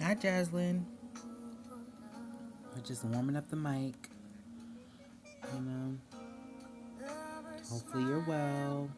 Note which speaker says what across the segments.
Speaker 1: Hi, Jaslyn. We're just warming up the mic, you know. Hopefully you're well.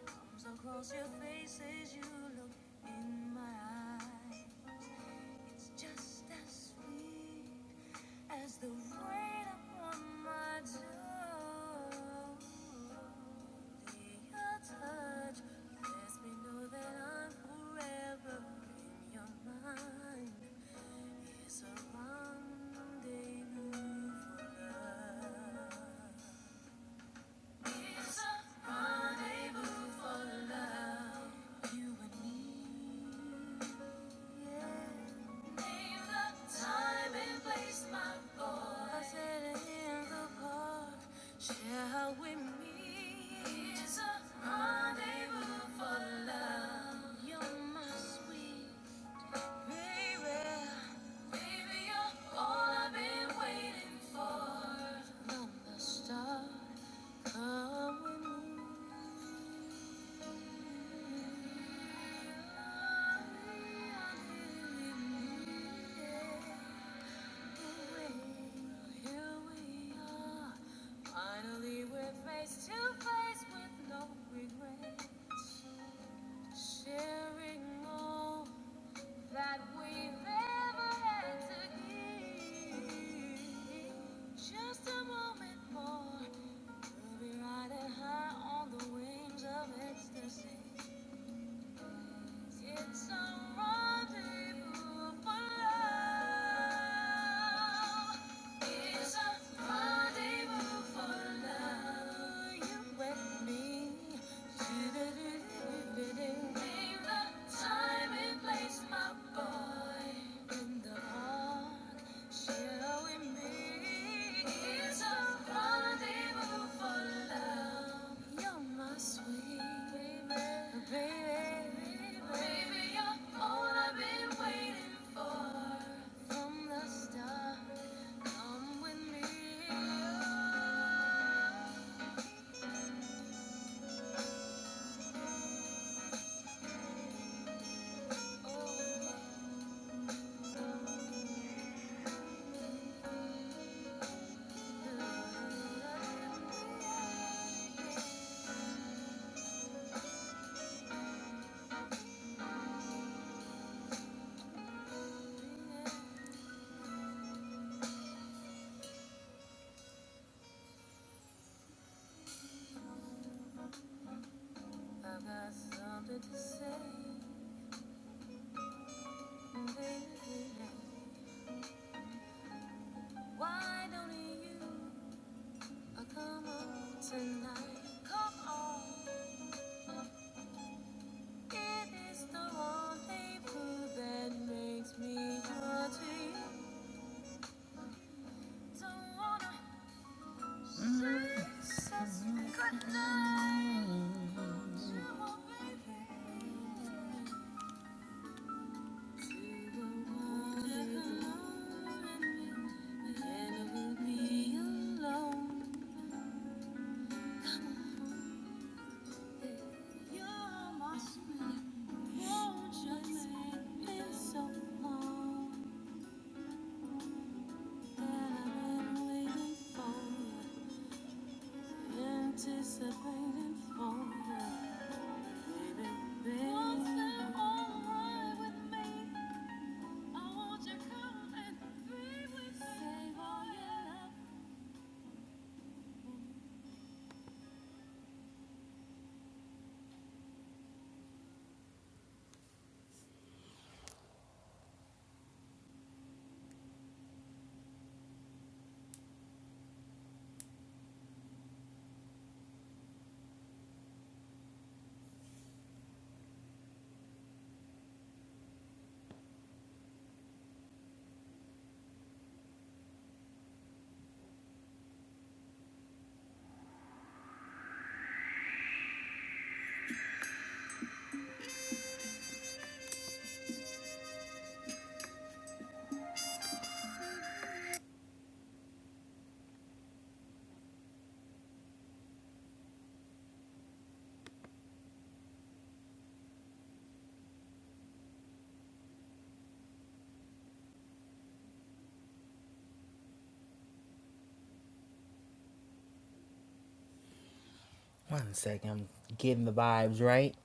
Speaker 1: One second, I'm getting the vibes right.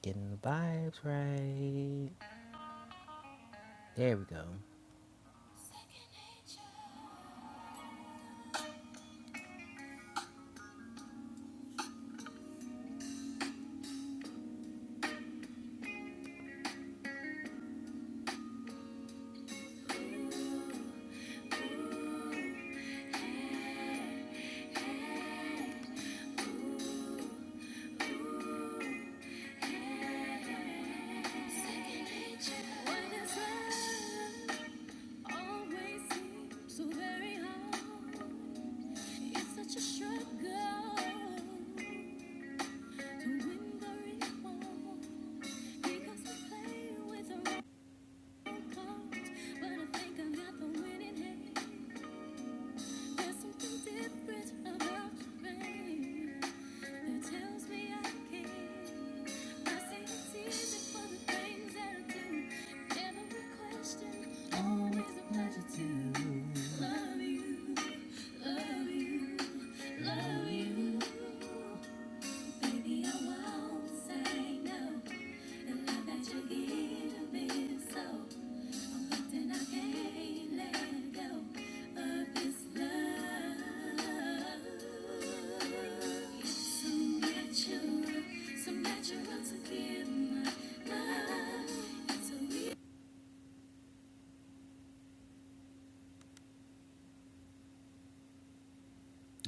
Speaker 1: Getting the vibes right. there we go.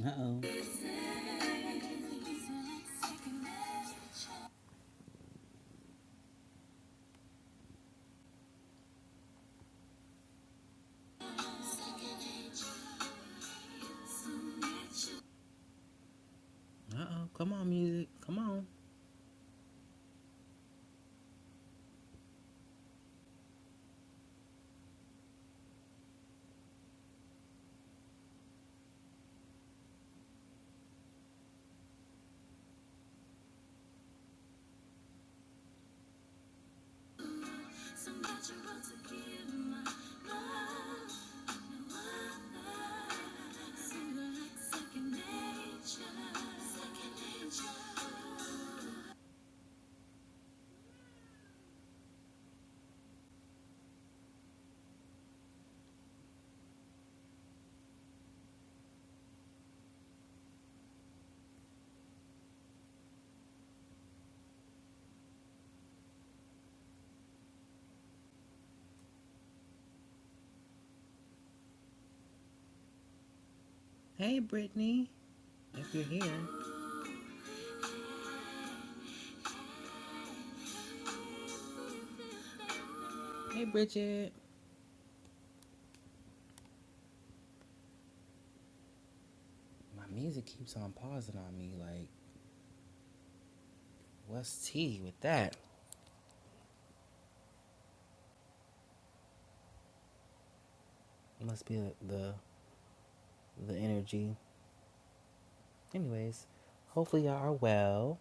Speaker 1: Uh oh. Uh oh, come on, music. Come on. Hey, Brittany. If you're here. Hey, Bridget. My music keeps on pausing on me. Like, what's tea with that? It Must be the the the energy. Anyways, hopefully y'all are well.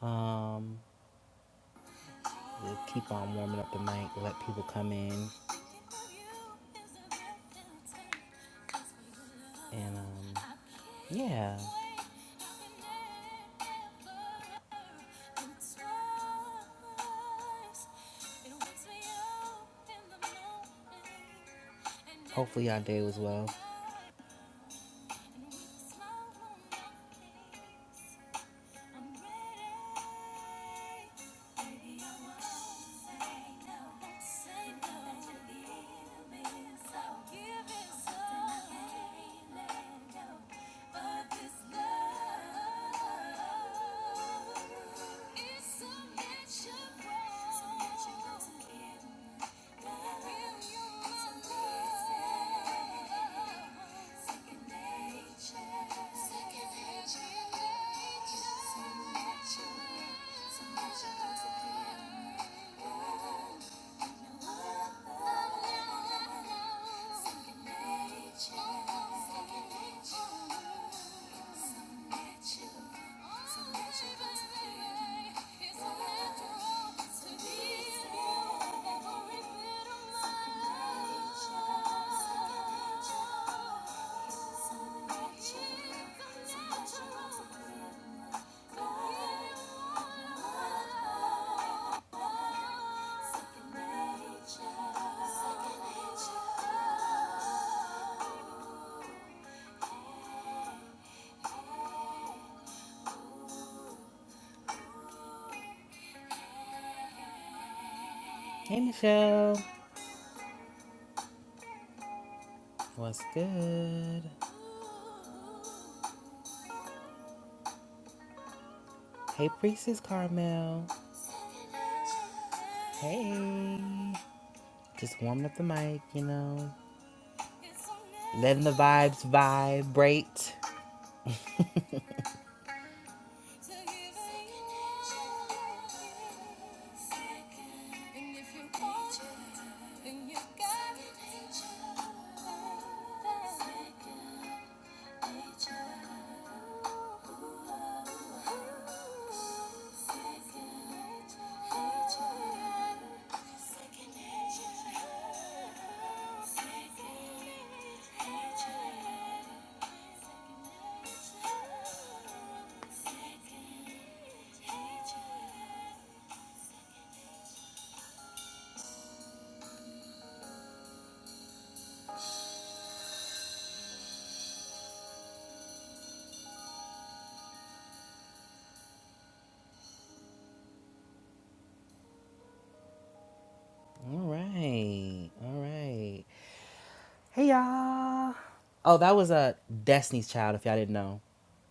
Speaker 1: Um, we'll keep on warming up the mic, let people come in, and um, yeah. Hopefully, y'all do as well. Hey, Michelle. What's good? Hey, Priestess Carmel. Hey. Just warming up the mic, you know, letting the vibes vibrate. All right, all right. Hey y'all. Oh, that was a Destiny's Child. If y'all didn't know,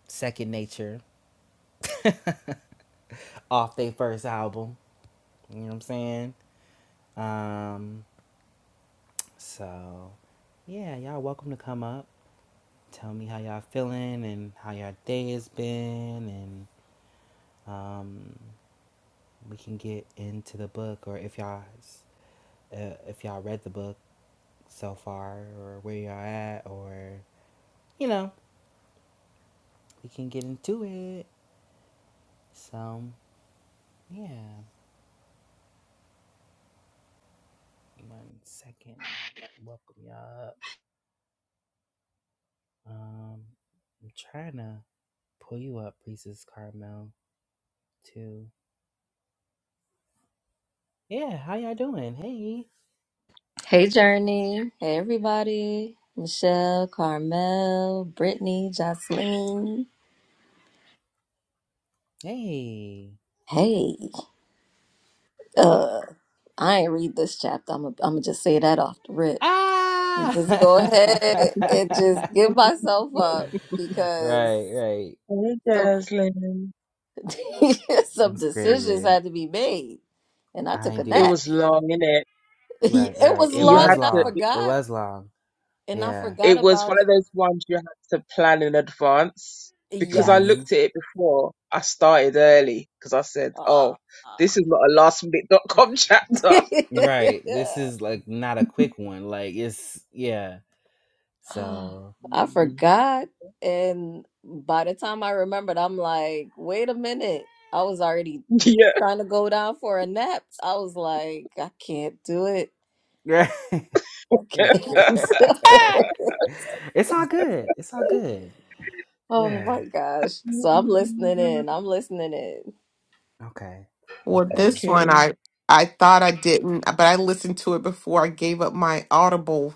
Speaker 1: Second Nature, off their first album. You know what I'm saying? Um, so yeah, y'all welcome to come up. Tell me how y'all feeling and how y'all day has been, and um, we can get into the book. Or if y'all uh, if y'all read the book so far or where y'all at or you know we can get into it so yeah one second let me welcome y'all up um i'm trying to pull you up reese's carmel too yeah how y'all doing hey
Speaker 2: Hey, Journey. Hey, everybody. Michelle, Carmel, Brittany, Jocelyn.
Speaker 1: hey
Speaker 2: Hey, uh, I ain't read this chapter. I'm gonna I'm gonna just say that off the rip.
Speaker 1: ah
Speaker 2: Just go ahead and just give myself up because
Speaker 1: right right
Speaker 3: Hey,
Speaker 2: some
Speaker 3: Jaslyn.
Speaker 1: i'm
Speaker 2: some decisions
Speaker 1: screaming
Speaker 2: had to be made, and I
Speaker 1: i
Speaker 2: took a
Speaker 1: ain't do
Speaker 3: It
Speaker 1: the
Speaker 2: nap.
Speaker 3: was long, innit?
Speaker 1: right
Speaker 2: It
Speaker 1: right
Speaker 2: was
Speaker 1: it
Speaker 3: You
Speaker 2: long,
Speaker 1: was
Speaker 3: had
Speaker 2: and I
Speaker 3: to,
Speaker 1: long it
Speaker 2: forgot,
Speaker 1: was long
Speaker 2: and I
Speaker 1: Yeah.
Speaker 2: forgot
Speaker 3: it was one
Speaker 2: about
Speaker 3: of
Speaker 2: it.
Speaker 3: those ones you had to plan in advance because I
Speaker 2: Yes.
Speaker 1: hmm
Speaker 3: looked at it before I started early because I said,
Speaker 2: Ah.
Speaker 3: oh, this is not a last minute dot
Speaker 4: Eh.
Speaker 3: com chapter.
Speaker 1: Right. This is like not a quick one. Like it's yeah.
Speaker 2: Oh,
Speaker 1: So
Speaker 2: I
Speaker 3: Mm.
Speaker 2: forgot. And by the time I remembered, I'm like, wait a minute. I was already
Speaker 3: Yeah.
Speaker 2: trying to go down for a nap. I was like, I can't do it.
Speaker 1: yeah.
Speaker 2: I can't do it.
Speaker 1: it's all good. It's all good.
Speaker 2: Oh
Speaker 1: Yeah.
Speaker 2: my gosh. So I'm listening
Speaker 3: Mm,
Speaker 2: in. I'm listening in.
Speaker 1: Okay.
Speaker 4: Well,
Speaker 1: Okay.
Speaker 4: this
Speaker 3: Okay.
Speaker 4: one I I thought I didn't, but I listened to it before I gave up my Audible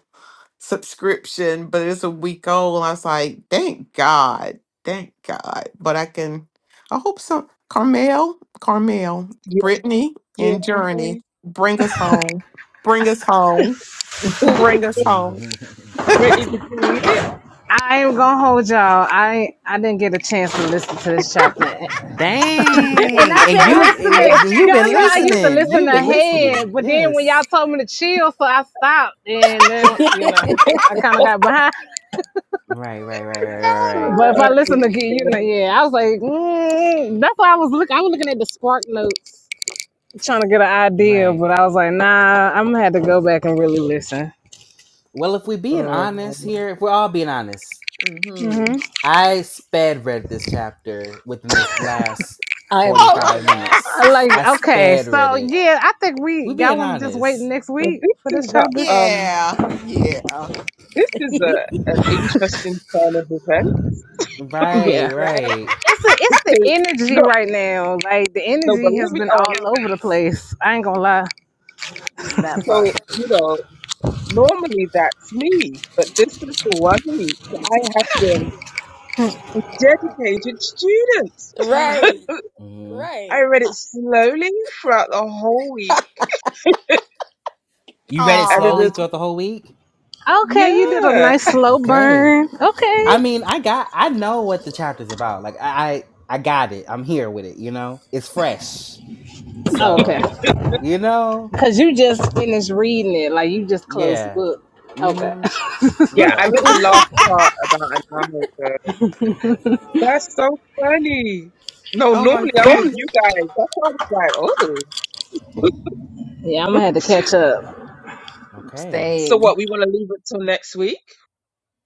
Speaker 4: subscription, but it's a week old. I was like, thank God. Thank God. But I can I hope so Carmel, Carmel,
Speaker 3: Yeah.
Speaker 4: Brittany
Speaker 3: Yeah.
Speaker 4: and Journey bring us home. Bring us home. Bring us home. oh
Speaker 3: Brittany, did you read it?
Speaker 5: I am gonna hold y'all. I I didn't get a chance to listen to this chapter, and
Speaker 1: Dang.
Speaker 5: I've
Speaker 1: And
Speaker 5: been
Speaker 1: you it,
Speaker 5: listening.
Speaker 3: Yes,
Speaker 1: then you've been
Speaker 5: Y'all
Speaker 3: I
Speaker 5: know I
Speaker 3: got
Speaker 5: used
Speaker 3: it.
Speaker 5: to
Speaker 1: listening.
Speaker 3: Yes,
Speaker 5: listen
Speaker 1: You've
Speaker 3: it
Speaker 1: been
Speaker 3: was
Speaker 5: ahead,
Speaker 1: listening.
Speaker 5: but then when y'all
Speaker 1: Yes.
Speaker 5: told me to chill, so I stopped, and then you know I kind of got behind.
Speaker 1: Right, right, right,
Speaker 4: my
Speaker 1: right, right, right.
Speaker 3: beautiful.
Speaker 5: But if
Speaker 3: Uh,
Speaker 5: I
Speaker 4: God.
Speaker 5: listen again, you know,
Speaker 3: yeah.
Speaker 5: yeah, I was like, mm, that's why I was looking. I was looking at the spark notes, trying to get an idea,
Speaker 1: Right.
Speaker 5: but I was like, nah, I'm gonna have to go back and really listen.
Speaker 1: Well, if we being honest
Speaker 3: Um,
Speaker 1: here, if we're all being honest,
Speaker 2: hmm
Speaker 5: hmm
Speaker 1: I sped read this chapter within this last
Speaker 2: I am
Speaker 4: Oh.
Speaker 1: 45
Speaker 2: cracking up.
Speaker 5: I
Speaker 1: minutes.
Speaker 5: like
Speaker 1: I
Speaker 5: okay,
Speaker 1: sped read
Speaker 5: so
Speaker 1: it.
Speaker 5: yeah, I think
Speaker 1: We
Speaker 5: we y'all
Speaker 1: being
Speaker 5: want to just wait
Speaker 1: honest.
Speaker 5: next
Speaker 3: well,
Speaker 5: week for
Speaker 3: this is
Speaker 5: this
Speaker 3: that.
Speaker 5: chapter.
Speaker 3: Um,
Speaker 4: Yeah. Yeah.
Speaker 3: This
Speaker 2: Yeah.
Speaker 3: is a
Speaker 1: We
Speaker 3: an interesting kind of event.
Speaker 5: Yeah.
Speaker 1: right,
Speaker 2: right?
Speaker 1: right.
Speaker 5: It's a, it's the
Speaker 3: Okay,
Speaker 5: energy
Speaker 3: look,
Speaker 5: right now. Like the
Speaker 3: no, but
Speaker 5: energy
Speaker 3: let
Speaker 5: has
Speaker 3: me
Speaker 5: been
Speaker 3: um.
Speaker 5: all over the place. I ain't gonna lie.
Speaker 2: That
Speaker 3: So
Speaker 2: part.
Speaker 3: you know, normally that's me, but this is the one week that I have been dedicated students.
Speaker 2: Right.
Speaker 1: hmm
Speaker 2: Right.
Speaker 3: I read it slowly throughout the whole week,
Speaker 1: You read it
Speaker 3: and it
Speaker 1: slowly
Speaker 3: is
Speaker 4: Aw.
Speaker 1: throughout the whole week?
Speaker 5: Okay, you did a
Speaker 3: yeah,
Speaker 5: nice slow
Speaker 1: Okay.
Speaker 5: burn. Okay.
Speaker 1: I mean, I got I know what the chapter's about. Like I I I got it. I'm here with it, you know? It's fresh.
Speaker 5: Oh, Okay.
Speaker 1: So, you know,
Speaker 5: Cause you just finished reading it. Like you just closed the
Speaker 1: yeah.
Speaker 5: book. Okay.
Speaker 1: Mhm.
Speaker 3: yeah. I
Speaker 1: Yeah.
Speaker 3: read the last part about an hour ago. That's so funny. No,
Speaker 4: oh my
Speaker 3: normally I'm with
Speaker 4: god.
Speaker 3: you guys. That's why I was like, oh.
Speaker 5: Yeah, I'm gonna have to catch up.
Speaker 1: Okay.
Speaker 3: So
Speaker 2: Same.
Speaker 3: what? We want to leave it till next week.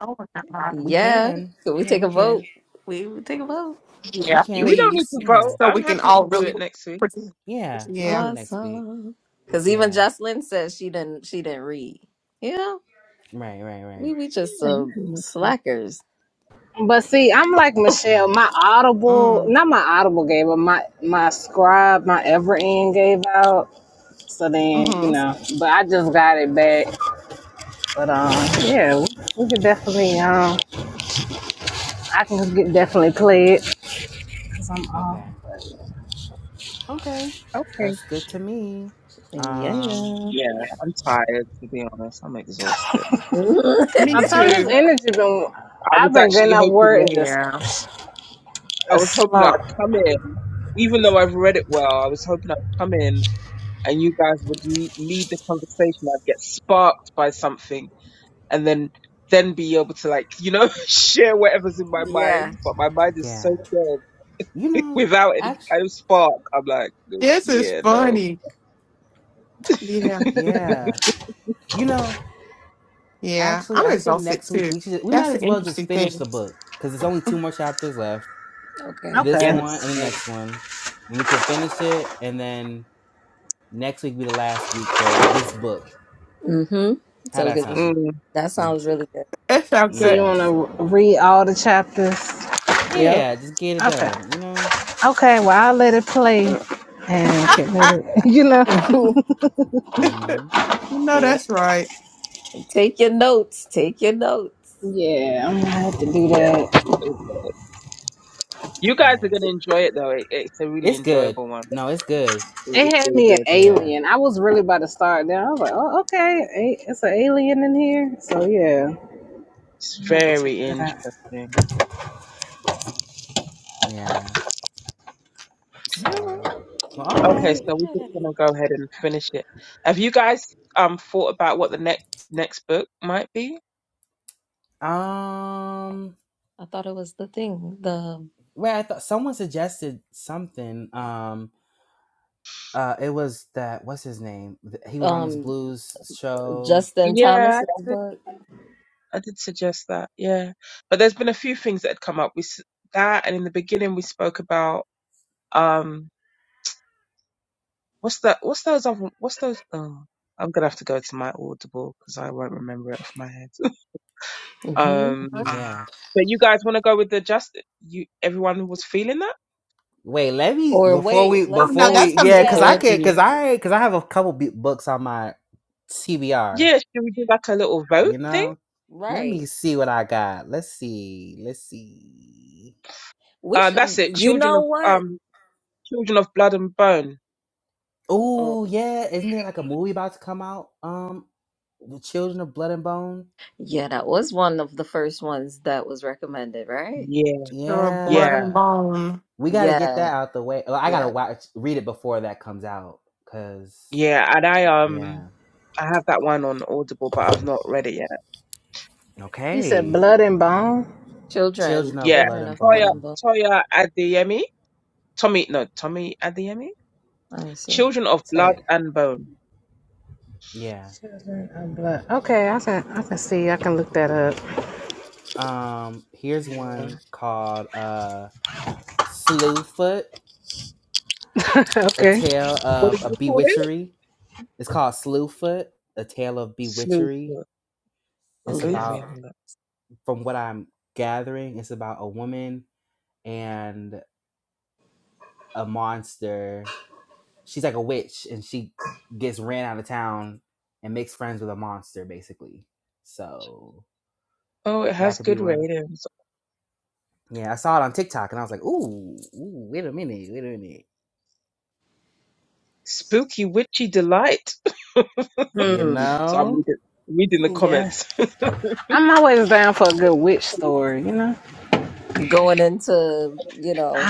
Speaker 4: Oh my god.
Speaker 1: We
Speaker 2: Yeah.
Speaker 1: can.
Speaker 2: Can we
Speaker 1: Yeah,
Speaker 2: take
Speaker 1: we
Speaker 2: a vote?
Speaker 1: can.
Speaker 2: We will take a vote.
Speaker 1: We
Speaker 4: Yeah,
Speaker 3: We
Speaker 1: can.
Speaker 3: don't need
Speaker 4: please.
Speaker 3: to
Speaker 1: Yeah.
Speaker 3: vote.
Speaker 4: So
Speaker 3: I'm
Speaker 4: we can
Speaker 3: happy to
Speaker 4: all
Speaker 3: do
Speaker 4: really
Speaker 3: it next week.
Speaker 4: pretend.
Speaker 1: Yeah, we could
Speaker 4: Yeah.
Speaker 1: do it next week.
Speaker 2: Awesome. Cause even
Speaker 1: Yeah.
Speaker 2: Jocelyn says she didn't she didn't read. Yeah.
Speaker 1: Right, right,
Speaker 2: We
Speaker 1: right.
Speaker 2: we just
Speaker 3: Yeah, we
Speaker 2: some
Speaker 3: can do next week.
Speaker 2: slackers.
Speaker 5: But see, I'm like Michelle.
Speaker 1: Right.
Speaker 5: My Audible,
Speaker 4: Mm.
Speaker 5: not my Audible gave, but my my Scribe, my Everend gave out. So then, you
Speaker 4: Mm-hmm.
Speaker 5: know, but I just got it back. But um, yeah,
Speaker 1: Okay.
Speaker 5: we, we could definitely um I can get definitely play it because I'm off.
Speaker 1: Okay. Okay.
Speaker 3: Okay.
Speaker 1: That's good to me.
Speaker 2: Yeah.
Speaker 1: Um
Speaker 3: Yeah, I'm tired to be honest. I'm exhausted.
Speaker 2: Mhm.
Speaker 4: Me
Speaker 5: I'm telling
Speaker 1: yeah.
Speaker 5: this
Speaker 4: too.
Speaker 5: energy been.
Speaker 3: I was
Speaker 5: I've been getting
Speaker 3: actually
Speaker 5: off
Speaker 3: hoping
Speaker 5: word and
Speaker 3: that
Speaker 5: just
Speaker 4: Yeah.
Speaker 3: I
Speaker 5: a
Speaker 3: was hoping
Speaker 5: slump.
Speaker 3: I'd come in, even though I've read it well. I was hoping I'd come in and you guys would le- lead the conversation. I'd get sparked by something, and then then be able to like you know share whatever's in my mind.
Speaker 2: yeah.
Speaker 3: But my mind is so
Speaker 1: Yeah. You
Speaker 3: dead
Speaker 1: know,
Speaker 3: without any
Speaker 1: actually
Speaker 3: kind of spark. I'm like,
Speaker 4: This is
Speaker 3: yeah, no,
Speaker 4: funny. Yeah.
Speaker 1: yeah. You know,
Speaker 4: Yeah.
Speaker 1: actually
Speaker 4: I'm
Speaker 1: I think
Speaker 4: exhausted
Speaker 1: next week
Speaker 4: too.
Speaker 1: we should we might
Speaker 4: That's an
Speaker 1: as well just
Speaker 4: interesting
Speaker 1: finish the
Speaker 4: thing.
Speaker 1: book cuz there's only two more chapters left.
Speaker 2: Okay.
Speaker 1: This
Speaker 3: yeah,
Speaker 5: Okay.
Speaker 3: and
Speaker 1: one
Speaker 3: it's
Speaker 1: and the
Speaker 3: small.
Speaker 1: next one. And we can finish it and then next week be the last week for this book.
Speaker 2: Mm-hmm.
Speaker 1: How
Speaker 2: So
Speaker 1: that
Speaker 2: 'cause
Speaker 1: sound?
Speaker 3: Mm.
Speaker 2: that
Speaker 1: Just
Speaker 2: sounds really good.
Speaker 4: That's how
Speaker 5: So
Speaker 4: good.
Speaker 5: you
Speaker 1: yeah,
Speaker 5: want
Speaker 1: just
Speaker 5: to read all the chapters?
Speaker 2: Yep.
Speaker 1: Yeah, just get it
Speaker 5: Okay.
Speaker 1: done, you know?
Speaker 5: Okay. Well, I'll let it play and can let it. You know.
Speaker 2: you
Speaker 1: hmm
Speaker 4: no,
Speaker 2: know,
Speaker 4: that's right.
Speaker 2: take your notes. Take your notes.
Speaker 5: Yeah, I'm gonna have to do
Speaker 3: Yeah,
Speaker 1: Yeah,
Speaker 5: that.
Speaker 3: it was. you guys are
Speaker 1: yeah.
Speaker 3: gonna enjoy it though. It, it's a really
Speaker 1: It's good.
Speaker 3: enjoyable one.
Speaker 1: No, it's good.
Speaker 5: It
Speaker 3: It's
Speaker 5: had
Speaker 3: really
Speaker 5: me an
Speaker 3: good.
Speaker 1: Yeah,
Speaker 5: alien. I was really about to start there. I was like, oh, okay, a- it's an alien in here. So yeah,
Speaker 3: It's
Speaker 5: I have to check
Speaker 3: very
Speaker 5: that out.
Speaker 3: interesting.
Speaker 1: yeah.
Speaker 3: Yeah.
Speaker 1: So, well, all
Speaker 3: Okay,
Speaker 1: right.
Speaker 3: so we're
Speaker 2: Yeah.
Speaker 3: just gonna go ahead and finish it. Have you guys um thought about what the next next book might be?
Speaker 1: Um,
Speaker 2: I thought it was the thing. The
Speaker 1: wait, I thought someone suggested something. Um, uh, it was that, what's his name? Th- He was on Miss
Speaker 2: um
Speaker 1: Blue's show.
Speaker 2: Justin
Speaker 3: Yeah,
Speaker 2: Thomas's
Speaker 3: I did,
Speaker 2: book.
Speaker 3: I did suggest that. Yeah, but there's been a few things that had come up. We s- that, and in the beginning we spoke about um what's that? What's those other? What's those? Oh, I'm gonna have to go to my Audible because I won't remember it off my head.
Speaker 2: hmm
Speaker 3: Um,
Speaker 1: Yeah.
Speaker 3: but you guys want to go with the just you? Everyone was feeling that.
Speaker 1: Wait, let me,
Speaker 2: Or
Speaker 1: before
Speaker 2: wait,
Speaker 1: we,
Speaker 4: Oh
Speaker 2: let's
Speaker 4: no,
Speaker 1: before
Speaker 2: let's
Speaker 4: that's
Speaker 1: we, yeah,
Speaker 4: something
Speaker 1: cause I
Speaker 2: yeah,
Speaker 1: can, cause
Speaker 4: heavy.
Speaker 1: I, cause I have a couple b- books on my TBR.
Speaker 3: Yeah, should we do like a little vote
Speaker 1: You
Speaker 3: thing?
Speaker 1: know? Let
Speaker 2: right.
Speaker 1: me see what I got. Let's see. Let's see.
Speaker 2: We
Speaker 3: Uh,
Speaker 2: should
Speaker 3: that's it.
Speaker 2: you
Speaker 3: Children
Speaker 2: know
Speaker 3: of
Speaker 2: what?
Speaker 3: um, children of blood and bone.
Speaker 2: Oh
Speaker 1: Oh, yeah. Isn't there like a movie about to come out? Um, The Children of Blood and Bone?
Speaker 2: yeah, that was one of the first ones that was recommended, right?
Speaker 3: Yeah,
Speaker 4: Little blood
Speaker 3: yeah,
Speaker 4: and
Speaker 1: Yeah.
Speaker 4: bone.
Speaker 1: We gotta get
Speaker 2: Yeah,
Speaker 1: that out the way. Well, I gotta
Speaker 2: yeah.
Speaker 1: watch read it before that comes out. Cause
Speaker 3: yeah. And I um,
Speaker 1: yeah.
Speaker 3: I have that one on Audible, but I've not read it yet.
Speaker 5: You said
Speaker 1: Okay.
Speaker 5: blood and bone.
Speaker 2: Children,
Speaker 1: Children of
Speaker 3: Yeah,
Speaker 1: Blood
Speaker 2: children
Speaker 1: and
Speaker 2: of blood
Speaker 3: Toya
Speaker 2: and
Speaker 1: Bone.
Speaker 2: bone.
Speaker 3: Toya Adeyemi, Tommy no Tommy Adeyemi.
Speaker 2: I see.
Speaker 3: Children of
Speaker 5: Said
Speaker 3: blood
Speaker 5: it.
Speaker 3: and bone.
Speaker 1: Yeah.
Speaker 5: Children of blood. Okay, I can I can see. I can look that up.
Speaker 1: Um, here's
Speaker 3: Yeah.
Speaker 1: one called uh Slewfoot, a
Speaker 5: okay.
Speaker 1: tale
Speaker 3: What
Speaker 1: of
Speaker 3: did
Speaker 1: a
Speaker 3: you call it?
Speaker 1: bewitchery. It's called Slewfoot, A Tale of
Speaker 3: Sleuth.
Speaker 1: Bewitchery. It's
Speaker 3: Okay, let
Speaker 2: Salute.
Speaker 3: me
Speaker 1: about,
Speaker 3: have a look.
Speaker 1: from what I'm gathering, it's about a woman and a monster. She's like a witch and she gets ran out of town and makes friends with a monster, basically. So
Speaker 3: Oh, it
Speaker 1: that
Speaker 3: has
Speaker 1: could be
Speaker 3: good
Speaker 1: one.
Speaker 3: ratings.
Speaker 1: Yeah, I saw it on TikTok and I was like, ooh, ooh, wait a minute, wait a minute.
Speaker 3: Spooky witchy delight.
Speaker 1: You
Speaker 2: Hmm.
Speaker 3: So I'm
Speaker 1: know?
Speaker 3: reading, reading the
Speaker 5: Yeah.
Speaker 3: comments.
Speaker 5: I'm always down for a good witch story, you know?
Speaker 2: Going into, you know,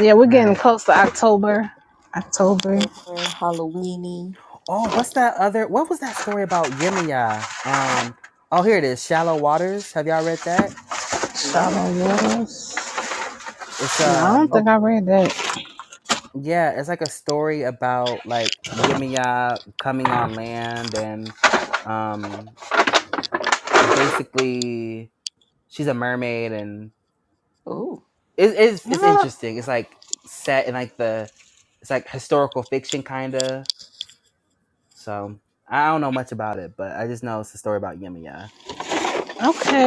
Speaker 5: Yeah, we're getting
Speaker 1: Right.
Speaker 5: close to October. October.
Speaker 2: October, Halloweeny.
Speaker 1: Oh, what's that other what was that story about Yemaya? Um oh here it is, Shallow Waters. Have y'all read that?
Speaker 2: No.
Speaker 5: Shallow waters.
Speaker 1: it's
Speaker 5: No, I don't
Speaker 1: um
Speaker 5: think I
Speaker 3: Okay.
Speaker 5: read that.
Speaker 1: yeah it's like a story about like Yemiya coming on land and um basically she's a mermaid and
Speaker 2: Oh.
Speaker 1: it's it's
Speaker 5: Oh,
Speaker 1: interesting it's like set in like the it's like historical fiction kind of so I don't know much about it but I just know it's a story about Yemiya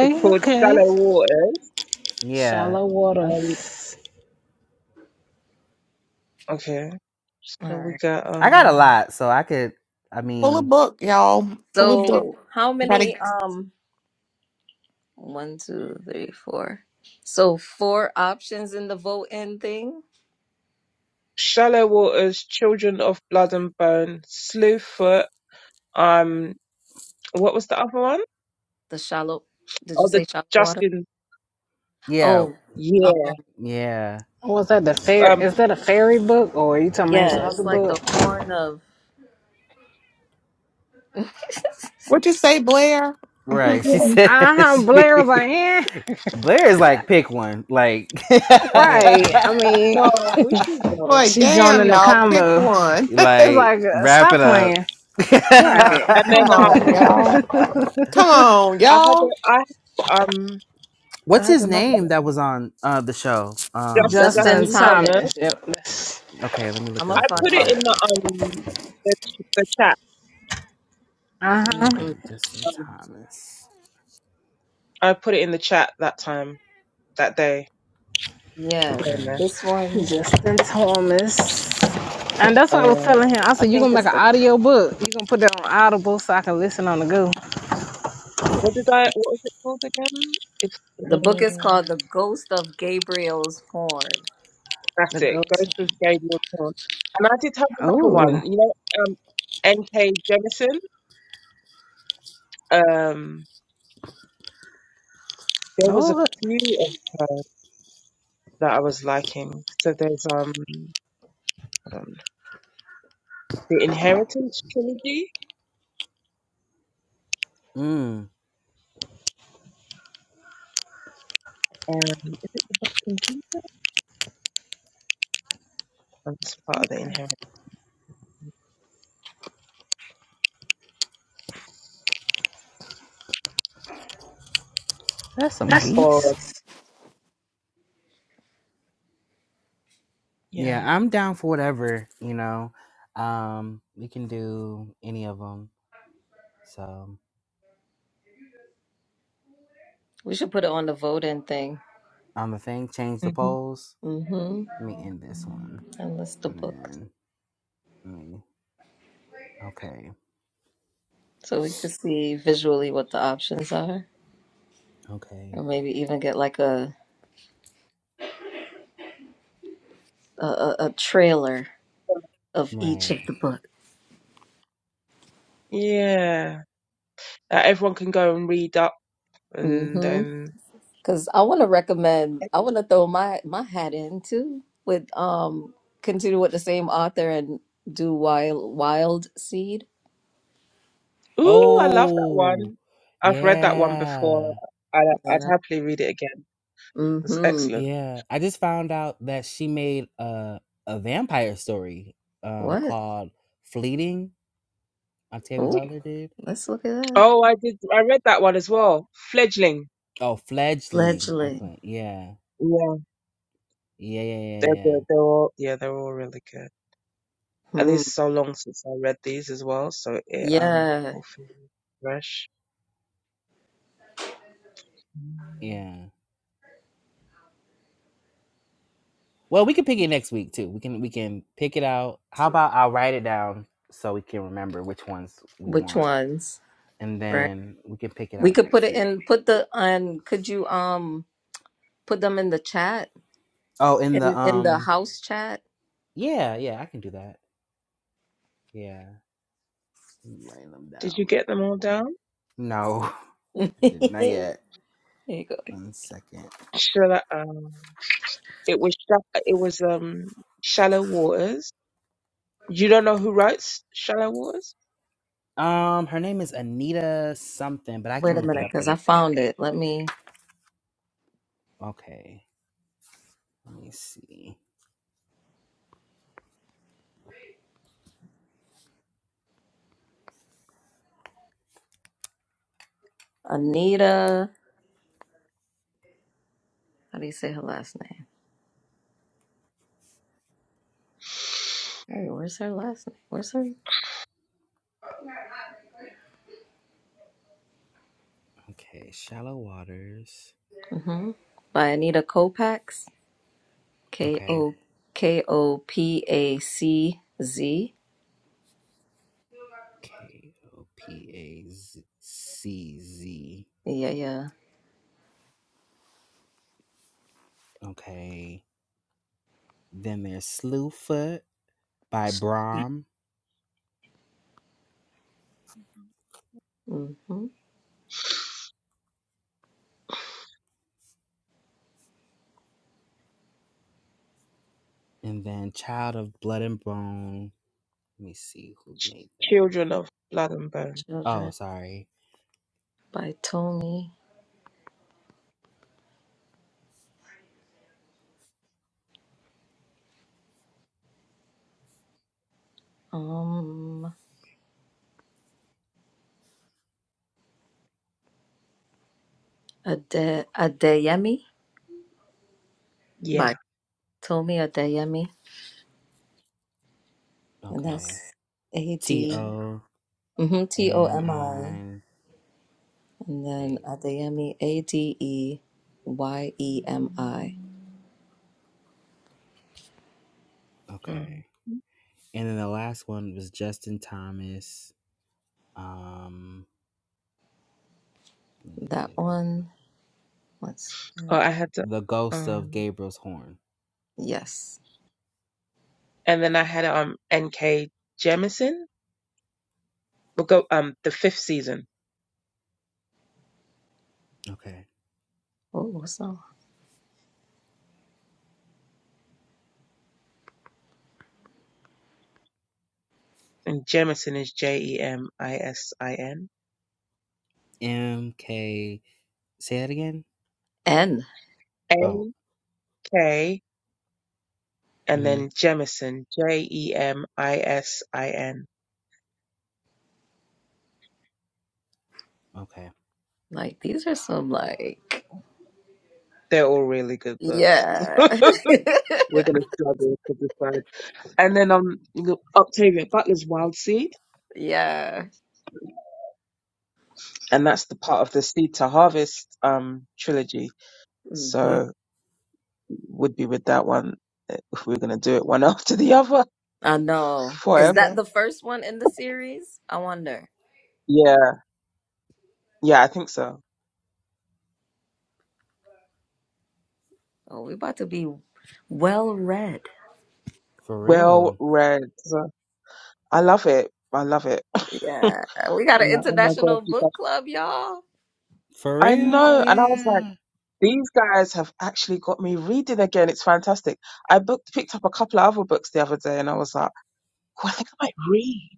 Speaker 3: It's called
Speaker 5: okay.
Speaker 3: Shallow Waters.
Speaker 1: yeah
Speaker 5: Shallow
Speaker 3: Um,
Speaker 5: waters.
Speaker 3: Okay.
Speaker 2: All
Speaker 3: So we
Speaker 2: right.
Speaker 3: got
Speaker 1: I got a
Speaker 3: um
Speaker 1: lot so I could I
Speaker 4: Pull a
Speaker 1: mean
Speaker 4: book, y'all. Pull a book.
Speaker 2: So how
Speaker 4: Gotta-
Speaker 2: many um one, two, three, four. So four options in the vote in thing?
Speaker 3: Shallow Waters, Children of Blood and Bone, Slewfoot, um what was the other one?
Speaker 2: the shallow did you
Speaker 3: Oh the
Speaker 2: say shallow water
Speaker 3: Justin
Speaker 1: yeah
Speaker 2: oh
Speaker 3: yeah.
Speaker 2: um
Speaker 1: yeah
Speaker 5: Was that the fair?
Speaker 3: um
Speaker 5: Is that a fairy book or are you talking about his
Speaker 2: yeah
Speaker 5: other
Speaker 2: it's like
Speaker 5: book?
Speaker 2: the horn of
Speaker 4: What you say, Blair?
Speaker 1: Right. She
Speaker 4: yeah.
Speaker 1: said
Speaker 5: Uh huh. Blair
Speaker 1: she
Speaker 5: was like, eh,
Speaker 1: Blair is like pick one. Like
Speaker 4: Boy,
Speaker 5: right. I mean,
Speaker 3: no, we should go.
Speaker 5: she
Speaker 4: damn,
Speaker 5: joining the
Speaker 4: y'all. Pick
Speaker 5: combo.
Speaker 4: one.
Speaker 5: was
Speaker 1: like
Speaker 5: like, uh,
Speaker 1: wrap
Speaker 5: stop
Speaker 1: it up.
Speaker 5: playing.
Speaker 4: Nah,
Speaker 5: Right.
Speaker 3: And then
Speaker 4: Come on,
Speaker 3: um
Speaker 4: y'all. Come on,
Speaker 3: I had
Speaker 4: y'all.
Speaker 3: a I um I
Speaker 1: What's
Speaker 3: had
Speaker 1: his
Speaker 3: another
Speaker 1: name that
Speaker 3: one.
Speaker 1: was on uh the show? Um
Speaker 3: Just
Speaker 1: Miss
Speaker 2: justin
Speaker 1: Blue-
Speaker 5: Justin
Speaker 3: Justin
Speaker 2: thomas
Speaker 3: Thomas.
Speaker 5: Thomas. Yep.
Speaker 1: okay, let me
Speaker 2: i'm
Speaker 1: look it
Speaker 2: gonna
Speaker 1: up
Speaker 3: I
Speaker 1: real
Speaker 2: find
Speaker 3: put it
Speaker 2: my
Speaker 1: quick.
Speaker 3: in the um the the chat.
Speaker 5: Uh huh.
Speaker 1: Okay,
Speaker 2: hmm
Speaker 1: Justin
Speaker 3: Um,
Speaker 1: Thomas.
Speaker 3: I put it in the chat that time that day.
Speaker 2: yeah
Speaker 3: Forgotten that.
Speaker 1: Okay.
Speaker 2: this one
Speaker 5: Justin Thomas. And that's what I was
Speaker 3: Uh,
Speaker 5: telling him. I
Speaker 2: i
Speaker 5: said, you
Speaker 2: think
Speaker 5: going to make
Speaker 2: it's
Speaker 5: an
Speaker 2: the
Speaker 5: audio book. you going to put that on Audible so I can listen on the go.
Speaker 3: what did I? What was it called again? It's
Speaker 2: the book is called
Speaker 3: uh,
Speaker 2: the ghost of gabriel's horn
Speaker 5: The
Speaker 3: that's it. Ghost
Speaker 5: ghost.
Speaker 3: of Gabriel Thorne. And I did have another one.
Speaker 5: Oh,
Speaker 3: You know, um, N.K. Jemisin. Um, there was a
Speaker 5: Lord.
Speaker 3: few of her that I was liking. So there's um, hold on. the Inheritance trilogy.
Speaker 1: Mm.
Speaker 3: Um, is it the Black and Keys? Oh, That's part of the
Speaker 5: Okay.
Speaker 3: Inheritance.
Speaker 5: That's some geese.
Speaker 3: Or
Speaker 1: Yeah,
Speaker 3: yeah,
Speaker 1: I'm down for whatever, you know. Um we can do any of them. So
Speaker 2: we should put it on the voting thing
Speaker 1: on the thing, change the
Speaker 3: hmm
Speaker 1: polls.
Speaker 2: mm-hmm
Speaker 1: Let me end this one.
Speaker 2: and list the
Speaker 1: And
Speaker 2: books
Speaker 1: then let me okay.
Speaker 2: so we could see visually what the options are
Speaker 1: Okay.
Speaker 2: or maybe even get like a a, a, a trailer of each of
Speaker 1: Right.
Speaker 2: the book.
Speaker 3: yeah. Uh, everyone can go and read up, and
Speaker 2: Mm-hmm.
Speaker 3: then.
Speaker 2: Because I want to recommend, I want to throw my my hat in too with um continue with the same author and do Wild Wild Seed.
Speaker 3: Ooh, I love that
Speaker 1: Oh
Speaker 3: one. I've read that one before.
Speaker 1: yeah.
Speaker 3: I,
Speaker 2: You
Speaker 3: I'd
Speaker 2: know.
Speaker 3: happily read it again. It's
Speaker 2: Mm-hmm.
Speaker 3: excellent.
Speaker 1: Yeah. I just found out that she made a a vampire story um
Speaker 2: What?
Speaker 1: called Fleeting. Octavia
Speaker 2: Oh,
Speaker 1: Butler did.
Speaker 2: let's look at that.
Speaker 3: Oh, I did. I read that one as well. Fledgling.
Speaker 1: Oh, fledgling.
Speaker 2: Fledgling.
Speaker 1: Okay. Yeah.
Speaker 3: Yeah,
Speaker 1: Yeah, yeah, yeah,
Speaker 3: they're
Speaker 1: yeah.
Speaker 3: good. They're all yeah, they're all really good. And
Speaker 2: Hmm.
Speaker 3: it's so long since I read these as well, so it um
Speaker 2: Yeah.
Speaker 3: will feel fresh. Mm.
Speaker 1: Yeah. Well, we can pick it next week too. We can we can pick it out. How about I'll write it down so we can remember which ones we
Speaker 2: Which
Speaker 1: want.
Speaker 2: ones?
Speaker 1: and
Speaker 2: Right.
Speaker 1: then we can pick it
Speaker 2: We
Speaker 1: out
Speaker 2: could put
Speaker 1: next
Speaker 2: it
Speaker 1: week.
Speaker 2: in. Put the on. Could you um put them in the chat
Speaker 1: Oh, in the
Speaker 2: in in the
Speaker 1: um,
Speaker 2: house chat?
Speaker 1: yeah, yeah, I can do that. Yeah, Let me write them
Speaker 3: Did
Speaker 1: down
Speaker 3: you
Speaker 1: real
Speaker 3: get them
Speaker 1: quick.
Speaker 3: all down?
Speaker 1: No, I did not yet.
Speaker 2: There you go.
Speaker 1: One second.
Speaker 3: Shall I, um, it was sha- it was um Shallow Waters. You don't know who writes Shallow Waters?
Speaker 1: Um, her name is Anita something, but I
Speaker 2: Wait
Speaker 1: can
Speaker 2: a
Speaker 1: look it
Speaker 2: minute,
Speaker 1: up
Speaker 2: because I
Speaker 1: really quick.
Speaker 2: found it. Let me.
Speaker 1: Okay, let me see.
Speaker 2: Anita. How do you say her last name? Hey, where's her last name? Where's her?
Speaker 1: Okay, shallow waters.
Speaker 2: hmm By Anita Kopax. K
Speaker 1: Okay,
Speaker 2: O K O P A C Z.
Speaker 1: K O P A Z- C Z.
Speaker 2: Yeah, yeah.
Speaker 1: Okay, then there's Slewfoot by Brahm.
Speaker 2: hmm
Speaker 1: And then Child of Blood and Bone. Let me see who made that.
Speaker 3: Children of Blood and Bone.
Speaker 1: Oh,
Speaker 2: Children
Speaker 1: sorry.
Speaker 2: by Tomi. Um, Ade Adeyemi
Speaker 3: Yeah.
Speaker 2: by Tomi Adeyemi, and
Speaker 1: Okay.
Speaker 2: that's A
Speaker 1: T
Speaker 2: D-
Speaker 1: O
Speaker 2: mhm, T O
Speaker 1: M
Speaker 2: M I,
Speaker 1: I
Speaker 2: and then
Speaker 1: A.
Speaker 2: Adeyemi A D E Y E M I.
Speaker 3: Mm.
Speaker 1: Okay. And then the last one was Justin Thomas. Um, let me look at
Speaker 2: That
Speaker 1: it again.
Speaker 2: one. Let's.
Speaker 3: Oh, I had to,
Speaker 1: The Ghost of
Speaker 3: um,
Speaker 1: Gabriel's Horn.
Speaker 2: Yes.
Speaker 3: and then I had um N.K. Jemisin. We'll go um the fifth season,
Speaker 1: Okay.
Speaker 2: Oh, Awesome.
Speaker 3: and Jemisin is J E M I S I N.
Speaker 1: M K. Say that again.
Speaker 2: And
Speaker 1: Oh.
Speaker 3: N.K. and
Speaker 1: Mm-hmm.
Speaker 3: then Jemisin, J E M I S I N.
Speaker 1: Okay.
Speaker 2: like these are some like
Speaker 3: They're all really good books.
Speaker 2: yeah.
Speaker 3: We're gonna struggle to decide. And then um look, Octavia Butler's Wild Seed,
Speaker 2: yeah.
Speaker 3: and that's the part of the Seed to Harvest um trilogy.
Speaker 2: hmm
Speaker 3: So. would be with that one eh, if we were going to do it one after the other
Speaker 2: I know. Is that
Speaker 3: forever.
Speaker 2: the first one in the series? I wonder.
Speaker 3: Yeah, yeah, I think so.
Speaker 2: Oh, we about to be well read.
Speaker 1: For
Speaker 3: Well
Speaker 1: real.
Speaker 3: read. So, I love it. I love it.
Speaker 2: Yeah.
Speaker 3: I'm
Speaker 2: We got an
Speaker 3: like, oh my God,
Speaker 2: international
Speaker 3: you guys.
Speaker 2: book club, y'all.
Speaker 1: For
Speaker 3: I
Speaker 1: real.
Speaker 3: know. And I was like,
Speaker 1: Yeah.
Speaker 3: these guys have actually got me reading again. It's fantastic. I booked, picked up a couple of other books the other day and I was like, oh, I think I might read.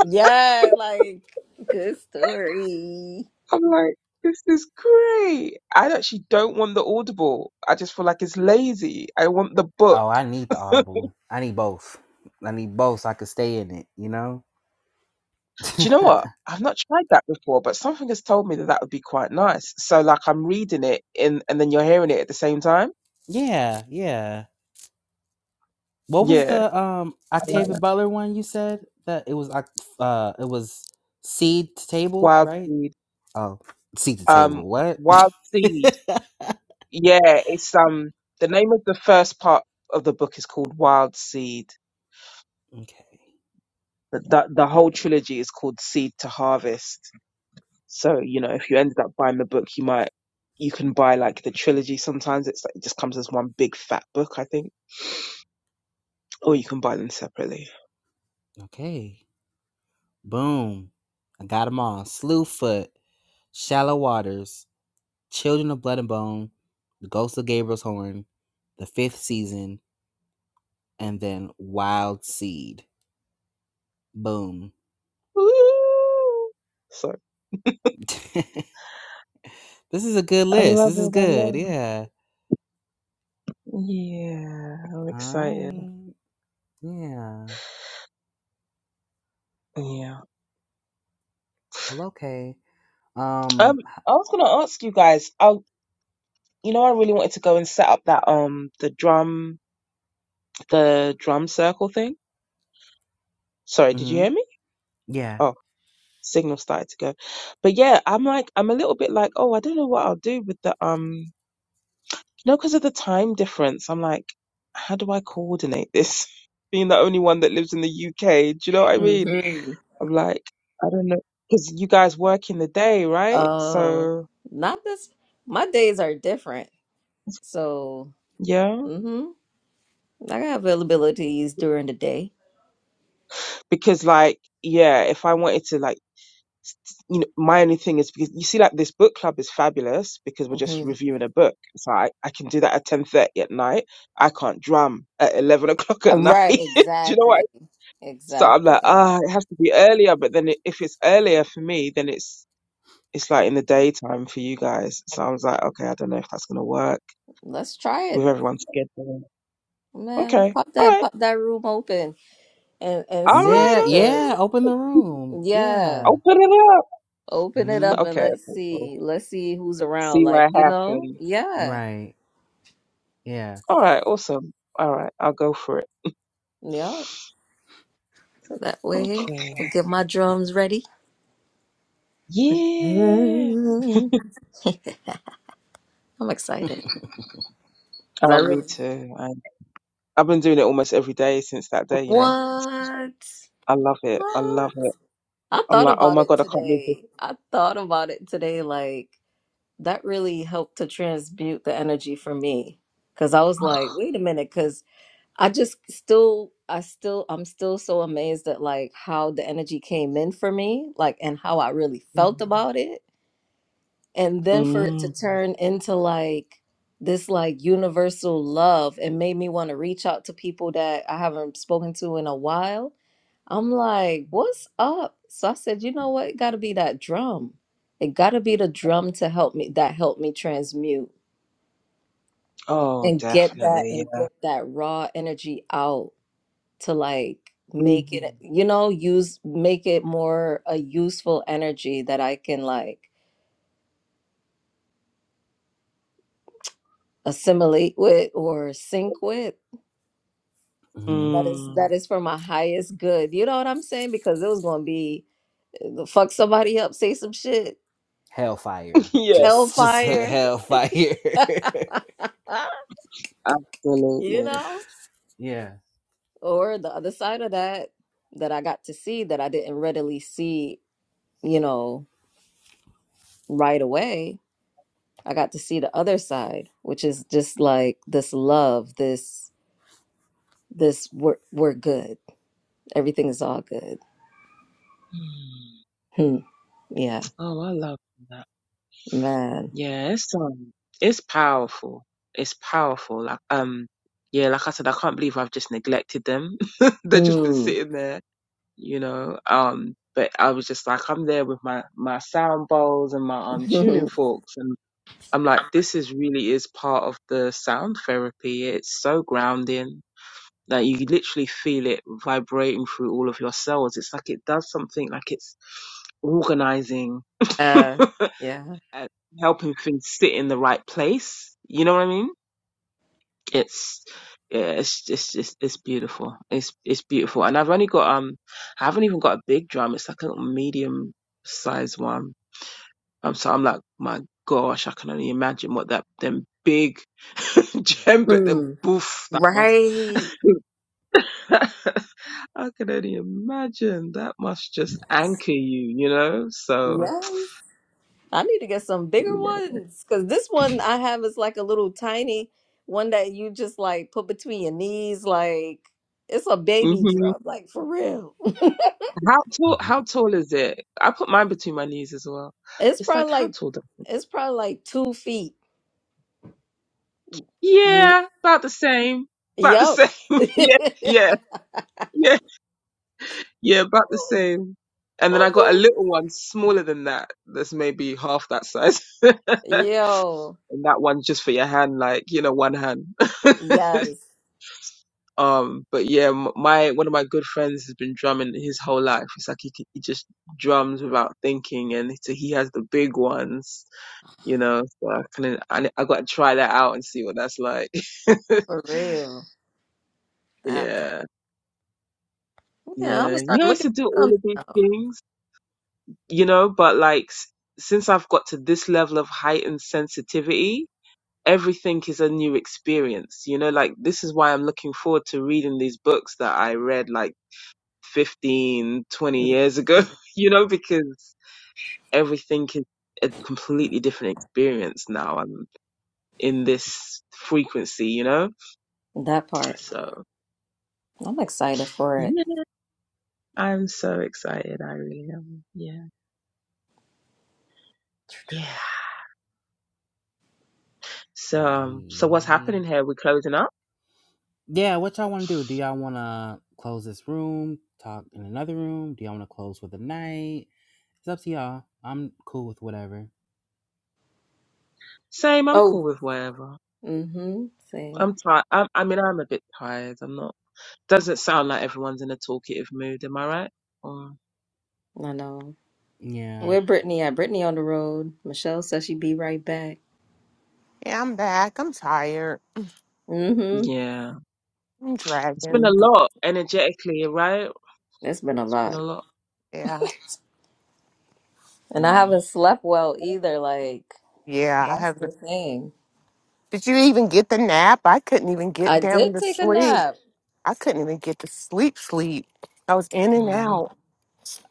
Speaker 2: Yeah, like good story.
Speaker 3: I'm like, this is great. I actually don't want the Audible. I just feel like it's lazy. I want the book
Speaker 1: Oh, I need the Audible. I need both. I need both so I could stay in it, you know?
Speaker 3: Do you know what? I've not tried that before, but something has told me that that would be quite nice. So like I'm reading it in, and then you're hearing it at the same time.
Speaker 1: yeah, yeah. What was
Speaker 3: Yeah,
Speaker 1: the um
Speaker 3: I like
Speaker 1: Octavia
Speaker 3: that.
Speaker 1: Butler one you said? That it was uh it was seed to table,
Speaker 3: Wild
Speaker 1: right?
Speaker 3: Seed.
Speaker 1: Oh, seed to
Speaker 3: Um,
Speaker 1: table. What?
Speaker 3: Wild Seed. Yeah, it's um the name of the first part of the book is called Wild Seed.
Speaker 1: okay.
Speaker 3: The, the the whole trilogy is called Seed to Harvest. So you know, if you ended up buying the book, you might you can buy like the trilogy. Sometimes it's like, it just comes as one big fat book, I think. Or you can buy them separately.
Speaker 1: Okay. Boom. I got them all. Slewfoot, Shallow Waters, Children of Blood and Bone, The Ghost of Gabriel's Horn, The Fifth Season, and then Wild Seed. Boom.
Speaker 3: Woo! So
Speaker 1: this is a good
Speaker 3: I
Speaker 1: list.
Speaker 3: love
Speaker 1: This is
Speaker 3: it. I love
Speaker 1: good.
Speaker 3: it.
Speaker 1: Yeah.
Speaker 3: Yeah, I'm
Speaker 1: All
Speaker 3: excited.
Speaker 1: right. Yeah.
Speaker 3: Yeah.
Speaker 1: Well, okay.
Speaker 3: Um,
Speaker 1: Um.
Speaker 3: I was gonna ask you guys. I, you know, I really wanted to go and set up that um the drum the drum circle thing. Sorry, did you
Speaker 1: mhm,
Speaker 3: hear me?
Speaker 1: Yeah.
Speaker 3: Oh. signal started to go. But yeah, I'm like, I'm a little bit like, oh, I don't know what I'll do with the um, you know, because of the time difference. I'm like, how do I coordinate this? Being the only one that lives in the UK, do you know what I mean?
Speaker 2: Mhm.
Speaker 3: I'm like, I don't know, because you guys work in the day, right?
Speaker 2: Uh
Speaker 3: So
Speaker 2: not this my days are different. So,
Speaker 3: yeah,
Speaker 2: mhm. I got availabilities during the day
Speaker 3: because like, yeah, if I wanted to like you know, my only thing is because you see, like this book club is fabulous because we're just
Speaker 2: hmm
Speaker 3: reviewing a book. So I, I can do that at ten thirty at night. I can't drum at eleven o'clock at night.
Speaker 2: Right,
Speaker 3: do you know what?
Speaker 2: exactly.
Speaker 3: I- So I'm like,
Speaker 2: Exactly.
Speaker 3: ah, it has to be earlier. But then it, if it's earlier for me, then it's it's like in the daytime for you guys. So I was like, okay, I don't know if that's gonna work
Speaker 2: Let's try
Speaker 3: with
Speaker 2: it.
Speaker 3: everyone's schedule.
Speaker 2: Man,
Speaker 3: Okay,
Speaker 2: pop
Speaker 3: all
Speaker 2: that
Speaker 3: right,
Speaker 2: pop that room open and and
Speaker 3: all
Speaker 2: see
Speaker 3: right,
Speaker 1: Yeah.
Speaker 3: all
Speaker 2: because
Speaker 1: Yeah.
Speaker 3: right.
Speaker 1: Open the room.
Speaker 2: yeah,
Speaker 1: Yeah.
Speaker 3: Open it up.
Speaker 2: open it
Speaker 1: Hmm.
Speaker 2: up and
Speaker 3: Okay,
Speaker 2: let's
Speaker 3: okay, cool.
Speaker 2: see. Let's see who's around
Speaker 3: See
Speaker 2: like,
Speaker 3: what
Speaker 2: you know?
Speaker 3: happens.
Speaker 2: Yeah.
Speaker 1: Right. Yeah.
Speaker 3: All right, awesome. All right, I'll go for it.
Speaker 2: Yeah. So that way
Speaker 3: Okay.
Speaker 2: I get my drums ready.
Speaker 3: Yeah.
Speaker 2: I'm excited because I
Speaker 3: Oh, me
Speaker 2: really
Speaker 3: too. I, I've been doing it almost every day since that day, you know.
Speaker 2: what?
Speaker 3: I love it. I
Speaker 2: What?
Speaker 3: love it.
Speaker 2: I
Speaker 3: I'm
Speaker 2: thought
Speaker 3: like, oh
Speaker 2: about
Speaker 3: my
Speaker 2: it
Speaker 3: God, I can't believe this.
Speaker 2: today. I thought about it today like that really helped to transmute the energy for me because i was like wait a minute because i just still i still i'm still so amazed at like how the energy came in for me like and how i really felt about it and then for it to
Speaker 3: Mm.
Speaker 2: turn into like this like universal love it made me want to reach out to people that i haven't spoken to in a while I'm like, what's up? So I said, you know what? It gotta be that drum. It gotta be the drum to help me that helped me transmute
Speaker 3: Oh,
Speaker 2: and get that
Speaker 3: definitely.
Speaker 2: and
Speaker 3: Yeah.
Speaker 2: get that raw energy out to like make
Speaker 3: hmm
Speaker 2: it, you know, use make it more a useful energy that I can like assimilate with or sync with.
Speaker 1: Hmm.
Speaker 2: That is
Speaker 3: Mm.
Speaker 2: that is for my highest good. You know what I'm saying? Because it was gonna be uh, fuck somebody up, say some shit,
Speaker 1: Hellfire.
Speaker 3: yeah,
Speaker 1: Just, just
Speaker 2: hellfire.
Speaker 1: hellfire.
Speaker 2: you
Speaker 3: absolutely.
Speaker 2: know,
Speaker 1: yeah.
Speaker 2: or the other side of that that I got to see that I didn't readily see, you know, right away. I got to see the other side, which is just like this love, this this we're we're good. Everything is all good.
Speaker 3: Mm.
Speaker 2: Hmm. Yeah,
Speaker 3: Oh, I love that.
Speaker 2: man.
Speaker 3: Yeah, it's um, it's powerful. It's powerful. Like um, yeah, like I said, I can't believe I've just neglected them. They've just been
Speaker 2: Hmm.
Speaker 3: sitting there. you know. Um, but I was just like, I'm there with my my sound bowls and my um tuning forks, and I'm like, this is really is part of the sound therapy. It's so grounding. Like you literally feel it vibrating through all of your cells. It's like it does something like it's organizing
Speaker 2: uh, yeah.
Speaker 3: and helping things sit in the right place. You know what I mean? it's yeah, it's it's it's, it's beautiful. It's it's beautiful, and I've only got um, I haven't even got a big drum. It's like a medium sized one. Um, so I'm like, my gosh, I can only imagine what that them big djembe, them
Speaker 2: Hmm.
Speaker 3: boof, that must.
Speaker 2: Right.
Speaker 3: I can only imagine that must just anchor you, you know. So.
Speaker 2: Yes. I need to get some bigger
Speaker 3: yeah.
Speaker 2: ones because this one I have is like a little tiny one that you just like put between your knees. Like it's a baby
Speaker 3: hmm
Speaker 2: drum, like for real.
Speaker 3: How tall?
Speaker 1: Mhm.
Speaker 3: How tall is it? I put mine between my knees as well.
Speaker 2: It's
Speaker 3: It's
Speaker 2: probably
Speaker 3: like how
Speaker 2: like
Speaker 3: tall?
Speaker 2: it's probably like two feet. Mm.
Speaker 3: Yeah, about the same. About the
Speaker 2: Yup.
Speaker 3: same.
Speaker 2: I'm
Speaker 3: yeah, yeah, yeah, yeah, about the same. And then I got a
Speaker 2: like,
Speaker 3: little one smaller than that, that's maybe half that size. and
Speaker 2: yo,
Speaker 3: that one's just for your hand, like, you know, one hand.
Speaker 2: yes,
Speaker 3: um, but yeah, m- my, one of my good friends has been drumming his whole life. It's like he, c- he just drums without thinking and so he has the big ones, you know, so I kind of, I, I got to try that out and see what that's like.
Speaker 2: for real. That
Speaker 3: yeah.
Speaker 2: part. yeah, I'm gonna
Speaker 3: Yeah, you
Speaker 2: start
Speaker 3: know, I used
Speaker 2: looking
Speaker 3: to do
Speaker 2: at
Speaker 3: all
Speaker 2: drums
Speaker 3: of these
Speaker 2: now.
Speaker 3: things, you know, but like s- since I've got to this level of heightened sensitivity, everything is a new experience, you know, like this is why I'm looking forward to reading these books that I read like 15, twenty years ago,
Speaker 2: Mhm.
Speaker 3: you know, because everything is a completely different experience now. I'm in this frequency, you know?
Speaker 2: That part,
Speaker 3: So,
Speaker 2: I'm excited for it.
Speaker 3: yeah, I'm so excited. I really am. Yeah. Yeah. So, um, so what's
Speaker 1: Yeah.
Speaker 3: happening here? We're closing up.
Speaker 1: Yeah, what y'all want to do? Do y'all want to close this room, talk in another room? Do y'all want to close with a night? It's up to y'all. I'm cool with whatever.
Speaker 3: Same. I'm
Speaker 2: Oh,
Speaker 3: cool with whatever.
Speaker 2: mm-hmm. Same.
Speaker 3: I'm tired. i I mean, I'm a bit tired. I'm not. Doesn't sound like everyone's in a talkative mood. Am I right? Or
Speaker 2: I know.
Speaker 1: Yeah.
Speaker 2: Where Brittany at? Brittany on the road. Michelle says she'd be right back.
Speaker 4: Yeah, I'm back. I'm tired.
Speaker 2: Mm-hmm.
Speaker 3: yeah,
Speaker 4: I'm
Speaker 3: it's been
Speaker 4: dragging.
Speaker 3: a
Speaker 2: Mm-hmm.
Speaker 3: lot energetically, right?
Speaker 2: It's been a
Speaker 3: It's been
Speaker 2: lot.
Speaker 3: a lot.
Speaker 4: Yeah.
Speaker 2: And I
Speaker 3: Mm,
Speaker 2: haven't slept well either. Like,
Speaker 4: Yeah, I
Speaker 2: that's
Speaker 4: haven't.
Speaker 2: the thing.
Speaker 4: Did you even get the nap? I couldn't even
Speaker 2: I
Speaker 4: get down
Speaker 2: did
Speaker 4: to
Speaker 2: take a
Speaker 4: sleep.
Speaker 2: nap.
Speaker 4: I couldn't even get to sleep, sleep. I was in and
Speaker 3: mm.
Speaker 4: out.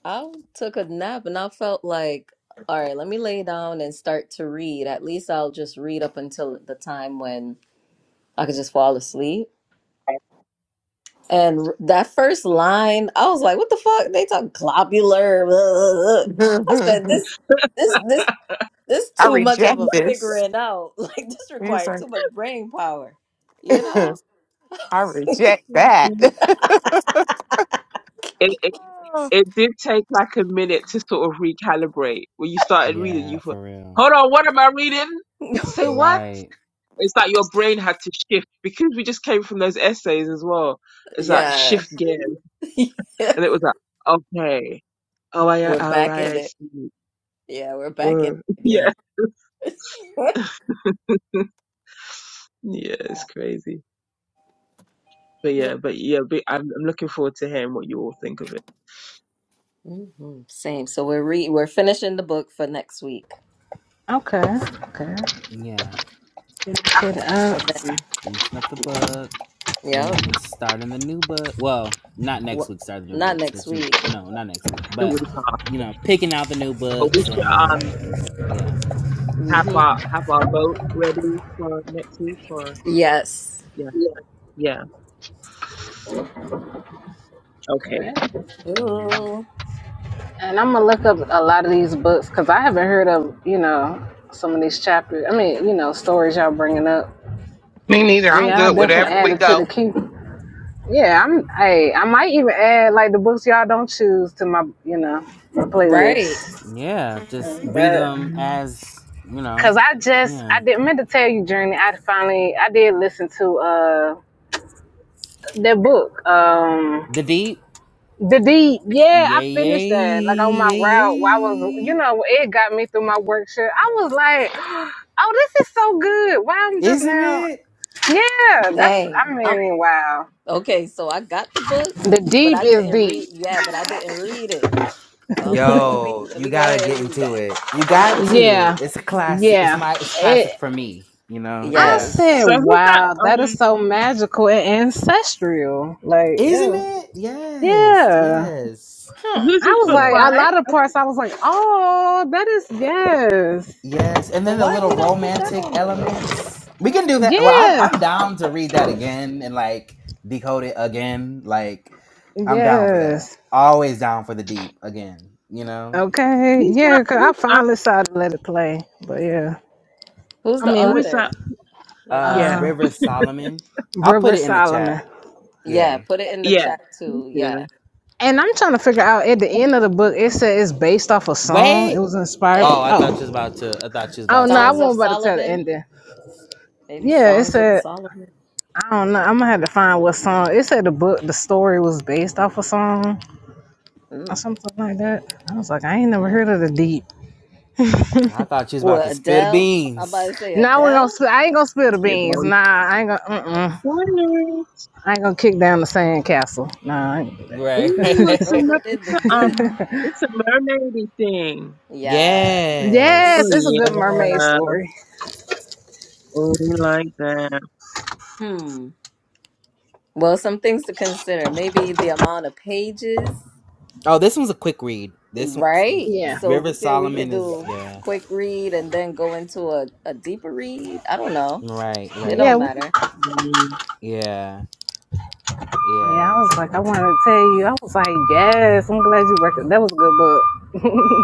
Speaker 2: I took a nap and I felt like, all right, let me lay down and start to read. At least I'll just read up until the time when I could just fall asleep. And r- that first line, I was like, what the fuck? They talk globular. I said, this. This this This
Speaker 4: I
Speaker 2: too much of a
Speaker 4: reject this.
Speaker 2: figuring out. Like this
Speaker 4: He's
Speaker 2: required too much brain power. You
Speaker 4: like,
Speaker 2: know?
Speaker 4: I reject that.
Speaker 3: Mhm. It, it it did take like a minute to sort of recalibrate. When you started reading,
Speaker 1: Yeah,
Speaker 3: you thought,
Speaker 1: for real.
Speaker 3: "Hold on, what am I reading? Say what?
Speaker 1: Right.
Speaker 3: It's like your brain had to shift because we just came from those essays as well. It's like
Speaker 2: yeah.
Speaker 3: shift gears, and it was like, okay, oh, I,
Speaker 2: we're
Speaker 3: all
Speaker 2: back
Speaker 3: right,
Speaker 2: in
Speaker 3: I
Speaker 2: it.
Speaker 3: see.
Speaker 2: Yeah, we're back in
Speaker 3: Whoa.
Speaker 2: it again.
Speaker 3: Yeah, yeah, it's crazy. But
Speaker 2: yeah.
Speaker 3: yeah, but yeah, but I'm, I'm looking forward to hearing what you all think of it.
Speaker 2: hmm Same. So we're re we're finishing the book for next week.
Speaker 5: Okay. Okay.
Speaker 1: Yeah.
Speaker 5: Finish it up.
Speaker 2: And then
Speaker 1: Finishing up the book and
Speaker 2: yep.
Speaker 1: then starting the new book. Well, not next
Speaker 2: Well,
Speaker 1: week, start the new
Speaker 2: not
Speaker 1: books,
Speaker 2: next
Speaker 1: which,
Speaker 2: week.
Speaker 1: no, not next week,
Speaker 3: The
Speaker 1: but,
Speaker 3: week after,
Speaker 1: you know, picking out the new
Speaker 3: but we
Speaker 1: books
Speaker 3: should
Speaker 1: and,
Speaker 3: um
Speaker 1: yeah.
Speaker 3: have
Speaker 2: hmm
Speaker 3: our have our vote ready for next week, or
Speaker 2: Yes.
Speaker 3: yeah, yeah.
Speaker 5: Okay.
Speaker 3: Okay.
Speaker 1: Yeah.
Speaker 2: Ooh.
Speaker 5: And I'm gonna look up a lot of these books because I haven't heard of you know some of these chapters. I mean, you know, stories y'all bringing up. So yeah, I
Speaker 2: Mm.
Speaker 5: definitely added to the
Speaker 4: So
Speaker 5: queue. Yeah, I'm. Hey, I might even add like the books y'all don't choose to my, you know, my
Speaker 2: Right.
Speaker 5: playlist.
Speaker 1: Yeah. Just
Speaker 5: And
Speaker 1: read
Speaker 5: That,
Speaker 1: them
Speaker 3: Mhm.
Speaker 1: as, you know,
Speaker 5: Cause I just
Speaker 1: yeah.
Speaker 5: I didn't meant to tell you, Journey. I finally I did listen to uh that book, um,
Speaker 1: The Deep.
Speaker 5: the deep. Yeah, I
Speaker 1: Yay,
Speaker 5: finished
Speaker 1: yay,
Speaker 5: that like on my
Speaker 1: yay,
Speaker 5: route. While I was, you
Speaker 1: yay.
Speaker 5: know, it got me through my work shift. I was like, oh, this is so good. Why I'm just
Speaker 1: Isn't
Speaker 5: now?
Speaker 1: it?
Speaker 5: Yeah, that's. I
Speaker 2: Dang. I'm,
Speaker 5: mean, wow.
Speaker 2: okay, so I got the book,
Speaker 5: The
Speaker 2: but
Speaker 5: deep
Speaker 2: I
Speaker 5: is
Speaker 2: didn't
Speaker 5: deep.
Speaker 2: read yeah, but I didn't read it. So I'm like, let me
Speaker 1: Yo,
Speaker 2: let
Speaker 1: you
Speaker 2: me go
Speaker 1: gotta
Speaker 2: ahead and
Speaker 1: get
Speaker 2: read
Speaker 1: into it. You got
Speaker 2: that.
Speaker 1: to.
Speaker 5: Yeah,
Speaker 1: It's a classic. It's
Speaker 5: yeah.
Speaker 1: my. It's
Speaker 5: it.
Speaker 1: classic for me. You know.
Speaker 5: I
Speaker 2: yes.
Speaker 1: Yeah.
Speaker 5: said,
Speaker 3: So who's that?
Speaker 5: wow, that is
Speaker 3: Um,
Speaker 5: so magical and ancestral. Like,
Speaker 1: Isn't
Speaker 5: yeah.
Speaker 1: it? Yes.
Speaker 5: Yeah.
Speaker 1: Yes.
Speaker 2: Huh.
Speaker 3: who's
Speaker 5: I
Speaker 3: this
Speaker 5: was
Speaker 3: book
Speaker 5: like,
Speaker 1: Yeah.
Speaker 5: a
Speaker 3: by?
Speaker 5: lot of parts, I was like, oh, that is, yes.
Speaker 1: Yes. And
Speaker 2: So
Speaker 1: then the
Speaker 2: why
Speaker 1: little
Speaker 2: we don't put that
Speaker 1: romantic
Speaker 2: on the list?
Speaker 1: elements.
Speaker 2: I
Speaker 1: We can
Speaker 2: don't
Speaker 1: do
Speaker 2: know.
Speaker 1: that. Well, I'm I'm
Speaker 5: Yeah.
Speaker 1: down to read that again and like decode it again. Like, I'm down for that.
Speaker 5: Yes.
Speaker 1: Always down for the deep again. You know.
Speaker 5: Okay.
Speaker 3: Who's that?
Speaker 5: Yeah. Cause I
Speaker 3: Who's
Speaker 5: finally
Speaker 3: um?
Speaker 5: decided to let it play. But yeah.
Speaker 2: Who's
Speaker 5: I
Speaker 2: the
Speaker 5: mean,
Speaker 3: Who
Speaker 5: with
Speaker 3: is that?
Speaker 2: author? Let me
Speaker 1: Uh,
Speaker 3: Yeah.
Speaker 2: see.
Speaker 5: uh,
Speaker 1: River Solomon. I'll put
Speaker 5: River
Speaker 1: it in the chat.
Speaker 5: Solomon.
Speaker 2: Yeah,
Speaker 1: Yeah.
Speaker 2: put it in the
Speaker 3: Yeah,
Speaker 2: chat
Speaker 3: me
Speaker 2: too. Yeah.
Speaker 3: too.
Speaker 5: And I'm trying to figure out at the end of the book, it said it's based off a song.
Speaker 1: Wait.
Speaker 5: It was inspired.
Speaker 1: Oh,
Speaker 2: Hey,
Speaker 1: I thought she was
Speaker 5: Oh.
Speaker 1: about to. I thought she was
Speaker 5: Oh,
Speaker 1: about
Speaker 5: no, I
Speaker 2: Songs
Speaker 1: to.
Speaker 2: of
Speaker 5: wasn't about to tell the
Speaker 2: Solomon.
Speaker 5: ending.
Speaker 2: Maybe
Speaker 5: Yeah, it
Speaker 2: Songs of
Speaker 5: said
Speaker 2: Solomon.
Speaker 5: I don't know. I'm gonna have to find what song. It said the book, the story was based off a song or
Speaker 2: Mm.
Speaker 5: something like that. I was like, I ain't never
Speaker 2: All right.
Speaker 5: heard of the deep.
Speaker 1: I thought she was about
Speaker 2: Well,
Speaker 1: to spill the
Speaker 2: Adele. I'm about to
Speaker 1: beans.
Speaker 2: say
Speaker 5: Now we're gonna.
Speaker 2: Adele.
Speaker 5: Sp- I ain't gonna spill the
Speaker 3: You're
Speaker 5: beans.
Speaker 3: going
Speaker 5: Nah, I ain't gonna. Mm-mm. I ain't gonna kick down the sandcastle. Nah. I ain't-
Speaker 1: Right.
Speaker 3: Ooh, it's a
Speaker 2: Rolling
Speaker 3: mer- it's
Speaker 2: in the
Speaker 3: a
Speaker 2: deep.
Speaker 3: um it's a mermaidy thing.
Speaker 2: Yeah.
Speaker 3: Oh
Speaker 5: Yes, it's a
Speaker 1: yes.
Speaker 5: good mermaid
Speaker 3: yeah,
Speaker 5: story.
Speaker 3: oh we like that.
Speaker 2: Hmm. Well, some things to consider. Maybe the amount of pages.
Speaker 1: Oh, this one's a quick read. This one's
Speaker 2: Right?
Speaker 5: Yeah.
Speaker 2: So
Speaker 1: River
Speaker 2: we could we could
Speaker 1: Solomon is
Speaker 2: do
Speaker 1: yeah.
Speaker 2: quick read and then go into a, a deeper read. I don't know.
Speaker 1: Right.
Speaker 2: It
Speaker 5: Yeah.
Speaker 2: don't
Speaker 1: Right.
Speaker 5: w-
Speaker 2: matter.
Speaker 3: Mm.
Speaker 1: Yeah.
Speaker 5: Yeah. I
Speaker 1: Yeah.
Speaker 5: was like, I wanted to tell you. I was like, yes. I'm glad you worked. It. That was a good book.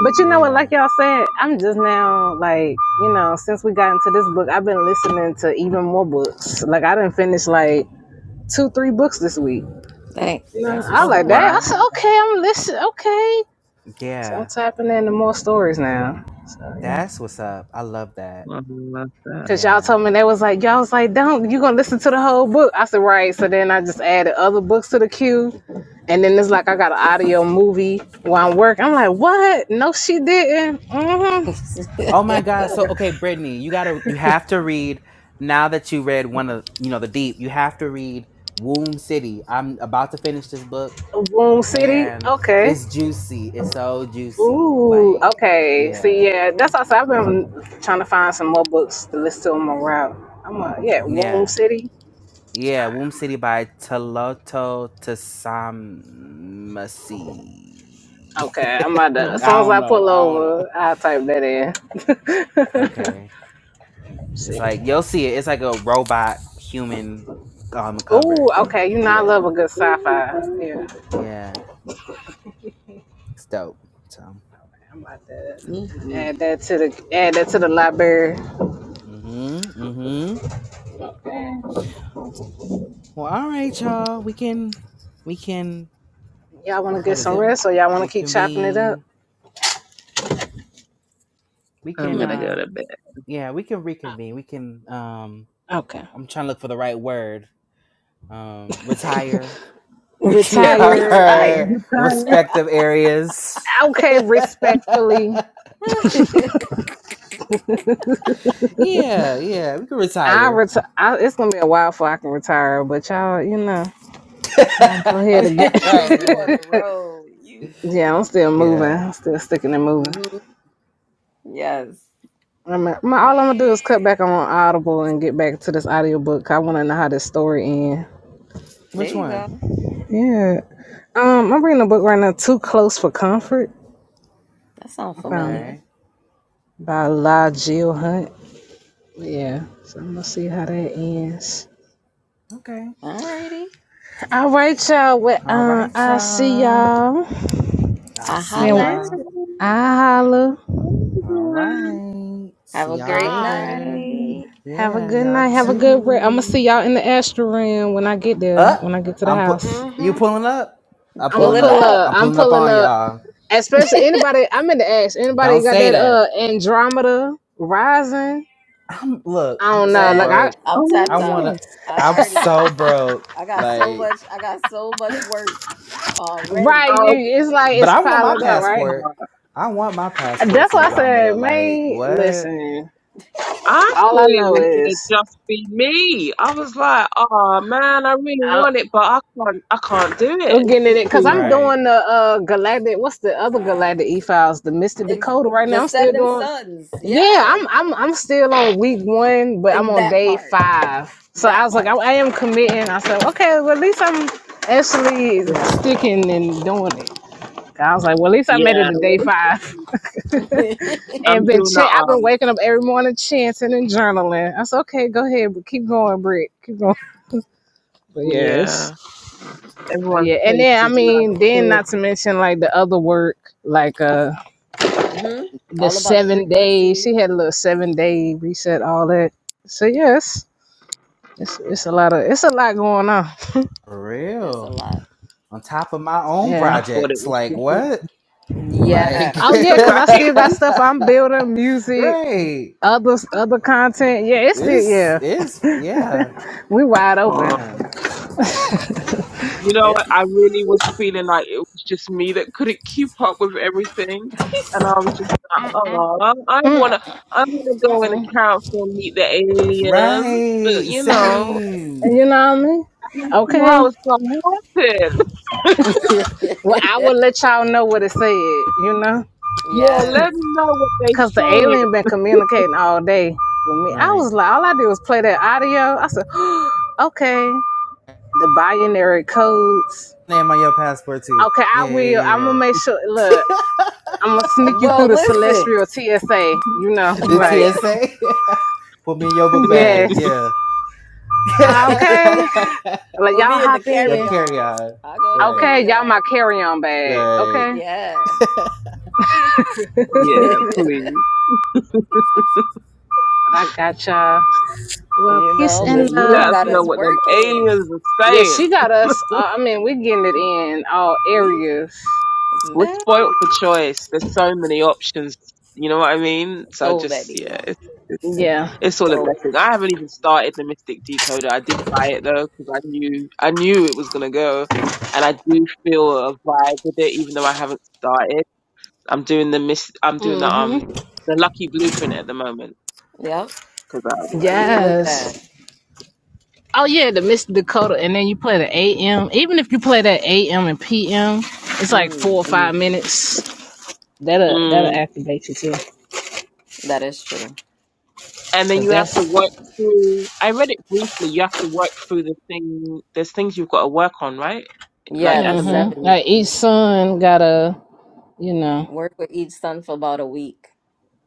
Speaker 5: But you know what, like
Speaker 1: Yeah.
Speaker 5: y'all said, I'm just now like, you know, since we got into this book, I've been listening to even more books. Like I didn't finish like two, three books this week.
Speaker 2: thanks.
Speaker 5: You know,
Speaker 1: That's
Speaker 5: I
Speaker 3: Oh
Speaker 1: what's
Speaker 5: like that.
Speaker 3: wow,
Speaker 1: up.
Speaker 5: I said, okay, I'm listening. Okay, so I'm
Speaker 1: Yeah.
Speaker 5: tapping into more stories now. So yeah.
Speaker 1: That's what's up. I love that.
Speaker 3: I love that.
Speaker 5: Cause y'all
Speaker 1: Yeah.
Speaker 5: told me they was like y'all was like don't you gonna listen to the whole book? I said right. So then I just added other books to the queue, and then it's like I got an audio movie while I'm working. I'm like what? No, she didn't. hmm
Speaker 1: Oh my God. So okay, Brittany, you gotta you have to read now that you read one of you know the deep, you have to read Womb City. I'm about to finish this book
Speaker 5: Boom City.
Speaker 1: and
Speaker 5: Okay.
Speaker 1: it's juicy. It's so juicy.
Speaker 5: Ooh.
Speaker 1: Like,
Speaker 5: Okay. See,
Speaker 1: yeah.
Speaker 5: yeah, that's also I've been trying to find some more books to listen to on my route. I'm a, yeah, Womb
Speaker 1: Yeah.
Speaker 5: City.
Speaker 1: Yeah. Womb City by Taloto Tasamasi.
Speaker 5: Okay, I'm about to. As
Speaker 3: Mm.
Speaker 5: soon
Speaker 1: I
Speaker 5: as
Speaker 1: don't
Speaker 5: I
Speaker 1: know.
Speaker 5: pull
Speaker 1: I don't know.
Speaker 5: over, I'll type that in.
Speaker 1: Okay. It's
Speaker 5: City.
Speaker 1: like you'll see it. It's like a robot human um
Speaker 5: Ooh.
Speaker 1: cover.
Speaker 5: Okay. You know I love a
Speaker 1: Yeah.
Speaker 5: good sci-fi. Yeah.
Speaker 1: Yeah. It's dope. So,
Speaker 5: I'm about to
Speaker 2: hmm
Speaker 5: add that to the add that to the library.
Speaker 1: mm-hmm, mm-hmm. Well, all right, y'all. We can, we can.
Speaker 5: Y'all want to get
Speaker 1: What is
Speaker 5: some
Speaker 1: it?
Speaker 5: rest, or y'all want to keep chopping it up?
Speaker 1: Reconvene. We
Speaker 3: I'm
Speaker 1: can.
Speaker 3: gonna go
Speaker 1: uh
Speaker 3: to bed.
Speaker 1: Yeah, we can reconvene. We can. um
Speaker 5: Okay.
Speaker 1: I'm trying to look for the right word. Um, retire
Speaker 2: We
Speaker 1: to
Speaker 2: can't
Speaker 5: Retire and
Speaker 1: our
Speaker 3: You
Speaker 2: retire
Speaker 3: tired.
Speaker 1: respective areas.
Speaker 5: okay, respectfully
Speaker 2: because
Speaker 1: yeah, yeah. We can
Speaker 5: I
Speaker 1: retire.
Speaker 5: retire. I, it's gonna be a while before I can retire, but y'all, you know, y'all go ahead and get.
Speaker 1: right,
Speaker 2: you on the
Speaker 1: right.
Speaker 2: road. You.
Speaker 5: yeah, I'm still moving.
Speaker 1: Yeah.
Speaker 5: I'm still sticking and moving.
Speaker 2: hmm Yes.
Speaker 5: I'm, I'm, all I'm gonna do
Speaker 2: Alrighty.
Speaker 5: is cut back on Audible and get back to this audiobook. I want to know how this story ends.
Speaker 2: There
Speaker 1: Which
Speaker 2: you
Speaker 1: one?
Speaker 2: go.
Speaker 5: Yeah, um, I'm reading a book right now, Too Close for Comfort.
Speaker 2: That sounds
Speaker 5: I found
Speaker 2: familiar.
Speaker 1: Okay.
Speaker 5: by La Jill Hunt. Yeah, so I'm gonna see how that ends.
Speaker 1: Okay.
Speaker 2: Alrighty.
Speaker 5: All right, y'all. Well,
Speaker 1: All
Speaker 5: uh,
Speaker 1: right,
Speaker 5: I'll see
Speaker 1: y'all.
Speaker 5: y'all,
Speaker 1: I'll
Speaker 2: I
Speaker 1: see
Speaker 2: holla
Speaker 5: and
Speaker 2: at
Speaker 1: y'all.
Speaker 2: you.
Speaker 3: Hi.
Speaker 5: I holla.
Speaker 1: All right.
Speaker 2: Have
Speaker 1: See
Speaker 2: a
Speaker 1: y'all
Speaker 2: great
Speaker 4: bye.
Speaker 1: later.
Speaker 2: night.
Speaker 5: Have a
Speaker 1: Yeah,
Speaker 5: good
Speaker 1: y'all
Speaker 5: night. Have a good break. I'm gonna see
Speaker 1: too.
Speaker 5: y'all in the astral room when I get there.
Speaker 1: Up.
Speaker 5: When I get to the
Speaker 1: I'm put.
Speaker 5: house,
Speaker 1: You
Speaker 4: hmm
Speaker 1: pulling up? I'm
Speaker 5: I'm gonna
Speaker 2: Pull
Speaker 1: pulling
Speaker 2: it
Speaker 5: pull
Speaker 1: up.
Speaker 2: up.
Speaker 5: up.
Speaker 1: I'm
Speaker 5: I'm
Speaker 1: pulling up
Speaker 5: pulling
Speaker 1: on
Speaker 5: up.
Speaker 1: y'all.
Speaker 5: Especially anybody. I'm in the ash. Anybody
Speaker 1: Don't
Speaker 5: got
Speaker 1: say
Speaker 5: that
Speaker 1: that.
Speaker 5: uh Andromeda rising?
Speaker 1: I'm look.
Speaker 5: I
Speaker 1: I'm
Speaker 5: don't
Speaker 1: so
Speaker 5: know. Like
Speaker 2: Man,
Speaker 5: I
Speaker 1: broke.
Speaker 2: I'm
Speaker 3: Oh
Speaker 1: I
Speaker 2: tapped out.
Speaker 1: wanna.
Speaker 3: yeah.
Speaker 2: I
Speaker 1: I'm
Speaker 2: already got
Speaker 1: so broke.
Speaker 2: I got so
Speaker 1: Like,
Speaker 2: much I got so much work already.
Speaker 5: right. You.
Speaker 3: Oh.
Speaker 5: It's like
Speaker 1: but
Speaker 5: it's
Speaker 1: I want my
Speaker 5: piling up. Right.
Speaker 3: wow.
Speaker 1: passport. I want my passport
Speaker 5: That's
Speaker 1: to
Speaker 5: why I
Speaker 1: Andromeda.
Speaker 5: said,
Speaker 1: Like,
Speaker 5: man.
Speaker 1: what?
Speaker 5: Listen.
Speaker 3: I
Speaker 5: All
Speaker 3: thought
Speaker 5: I
Speaker 3: it
Speaker 5: know
Speaker 2: I
Speaker 3: was
Speaker 2: can't,
Speaker 3: gonna
Speaker 5: is
Speaker 3: just be me. I was like, oh man, I really
Speaker 5: I,
Speaker 3: want it, but I can't. I can't do it.
Speaker 5: I'm
Speaker 3: It's
Speaker 5: getting
Speaker 3: just
Speaker 5: it because
Speaker 3: too
Speaker 5: I'm
Speaker 3: late.
Speaker 1: Right.
Speaker 5: doing the uh galactic. What's the other galactic e files? The Mystic
Speaker 2: and
Speaker 5: Dakota right
Speaker 2: the
Speaker 5: now. I'm still
Speaker 2: seven
Speaker 5: doing.
Speaker 2: sons,
Speaker 5: Yeah,
Speaker 2: yeah.
Speaker 5: I'm I'm I'm still on week one, but I'm
Speaker 2: And
Speaker 5: on
Speaker 2: that
Speaker 5: day
Speaker 2: part.
Speaker 5: five. So I
Speaker 2: That
Speaker 5: was like, I,
Speaker 2: part.
Speaker 5: I am committing. I said, okay, well at least I'm actually
Speaker 3: Yeah,
Speaker 5: sticking and doing it. I was like, well at least I made it
Speaker 3: yeah.
Speaker 5: to day five, and
Speaker 3: I'm
Speaker 5: been
Speaker 3: doing
Speaker 5: ch-
Speaker 3: the
Speaker 5: I've been
Speaker 3: um.
Speaker 5: waking up every morning chanting and journaling. I said, okay, go ahead, but keep going, Britt, keep going. But yes,
Speaker 3: Yeah,
Speaker 5: but
Speaker 3: everyone's
Speaker 5: yeah, and
Speaker 3: case
Speaker 5: then I
Speaker 3: is kind
Speaker 5: mean,
Speaker 3: of
Speaker 5: then
Speaker 3: full.
Speaker 5: not to mention like the other work, like uh
Speaker 2: hmm
Speaker 5: the
Speaker 2: All about the
Speaker 5: seven days.
Speaker 2: frequency.
Speaker 5: She had a little seven day reset, all that. So yes. It's it's a lot of it's a lot going on.
Speaker 1: For
Speaker 2: It's a
Speaker 1: real.
Speaker 2: lot.
Speaker 1: On top of my own
Speaker 3: I
Speaker 5: Yeah.
Speaker 3: thought it
Speaker 1: projects.
Speaker 3: was
Speaker 1: Like,
Speaker 3: just me.
Speaker 1: what? Like,
Speaker 2: Yeah.
Speaker 5: Oh yeah, cause
Speaker 3: right.
Speaker 5: I still got stuff I'm building, music,
Speaker 1: right?
Speaker 5: other other content. Yeah, it's still
Speaker 1: It's
Speaker 5: yeah.
Speaker 1: it's yeah,
Speaker 5: We wide open.
Speaker 1: yeah.
Speaker 3: Um, you know,
Speaker 2: It's
Speaker 3: I really was feeling like it was just me that couldn't keep up with everything, and I was just like, oh, I wanna, I wanna go in the council and meet the aliens, but
Speaker 1: Right,
Speaker 3: you know.
Speaker 1: same.
Speaker 5: You know what I mean?
Speaker 3: Let's see how
Speaker 5: Okay.
Speaker 3: it's gonna happen.
Speaker 5: Well, I will let y'all know what it said. You know,
Speaker 3: Yeah,
Speaker 2: Yes.
Speaker 3: let me know what they
Speaker 5: cause the
Speaker 3: saying.
Speaker 5: alien been communicating all day with me. I
Speaker 1: Right.
Speaker 5: was like, all I did was play that audio. I said, okay. The binary codes.
Speaker 1: Name on your passport too.
Speaker 5: Okay, I
Speaker 1: Yeah,
Speaker 5: will.
Speaker 1: yeah,
Speaker 5: I'm gonna
Speaker 1: yeah.
Speaker 5: make sure. Look, I'm gonna sneak you through
Speaker 2: Well,
Speaker 5: the
Speaker 2: listen.
Speaker 5: celestial TSA. You know,
Speaker 1: yeah. The
Speaker 5: like.
Speaker 1: TSA. Put me in your book bag.
Speaker 5: Yes.
Speaker 1: Yeah.
Speaker 5: Okay. Like
Speaker 2: For
Speaker 5: y'all
Speaker 2: me in the
Speaker 5: hop
Speaker 1: your
Speaker 2: carry
Speaker 5: in.
Speaker 1: carry
Speaker 2: on.
Speaker 1: on.
Speaker 2: I go to
Speaker 1: Right.
Speaker 5: Okay,
Speaker 2: carry
Speaker 5: y'all my
Speaker 2: on.
Speaker 5: carry-on bag.
Speaker 1: Right.
Speaker 5: Okay.
Speaker 2: Yeah.
Speaker 3: Yeah, please.
Speaker 5: I got y'all. Well,
Speaker 2: You
Speaker 5: peace
Speaker 2: know,
Speaker 3: Yeah,
Speaker 5: and
Speaker 2: Miss
Speaker 3: you
Speaker 2: Blue
Speaker 3: let
Speaker 5: love.
Speaker 3: us
Speaker 2: got
Speaker 3: know
Speaker 5: Yeah.
Speaker 2: us
Speaker 3: what them
Speaker 2: working.
Speaker 3: aliens are
Speaker 5: Yeah,
Speaker 3: saying.
Speaker 5: she got us. Uh, I mean, we getting it in all
Speaker 2: We
Speaker 5: areas.
Speaker 3: We're
Speaker 2: met
Speaker 3: spoilt for choice. There's so many options. You know what I mean? So
Speaker 2: so
Speaker 3: just yeah,
Speaker 2: many.
Speaker 3: it's it's,
Speaker 5: Yeah.
Speaker 3: it's all a
Speaker 2: So
Speaker 3: blessing. I haven't even started the Mystic Decoder. I did buy it though because I knew I knew it was gonna go, and I do feel a vibe with it, even though I haven't started. I'm doing the miss. I'm doing the
Speaker 5: Mm-hmm.
Speaker 3: um the Lucky Blueprint at the moment
Speaker 2: yep.
Speaker 3: because
Speaker 2: See, look at that.
Speaker 5: Yes. Oh yeah, the Miss Dakota, and then you play the AM. Even if you play that AM and PM, it's like four
Speaker 2: Hmm.
Speaker 5: or five minutes. That'll that'll
Speaker 3: Mm.
Speaker 5: activate you too,
Speaker 2: That is true.
Speaker 3: And then
Speaker 5: cause
Speaker 3: you have to
Speaker 5: that's
Speaker 3: work through. I read it briefly. You have to work through the thing. There's things you've got to work on, right? Like
Speaker 2: Yeah, the
Speaker 3: elements
Speaker 2: seven.
Speaker 5: mm-hmm.
Speaker 3: in each
Speaker 5: Like each
Speaker 3: thing.
Speaker 5: son got a You know.
Speaker 2: Work with each son for about a week.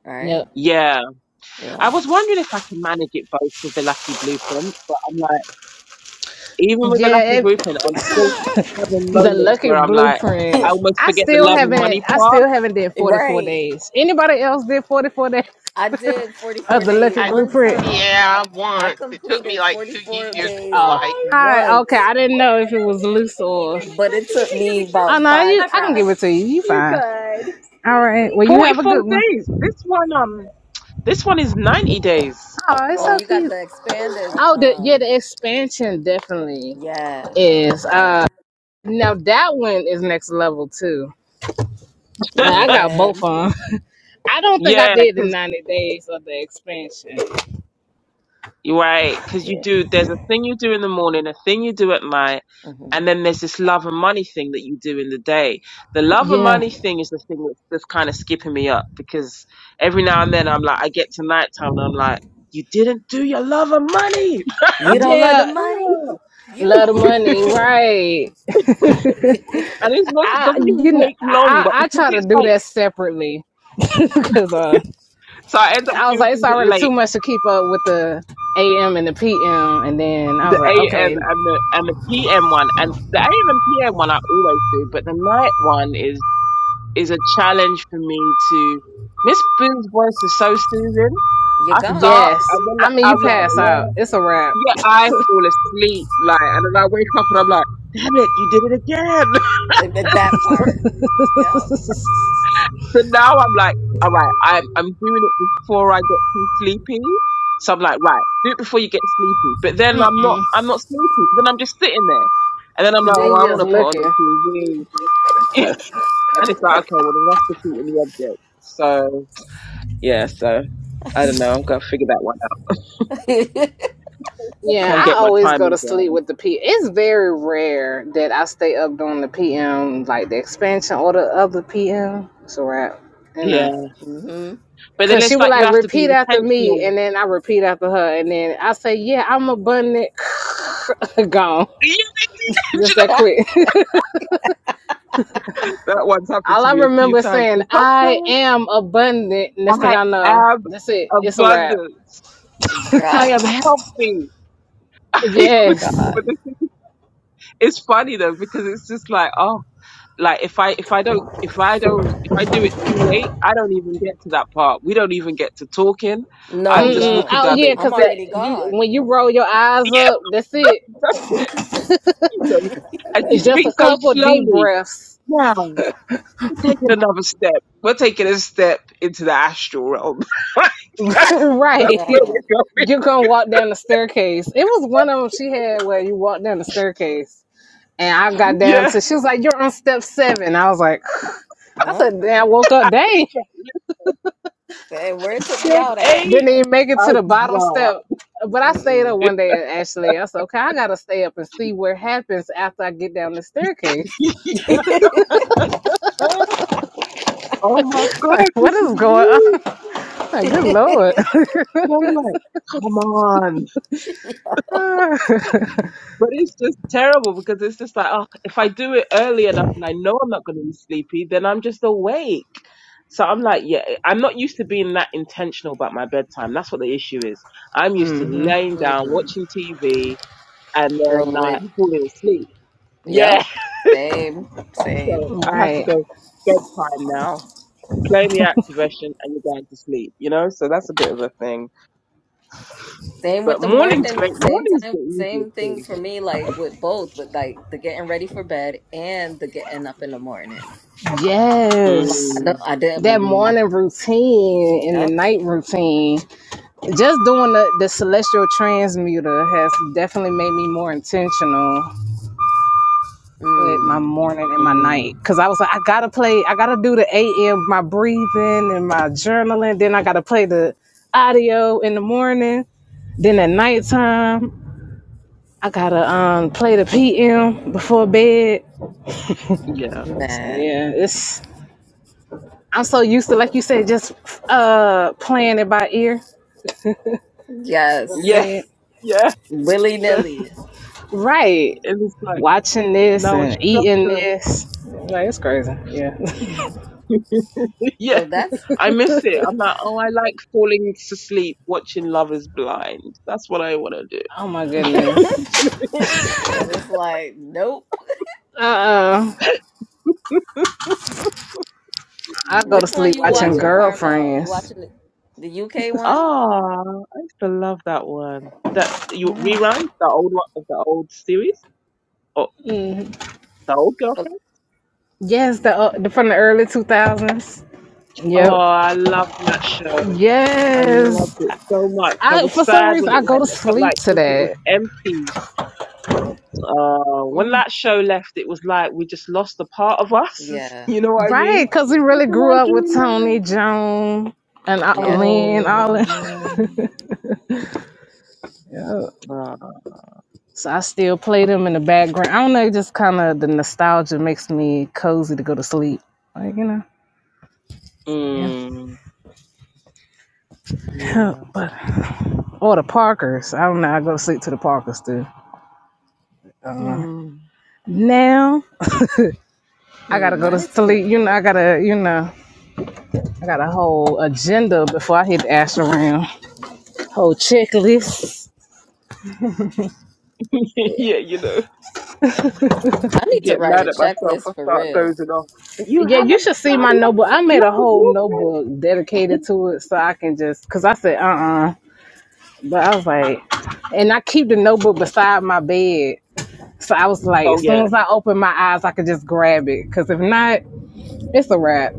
Speaker 2: All right.
Speaker 5: Yep.
Speaker 3: Yeah. I
Speaker 2: Yeah.
Speaker 3: was wondering if I can manage it both with the lucky blueprint, but I'm like, even with the
Speaker 5: Yeah,
Speaker 3: lucky
Speaker 5: it,
Speaker 3: blueprint, I'm still having
Speaker 5: The
Speaker 3: moments
Speaker 5: lucky
Speaker 3: where I'm like, I
Speaker 5: blueprint.
Speaker 3: almost
Speaker 5: I
Speaker 3: forget the
Speaker 5: still
Speaker 3: love and
Speaker 5: haven't.
Speaker 3: money
Speaker 5: I
Speaker 3: part.
Speaker 5: still haven't did forty four
Speaker 2: right.
Speaker 5: days. Anybody else did forty four days
Speaker 2: I did
Speaker 5: of
Speaker 2: 44
Speaker 5: the
Speaker 2: day
Speaker 5: Lucky
Speaker 4: I
Speaker 2: one
Speaker 5: Blueprint?
Speaker 2: time.
Speaker 4: yeah,
Speaker 2: I
Speaker 4: once it took me
Speaker 2: completed
Speaker 4: like two
Speaker 2: 44
Speaker 4: years. It feel
Speaker 2: days
Speaker 5: Oh.
Speaker 4: like
Speaker 5: Hi. Okay,
Speaker 2: once,
Speaker 5: I didn't know if it was loose or.
Speaker 2: but it took me
Speaker 5: Oh
Speaker 2: about
Speaker 5: no, you.
Speaker 2: five
Speaker 5: I can give it
Speaker 2: tries.
Speaker 5: to you. You fine. All right. Well, you have a
Speaker 3: 44
Speaker 5: good one.
Speaker 3: days. This one, um, this one is 90 days.
Speaker 5: Oh, it's
Speaker 2: Oh,
Speaker 5: so
Speaker 2: you got
Speaker 5: cute.
Speaker 2: the expanded
Speaker 5: Oh, the, yeah,
Speaker 2: um
Speaker 5: the expansion definitely
Speaker 2: yeah,
Speaker 5: is.
Speaker 2: yeah.
Speaker 5: Uh, now that one is next level too. Like I got both
Speaker 2: Man,
Speaker 5: of 'em. I don't think I
Speaker 3: Yeah,
Speaker 5: did the
Speaker 3: 'cause
Speaker 5: 90 days of the expansion.
Speaker 3: right? Because you do, there's a thing you do in the morning, a thing you do at night,
Speaker 2: Mhm.
Speaker 3: and then there's this love and money thing that you do in the day. The love and
Speaker 5: Yeah.
Speaker 3: money thing is the thing that's, that's kind of skipping me up because every now and then I'm like, I get to nighttime and I'm like, you didn't do your love and money.
Speaker 2: you don't love the
Speaker 5: Yeah,
Speaker 2: money.
Speaker 3: Oh.
Speaker 2: You
Speaker 5: love
Speaker 2: don't
Speaker 5: the
Speaker 2: love the
Speaker 5: money,
Speaker 2: money.
Speaker 5: right?
Speaker 3: And it
Speaker 5: I
Speaker 3: doesn't even
Speaker 5: you know
Speaker 3: take long,
Speaker 5: I
Speaker 3: but
Speaker 5: I I
Speaker 3: because
Speaker 5: try to
Speaker 3: it's
Speaker 5: do
Speaker 3: like,
Speaker 5: that separately because uh
Speaker 3: so I end up
Speaker 5: I was
Speaker 3: doing
Speaker 5: like it's
Speaker 3: things at
Speaker 5: already too
Speaker 3: late.
Speaker 5: much to keep up with the AM and the PM, and then I was
Speaker 3: The
Speaker 5: like,
Speaker 3: AM
Speaker 5: okay,
Speaker 3: and the and the PM one and the AM and PM one I always do, but the night one is is a challenge for me to. Miss Boo's voice is so soothing.
Speaker 2: You're
Speaker 3: I start,
Speaker 2: gone.
Speaker 5: yes.
Speaker 3: I'm
Speaker 5: I
Speaker 3: like,
Speaker 5: mean, you
Speaker 3: I'm like,
Speaker 5: pass out,
Speaker 3: yeah,
Speaker 5: it's a wrap.
Speaker 3: yeah, I fall asleep, like, and then I wake up and I'm like, damn it, you did it again.
Speaker 2: I mean, That
Speaker 3: so,
Speaker 2: part. Yep.
Speaker 3: so now I'm like, all right, I'm I'm doing it before I get too sleepy. So I'm like, right, do it before you get sleepy. But then
Speaker 5: then
Speaker 3: I'm not, I'm not sleepy. So then I'm just sitting there, and then I'm like, oh, I
Speaker 5: you
Speaker 3: want
Speaker 5: just
Speaker 3: to put on the
Speaker 5: looking.
Speaker 3: TV, and it's like, okay, well, then that's defeating the object. So. Yeah, so I don't know. I'm gonna figure that one out. I
Speaker 5: Yeah,
Speaker 3: can't
Speaker 5: I
Speaker 2: Yo.
Speaker 3: get my
Speaker 5: always go to
Speaker 3: timing
Speaker 5: sleep
Speaker 3: down.
Speaker 5: with the P. It's very rare that I stay up during the PM, like the expansion or the other PM. It's a wrap, you
Speaker 3: Yeah,
Speaker 5: know.
Speaker 2: hmm
Speaker 3: but then
Speaker 5: Cause she
Speaker 3: it's
Speaker 5: would
Speaker 3: like you
Speaker 5: like
Speaker 3: have to be
Speaker 5: repeat after me,
Speaker 3: intentional.
Speaker 5: and then I repeat after her, and then I say, "Yeah, I'm a button gone."
Speaker 3: Do you
Speaker 5: Just
Speaker 3: know,
Speaker 5: that quick.
Speaker 3: that one's happened
Speaker 5: All
Speaker 3: to
Speaker 5: I
Speaker 3: me a few
Speaker 5: remember is
Speaker 3: times.
Speaker 5: saying,
Speaker 3: But
Speaker 5: "I
Speaker 3: sometimes
Speaker 5: am abundant." Next thing
Speaker 3: I
Speaker 5: I know,
Speaker 3: am
Speaker 5: that's it. It's a wrap.
Speaker 3: abundance. I am
Speaker 2: God.
Speaker 3: healthy. but
Speaker 5: Yes.
Speaker 3: the
Speaker 2: God.
Speaker 3: it's funny though because it's just like oh, like if I if I don't if I don't if I do it too late, I don't even get to that part. We don't even get to talking.
Speaker 2: No,
Speaker 3: I'm
Speaker 2: we
Speaker 3: just
Speaker 5: Mm-mm.
Speaker 2: don't.
Speaker 3: walking
Speaker 5: Oh
Speaker 3: down the
Speaker 5: yeah,
Speaker 2: I'm
Speaker 5: cause
Speaker 3: steps.
Speaker 5: it,
Speaker 2: already
Speaker 5: you
Speaker 2: gone.
Speaker 5: when you roll your eyes up,
Speaker 3: Yeah,
Speaker 5: that's it.
Speaker 3: that's it Jesus. And she
Speaker 5: Just a
Speaker 3: speaks so
Speaker 5: couple deep
Speaker 3: slowly.
Speaker 5: breaths.
Speaker 3: Now, we'll take it another step. We'll take it a step into the astral realm. Like, that's, that's
Speaker 5: right.
Speaker 3: where
Speaker 2: Man.
Speaker 3: we're going.
Speaker 5: You're gonna walk down the staircase. It was one of them she had where you walk down the staircase. And I got down
Speaker 3: Yeah.
Speaker 5: to she was like, You're on step seven." I was like, I
Speaker 2: Huh?
Speaker 5: said, then I woke up, dang.
Speaker 2: Hey, where it took me
Speaker 3: Step
Speaker 2: out at?
Speaker 3: eight.
Speaker 5: Didn't even make it to
Speaker 3: Oh,
Speaker 5: the bottom step.
Speaker 3: God.
Speaker 5: But I stayed
Speaker 2: Mm-mm.
Speaker 5: up one day actually. I said, Okay, I gotta stay up and see what happens after I get down the staircase.
Speaker 3: Oh, my God.
Speaker 5: what
Speaker 3: This is
Speaker 5: is going on?
Speaker 3: me.
Speaker 5: Like, Good lord.
Speaker 3: And I'm like, come on. But it's just terrible because it's just like, oh, if I do it early enough and I know I'm not going to be sleepy, then I'm just awake. So I'm like, yeah, I'm not used to being that intentional about my bedtime. That's what the issue is. I'm used to
Speaker 5: hmm
Speaker 3: laying down,
Speaker 2: Mm-mm.
Speaker 3: watching TV, and then like
Speaker 2: Scrolling.
Speaker 3: falling asleep.
Speaker 2: Yep.
Speaker 3: Yeah.
Speaker 2: Same.
Speaker 3: So
Speaker 2: Same.
Speaker 3: I have to
Speaker 5: Right.
Speaker 3: go bedtime now. Play the activation and you're going to sleep, you know? So that's a bit
Speaker 2: Yep.
Speaker 3: of a thing.
Speaker 2: Same with
Speaker 3: But
Speaker 2: the
Speaker 3: morning's
Speaker 2: morning,
Speaker 3: great.
Speaker 2: same
Speaker 3: Morning's
Speaker 2: time,
Speaker 3: the
Speaker 2: same
Speaker 3: easiest
Speaker 2: thing
Speaker 3: thing.
Speaker 2: for me, like with both, with like the getting ready for bed and the getting up in the morning. Like
Speaker 5: Yes.
Speaker 2: I don't
Speaker 3: Mm,
Speaker 2: I did
Speaker 5: that
Speaker 2: I
Speaker 3: mm,
Speaker 5: morning routine and the
Speaker 2: yep.
Speaker 5: night routine, just doing the, the celestial transmuter has definitely made me more intentional with
Speaker 2: Mm,
Speaker 5: my
Speaker 3: mm,
Speaker 5: morning and my
Speaker 3: mm.
Speaker 5: night. Cause I was like, I gotta play, I gotta do the AM, my breathing and my journaling. Then I gotta play the audio in the morning. Then at nighttime, I gotta um play the PM before bed.
Speaker 3: Yeah.
Speaker 5: So
Speaker 2: man.
Speaker 5: yeah, it's I'm so used to like you said, just uh playing it by ear. I go to
Speaker 3: Yeah.
Speaker 2: Yes.
Speaker 5: bed.
Speaker 3: Yeah.
Speaker 2: Willy
Speaker 3: The,
Speaker 2: nilly.
Speaker 5: Right.
Speaker 3: and it's like
Speaker 5: watching this
Speaker 3: now a
Speaker 5: and eating
Speaker 3: structure.
Speaker 5: this. Like it's crazy. Yeah.
Speaker 2: So
Speaker 3: yeah.
Speaker 2: that's
Speaker 3: I miss it. I'm like, oh, I like falling to sleep watching Love Is Blind. That's what I want to do.
Speaker 5: Oh my
Speaker 2: and
Speaker 5: goodness.
Speaker 3: so
Speaker 2: it's like, nope.
Speaker 5: Uh uh I go to
Speaker 2: Which one
Speaker 5: sleep
Speaker 2: you
Speaker 5: watching
Speaker 3: yeah.
Speaker 2: watching, Carmel? You
Speaker 5: girlfriends.
Speaker 2: watching the, the UK one?
Speaker 3: Ah, I used to love that one. That you rerun
Speaker 5: Yes.
Speaker 3: the old one of the old series or
Speaker 5: Mhm.
Speaker 3: the old
Speaker 2: But
Speaker 3: girlfriend.
Speaker 5: Yes, the, uh, the from the early two thousands.
Speaker 3: Oh,
Speaker 5: Yep.
Speaker 3: I loved that show. I loved
Speaker 5: Yes.
Speaker 3: it so much. I
Speaker 5: I
Speaker 3: was
Speaker 5: for some
Speaker 3: sad
Speaker 5: reason
Speaker 3: when
Speaker 5: I
Speaker 3: it
Speaker 5: go to
Speaker 3: went. It felt
Speaker 5: sleep
Speaker 3: like
Speaker 5: to
Speaker 3: something was
Speaker 5: that.
Speaker 3: empty Uh, when
Speaker 5: Yeah.
Speaker 3: that show left, it was like we just lost a part of us.
Speaker 2: yeah.
Speaker 3: You know what I
Speaker 2: Yeah.
Speaker 5: Right,
Speaker 3: mean?
Speaker 5: because we
Speaker 3: What
Speaker 5: really
Speaker 3: do I
Speaker 5: grew up
Speaker 3: do
Speaker 5: with Tony,
Speaker 3: now?
Speaker 5: Joan, and uh,
Speaker 2: Yeah.
Speaker 5: Lynn,
Speaker 3: Oh,
Speaker 5: all that.
Speaker 3: yeah. Uh,
Speaker 5: So I still play them in the background. I don't know, it just kind of the nostalgia makes me cozy to go to sleep. Like, you know, yeah.
Speaker 3: mm, yeah.
Speaker 5: but or the Parkers. I don't know. I go to sleep to the Parkers too.
Speaker 3: Mm.
Speaker 5: Now I gotta
Speaker 2: Hmm,
Speaker 5: go to
Speaker 2: I see them.
Speaker 5: sleep. You know, I gotta, you know, I got a whole agenda before I hit the astral realm. Whole checklist.
Speaker 3: yeah, you know,
Speaker 2: I need to
Speaker 3: get
Speaker 2: write a
Speaker 3: mad at myself. I
Speaker 2: checklist for
Speaker 3: start
Speaker 2: real.
Speaker 3: dozing off. You
Speaker 5: Yeah, you
Speaker 3: haven't
Speaker 5: should see
Speaker 3: done
Speaker 5: my
Speaker 3: it.
Speaker 5: notebook. I made
Speaker 3: Look
Speaker 5: a
Speaker 3: at
Speaker 5: whole
Speaker 3: blueprint.
Speaker 5: notebook dedicated to it so I can just, cause I said, uh uh But I was like, and I keep the notebook beside my bed So I was like,
Speaker 3: Oh
Speaker 5: as
Speaker 3: yeah.
Speaker 5: soon as I open my eyes, I could just grab it. Because if not, it's a wrap.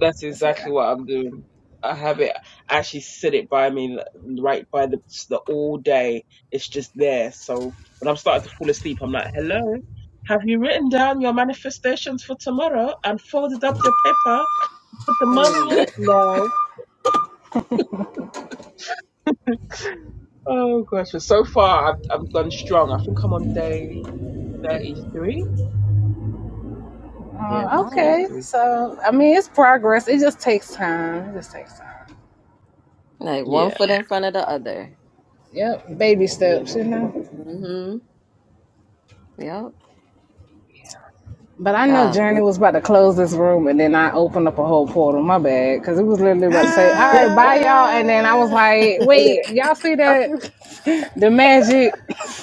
Speaker 3: That's
Speaker 5: it's a
Speaker 3: exactly
Speaker 5: wrap.
Speaker 3: what I'm doing. I have it I actually sit it by me l- right by the, the all day. It's just there. So when I'm starting to fall asleep, I'm like, hello, have you written down your manifestations for tomorrow and folded up your paper? Put the money
Speaker 2: Hmm.
Speaker 3: in it? No. Oh gosh. But so far, I've, I've gone strong. I think I'm on day 33. Yeah, I'm
Speaker 5: Uh,
Speaker 3: on
Speaker 2: Nice.
Speaker 5: okay.
Speaker 3: 33.
Speaker 5: So, I mean, it's progress. It just takes time. It just takes time.
Speaker 2: Like one
Speaker 3: Yeah.
Speaker 2: foot in front of the other.
Speaker 5: Yep. Baby
Speaker 3: Yeah.
Speaker 5: steps, you know.
Speaker 2: Mm-hmm. Yep.
Speaker 5: But I know
Speaker 2: God.
Speaker 5: Journey was about to close this room and then I opened up a whole portal. My bad. Because it was literally about to say, all
Speaker 3: Yeah.
Speaker 5: right, bye, y'all. And then I was
Speaker 1: Ah!
Speaker 5: like, wait,
Speaker 3: Okay.
Speaker 5: y'all see
Speaker 3: I, feel-
Speaker 5: that? The magic.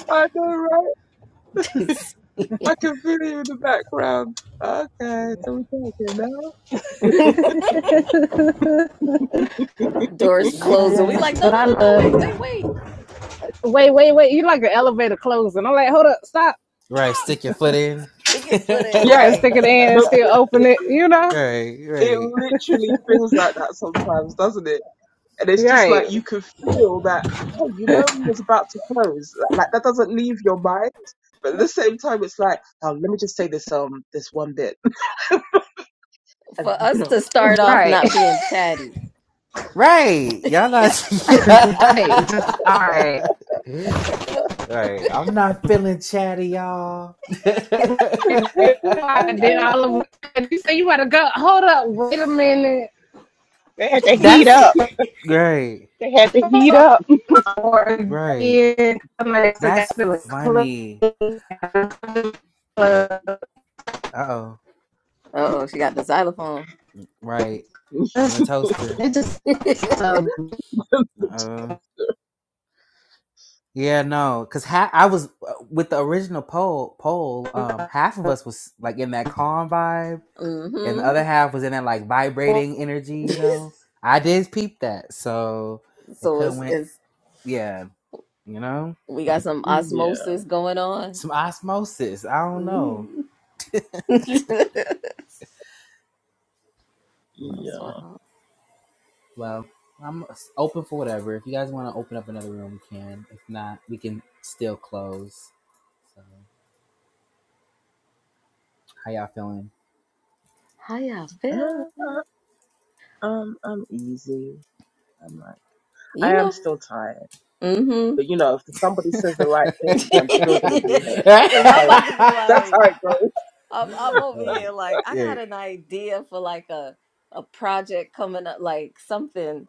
Speaker 3: I know, right? I can feel you in the background. Okay, so we're talking now.
Speaker 2: Doors closing. We like,
Speaker 5: Yes,
Speaker 2: no,
Speaker 5: but
Speaker 2: no,
Speaker 5: I
Speaker 2: no, no,
Speaker 5: love
Speaker 2: wait, wait,
Speaker 5: you.
Speaker 2: wait.
Speaker 5: Wait, wait, wait. You like an elevator closing. I'm like, hold up, stop.
Speaker 1: Right. Stick your foot in.
Speaker 2: They get put in
Speaker 3: Yeah,
Speaker 5: Right,
Speaker 2: like
Speaker 5: stick it in and
Speaker 3: but
Speaker 5: still
Speaker 3: it,
Speaker 5: open
Speaker 3: it
Speaker 5: it, you know?
Speaker 1: right.
Speaker 3: it
Speaker 1: Right.
Speaker 3: literally feels like that sometimes, doesn't it? And it's just like
Speaker 5: Right,
Speaker 3: you can feel that. Hey, you know we was about to close. Like like, that doesn't leave your mind, but at the same time, it's like, oh, let me just say this um this one bit, and
Speaker 2: for
Speaker 3: you
Speaker 2: us to
Speaker 3: know.
Speaker 2: start off
Speaker 5: right,
Speaker 2: not being chatty.
Speaker 1: Right. Y'all not yeah.
Speaker 5: right. Just all right.
Speaker 1: Right. I'm not feeling chatty, y'all.
Speaker 5: Then all of a sudden, you say you gotta go. Hold up, wait a minute.
Speaker 4: They had to heat
Speaker 1: That's
Speaker 4: up.
Speaker 1: right.
Speaker 4: They heat up.
Speaker 5: Or
Speaker 1: Right.
Speaker 5: again, so y'all
Speaker 1: That's
Speaker 5: feel
Speaker 1: funny.
Speaker 5: clean.
Speaker 1: Uh oh.
Speaker 2: Uh oh, she got the xylophone.
Speaker 1: Right. In the toaster.
Speaker 5: It just so.
Speaker 1: Uh oh. Yeah, no, cause ha- I was uh, with the original poll. Poll, um, half of us was like in that calm vibe, and the
Speaker 2: mm-hmm.
Speaker 1: other half was in that like vibrating energy, you know. I did peep that, so it
Speaker 2: so
Speaker 1: could have
Speaker 2: it's
Speaker 1: went,
Speaker 2: it's
Speaker 1: yeah, you know,
Speaker 2: we got some
Speaker 3: Yeah,
Speaker 2: osmosis going on.
Speaker 1: some osmosis. I don't know.
Speaker 2: hmm That's
Speaker 1: Yeah.
Speaker 3: yeah.
Speaker 2: wild.
Speaker 1: Well, I'm open for whatever. If you guys want to open up another room, we can. If not, we can still close. So, how y'all feeling?
Speaker 2: How y'all
Speaker 3: Uh,
Speaker 2: feeling?
Speaker 3: uh, um, I'm easy. I'm like,
Speaker 2: You
Speaker 3: I am
Speaker 2: know.
Speaker 3: still tired.
Speaker 2: Mm-hmm.
Speaker 3: But you know, if somebody says the right thing, I'm still gonna be here.
Speaker 2: Cause
Speaker 3: That's
Speaker 2: I'm
Speaker 3: how it,
Speaker 2: about to be
Speaker 3: that's how
Speaker 2: like,
Speaker 3: it
Speaker 2: I'm I'm over
Speaker 3: goes.
Speaker 2: here like I
Speaker 1: yeah.
Speaker 2: got an idea for like a a project coming up, like something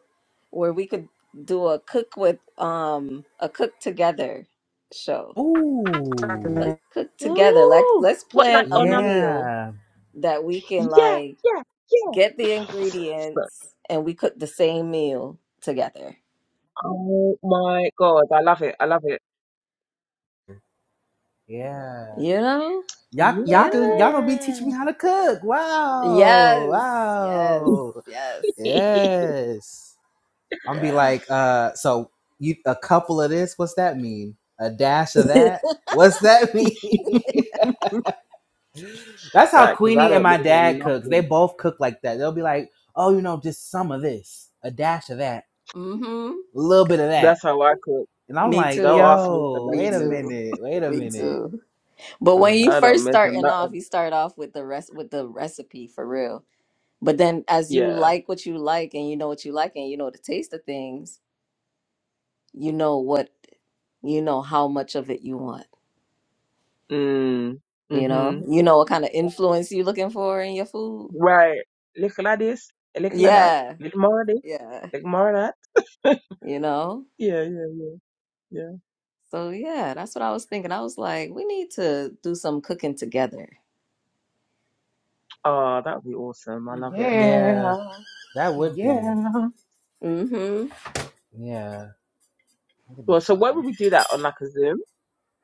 Speaker 2: where we could do a cook with um a cook together show.
Speaker 1: Ooh,
Speaker 2: Let's cook together. Like
Speaker 3: Ooh,
Speaker 2: let's
Speaker 3: what like
Speaker 2: plan a
Speaker 3: on um?
Speaker 2: meal
Speaker 1: yeah,
Speaker 2: that we can
Speaker 3: Yeah,
Speaker 2: like
Speaker 3: yeah,
Speaker 2: get
Speaker 3: yeah.
Speaker 2: the
Speaker 3: So,
Speaker 2: ingredients and we cook the same meal together.
Speaker 3: oh my god, I love it. I love it.
Speaker 1: yeah.
Speaker 2: You know?
Speaker 1: Y'all, y'all,
Speaker 2: You
Speaker 1: can, y'all
Speaker 2: know?
Speaker 1: gonna be
Speaker 3: Yeah.
Speaker 1: teaching me how to cook. Wow,
Speaker 2: Yes. Yes.
Speaker 1: wow,
Speaker 2: Yes.
Speaker 1: yes. I'm gonna be
Speaker 2: Yeah.
Speaker 1: like, uh, so you a couple of this? What's that mean? A dash of that? What's that mean? That's how
Speaker 3: Right, because I
Speaker 1: Queenie and
Speaker 3: don't
Speaker 1: my
Speaker 3: measure
Speaker 1: dad cooks. They
Speaker 3: nothing.
Speaker 1: both cook like that. They'll be like, oh, you know, just some of this, a dash of that,
Speaker 2: Mm-hmm.
Speaker 1: a little bit of that,
Speaker 3: That's how I cook.
Speaker 1: and I'm
Speaker 2: Me
Speaker 1: like,
Speaker 2: too.
Speaker 3: Don't ask me for
Speaker 1: yo,
Speaker 2: Me
Speaker 1: wait a
Speaker 2: too.
Speaker 3: measurements.
Speaker 1: minute, wait a
Speaker 2: Me
Speaker 1: minute.
Speaker 2: too. But when you
Speaker 1: Like,
Speaker 3: I don't
Speaker 2: first
Speaker 3: measure
Speaker 2: starting
Speaker 3: nothing.
Speaker 2: off, you start off with the rest with the recipe for real. But then as you
Speaker 3: Yeah.
Speaker 2: like what you like and you know what you like and you know the taste of things, you know what you know how much of it you want.
Speaker 3: Mm.
Speaker 2: You know?
Speaker 3: Mm-hmm.
Speaker 2: You know what kind of influence you looking for in your food.
Speaker 3: Right. little like this. little like that.
Speaker 2: Yeah.
Speaker 3: Little more of this.
Speaker 2: Yeah.
Speaker 3: little more of that.
Speaker 2: You know?
Speaker 3: Yeah, yeah, yeah, yeah.
Speaker 2: So yeah, that's what I was thinking. I was like, we need to do some cooking together.
Speaker 3: Oh, that would be awesome. I love it.
Speaker 1: yeah,
Speaker 4: yeah,
Speaker 1: that would be,
Speaker 4: yeah.
Speaker 1: yeah, that could be
Speaker 3: Well, so where
Speaker 1: fun.
Speaker 3: would we do that on like a Zoom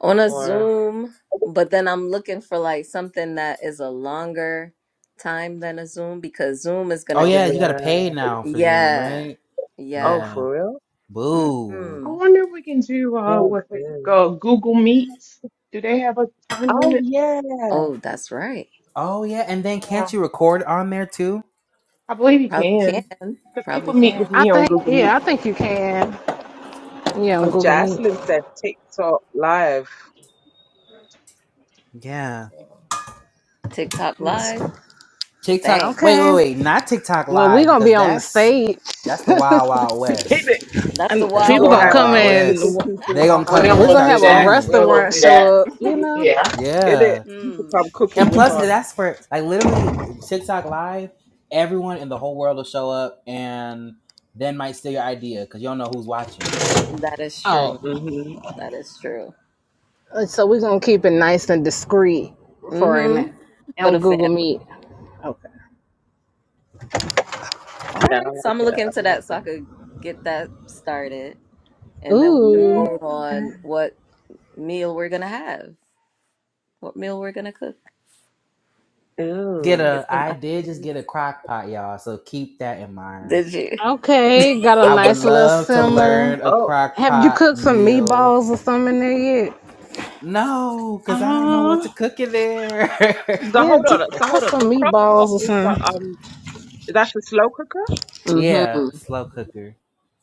Speaker 2: on a
Speaker 3: or?
Speaker 2: Zoom, but then I'm looking for like something that is a longer time than a Zoom because Zoom is
Speaker 1: Oh
Speaker 2: gonna
Speaker 3: Oh
Speaker 1: yeah,
Speaker 2: give us.
Speaker 1: you gotta
Speaker 3: yeah.
Speaker 1: pay now for Zoom,
Speaker 2: Yeah,
Speaker 1: right?
Speaker 3: Oh,
Speaker 2: yeah.
Speaker 1: Yeah.
Speaker 3: for real?
Speaker 1: Boo.
Speaker 4: I
Speaker 2: hmm
Speaker 4: wonder if we can do
Speaker 3: Yeah.
Speaker 4: uh with it,
Speaker 3: Zoom.
Speaker 4: go Google Meets. Do they have a time
Speaker 3: Oh
Speaker 4: limit?
Speaker 3: yeah.
Speaker 2: Oh, that's right.
Speaker 1: Oh yeah, and then can't
Speaker 4: Yeah,
Speaker 1: you record on there too?
Speaker 4: I believe you
Speaker 2: Probably
Speaker 4: can.
Speaker 2: can.
Speaker 4: Cause people
Speaker 2: Probably
Speaker 4: meet with
Speaker 2: can.
Speaker 5: I
Speaker 4: me on
Speaker 5: think,
Speaker 4: Google
Speaker 5: yeah,
Speaker 4: Meets
Speaker 5: I
Speaker 4: all the
Speaker 5: think you
Speaker 4: time.
Speaker 5: can. Yeah, on
Speaker 3: Oh,
Speaker 5: Google Meet.
Speaker 3: Jaslyn said TikTok live.
Speaker 1: Yeah.
Speaker 2: TikTok
Speaker 5: It's-
Speaker 2: Live.
Speaker 1: TikTok.
Speaker 2: Dang,
Speaker 1: Wait, wait,
Speaker 5: okay.
Speaker 1: wait. Not TikTok
Speaker 5: Well, we
Speaker 1: Live
Speaker 5: gonna
Speaker 1: because
Speaker 5: be on the
Speaker 1: that's
Speaker 5: stage,
Speaker 1: that's the Wild Wild
Speaker 3: In
Speaker 1: West.
Speaker 3: it,
Speaker 2: that's the
Speaker 5: and
Speaker 1: That's
Speaker 3: we
Speaker 2: wild,
Speaker 1: the
Speaker 5: people
Speaker 3: gonna
Speaker 5: gonna
Speaker 1: Wild
Speaker 2: wild
Speaker 3: have
Speaker 5: come
Speaker 1: Wild
Speaker 2: west.
Speaker 3: hundreds of
Speaker 5: in.
Speaker 1: West. They
Speaker 3: people
Speaker 4: Oh,
Speaker 1: gonna
Speaker 4: we
Speaker 1: come in
Speaker 4: don't
Speaker 5: We're
Speaker 1: and
Speaker 4: want
Speaker 5: gonna
Speaker 4: to
Speaker 1: start
Speaker 4: do
Speaker 5: have a
Speaker 4: that. We
Speaker 1: trolling.
Speaker 4: don't want
Speaker 5: restaurant
Speaker 4: to
Speaker 5: show up,
Speaker 4: do
Speaker 5: you know?
Speaker 4: that.
Speaker 3: in it.
Speaker 1: Yeah.
Speaker 3: People
Speaker 2: Hmm.
Speaker 3: come cooking
Speaker 1: And
Speaker 3: with
Speaker 1: plus,
Speaker 3: us.
Speaker 1: that's for like literally TikTok Live. Everyone in the whole world will show up and then might steal your idea because you don't know who's watching. Like
Speaker 2: That is true.
Speaker 5: Oh.
Speaker 3: Mhm.
Speaker 2: That is true.
Speaker 5: Uh, So we're gonna keep it nice and discreet for an
Speaker 2: Mm-hmm. For
Speaker 5: on
Speaker 2: the
Speaker 5: Google
Speaker 2: family.
Speaker 5: Meet. Okay.
Speaker 2: All
Speaker 3: Yeah, I
Speaker 2: right. So
Speaker 3: like
Speaker 2: I'm gonna
Speaker 3: it.
Speaker 2: look
Speaker 3: I
Speaker 2: into
Speaker 3: like
Speaker 2: that so
Speaker 3: that.
Speaker 2: I could get that started, and then we can
Speaker 5: Ooh.
Speaker 3: Yeah.
Speaker 2: vote
Speaker 5: Okay.
Speaker 2: on what. meal we're gonna have, what meal we're gonna cook.
Speaker 1: get
Speaker 3: Ooh.
Speaker 2: Get
Speaker 1: a
Speaker 2: some
Speaker 1: I did just
Speaker 2: ideas.
Speaker 1: get a crock pot, y'all, so keep that in mind.
Speaker 2: Did you?
Speaker 5: Okay, got a
Speaker 1: I would
Speaker 5: nice little
Speaker 1: love to
Speaker 5: simmer.
Speaker 1: learn a
Speaker 3: Oh.
Speaker 1: crock
Speaker 5: Have you
Speaker 1: pot
Speaker 5: cooked some
Speaker 1: meal.
Speaker 5: meatballs or something in there yet?
Speaker 1: No, because I don't know what to
Speaker 5: Uh,
Speaker 1: cook in there.
Speaker 3: So
Speaker 5: yeah,
Speaker 3: hold
Speaker 5: just
Speaker 3: on. So
Speaker 5: put
Speaker 3: hold on.
Speaker 5: some
Speaker 3: The crock
Speaker 5: meatballs
Speaker 3: pot
Speaker 5: or
Speaker 3: is uh,
Speaker 5: something.
Speaker 3: um. That's the slow cooker.
Speaker 1: yeah,
Speaker 2: Mm-hmm.
Speaker 1: slow cooker.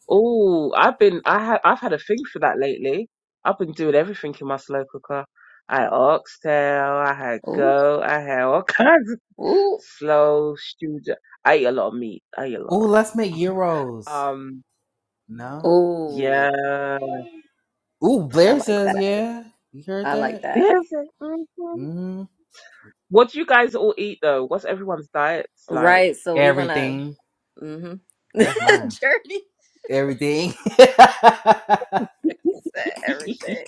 Speaker 3: Oh, I've been I had I've had a thing for that lately. I've been doing everything in my slow cooker. I had oxtail, I had
Speaker 2: Ooh,
Speaker 3: goat, I had all kinds of
Speaker 2: ooh,
Speaker 3: slow stewed. I eat a lot of meat. I eat a lot of
Speaker 1: Ooh,
Speaker 3: red.
Speaker 1: let's make Euros.
Speaker 3: Um,
Speaker 1: No?
Speaker 2: ooh.
Speaker 3: yeah,
Speaker 1: Ooh,
Speaker 2: I
Speaker 1: Blair
Speaker 2: like
Speaker 1: says
Speaker 2: that.
Speaker 1: yeah. You heard
Speaker 2: I like
Speaker 1: that?
Speaker 2: that.
Speaker 3: yes. mhm.
Speaker 1: hmm
Speaker 3: What do you guys all eat though? What's everyone's diets like?
Speaker 2: Right. So we're gonna.
Speaker 1: Everything.
Speaker 2: Mm-hmm.
Speaker 1: That's mine.
Speaker 2: Journey
Speaker 1: Everything.
Speaker 2: said everything.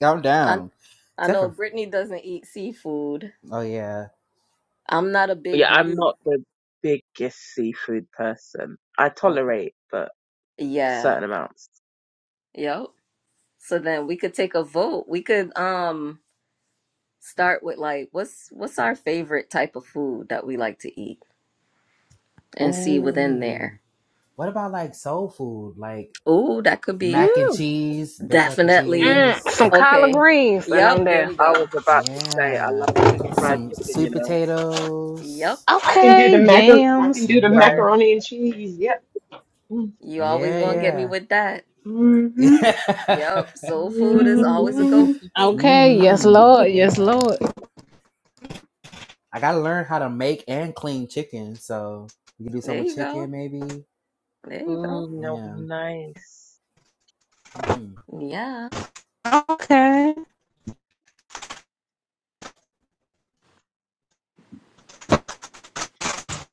Speaker 1: Calm
Speaker 2: I
Speaker 1: down.
Speaker 2: I
Speaker 1: Except
Speaker 2: know
Speaker 1: for
Speaker 2: Brittany doesn't eat seafood.
Speaker 1: oh yeah.
Speaker 2: I'm not a
Speaker 3: Yeah,
Speaker 2: big
Speaker 3: I'm
Speaker 2: meat.
Speaker 3: not the biggest seafood person. I
Speaker 2: Okay.
Speaker 3: tolerate, but
Speaker 2: Yeah.
Speaker 3: certain amounts.
Speaker 2: Yep. So then we could take a vote. We could um start with like what's what's our favorite type of food that we like to eat. and see within there.
Speaker 1: Ooh. What about like soul food? Like
Speaker 2: Ooh, that could be
Speaker 1: mac and
Speaker 3: Ew.
Speaker 1: cheese, baked mac and
Speaker 2: definitely
Speaker 5: Mm, some
Speaker 1: cheese.
Speaker 5: collard
Speaker 2: okay.
Speaker 5: greens, and
Speaker 2: Yep,
Speaker 5: I'm
Speaker 2: there
Speaker 5: there.
Speaker 2: we
Speaker 3: I was
Speaker 2: go.
Speaker 3: about to say, I
Speaker 1: Yeah,
Speaker 3: love
Speaker 2: There
Speaker 3: me
Speaker 2: we
Speaker 3: some
Speaker 2: go.
Speaker 3: fried
Speaker 1: some
Speaker 3: chicken, you
Speaker 1: sweet
Speaker 3: know.
Speaker 2: Yep,
Speaker 1: potatoes.
Speaker 4: I can do the
Speaker 5: Okay,
Speaker 4: macar I can
Speaker 5: yams.
Speaker 4: do the
Speaker 1: Mm-hmm.
Speaker 3: Right.
Speaker 4: macaroni and cheese. Yep.
Speaker 2: you always
Speaker 1: Yeah,
Speaker 2: gonna
Speaker 4: Mm-hmm.
Speaker 2: get me
Speaker 1: yeah,
Speaker 2: with that.
Speaker 4: hmm
Speaker 2: Yep,
Speaker 1: yeah.
Speaker 2: soul food is always a go for me.
Speaker 5: Okay, yes,
Speaker 1: mm-hmm.
Speaker 2: there
Speaker 5: Lord, yes,
Speaker 1: Yeah,
Speaker 5: Lord.
Speaker 1: I gotta learn how to make and clean chicken. So we can do some with
Speaker 2: you go.
Speaker 1: chicken, maybe.
Speaker 2: There you go.
Speaker 3: mm, that'll be
Speaker 1: Yeah.
Speaker 3: nice.
Speaker 1: Mm-hmm.
Speaker 2: Yeah.
Speaker 5: Okay,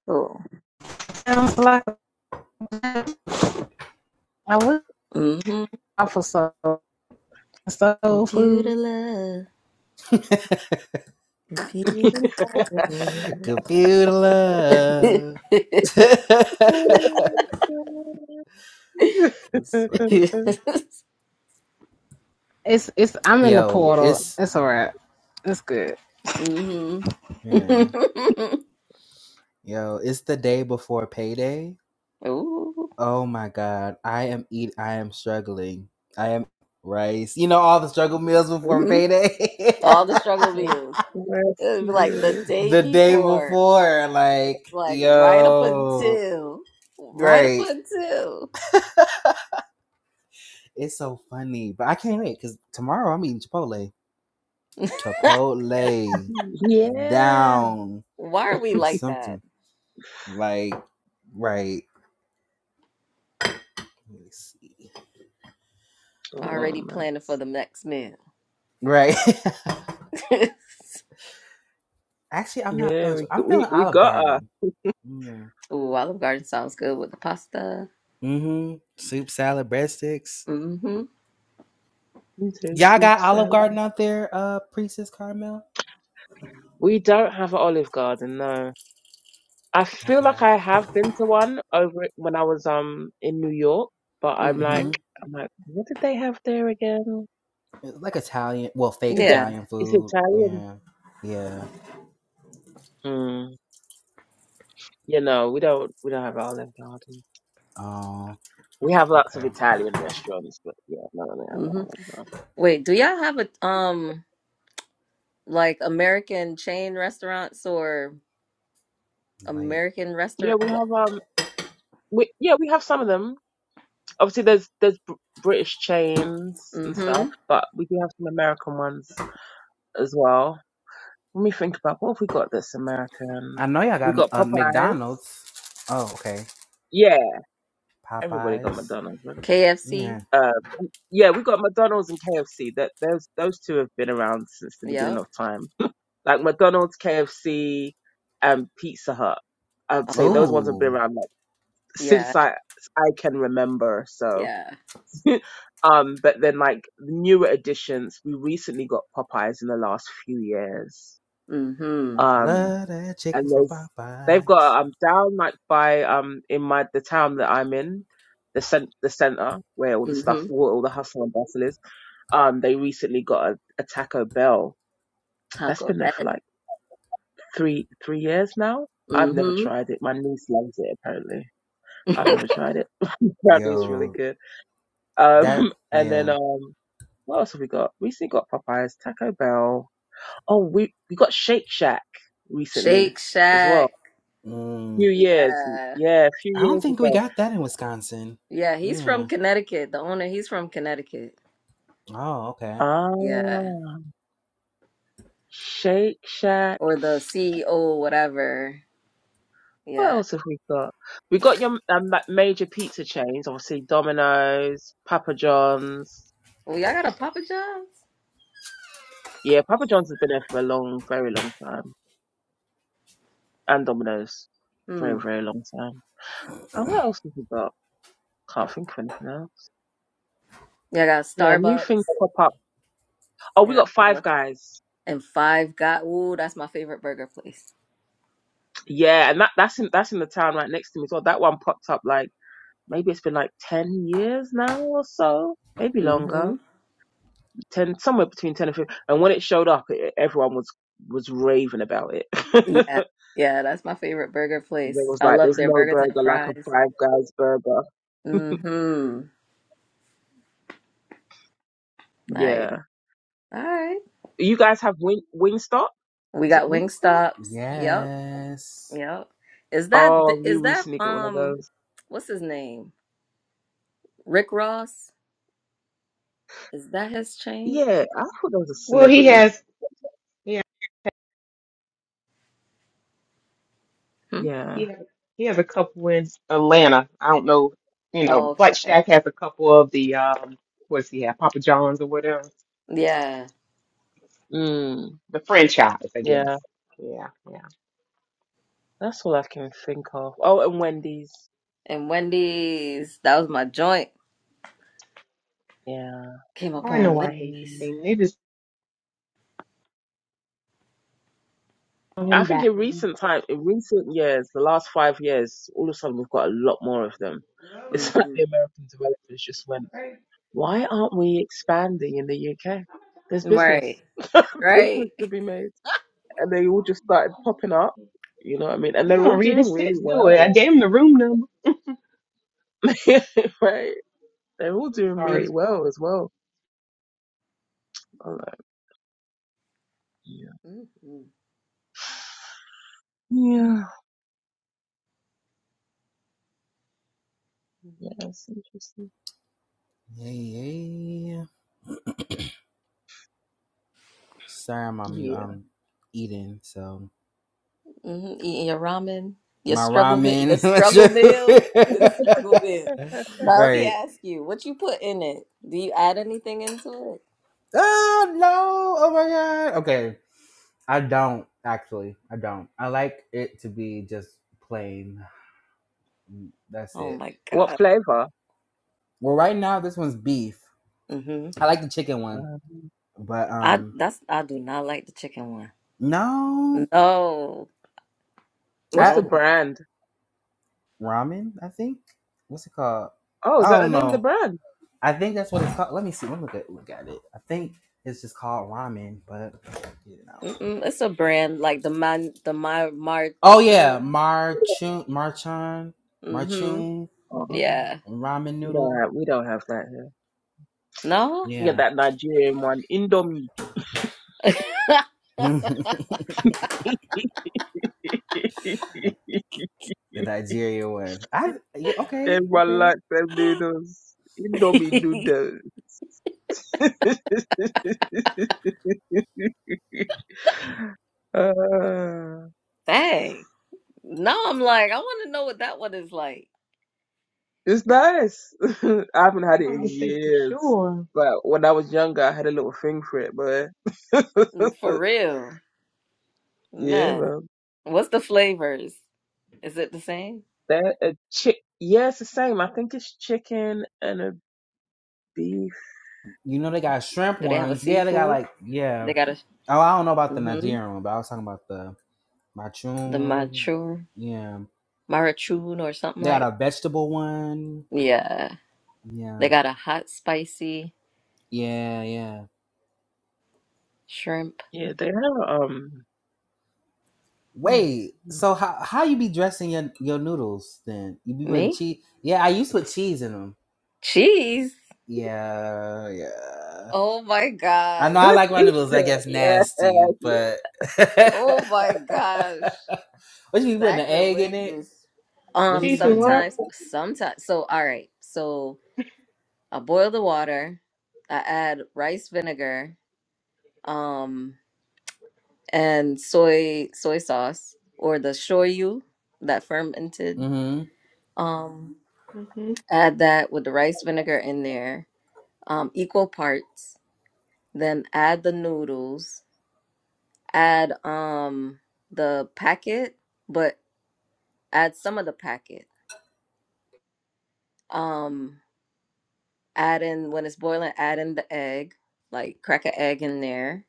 Speaker 2: Cool.
Speaker 5: sounds like a I would
Speaker 2: hmm
Speaker 5: offer soul, soul food.
Speaker 2: Computer love. Computer love.
Speaker 1: Computer love. That's funny.
Speaker 5: It's it's. I'm in the
Speaker 1: Yo,
Speaker 3: yeah.
Speaker 5: portal.
Speaker 1: it's
Speaker 5: It's all right. It's good.
Speaker 2: mm hmm
Speaker 1: yeah. Yo, it's the day before payday
Speaker 2: Ooh.
Speaker 1: Oh my god, I am eat. I am struggling. I am rice. You know all the struggle meals
Speaker 2: mm
Speaker 1: before
Speaker 2: hmm
Speaker 1: payday.
Speaker 2: All the struggle views.
Speaker 3: Bless
Speaker 2: It was like the
Speaker 3: you.
Speaker 2: day
Speaker 1: the day
Speaker 2: before,
Speaker 1: before, like
Speaker 2: like right up
Speaker 1: yo,
Speaker 2: until, right up
Speaker 1: right?
Speaker 2: until.
Speaker 1: It's so funny, but I can't wait because tomorrow I'm eating Chipotle. Chipotle
Speaker 3: Yeah.
Speaker 1: down
Speaker 2: Why are we
Speaker 1: or
Speaker 2: like that?
Speaker 1: something like right. Let me see.
Speaker 3: Oh,
Speaker 2: Already planning for
Speaker 3: nice.
Speaker 2: the next meal.
Speaker 1: Right. Actually, I'm not
Speaker 3: Yeah,
Speaker 1: feeling.
Speaker 3: we,
Speaker 1: Chip-
Speaker 3: g-
Speaker 1: I'm
Speaker 3: we,
Speaker 1: feeling
Speaker 3: we
Speaker 1: Olive
Speaker 3: got her.
Speaker 1: Garden. Yeah.
Speaker 2: Ooh, Olive Garden sounds good with the pasta.
Speaker 1: Mm-hmm. Soup, salad, breadsticks.
Speaker 2: Mm-hmm.
Speaker 3: You said
Speaker 1: Y'all
Speaker 3: soup
Speaker 1: got Olive
Speaker 3: salad.
Speaker 1: Garden out there, uh, Priestess Carmel?
Speaker 3: We don't have an Olive Garden, no. I feel
Speaker 1: Okay.
Speaker 3: like I have been to one over when I was um in New York, but I'm like,
Speaker 2: Mm-hmm.
Speaker 1: Mm-hmm.
Speaker 3: I'm like, what did they have there again?
Speaker 1: It's like Italian, well, fake
Speaker 3: It's a,
Speaker 2: Yeah.
Speaker 1: Italian
Speaker 3: it's
Speaker 1: food.
Speaker 3: Italian.
Speaker 1: Yeah. Yeah.
Speaker 3: Mm, you know, we don't we don't have Olive Garden.
Speaker 1: Um,
Speaker 3: We have lots of
Speaker 1: okay.
Speaker 3: Italian restaurants, but yeah, no, no, no,
Speaker 2: Mm-hmm.
Speaker 3: Olive Garden.
Speaker 2: Wait, do y'all have a um like American chain restaurants or
Speaker 1: Like,
Speaker 2: American
Speaker 3: Yeah,
Speaker 2: restaurant?
Speaker 3: we have um, we yeah, we have some of them. Obviously, there's there's Br- British chains and
Speaker 2: Mm-hmm.
Speaker 3: stuff, but we do have some American ones as well. Let me think about what have we got that's American.
Speaker 1: I know y'all
Speaker 3: We
Speaker 1: got
Speaker 3: got
Speaker 1: uh,
Speaker 3: Popeyes.
Speaker 1: McDonald's. Oh, okay.
Speaker 3: Yeah, everybody got
Speaker 1: Popeyes.
Speaker 3: McDonald's, right?
Speaker 2: KFC.
Speaker 1: Yeah.
Speaker 3: Uh, yeah, we got McDonald's and KFC. That those those two have been around since the beginning
Speaker 2: Yep.
Speaker 3: of time like McDonald's, KFC, and Pizza Hut. I'd say
Speaker 2: Oh,
Speaker 3: those ones have been
Speaker 1: Oh,
Speaker 3: around like
Speaker 2: yeah.
Speaker 3: since I I can remember. So,
Speaker 2: Yeah.
Speaker 3: um, but then like newer additions, we recently got Popeyes in the last few years.
Speaker 2: Mm-hmm.
Speaker 3: Um,
Speaker 1: love that chicken
Speaker 3: and
Speaker 1: from
Speaker 3: there's they've
Speaker 1: Popeyes.
Speaker 3: got um down like by um in my the town that I'm in. The cent- the center where all the
Speaker 2: Mm-hmm.
Speaker 3: stuff, where all the hustle and bustle is. Um, they recently got a, a Taco Bell that's
Speaker 2: Taco
Speaker 3: been there
Speaker 2: Bell.
Speaker 3: for like three three years now. I've never
Speaker 2: Mm-hmm.
Speaker 3: tried it. My niece loves it apparently. I've never tried it. Apparently it's really
Speaker 1: Yo,
Speaker 3: good.
Speaker 1: that,
Speaker 3: Um and then
Speaker 1: yeah.
Speaker 3: um what else have we got? Recently got Popeyes, Taco Bell. Oh we we got Shake Shack recently
Speaker 2: Shake
Speaker 3: as well.
Speaker 2: Shack.
Speaker 1: Mm,
Speaker 3: few years.
Speaker 2: Yeah.
Speaker 3: Yeah, a few
Speaker 1: I don't
Speaker 3: years
Speaker 1: think we
Speaker 3: ago.
Speaker 1: got that in Wisconsin.
Speaker 2: Yeah, he's from
Speaker 1: Yeah.
Speaker 2: Connecticut. The owner, he's from Connecticut.
Speaker 1: Oh, okay.
Speaker 2: Yeah.
Speaker 3: Ah Shake Shack.
Speaker 2: Or the CEO, whatever.
Speaker 3: What
Speaker 2: Yeah.
Speaker 3: else have we got? We got your um, ma- major pizza chains, obviously Domino's, Papa John's,
Speaker 2: Well, y'all got a Papa John's?
Speaker 3: Yeah, Papa John's has been there for a long, very long time. And Domino's. Very,
Speaker 2: Hmm.
Speaker 3: very long time. And what else have we got? Can't think of anything else.
Speaker 2: Y'all got
Speaker 3: Yeah, new things
Speaker 2: Starbucks.
Speaker 3: pop up. Oh,
Speaker 2: Y'all
Speaker 3: we
Speaker 2: got
Speaker 3: got Five
Speaker 2: Starbucks.
Speaker 3: Guys.
Speaker 2: And Five Guys. Ooh, that's my favorite burger place.
Speaker 3: Yeah, and that, that's in that's in the town right next to me as well. That one popped up like maybe it's been like ten years now or so. Maybe longer.
Speaker 2: Mm-hmm.
Speaker 3: Ten somewhere between ten and fifteen. And when it showed up it, everyone was was raving about it.
Speaker 2: Yeah.
Speaker 3: it
Speaker 2: Yeah, that's my favorite burger place.
Speaker 3: was
Speaker 2: I
Speaker 3: like
Speaker 2: love
Speaker 3: there's
Speaker 2: their
Speaker 3: no
Speaker 2: burgers and
Speaker 3: burger like a
Speaker 2: fries.
Speaker 3: Five Guys burger.
Speaker 2: Mm-hmm. Nice.
Speaker 3: Yeah.
Speaker 2: All right.
Speaker 3: You guys have Wing Wingstop?
Speaker 2: We
Speaker 3: Is it
Speaker 2: got Wing
Speaker 3: Wingstop?
Speaker 2: Stops. Yep.
Speaker 1: Yes.
Speaker 2: Yep. Is that
Speaker 3: Oh, you
Speaker 2: is that
Speaker 3: recently got one of
Speaker 2: um
Speaker 3: those.
Speaker 2: what's his name? Rick Ross? Is that his chain?
Speaker 3: Yeah, I thought those were
Speaker 4: Well, he
Speaker 3: celebrities.
Speaker 4: has yeah,
Speaker 2: Hmm?
Speaker 3: Yeah.
Speaker 4: he has, he has a couple in Atlanta. I don't know, you
Speaker 2: Oh,
Speaker 4: know, but
Speaker 2: okay.
Speaker 4: Shack has a couple of the um what's he have, Papa John's or whatever.
Speaker 2: Yeah.
Speaker 3: Mm,
Speaker 4: The franchise, I guess.
Speaker 3: yeah,
Speaker 4: Yeah, yeah.
Speaker 3: that's all I can think of. Oh, and Wendy's.
Speaker 2: And Wendy's. That was my joint.
Speaker 3: Yeah,
Speaker 2: Came
Speaker 4: Oh,
Speaker 2: up
Speaker 4: I know
Speaker 2: on
Speaker 4: why I hate this
Speaker 3: Wendy's.
Speaker 2: Wendy's.
Speaker 4: thing. They just throw
Speaker 3: I
Speaker 4: him
Speaker 3: think
Speaker 4: back.
Speaker 3: in recent time, in recent years, the last five years, all of a sudden we've got a lot more of them. It's like
Speaker 2: hmm
Speaker 3: the American developers just went, why aren't we expanding in the UK? There's
Speaker 2: Right.
Speaker 3: business.
Speaker 2: Right.
Speaker 3: business to be made. and they all just started popping up. You know what I mean? And
Speaker 4: He
Speaker 3: they're
Speaker 4: don't
Speaker 3: all
Speaker 4: read
Speaker 3: doing
Speaker 4: his
Speaker 3: really
Speaker 4: text, do it. I
Speaker 3: well,
Speaker 4: gave him the room number.
Speaker 3: right? They're all doing
Speaker 4: Sorry,
Speaker 3: really well
Speaker 4: Paul.
Speaker 3: as well. I'm like, yeah,
Speaker 2: hmm hmm
Speaker 3: yeah, yeah, it's interesting.
Speaker 1: Yeah. yay. Sorry, I'm on mute.
Speaker 3: Yeah.
Speaker 1: I'm eating, so
Speaker 2: Eating your ramen, your
Speaker 1: my
Speaker 2: struggle meal, your
Speaker 1: ramen.
Speaker 2: struggle meal, your struggle meal. Now let me
Speaker 1: right.
Speaker 2: ask you, what you put in it? Do you add anything into it?
Speaker 1: Oh no! Oh my god. Okay, I don't actually. I don't. I like it to be just plain. That's
Speaker 2: Oh
Speaker 1: it.
Speaker 2: my
Speaker 3: What
Speaker 2: God.
Speaker 3: flavor?
Speaker 1: Well, right now this one's beef.
Speaker 2: hmm
Speaker 1: I like the chicken one,
Speaker 3: Um,
Speaker 1: but
Speaker 2: I
Speaker 1: um,
Speaker 2: that's I do not like the chicken one.
Speaker 1: no,
Speaker 2: No,
Speaker 3: what's
Speaker 1: I,
Speaker 3: the
Speaker 2: no.
Speaker 3: brand?
Speaker 1: ramen. I think. What's it called?
Speaker 3: Oh, is
Speaker 1: I
Speaker 3: that the
Speaker 1: don't
Speaker 3: name of the
Speaker 1: know.
Speaker 3: brand?
Speaker 1: I think that's what it's called. Let me see. Let me look at look at it. I think it's just called ramen, but you know.
Speaker 2: Mm-mm, it's a brand like the man, the my
Speaker 1: Oh yeah,
Speaker 2: Marchur.
Speaker 1: marchun, Marchun,
Speaker 2: Mm-hmm.
Speaker 1: marchun
Speaker 3: Oh,
Speaker 2: Yeah.
Speaker 1: ramen
Speaker 3: we don't
Speaker 1: noodle.
Speaker 3: have we don't have that here.
Speaker 2: No.
Speaker 3: We get
Speaker 1: Yeah,
Speaker 3: that Nigerian one, Indomie.
Speaker 1: the Nigeria one. I yeah, okay,
Speaker 3: Everyone
Speaker 1: okay.
Speaker 3: likes them noodles. Indomie noodles. Ah.
Speaker 2: Dang. No, I'm like, I want to know what that one is like
Speaker 3: It's nice. I haven't had
Speaker 4: I'm
Speaker 3: it
Speaker 4: about to
Speaker 3: in
Speaker 4: say for
Speaker 3: years.
Speaker 4: sure.
Speaker 3: But when I was younger, I had a little thing for it, but
Speaker 2: mm, for real,
Speaker 3: yeah,
Speaker 2: man.
Speaker 3: man.
Speaker 2: What's the flavors? Is it the same?
Speaker 3: They're a chick. Yeah, it's the same. I think it's chicken and a beef.
Speaker 1: You know they got shrimp
Speaker 2: Do they have a
Speaker 1: ones. Yeah, they got
Speaker 2: seafood?
Speaker 1: like
Speaker 2: They
Speaker 1: yeah.
Speaker 2: got a
Speaker 1: Oh, I don't know about the
Speaker 2: mm-hmm.
Speaker 1: Nigerian one, but I was talking about the marchun
Speaker 2: The
Speaker 1: or whatever.
Speaker 2: mature,
Speaker 1: Yeah,
Speaker 2: Marachun or something
Speaker 1: they got
Speaker 2: like.
Speaker 1: a vegetable one.
Speaker 2: Yeah, they
Speaker 1: Yeah,
Speaker 2: got a hot spicy
Speaker 1: yeah, yeah.
Speaker 2: shrimp.
Speaker 3: Yeah, they are. Um, mm,
Speaker 1: Wait,
Speaker 3: mm.
Speaker 1: so how how you be dressing your your noodles then? You be putting
Speaker 2: Me
Speaker 1: cheese? Yeah, I used to put cheese in them.
Speaker 2: cheese.
Speaker 1: Yeah, yeah.
Speaker 2: Oh my
Speaker 1: I know
Speaker 2: gosh.
Speaker 1: I like my
Speaker 3: He
Speaker 1: noodles. I
Speaker 3: said,
Speaker 1: guess
Speaker 3: yeah,
Speaker 1: nasty,
Speaker 3: yeah.
Speaker 1: but what
Speaker 2: Oh my gosh.
Speaker 1: you be putting an egg in it?
Speaker 2: Sacrilegious.
Speaker 1: What
Speaker 2: Um
Speaker 1: you be
Speaker 4: Cheese and
Speaker 1: putting?
Speaker 4: what?
Speaker 2: sometimes sometimes so all right. So I boil the water. I add rice vinegar um and soy soy sauce or the shoyu that fermented
Speaker 1: hmm
Speaker 2: um
Speaker 4: hmm
Speaker 2: add that with the rice vinegar in there um equal parts then add the noodles add um the packet but add some of the packet. Um, add in when it's boiling, add in the egg, like crack an egg in there.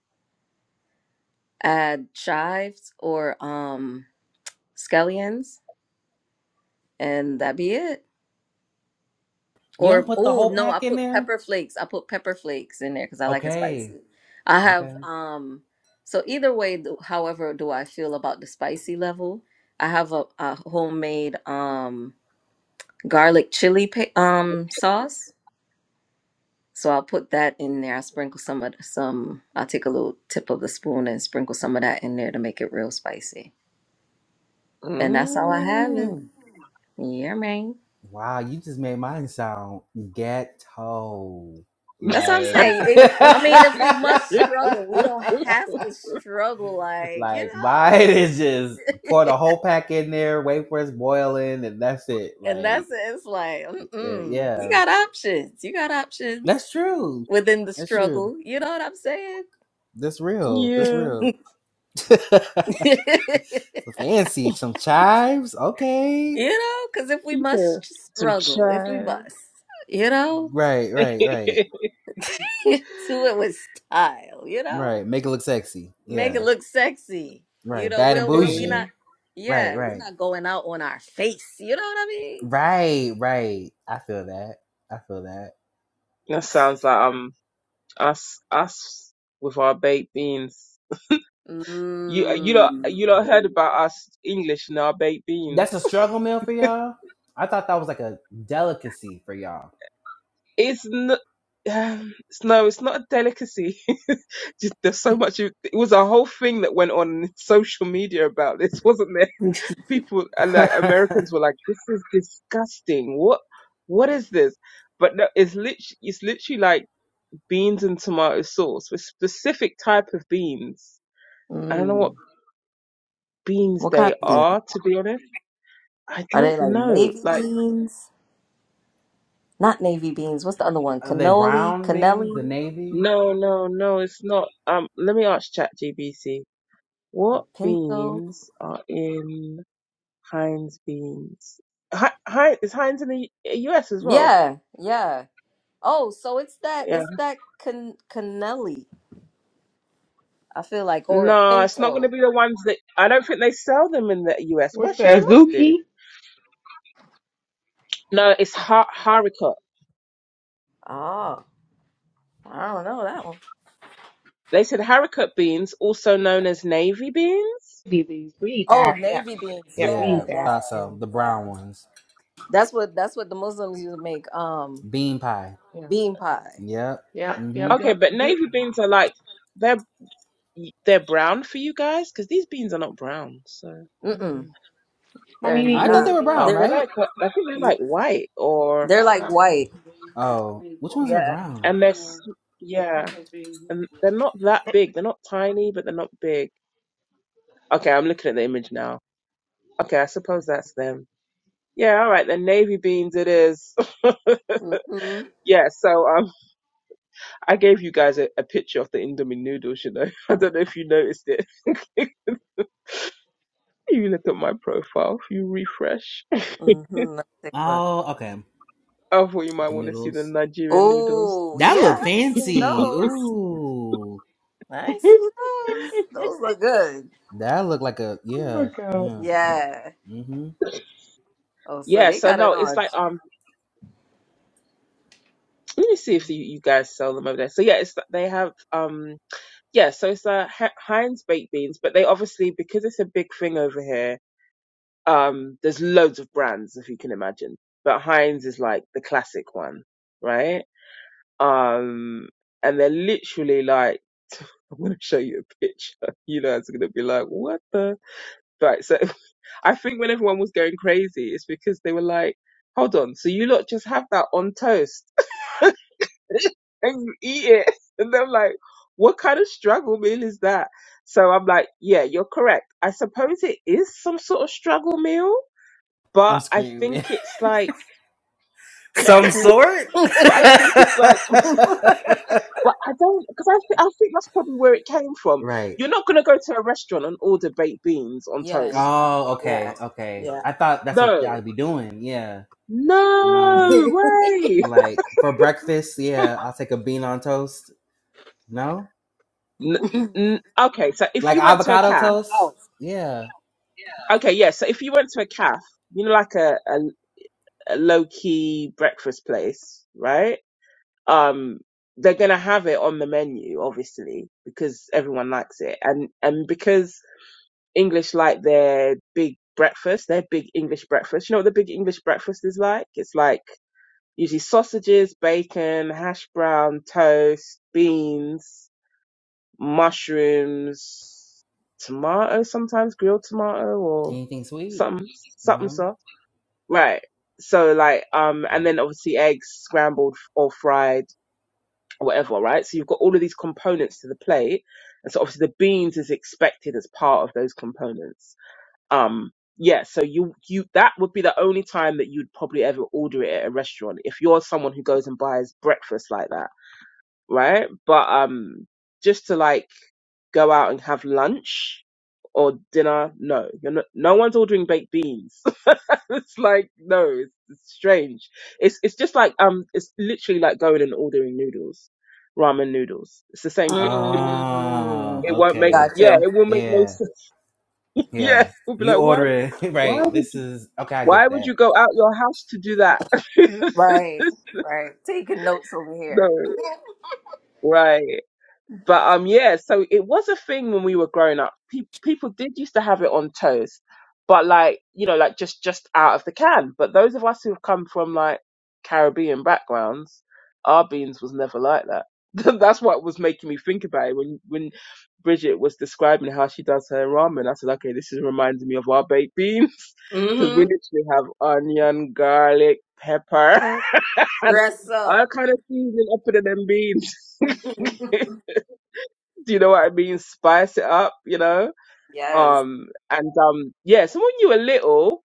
Speaker 2: Add chives or um scallions, and that be it.
Speaker 1: You don't
Speaker 2: Or
Speaker 1: put the
Speaker 2: oh
Speaker 1: whole
Speaker 2: no, I
Speaker 1: pack in
Speaker 2: put
Speaker 1: there?
Speaker 2: pepper flakes. I put pepper flakes in there because I like it
Speaker 1: Okay,
Speaker 2: spicy. I
Speaker 1: okay.
Speaker 2: have um so either way, th- however do I feel about the spicy level. I have a, a homemade um garlic chili pa- um sauce So I'll put that in there. I sprinkle some of some. I'll take a little tip of the spoon and sprinkle some of that in there to make it real spicy. And that's how I have it.
Speaker 3: Mm.
Speaker 2: Yeah, man.
Speaker 1: Wow, you just made mine sound ghetto.
Speaker 2: That's what I'm saying.
Speaker 1: Like.
Speaker 2: It, I mean, if we must struggle, we don't have to struggle. Like you
Speaker 1: Like mine is
Speaker 2: know.
Speaker 1: just pour the whole pack in there, wait for it's boiling, and that's it.
Speaker 2: and
Speaker 1: Like
Speaker 2: that's it. It's like,
Speaker 1: uh,
Speaker 2: mm-mm. you
Speaker 1: yeah,
Speaker 2: got options. You got options
Speaker 1: that's true.
Speaker 2: within the
Speaker 1: That's true.
Speaker 2: struggle. You know what I'm saying?
Speaker 1: That's real. That's
Speaker 3: yeah,
Speaker 1: real. so
Speaker 2: you
Speaker 1: fancy. Some chives. Okay.
Speaker 2: know, because if we
Speaker 3: yeah.
Speaker 2: must
Speaker 3: Some
Speaker 2: struggle, if we
Speaker 3: chives.
Speaker 2: must, you know.
Speaker 1: Right. Right. Right.
Speaker 2: You do it with style, you know?
Speaker 1: Right. Make it look sexy.
Speaker 2: Make it
Speaker 1: Yeah.
Speaker 2: look sexy. You
Speaker 1: Right.
Speaker 2: know,
Speaker 1: Bad and
Speaker 2: we'll we'll we
Speaker 1: bougie.
Speaker 3: Mm.
Speaker 2: not
Speaker 1: Right.
Speaker 2: yeah, we're
Speaker 1: Right.
Speaker 2: not going out on our face, you know what I
Speaker 1: Right. Right. I feel that. I feel that.
Speaker 3: That sounds like um us us with our baked beans. You you don't
Speaker 2: mean?
Speaker 3: you don't heard about us English and our baked
Speaker 1: That's a
Speaker 3: beans.
Speaker 1: struggle meal for y'all. I thought that was like a delicacy for y'all.
Speaker 3: It's not. Um, it's- no, it's not a delicacy. Just- There's so much. It was a whole thing that went on in social media about this, wasn't there?
Speaker 2: Mmm.
Speaker 3: People and like Americans were like, "This is disgusting. What? What is this?" But no, it's literally it's literally like beans and tomato sauce with specific type of beans. I don't know what
Speaker 2: Mmm.
Speaker 3: beans
Speaker 2: What kind
Speaker 3: they
Speaker 2: of beans?
Speaker 3: are, to be honest. I
Speaker 2: Are
Speaker 3: don't
Speaker 2: they like
Speaker 3: know.
Speaker 2: navy
Speaker 3: Like.
Speaker 2: beans? Not navy beans. What's the other one?
Speaker 1: the
Speaker 2: Cannoli,
Speaker 1: brown beans, the
Speaker 2: cannelli,
Speaker 1: navy.
Speaker 3: No, no, no, it's not. Um, let me ask ChatGPT.
Speaker 2: or
Speaker 3: What
Speaker 2: pinto?
Speaker 3: beans are in Heinz beans? Hi, Hi, is Heinz in the U- US as well?
Speaker 2: Yeah, yeah. Oh, so it's that
Speaker 3: Yeah.
Speaker 2: it's that can cannelli. I feel like or a
Speaker 3: No, it's not going to
Speaker 2: pinto.
Speaker 3: be the ones that I don't think they sell them in the US. Well,
Speaker 4: Which the
Speaker 3: should they must do.
Speaker 4: Azuki
Speaker 3: No, it's har- haricot.
Speaker 2: Oh, I don't know that one.
Speaker 3: They said haricot beans, also known as navy beans.
Speaker 4: these. We eat
Speaker 2: Oh,
Speaker 4: that. Yep.
Speaker 2: navy beans.
Speaker 4: Yep, we
Speaker 2: Yeah,
Speaker 1: Yeah,
Speaker 4: eat
Speaker 2: yeah,
Speaker 4: that.
Speaker 1: thought
Speaker 4: Yeah.
Speaker 1: so. The
Speaker 2: yeah.
Speaker 1: brown ones,
Speaker 2: That's what that's what the Muslims used to make um
Speaker 1: bean pie.
Speaker 4: Yeah.
Speaker 2: bean pie.
Speaker 1: Yep. Mm-hmm.
Speaker 3: Okay,
Speaker 4: Yep.
Speaker 3: but
Speaker 4: Good.
Speaker 3: navy beans are like they're they're brown for you guys because these beans are not brown. So I don't
Speaker 2: Mm-mm.
Speaker 3: know.
Speaker 4: Mommy
Speaker 2: They're
Speaker 4: you eat
Speaker 1: I thought they
Speaker 2: not.
Speaker 4: navy
Speaker 1: were brown,
Speaker 3: Oh,
Speaker 4: beans.
Speaker 2: They're
Speaker 3: they're
Speaker 1: right?
Speaker 3: like uh, I think they're like white or
Speaker 2: they're like white.
Speaker 1: Oh, which ones are
Speaker 2: Yeah.
Speaker 1: brown?
Speaker 3: and they're s- yeah, and they're not that big. They're not tiny, but they're not big. Okay, I'm looking at the image now. Okay, I suppose that's them. Yeah, all right, then navy beans it is.
Speaker 2: Mm-hmm.
Speaker 3: Yeah, so um, I gave you guys a, a picture of the Indomie noodles. You know, I don't know if you noticed it. If you look at my profile, if you refresh,
Speaker 2: Mm-hmm. Let me take a look.
Speaker 1: Oh, okay.
Speaker 3: I thought you might
Speaker 1: The
Speaker 3: want to see the
Speaker 1: noodles.
Speaker 3: Nigerian noodles.
Speaker 2: Oh,
Speaker 1: That
Speaker 2: yeah, I
Speaker 1: look
Speaker 2: haven't seen
Speaker 1: fancy.
Speaker 2: those.
Speaker 1: Ooh.
Speaker 2: I ain't seen
Speaker 4: oh
Speaker 2: those. Those look good.
Speaker 1: That look like a
Speaker 4: my
Speaker 1: yeah,
Speaker 4: god.
Speaker 1: yeah.
Speaker 2: Yeah.
Speaker 1: Mm-hmm.
Speaker 2: Oh, so
Speaker 3: Yeah,
Speaker 2: they
Speaker 3: so
Speaker 2: got it
Speaker 3: no, it's
Speaker 2: on.
Speaker 3: like um, let me see if you, you guys sell them over there. So yeah, it's they have um. yeah, so it's uh, H- Heinz baked beans, but they obviously because it's a big thing over here. Um, there's loads of brands if you can imagine, but Heinz is like the classic one, right? Um, and they're literally like, I'm gonna show you a picture. You know, it's gonna be like, what the? Right. So I think when everyone was going crazy, it's because they were like, hold on, so you lot just have that on toast and you eat it. And I'm like, what kind of struggle meal is that? So I'm like, yeah, you're correct. I suppose it is some sort of struggle meal,
Speaker 1: I'm
Speaker 3: but I
Speaker 1: screaming.
Speaker 3: think it's like, but
Speaker 1: Some
Speaker 3: I
Speaker 1: sort?
Speaker 3: think it's like, but I don't, because I, th- I think that's probably where it came from.
Speaker 1: right.
Speaker 3: You're not going to go to a restaurant and order baked beans on
Speaker 2: yes.
Speaker 3: toast.
Speaker 2: Uh,
Speaker 1: Oh,
Speaker 2: yeah.
Speaker 1: okay, okay.
Speaker 2: Yeah.
Speaker 1: I thought that's what
Speaker 3: No,
Speaker 1: I'd be doing. Yeah. No.
Speaker 2: At
Speaker 3: no way.
Speaker 1: Like for breakfast, yeah, I'll take a bean on toast. No?
Speaker 3: N- n- okay, so if
Speaker 1: Like
Speaker 3: you went to a
Speaker 1: avocado
Speaker 2: your
Speaker 3: calf,
Speaker 1: toast?
Speaker 2: house.
Speaker 1: Yeah.
Speaker 3: okay, yeah, so if you went to a calf, you know, like a, a a low key breakfast place, right? Um, they're gonna have it on the menu, obviously, because everyone likes it, and and because English like their big breakfast, their big English breakfast. You know what the big English breakfast is like? It's like usually sausages, bacon, hash brown, toast, beans, mushrooms, tomato, sometimes grilled tomato or
Speaker 1: Anything sweet?
Speaker 3: something, something
Speaker 1: No?
Speaker 3: sauce Right. So like um and
Speaker 1: Oh.
Speaker 3: then obviously eggs scrambled or fried or whatever, right? So you've got all of these components to the plate. And so obviously the beans is expected as part of those components. Um yeah, so you you that would be the only time that you'd probably ever order it at a restaurant if you're someone who goes and buys breakfast like that, right? But um just to like go out and have lunch or dinner. No, you're not, no one's ordering baked beans. it's like, no, it's, it's strange. It's, it's just like, um, it's literally like going and ordering noodles, ramen noodles. It's the same thing.
Speaker 1: Oh,
Speaker 2: Mm,
Speaker 3: It won't make,
Speaker 2: got
Speaker 1: okay.
Speaker 3: yeah,
Speaker 2: you.
Speaker 3: it will make no
Speaker 1: yeah.
Speaker 3: sense. Yeah,
Speaker 1: Yeah.
Speaker 3: we'll be
Speaker 1: You
Speaker 3: like, why,
Speaker 1: order it.
Speaker 3: why
Speaker 1: Right.
Speaker 3: would,
Speaker 1: This is okay, I
Speaker 3: why
Speaker 1: get
Speaker 3: would you
Speaker 1: that.
Speaker 3: go out your house to do that?
Speaker 2: Right, right. Taking notes over
Speaker 3: no,
Speaker 2: here.
Speaker 3: right. But um, yeah, so it was a thing when we were growing up. Pe- people did used to have it on toast, but like you know, like just just out of the can. But those of us who've come from like Caribbean backgrounds, our beans was never like that. That's what was making me think about it when when Bridget was describing how she does her ramen. I said, okay, this is reminding me of our baked beans because
Speaker 2: Mm-hmm.
Speaker 3: we literally have onion, garlic, pepper, and
Speaker 2: Dress up.
Speaker 3: all kind of seasoning up in them beans. Do you know what I mean? Spice it up, you know.
Speaker 2: yes.
Speaker 3: Um, and um, yeah. So when you were little,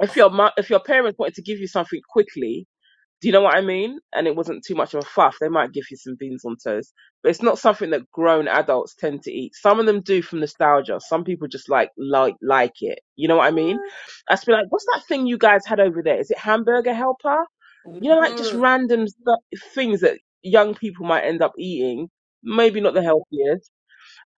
Speaker 3: if your mu- if your parents wanted to give you something quickly, do you know what I mean? And it wasn't too much of a fuss, they might give you some beans on toast, but it's not something that grown adults tend to eat. Some of them do from nostalgia. Some people just like like like it. You know what I mean? I just be like, what's that thing you guys had over there? Is it hamburger helper? You know, like just
Speaker 2: Mm-hmm.
Speaker 3: random stuff, things that young people might end up eating. Maybe not the healthiest.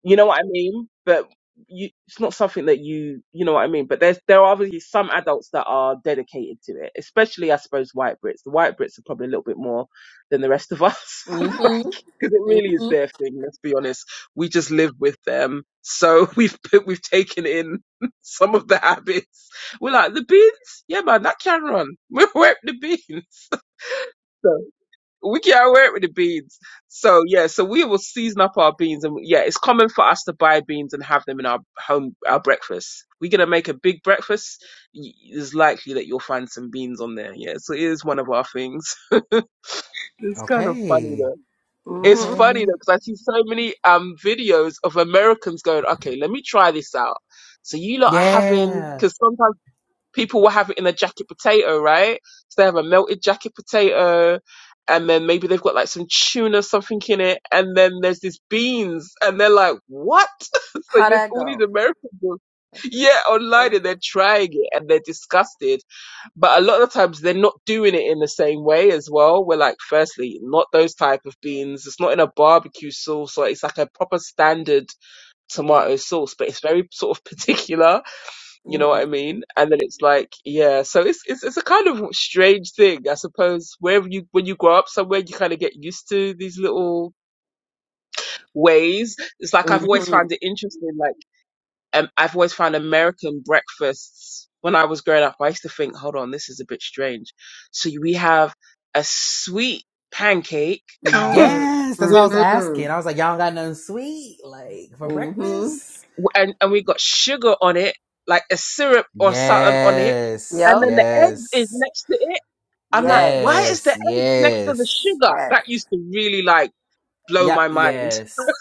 Speaker 3: You know what I mean? But you, it's not something that you, you know what I mean? But there's, there are obviously some adults that are dedicated to it, especially, I suppose, white Brits. The white Brits are probably a little bit more than the rest of us
Speaker 2: Mm-hmm.
Speaker 3: because it really is
Speaker 2: Mm-hmm.
Speaker 3: their thing. Let's be honest. We just live with them. So we've, put, we've taken in some of the habits. We're like, the beans? Yeah, man, that can run. We're the beans. we can wear it with the beans. So yeah, so we will season up our beans, and yeah, it's common for us to buy beans and have them in our home our breakfast. We're gonna make a big breakfast. y- It's likely that you'll find some beans on there. Yeah, so it is one of our things. It's kind of funny
Speaker 1: Okay.
Speaker 3: though. It's
Speaker 2: Mm-hmm.
Speaker 3: funny
Speaker 1: Okay.
Speaker 3: though because I see so many um videos of Americans going, "Okay, let me try this out." So you lot are having
Speaker 1: Yeah.
Speaker 3: because sometimes people will have it in a jacket potato, right? So they have a melted jacket potato, and then maybe they've got like some tuna, something in it, and then there's these beans, and they're like, what? so
Speaker 2: How'd
Speaker 3: there's
Speaker 2: that
Speaker 3: all these
Speaker 2: go?
Speaker 3: Americans. who- Yeah, online and they're trying it and they're disgusted. But a lot of the times they're not doing it in the same way as well. We're like, firstly, not those type of beans. It's not in a barbecue sauce or it's like a proper standard
Speaker 2: Mm-hmm.
Speaker 3: tomato sauce, but it's very sort of particular you know what
Speaker 2: Mm-hmm.
Speaker 3: I mean? And then it's like, yeah, so it's it's it's a kind of strange thing, I suppose. Wherever you when you grow up somewhere, you kind of get used to these little ways. It's like I've always found it interesting. Like um, I've always found American breakfasts when I was growing up. I used to think, hold on, this is a bit strange. So we have a sweet pancake
Speaker 2: Mm-hmm.
Speaker 1: Yes. That's what I
Speaker 3: with
Speaker 1: was
Speaker 2: Mm-hmm.
Speaker 1: asking. I was like, y'all don't got nothing sweet, like for
Speaker 2: Mm-hmm.
Speaker 1: breakfast?
Speaker 3: and and we got sugar on it, like a syrup or something on it,
Speaker 1: Yes.
Speaker 3: and
Speaker 2: Yep.
Speaker 3: then the eggs is
Speaker 1: Yes.
Speaker 3: next to it I'm like,
Speaker 2: Yes.
Speaker 3: why is
Speaker 1: Yes.
Speaker 3: the eggs next to the
Speaker 1: Yes.
Speaker 3: sugar?
Speaker 2: Yes.
Speaker 3: That used to really like blow
Speaker 1: Yeah,
Speaker 3: my mind.
Speaker 1: yes.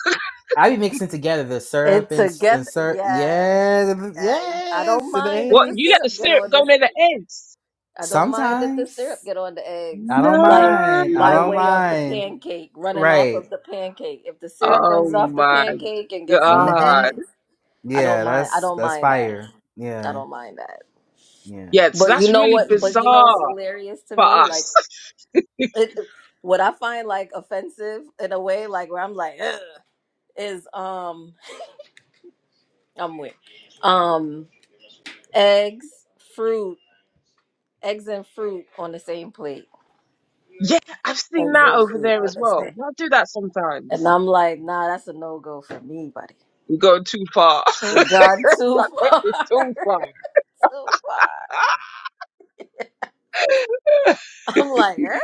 Speaker 1: I be mixing together the
Speaker 2: It
Speaker 1: syrup and and
Speaker 2: together.
Speaker 1: syrup.
Speaker 2: Yeah.
Speaker 1: Yes,
Speaker 2: I, I don't
Speaker 1: yes, and the
Speaker 2: mind if
Speaker 3: What?
Speaker 2: the
Speaker 3: You let
Speaker 1: eggs.
Speaker 2: syrup
Speaker 3: the
Speaker 2: get
Speaker 3: syrup go
Speaker 2: on
Speaker 3: near the eggs?
Speaker 2: I don't mind if the syrup
Speaker 1: Sometimes
Speaker 2: get on the eggs,
Speaker 1: I don't
Speaker 2: like
Speaker 3: No.
Speaker 1: mind. I
Speaker 2: by
Speaker 1: don't
Speaker 2: way of the
Speaker 1: mind.
Speaker 2: pancake, running off
Speaker 1: Right.
Speaker 2: of the pancake. If the syrup runs
Speaker 3: Oh
Speaker 2: off the
Speaker 3: my
Speaker 2: pancake and gets on the
Speaker 1: Mm-hmm.
Speaker 3: God.
Speaker 2: eggs, I don't
Speaker 1: Yeah,
Speaker 2: mind. I
Speaker 1: that's
Speaker 2: don't
Speaker 1: that's
Speaker 2: mind that.
Speaker 1: fire.
Speaker 2: I
Speaker 1: Yeah,
Speaker 2: don't mind that.
Speaker 1: yeah.
Speaker 3: Yeah, so
Speaker 2: But you
Speaker 3: that's
Speaker 2: know
Speaker 3: really
Speaker 2: what? But you know
Speaker 3: bizarre
Speaker 2: what's hilarious to
Speaker 3: for
Speaker 2: me? Like
Speaker 3: us.
Speaker 2: it, what I find like offensive in a way, like where I'm like, Ugh, is um, I'm with um eggs, fruit, eggs and fruit on the same plate.
Speaker 3: yeah, I've seen
Speaker 2: Eggs
Speaker 3: that
Speaker 2: and
Speaker 3: over
Speaker 2: fruit.
Speaker 3: there as well. Y'all do that
Speaker 2: And
Speaker 3: sometimes.
Speaker 2: I'm like, nah, that's a no go for me, buddy.
Speaker 3: You go too far.
Speaker 2: It gone too
Speaker 3: Like,
Speaker 2: far.
Speaker 3: that is too far.
Speaker 2: too far. I'm like, eh?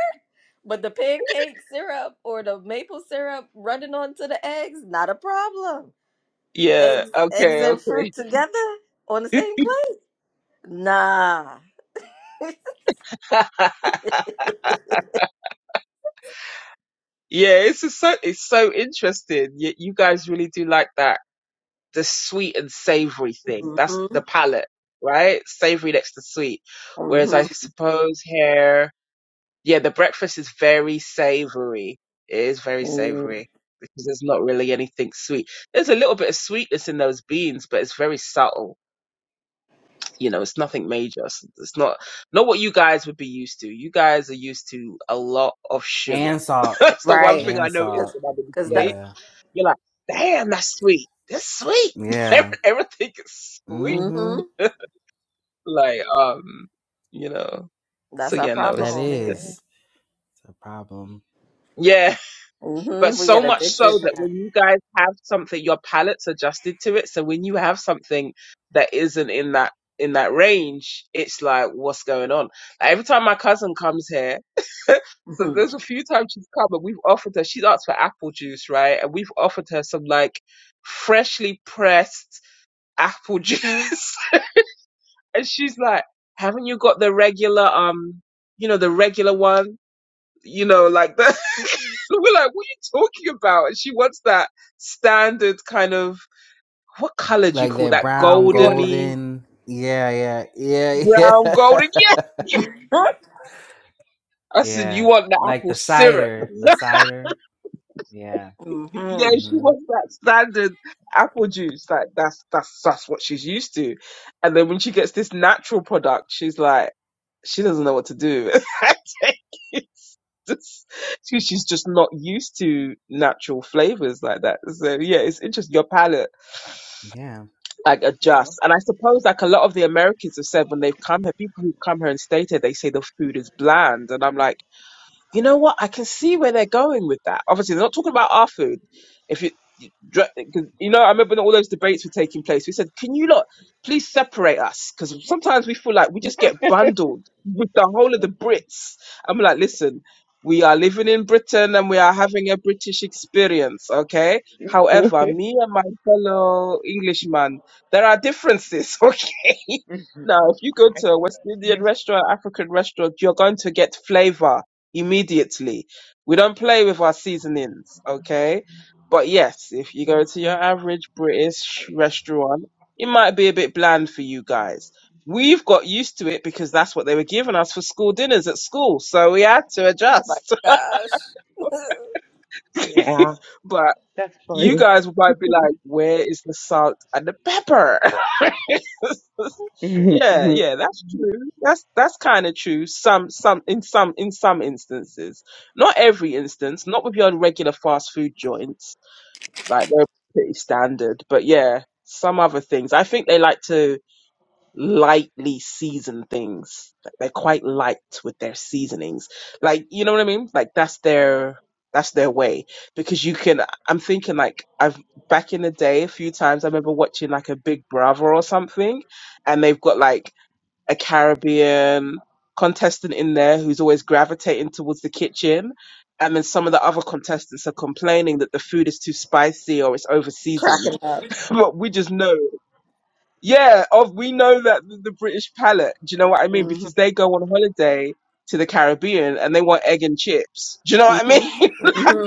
Speaker 2: But the pancake syrup or the maple syrup running onto the eggs, not a problem.
Speaker 3: Yeah,
Speaker 2: Eggs eggs
Speaker 3: okay,
Speaker 2: and fruit
Speaker 3: okay.
Speaker 2: together on the same plate? Nah.
Speaker 3: yeah, it's just so it's so interesting. You, you guys really do like that. the sweet and savory thing. That's
Speaker 2: mm-hmm.
Speaker 3: the palate, right? Savory next to sweet. Whereas I suppose here, yeah, the breakfast is very savory. It is very
Speaker 2: Mm-hmm.
Speaker 3: savory because there's not really anything sweet. There's a little bit of sweetness in those beans, but it's very subtle. You know, it's nothing major. It's it's not not what you guys would be used to. You guys are used to a lot of sugar.
Speaker 1: And salt.
Speaker 3: That's the one
Speaker 2: Right.
Speaker 3: thing I
Speaker 1: And
Speaker 3: noticed
Speaker 2: Cause,
Speaker 1: salt.
Speaker 3: when I'm in
Speaker 2: 'cause
Speaker 3: the States
Speaker 2: that's
Speaker 1: Yeah.
Speaker 3: you're like, damn, that's sweet. That's sweet.
Speaker 1: Yeah.
Speaker 3: Every- Everything is sweet.
Speaker 1: Mm-hmm.
Speaker 2: mm-hmm.
Speaker 3: like, um, you know. So
Speaker 2: That's our
Speaker 3: yeah, no,
Speaker 2: problem
Speaker 1: That
Speaker 3: it's
Speaker 2: over
Speaker 3: it's
Speaker 2: here.
Speaker 1: is a problem.
Speaker 3: yeah, but
Speaker 2: Mm-hmm. We
Speaker 3: so
Speaker 2: get
Speaker 3: much
Speaker 2: addicted
Speaker 3: so
Speaker 2: to
Speaker 3: that
Speaker 2: that.
Speaker 3: when you guys have something, your palate's adjusted to it. So when you have something that isn't in that in that range, it's like, what's going on? Like, every time my cousin comes here, so there's a few times she's come and we've offered her. She's asked for apple juice, right? And we've offered her some like freshly pressed. apple juice. And she's like, haven't you got the regular, um, you know, the regular one? You know, like the, we're like, what are you talking about? And she wants that standard kind of, what color do you
Speaker 1: Like
Speaker 3: call
Speaker 1: that
Speaker 3: that?
Speaker 1: brown,
Speaker 2: Mhm. You want
Speaker 3: Goldeny,
Speaker 1: golden. Yeah, yeah, yeah,
Speaker 3: brown, golden.
Speaker 1: yeah.
Speaker 3: Yeah.
Speaker 2: that?
Speaker 3: I said, you
Speaker 1: yeah.
Speaker 3: want the
Speaker 1: Like the
Speaker 3: apple syrup.
Speaker 1: cider. The cider. Yeah.
Speaker 2: hmm
Speaker 3: Yeah, she
Speaker 1: Mm-hmm.
Speaker 3: wants that standard apple juice. Like that's that's that's what she's used to. And then when she gets this natural product, she's like, she doesn't know what to do. It's just- she- she's just not used to natural flavors like that. So yeah, it's interesting. Your palate
Speaker 1: Yeah.
Speaker 3: like
Speaker 4: Yeah.
Speaker 3: adjusts. And I suppose like a lot of the Americans have said when they've come here, people who come here and stayed here, they say the food is bland. And I'm like. You know what? I can see where they're going with that. Obviously, they're not talking about our food. If you, you dr- 'cause, you know, I remember when all those debates were taking place. We said, "Can you lot please separate us?" Because sometimes we feel like we just get bundled with the whole of the Brits. I'm like, listen, we are living in Britain and we are having a British experience. Okay. However, me and my fellow Englishman, there are differences. Okay. Now, if you go to a West Indian restaurant, African restaurant, you're going to get flavor immediately. We don't play with our seasonings, okay? But yes, if you go to your average British restaurant, it might be a bit bland for you guys. We've got used to it because that's what they were giving us for school dinners at school, so we had to
Speaker 2: my
Speaker 3: adjust.
Speaker 2: gosh.
Speaker 4: yeah.
Speaker 3: but
Speaker 4: That's
Speaker 3: you
Speaker 4: funny.
Speaker 3: guys might be like, where is the salt and the pepper? yeah, yeah, that's true. That's that's kind of true. Some some in some in some instances, not every instance, not with your regular fast food joints, like they're pretty standard. But yeah, some other things. I think they like to lightly season things. Like, They're quite light with their seasonings. Like, you know what I mean? Like that's their that's their way because you can I'm thinking like I've back in the day a few times I remember watching like a Big Brother or something and they've got like a Caribbean contestant in there who's always gravitating towards the kitchen and then some of the other contestants are complaining that the food is too spicy or it's over seasoned
Speaker 2: Cracking up.
Speaker 3: but we just know yeah, of we know that the the British palate. Do you know what I mean?
Speaker 2: hmm
Speaker 3: Because they go on holiday to the Caribbean and they want egg and chips. Do you know
Speaker 2: hmm
Speaker 3: what I mean?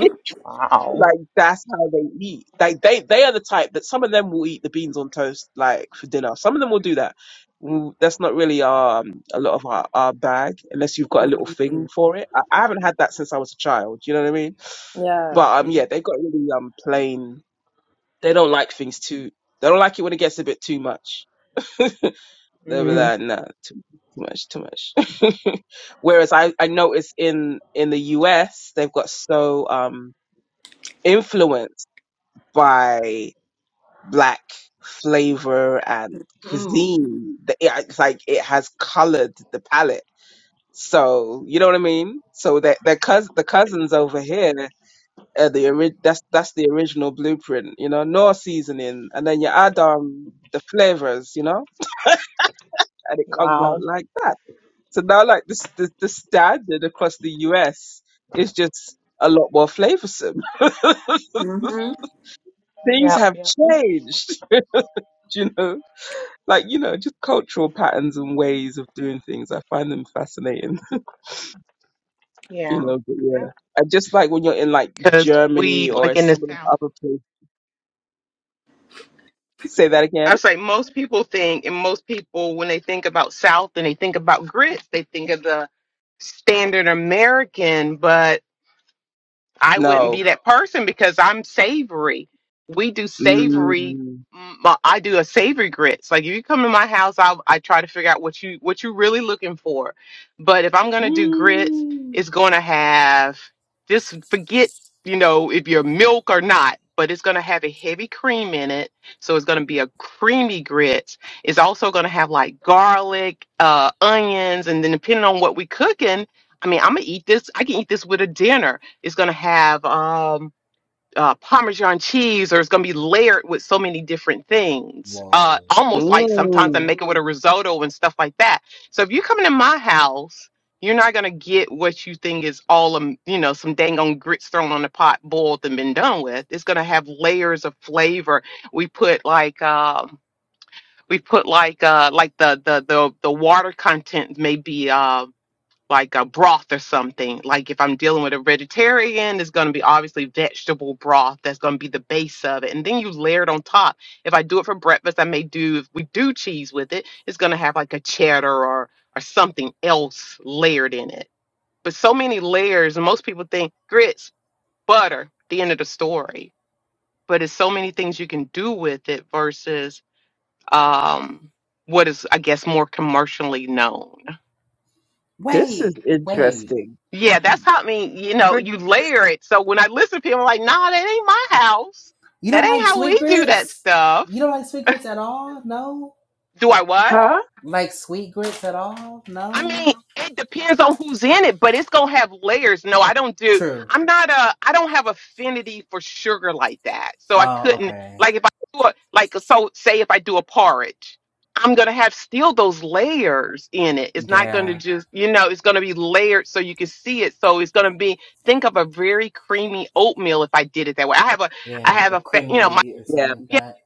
Speaker 4: wow.
Speaker 3: Like that's how they eat. Like they they are the type that some of them will eat the beans on toast like for dinner. Some of them will do that. Mm, That's not really um a lot of our, our bag unless you've got a little
Speaker 2: hmm
Speaker 3: thing for it. I, I haven't had that since I was a child. Do you know what I mean?
Speaker 2: Yeah.
Speaker 3: But um yeah,
Speaker 4: hmm
Speaker 3: they got really um plain. They don't like things too. They don't like it when it gets a bit too much. They were like, nah, too, too much, too much. Whereas I, I noticed in, in the US, they've got so, um, influenced by black flavor and
Speaker 2: Mm-hmm.
Speaker 3: cuisine. that it- It's like it has colored the palette. So, you know what I mean? So their, their cous the cousins over here, uh, the ori- that's, that's the original blueprint, you know, no seasoning. And then you add, um, the flavors, you know, and it comes out
Speaker 4: Wow.
Speaker 3: like So now, like this, the, the standard across the US is just a lot more flavorsome. Things
Speaker 4: Yep.
Speaker 3: have
Speaker 4: Yep.
Speaker 3: changed, you know, like you know, just cultural patterns and ways of doing things. I find them fascinating, you
Speaker 4: Yeah.
Speaker 3: know. But yeah,
Speaker 4: Yep.
Speaker 3: and just like when you're in like
Speaker 4: Because we
Speaker 3: Germany
Speaker 4: like
Speaker 3: or
Speaker 4: in the
Speaker 3: some of the
Speaker 4: south.
Speaker 3: other places. Say that
Speaker 4: I
Speaker 3: again.
Speaker 4: was like, most people think, and most people, when they think about South and they think about grits, they think of the standard American. but. I wouldn't
Speaker 3: No.
Speaker 4: be that person because I'm savory. We do savory.
Speaker 3: Mm.
Speaker 4: m- uh, I do a savory grits. Like if you come to my house, I I try to figure out what you what you really looking for. But if I'm gonna do grits,
Speaker 1: Mm.
Speaker 4: it's gonna have just forget you know if you're milk or not. But it's gonna have a heavy cream in it, so it's gonna be a creamy grits. It's also gonna have like garlic, uh, onions, and then depending on what we cooking, I mean, I'm gonna eat this. I can eat this with a dinner it's going to have um, uh, Parmesan cheese, or it's going to be layered with so many different things. Uh,
Speaker 1: Whoa.
Speaker 4: almost like sometimes I
Speaker 3: Mm.
Speaker 4: make it with a risotto and stuff like that. So if you're coming to my house, you're not going to get what you think is all, um, you know, some dang on grits thrown on the pot, boiled and been done with. It's going to have layers of flavor. We put like, um, we put like uh like the the the the water content may be um, like a broth or something. Like if I'm dealing with a vegetarian, it's going to be obviously vegetable broth. That's going to be the base of it. And then you layer it on top. If I do it for breakfast, I may do, if we do cheese with it, it's going to have like a cheddar or, or something else layered in it. But so many layers, and most people think grits, butter, the end of the story. But it's so many things you can do with it versus um, what is, I guess, more commercially known.
Speaker 3: This is
Speaker 1: Wait, wait.
Speaker 3: interesting.
Speaker 4: Yeah, that's
Speaker 1: You
Speaker 4: how I mean, you know,
Speaker 3: But-
Speaker 4: you layer it. So when I listen to people, I'm like, nah, that ain't my house.
Speaker 1: you
Speaker 4: That
Speaker 1: don't like
Speaker 4: ain't how
Speaker 1: sweet
Speaker 4: we do that
Speaker 1: grits?
Speaker 4: stuff.
Speaker 1: You don't like sweet grits at all? No?
Speaker 4: Do I what?
Speaker 3: Huh?
Speaker 1: Like sweet grits at all?
Speaker 4: I
Speaker 1: No.
Speaker 4: mean, it depends on who's in it, but it's gonna have layers. No, I don't do.
Speaker 1: True.
Speaker 4: I'm not a. I don't have affinity for sugar like that. So I
Speaker 1: Oh,
Speaker 4: couldn't
Speaker 1: okay.
Speaker 4: like if I do a like so say if I do a porridge, I'm gonna have still those layers in it. It's not gonna
Speaker 1: Yeah.
Speaker 4: just you know it's gonna be layered so you can see it. So it's gonna be think of a very creamy oatmeal if I did it that way. I have a I
Speaker 1: Yeah.
Speaker 4: have
Speaker 1: A
Speaker 4: a fa-
Speaker 1: cream of
Speaker 4: you know my
Speaker 1: wheat or
Speaker 3: Yeah.
Speaker 1: something like that.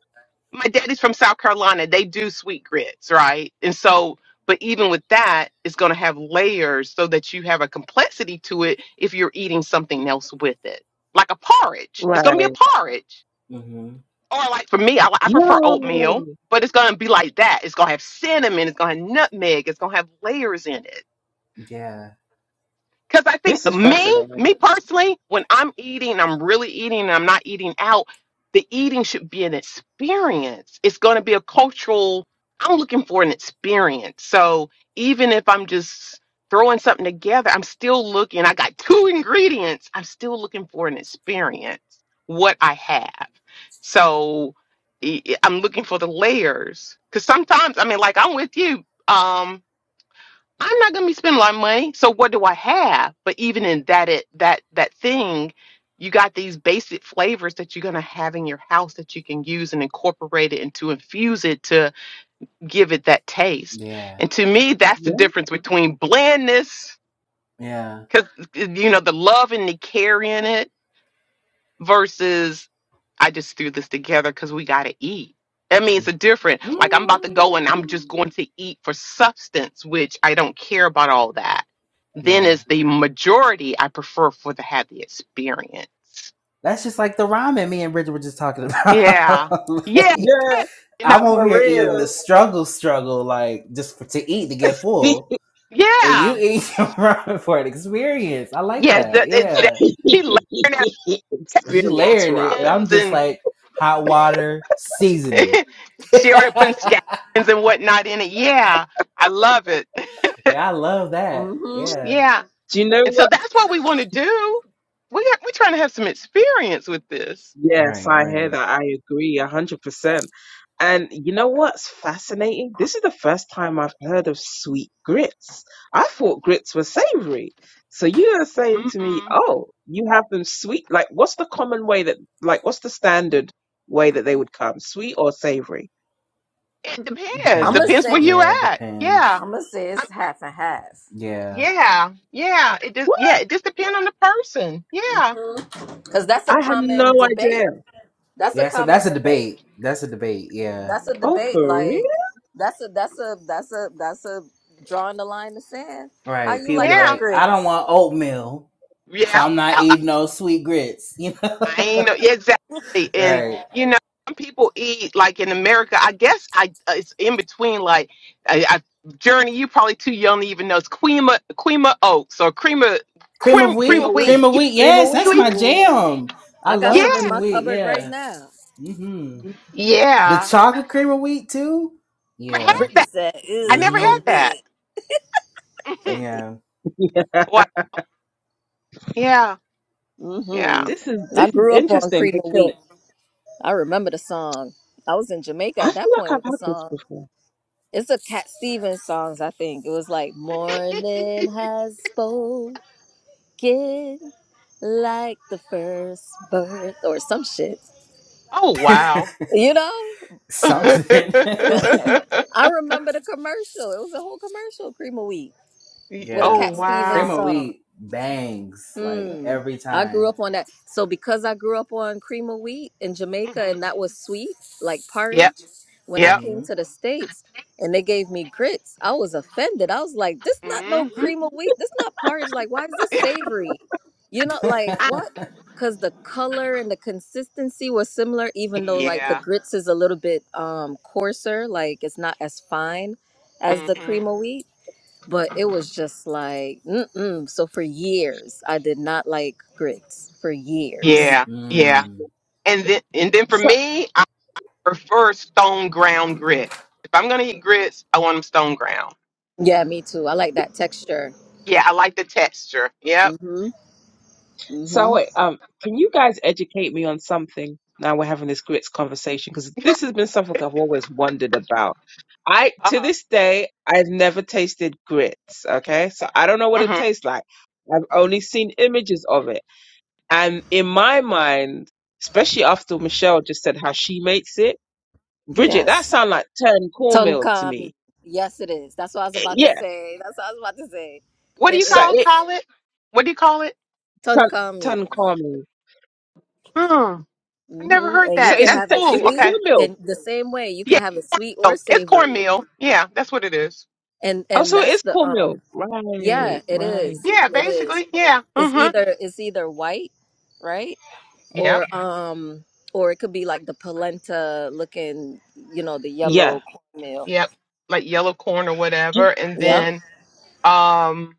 Speaker 4: my daddy's from South Carolina. They do sweet grits, right? And so, but even with that, it's going to have layers so that you have a complexity to it if you're eating something else with it, like a porridge. It's going to be a
Speaker 3: Right.
Speaker 4: porridge.
Speaker 1: Mm-hmm.
Speaker 4: Or like for me, I, li- I
Speaker 3: Yeah.
Speaker 4: prefer oatmeal, but it's going to be like that. It's going to have cinnamon. It's going to have nutmeg. It's going to have layers in it.
Speaker 1: Yeah.
Speaker 4: Because I think
Speaker 3: This is
Speaker 4: me,
Speaker 3: fascinating.
Speaker 4: me personally, when I'm eating, I'm really eating, and I'm not eating out. The eating should be an experience. It's going to be a cultural. I'm looking for an experience. So even if I'm just throwing something together, I'm still looking. I got two ingredients. I'm still looking for an experience. What I have. So e- e- I'm looking for the layers. Because sometimes, I mean, like I'm with you. um. I'm not gonna be spending a lot of money. So what do I have? But even in that it that that thing, you got these basic flavors that you're gonna have in your house that you can use and incorporate it and to infuse it to give it that taste.
Speaker 1: Yeah.
Speaker 4: And to me, that's the
Speaker 3: Yeah,
Speaker 4: difference between blandness,
Speaker 1: Yeah.
Speaker 4: because you know, the love and the care in it versus I just threw this together because we got to eat. That means a different. Like I'm about to go and I'm just
Speaker 1: Mm.
Speaker 4: going to eat for substance, which I don't care about all that. Then
Speaker 1: Yeah.
Speaker 4: is the majority I prefer for to have the experience.
Speaker 1: That's just like the ramen me and Bridget were just talking
Speaker 4: Yeah,
Speaker 1: about.
Speaker 4: yeah,
Speaker 1: like
Speaker 3: yeah,
Speaker 4: you know,
Speaker 1: I'm over
Speaker 2: For
Speaker 1: here eating the
Speaker 3: yeah.
Speaker 2: real.
Speaker 1: struggle struggle, like just for, to eat to get full. And you
Speaker 4: yeah,
Speaker 1: eat your ramen for an experience. I like
Speaker 4: yeah.
Speaker 1: that.
Speaker 4: The, it's that
Speaker 1: Yeah.
Speaker 4: she layering out
Speaker 1: She
Speaker 3: Experience,
Speaker 1: layering it, and
Speaker 3: Robin.
Speaker 1: I'm
Speaker 4: scallions
Speaker 1: just
Speaker 4: and
Speaker 1: like hot water seasoning.
Speaker 4: she already putting
Speaker 1: yeah,
Speaker 4: scallions and whatnot in it. Yeah, I love it.
Speaker 1: I love that.
Speaker 2: hmm
Speaker 1: Yeah.
Speaker 4: Yeah,
Speaker 3: Do you know
Speaker 4: And so
Speaker 3: what?
Speaker 4: that's what we want to do. We are, we're trying to have some experience with this.
Speaker 3: Yes,
Speaker 1: Right,
Speaker 3: I hear
Speaker 1: right.
Speaker 3: that. I agree a hundred percent. And you know what's fascinating? This is the first time I've heard of sweet grits. I thought grits were savory. So you are saying to me,
Speaker 4: Mm-mm.
Speaker 3: oh, you have them sweet. Like, what's the common way that, like, what's the standard way that they would come? Sweet or savory?
Speaker 4: It
Speaker 1: It
Speaker 4: depends.
Speaker 2: I'm gonna
Speaker 4: Depends
Speaker 1: depends.
Speaker 2: say
Speaker 4: where you
Speaker 1: Yeah, it
Speaker 4: at. Yeah.
Speaker 1: depends.
Speaker 2: I'm gonna say
Speaker 4: i
Speaker 2: it's half and half.
Speaker 1: Yeah.
Speaker 4: yeah. Yeah. It just
Speaker 3: What?
Speaker 4: yeah. It just depends on the person. Yeah.
Speaker 2: hmm Cause that's a
Speaker 3: I had no
Speaker 2: common debate.
Speaker 3: idea.
Speaker 2: That's a
Speaker 1: Yeah, so that's
Speaker 2: common
Speaker 1: a
Speaker 2: debate.
Speaker 1: debate. That's a debate. Yeah.
Speaker 2: That's a
Speaker 3: Oh,
Speaker 2: debate.
Speaker 3: for
Speaker 2: Like that's a that's a that's a that's a drawing the line in the sand. How
Speaker 1: Right.
Speaker 2: you
Speaker 1: People be
Speaker 2: like your
Speaker 4: Yeah.
Speaker 1: like, I don't
Speaker 2: grits?
Speaker 1: want oatmeal, so
Speaker 4: Yeah.
Speaker 1: I'm not
Speaker 4: I, I
Speaker 1: eating no sweet grits, you know?
Speaker 4: I ain't know yeah, exactly. And
Speaker 1: right.
Speaker 4: you know, some people eat like in America. I guess I uh, it's in between. Like I, I Journey, you probably too young to even know it's cream of, oats or cream of
Speaker 1: Cream of
Speaker 4: cream cream
Speaker 2: Cream
Speaker 4: of
Speaker 2: of
Speaker 1: wheat.
Speaker 2: wheat.
Speaker 4: wheat.
Speaker 1: Cream of
Speaker 4: You,
Speaker 1: wheat.
Speaker 2: Cream of
Speaker 1: Yes,
Speaker 4: you
Speaker 1: that's
Speaker 2: wheat.
Speaker 1: my
Speaker 4: eat.
Speaker 2: Ooh.
Speaker 1: jam. I
Speaker 2: I got
Speaker 4: Yeah.
Speaker 2: some
Speaker 1: love
Speaker 2: in
Speaker 1: cream of
Speaker 2: my
Speaker 1: wheat.
Speaker 2: cupboard right
Speaker 1: Yeah.
Speaker 2: now.
Speaker 1: hmm The
Speaker 4: Yeah.
Speaker 1: chocolate cream of wheat, too?
Speaker 4: Never
Speaker 1: Yeah.
Speaker 4: had
Speaker 2: Brittany
Speaker 4: that.
Speaker 2: said,
Speaker 4: I
Speaker 2: ew,
Speaker 4: never
Speaker 1: hmm
Speaker 4: had that.
Speaker 2: oatmeal.
Speaker 4: Mhm.
Speaker 2: Brittany.
Speaker 1: Yeah.
Speaker 3: real?
Speaker 4: wow. Yeah. Yeah.
Speaker 3: This is
Speaker 2: Mm-hmm. I
Speaker 3: this is
Speaker 2: grew up on
Speaker 3: interesting
Speaker 2: cream of
Speaker 3: because
Speaker 2: wheat. I remember the song. I was in Jamaica
Speaker 3: I
Speaker 2: at
Speaker 3: feel
Speaker 2: that
Speaker 3: like
Speaker 2: point
Speaker 3: I've
Speaker 2: with the
Speaker 3: had this
Speaker 2: song.
Speaker 3: before.
Speaker 2: It's a Cat Stevens songs, I think. It was like morning has spoken like the first birth or some shit.
Speaker 4: Oh wow.
Speaker 2: You know?
Speaker 1: Something.
Speaker 2: I remember the commercial. It was a whole commercial, cream of wheat.
Speaker 4: Y-
Speaker 2: with a
Speaker 4: oh
Speaker 1: yeah.
Speaker 2: Cat
Speaker 1: Cream
Speaker 2: Stevens
Speaker 4: wow.
Speaker 1: of
Speaker 2: song.
Speaker 1: wheat bangs like
Speaker 2: Hmm.
Speaker 1: every
Speaker 2: I grew
Speaker 1: time.
Speaker 2: up on that. So because I grew up on cream of wheat in Jamaica
Speaker 4: hmm
Speaker 2: and that was sweet, like
Speaker 4: Yep.
Speaker 2: porridge, when I
Speaker 4: Yep.
Speaker 2: came
Speaker 1: hmm
Speaker 2: to the States and they gave me grits, I was offended. I was like, this not no
Speaker 4: hmm
Speaker 2: cream of wheat. This not porridge. Like, why is this savory? You know, like what? Because the color and the consistency was similar, even though like the
Speaker 4: yeah.
Speaker 2: grits is a little bit um coarser, like it's not as fine as the
Speaker 4: hmm
Speaker 2: cream of wheat but it was just like mm-mm. so for years i did not like grits for years
Speaker 4: Yeah. Yeah.
Speaker 1: mm.
Speaker 4: And then and then for
Speaker 3: So
Speaker 4: me, I prefer stone ground grits. If I'm gonna eat grits, I want them stone ground.
Speaker 2: yeah me too i like that texture
Speaker 4: Yeah, I like the texture. Yep.
Speaker 2: mm-hmm
Speaker 3: So,
Speaker 2: mm-hmm
Speaker 3: um, can you guys educate me on something now we're having this grits conversation? Because this has been something I've always wondered about. I,
Speaker 4: Uh
Speaker 3: to
Speaker 4: huh.
Speaker 3: this day, I've never tasted grits. Okay. So I don't know what it
Speaker 4: hmm
Speaker 3: tastes like. I've only seen images of it. And in my mind, especially after Michelle just said how she makes it, Bridget, that
Speaker 2: yes
Speaker 3: sounds like turn cornmeal to
Speaker 2: tonkami
Speaker 3: me.
Speaker 2: yes it is that's what i was
Speaker 3: Eh,
Speaker 2: about to
Speaker 3: Yeah.
Speaker 2: say that's what i was about to say
Speaker 4: What do
Speaker 2: it
Speaker 4: you
Speaker 3: So
Speaker 4: guys
Speaker 2: is
Speaker 3: it,
Speaker 4: call it? What do you call
Speaker 3: turn,
Speaker 2: tonkami
Speaker 3: turn cornmeal.
Speaker 4: it? I've never
Speaker 2: mm-hmm
Speaker 4: heard
Speaker 2: and you
Speaker 3: So
Speaker 4: that.
Speaker 2: can
Speaker 3: is it,
Speaker 4: That's
Speaker 2: have it
Speaker 3: is
Speaker 4: cool.
Speaker 3: it
Speaker 2: sweet
Speaker 4: Okay.
Speaker 3: cornmeal?
Speaker 2: in the same way you can
Speaker 4: Yeah.
Speaker 2: have it sweet or
Speaker 4: So it's
Speaker 2: savory
Speaker 4: cornmeal. Yeah, that's what it is.
Speaker 2: and
Speaker 3: Oh,
Speaker 2: and
Speaker 3: so it
Speaker 2: that's
Speaker 3: is
Speaker 2: the um
Speaker 3: cornmeal.
Speaker 2: yeah
Speaker 3: Right,
Speaker 2: it
Speaker 3: right.
Speaker 2: is
Speaker 4: Yeah,
Speaker 2: it is
Speaker 4: basically. Yeah.
Speaker 2: it's
Speaker 4: Mm-hmm.
Speaker 2: either it's either white right
Speaker 4: Yep.
Speaker 2: or um or it could be like the polenta looking you know the yellow
Speaker 3: Yeah.
Speaker 2: cornmeal
Speaker 4: Yep. Like yellow corn or
Speaker 3: You,
Speaker 4: whatever. And
Speaker 2: yep
Speaker 4: then um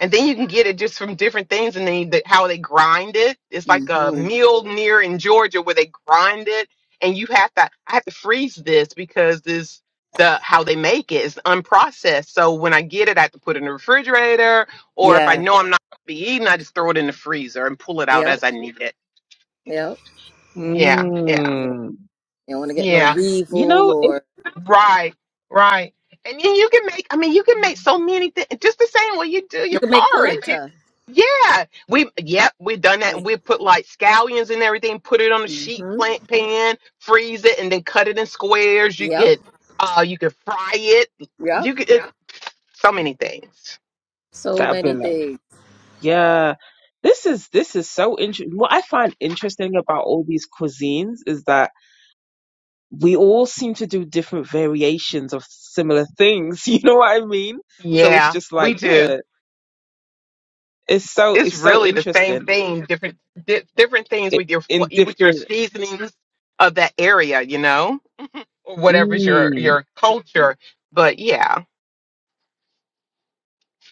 Speaker 4: and then you can get it just from different things and then the, how they grind it it's like a
Speaker 2: hmm
Speaker 4: meal near in georgia where they grind it and you have to i have to freeze this because this the how they make it is unprocessed so when i get it i have to put it in the refrigerator or if i
Speaker 2: yeah
Speaker 4: know i'm not gonna be eating i just throw it in the freezer and pull it out
Speaker 2: yep
Speaker 4: as i need it
Speaker 2: yep
Speaker 4: yeah yeah
Speaker 2: Yep.
Speaker 3: mm,
Speaker 2: you don't want to get no
Speaker 4: yeah
Speaker 3: you
Speaker 2: weevil
Speaker 3: know, it,
Speaker 2: or
Speaker 4: Right, right. And then you can make, I mean, you can make so many things just the same way you do
Speaker 2: you
Speaker 4: your
Speaker 2: can make
Speaker 4: porridge. You,
Speaker 2: polenta
Speaker 4: yeah, we, yep, we done that. And we put like scallions and everything, put it on a sheet
Speaker 2: mm-hmm.
Speaker 4: plant pan, freeze it, and then cut it in squares. You
Speaker 2: yep
Speaker 4: could, uh, you could fry it.
Speaker 2: yep
Speaker 4: You could, it- so many things.
Speaker 2: so
Speaker 3: I've
Speaker 2: many
Speaker 3: been like,
Speaker 2: things
Speaker 3: yeah, this is this is so interesting. What I find interesting about all these cuisines is that we all seem to do different variations of similar things. You know what I mean? So it's
Speaker 4: Yeah,
Speaker 3: just
Speaker 4: we
Speaker 3: like,
Speaker 4: do.
Speaker 3: yeah, it's so
Speaker 4: It's
Speaker 3: it's so
Speaker 4: really the same
Speaker 3: interesting.
Speaker 4: thing, different, di- different things
Speaker 3: It,
Speaker 4: with your, fl-
Speaker 3: in
Speaker 4: with your
Speaker 3: different.
Speaker 4: seasonings of that area, you know? or whatever's your
Speaker 3: Mm,
Speaker 4: your culture. But yeah,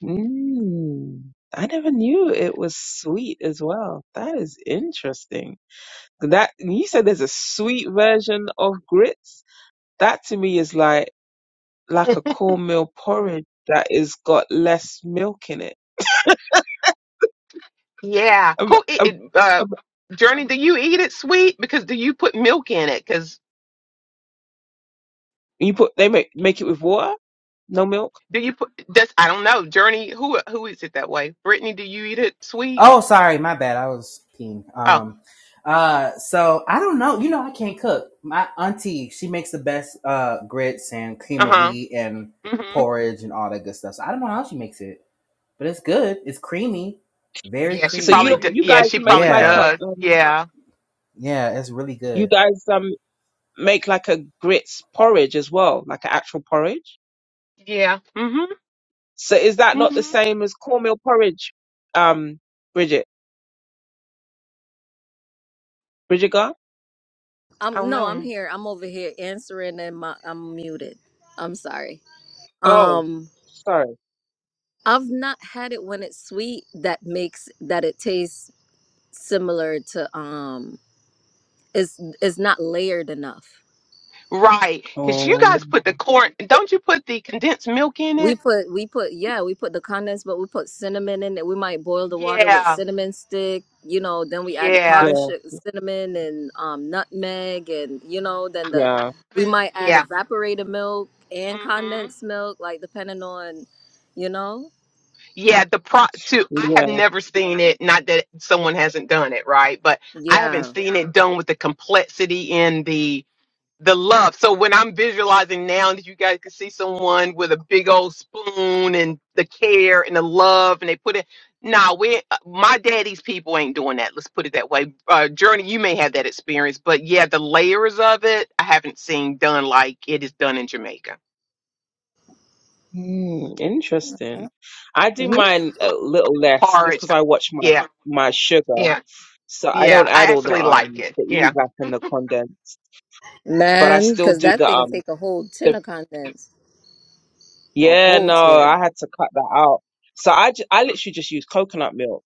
Speaker 3: mm, I never knew it was sweet as well. That is interesting. That you said there's a sweet version of grits. That to me is like like a cornmeal porridge that is got less milk in it.
Speaker 4: yeah.
Speaker 3: Um,
Speaker 4: Who it,
Speaker 3: um,
Speaker 4: it, uh,
Speaker 3: um,
Speaker 4: Journey? Do you eat it sweet? Because do you put milk in it? Because
Speaker 3: you put they make make it with water, no milk.
Speaker 4: do you put? That's I don't know. Journey, who who eats it that way? Brittany, do you eat it sweet?
Speaker 1: Oh, sorry, my bad. I was peeing.
Speaker 4: Oh,
Speaker 1: Um, uh, so I don't know. You know, I can't cook. My auntie, she makes the best uh grits and cream
Speaker 4: uh
Speaker 1: of
Speaker 4: huh.
Speaker 1: wheat and
Speaker 4: Mhm.
Speaker 1: porridge and all that good stuff. So I don't know how she makes it, but it's good. It's creamy, very
Speaker 4: Yeah, she
Speaker 3: So you
Speaker 4: probably
Speaker 1: creamy.
Speaker 3: don't-
Speaker 4: does.
Speaker 3: you
Speaker 4: Yeah,
Speaker 3: guys
Speaker 4: she
Speaker 3: make
Speaker 4: probably
Speaker 3: like a
Speaker 1: Yeah,
Speaker 4: does.
Speaker 3: um
Speaker 4: Yeah.
Speaker 1: yeah, it's really good.
Speaker 3: you guys um make like a grits porridge as well, like an actual porridge.
Speaker 4: Yeah. Mhm.
Speaker 3: So is that not the
Speaker 4: Mhm.
Speaker 3: same as cornmeal porridge, um, Bridget? Bridget Gar?
Speaker 4: I
Speaker 2: i'm
Speaker 4: don't
Speaker 2: no i'm
Speaker 4: know.
Speaker 2: here i'm over here answering and my i'm muted i'm sorry
Speaker 3: Oh,
Speaker 2: um
Speaker 3: sorry.
Speaker 2: i've not had it when it's sweet that makes that it tastes similar to um it's it's not layered enough.
Speaker 4: Right, because you
Speaker 3: Oh,
Speaker 4: guys put the corn. Don't you put the condensed milk in
Speaker 2: We
Speaker 4: it?
Speaker 2: put we put yeah we put the condensed but we put cinnamon in it. We might boil the water with
Speaker 4: Yeah.
Speaker 2: cinnamon stick, you know. Then we add the
Speaker 4: Yeah.
Speaker 2: powdered
Speaker 3: yeah,
Speaker 2: sugar, cinnamon and um, nutmeg, and you know then the
Speaker 3: yeah,
Speaker 2: we
Speaker 4: Haven't-
Speaker 2: might add
Speaker 4: Yeah.
Speaker 2: evaporated milk and
Speaker 4: Mhm.
Speaker 2: condensed milk, like depending on, you know.
Speaker 4: Yeah, the
Speaker 2: Uh,
Speaker 4: pro too. I
Speaker 3: yeah.
Speaker 4: have never seen it. Not that someone hasn't done it, right? But I haven't
Speaker 2: Yeah,
Speaker 4: seen it done with the complexity and the the love. So when I'm visualizing now, that you guys can see someone with a big old spoon and the care and the love, and they put it. Nah, we uh, my daddy's people ain't doing that. Let's put it that way. Uh, Journey, you may have that experience, but yeah, the layers of it I haven't seen done like it is done in Jamaica.
Speaker 3: Mm, interesting. I do
Speaker 2: hmm
Speaker 3: mine a little less just
Speaker 4: Porridge,
Speaker 3: because I watch my
Speaker 4: yeah,
Speaker 3: my sugar,
Speaker 4: yeah,
Speaker 3: so I
Speaker 4: yeah.
Speaker 3: don't
Speaker 4: I
Speaker 3: add all the
Speaker 4: actually like
Speaker 3: um
Speaker 4: it.
Speaker 3: the
Speaker 4: Yeah.
Speaker 3: evap and the condensed, but I
Speaker 2: man,
Speaker 3: still
Speaker 2: because
Speaker 3: do
Speaker 2: that
Speaker 3: the
Speaker 2: thing
Speaker 3: um
Speaker 2: take a whole tin
Speaker 3: the
Speaker 2: of condensed, a
Speaker 3: yeah
Speaker 2: whole
Speaker 3: no
Speaker 2: tin.
Speaker 3: I had to cut that out. So I ju- I literally just use coconut milk.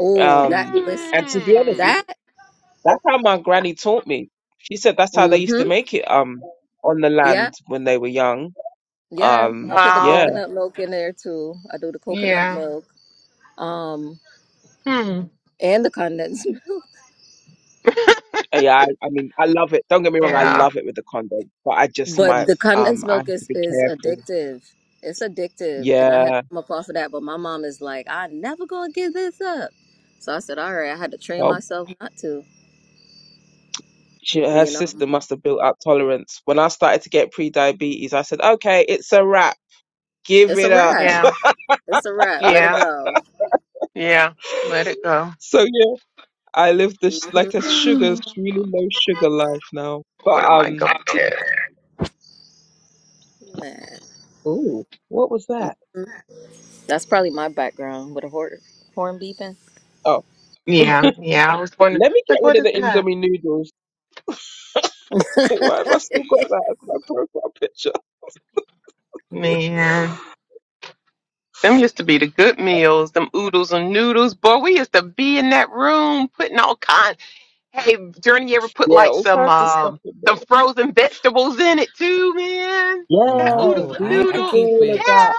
Speaker 2: Oh, that
Speaker 3: Um,
Speaker 2: listen
Speaker 3: and to be honest,
Speaker 4: Mm.
Speaker 2: that.
Speaker 3: that's how my granny taught me. She said that's how they used to
Speaker 2: Mm-hmm.
Speaker 3: make it um on the
Speaker 2: yeah.
Speaker 3: land when they were young.
Speaker 2: Yeah, I
Speaker 3: Um,
Speaker 2: put the
Speaker 3: yeah.
Speaker 4: Wow.
Speaker 2: coconut milk in there too. I do the coconut
Speaker 4: Yeah.
Speaker 2: milk, um,
Speaker 4: Hmm.
Speaker 2: and the condensed milk.
Speaker 3: Yeah, I, I mean, I love it. Don't get me wrong, I
Speaker 4: Yeah.
Speaker 3: love it with the condom, but I just
Speaker 2: But
Speaker 3: might,
Speaker 2: the
Speaker 3: um,
Speaker 2: condensed
Speaker 3: I have
Speaker 2: milk
Speaker 3: to
Speaker 2: is
Speaker 3: be
Speaker 2: is
Speaker 3: careful.
Speaker 2: addictive. It's addictive, and I had to
Speaker 3: Yeah.
Speaker 2: come up off of that. But my mom is like, "I never gonna give this up." So I said, "All right." I had to train
Speaker 3: Oh,
Speaker 2: myself not to.
Speaker 3: she, her
Speaker 2: You know,
Speaker 3: sister must have built up tolerance. When I started to get pre-diabetes, I said, okay, it's a wrap. Give
Speaker 2: it's a
Speaker 3: it up.
Speaker 2: wrap.
Speaker 4: Yeah.
Speaker 2: It's a wrap. Let it
Speaker 4: Yeah.
Speaker 2: go.
Speaker 4: Yeah. Let it go.
Speaker 3: So yeah, I live this like
Speaker 2: Mm-hmm.
Speaker 3: a sugar,
Speaker 4: what
Speaker 3: really low sugar life now. But
Speaker 4: am I
Speaker 3: um,
Speaker 4: going to get?
Speaker 2: Man,
Speaker 3: ooh, what was that?
Speaker 2: that's probably my background with a horn horn beeping.
Speaker 3: Oh,
Speaker 4: Yeah. Yeah. I was wondering,
Speaker 3: let me get
Speaker 4: like,
Speaker 3: rid
Speaker 4: what
Speaker 3: of
Speaker 4: is
Speaker 3: the
Speaker 4: that?
Speaker 3: Indomie noodles. Why have I still got that as my profile picture?
Speaker 4: Man. Them used to be the good meals, them oodles and noodles. Boy, we used to be in that room putting all kinds. Hey, Journey, you ever put
Speaker 3: Yeah,
Speaker 4: like
Speaker 3: all
Speaker 4: some
Speaker 3: kinds of stuff
Speaker 4: um
Speaker 3: in there.
Speaker 4: some frozen vegetables in it too, man? That
Speaker 3: Yeah,
Speaker 4: oodles
Speaker 1: No,
Speaker 3: we
Speaker 4: and
Speaker 3: used
Speaker 1: I I
Speaker 3: to do
Speaker 4: noodle.
Speaker 1: keep
Speaker 3: all of
Speaker 1: it.
Speaker 3: that.
Speaker 4: Yeah.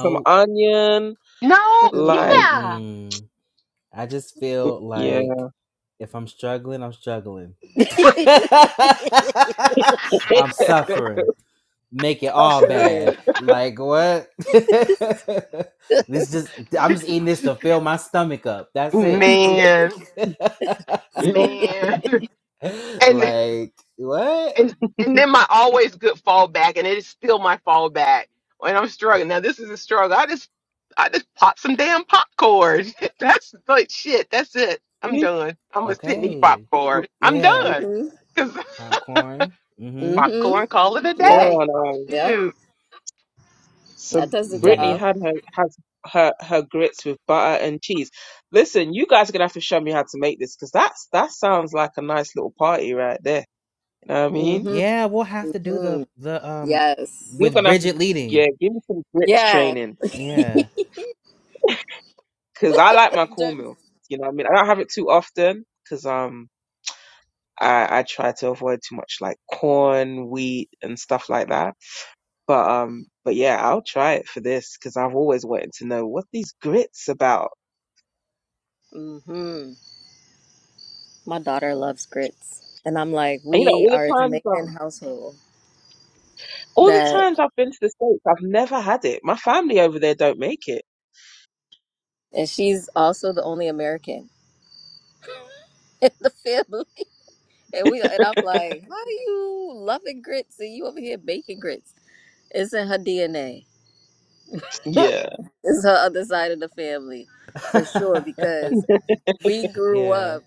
Speaker 3: Some onion,
Speaker 4: No.
Speaker 3: like
Speaker 2: Hmm.
Speaker 4: Yeah.
Speaker 1: mm-mm. I just feel
Speaker 3: yeah.
Speaker 1: like if I'm struggling, I'm struggling.
Speaker 3: We
Speaker 1: I'm suffering. Make it all
Speaker 2: Suffer
Speaker 1: bad. Like what?
Speaker 2: it.
Speaker 1: this just I'm just eating this to fill my stomach up. That's it.
Speaker 4: man, man, and
Speaker 1: like what?
Speaker 4: and and then my always good fallback, and it is still my fallback when I'm struggling. Now this is a struggle. I just I just pop some damn popcorn. That's like shit. That's it. I'm
Speaker 3: used
Speaker 4: done. I'm gonna sit and eat
Speaker 1: Okay.
Speaker 3: to-
Speaker 4: popcorn. I'm
Speaker 1: Yeah.
Speaker 4: done
Speaker 2: mhm.
Speaker 4: because
Speaker 1: Popcorn. Mm-hmm.
Speaker 2: Mhm.
Speaker 4: popcorn. Call it a
Speaker 2: Yep.
Speaker 4: day.
Speaker 3: Hold on, um.
Speaker 2: Yep.
Speaker 4: Shoot.
Speaker 2: That
Speaker 3: So
Speaker 2: does the
Speaker 1: Yeah.
Speaker 3: Brittany
Speaker 2: job.
Speaker 3: had her has her her grits with butter and cheese. Listen, you guys are gonna have to show me how to make this because that's that sounds like a nice little party right there. You know what I mean?
Speaker 2: Mhm.
Speaker 1: Yeah, we'll have to do
Speaker 2: Mhm.
Speaker 1: the the um
Speaker 2: Yes.
Speaker 3: You're
Speaker 1: with
Speaker 3: gonna have to
Speaker 1: Bridget
Speaker 3: yeah,
Speaker 1: leading.
Speaker 3: give me some grits
Speaker 2: Yeah.
Speaker 3: training
Speaker 1: Yeah.
Speaker 3: because I like my
Speaker 2: Dirt.
Speaker 3: cornmeal. You know what I mean? I don't have it too often because um I I try to avoid too much like corn, wheat, and stuff like that. But um, but yeah, I'll try it for this because I've always wanted to know what these grits about.
Speaker 2: Mhm. My daughter loves grits, and I'm like,
Speaker 3: And, you know,
Speaker 2: we
Speaker 3: all the
Speaker 2: are a
Speaker 3: times
Speaker 2: Jamaican
Speaker 3: um,
Speaker 2: household
Speaker 3: all the
Speaker 2: that,
Speaker 3: times I've been to the States, I've never had it. My family over there don't make it.
Speaker 2: and she's also the only American in the family. And we, and I'm like, how are you loving grits and you over here baking grits? It's in her DNA.
Speaker 3: Yeah.
Speaker 2: It's her other side of the family, for sure. Because we grew
Speaker 1: yeah.
Speaker 2: up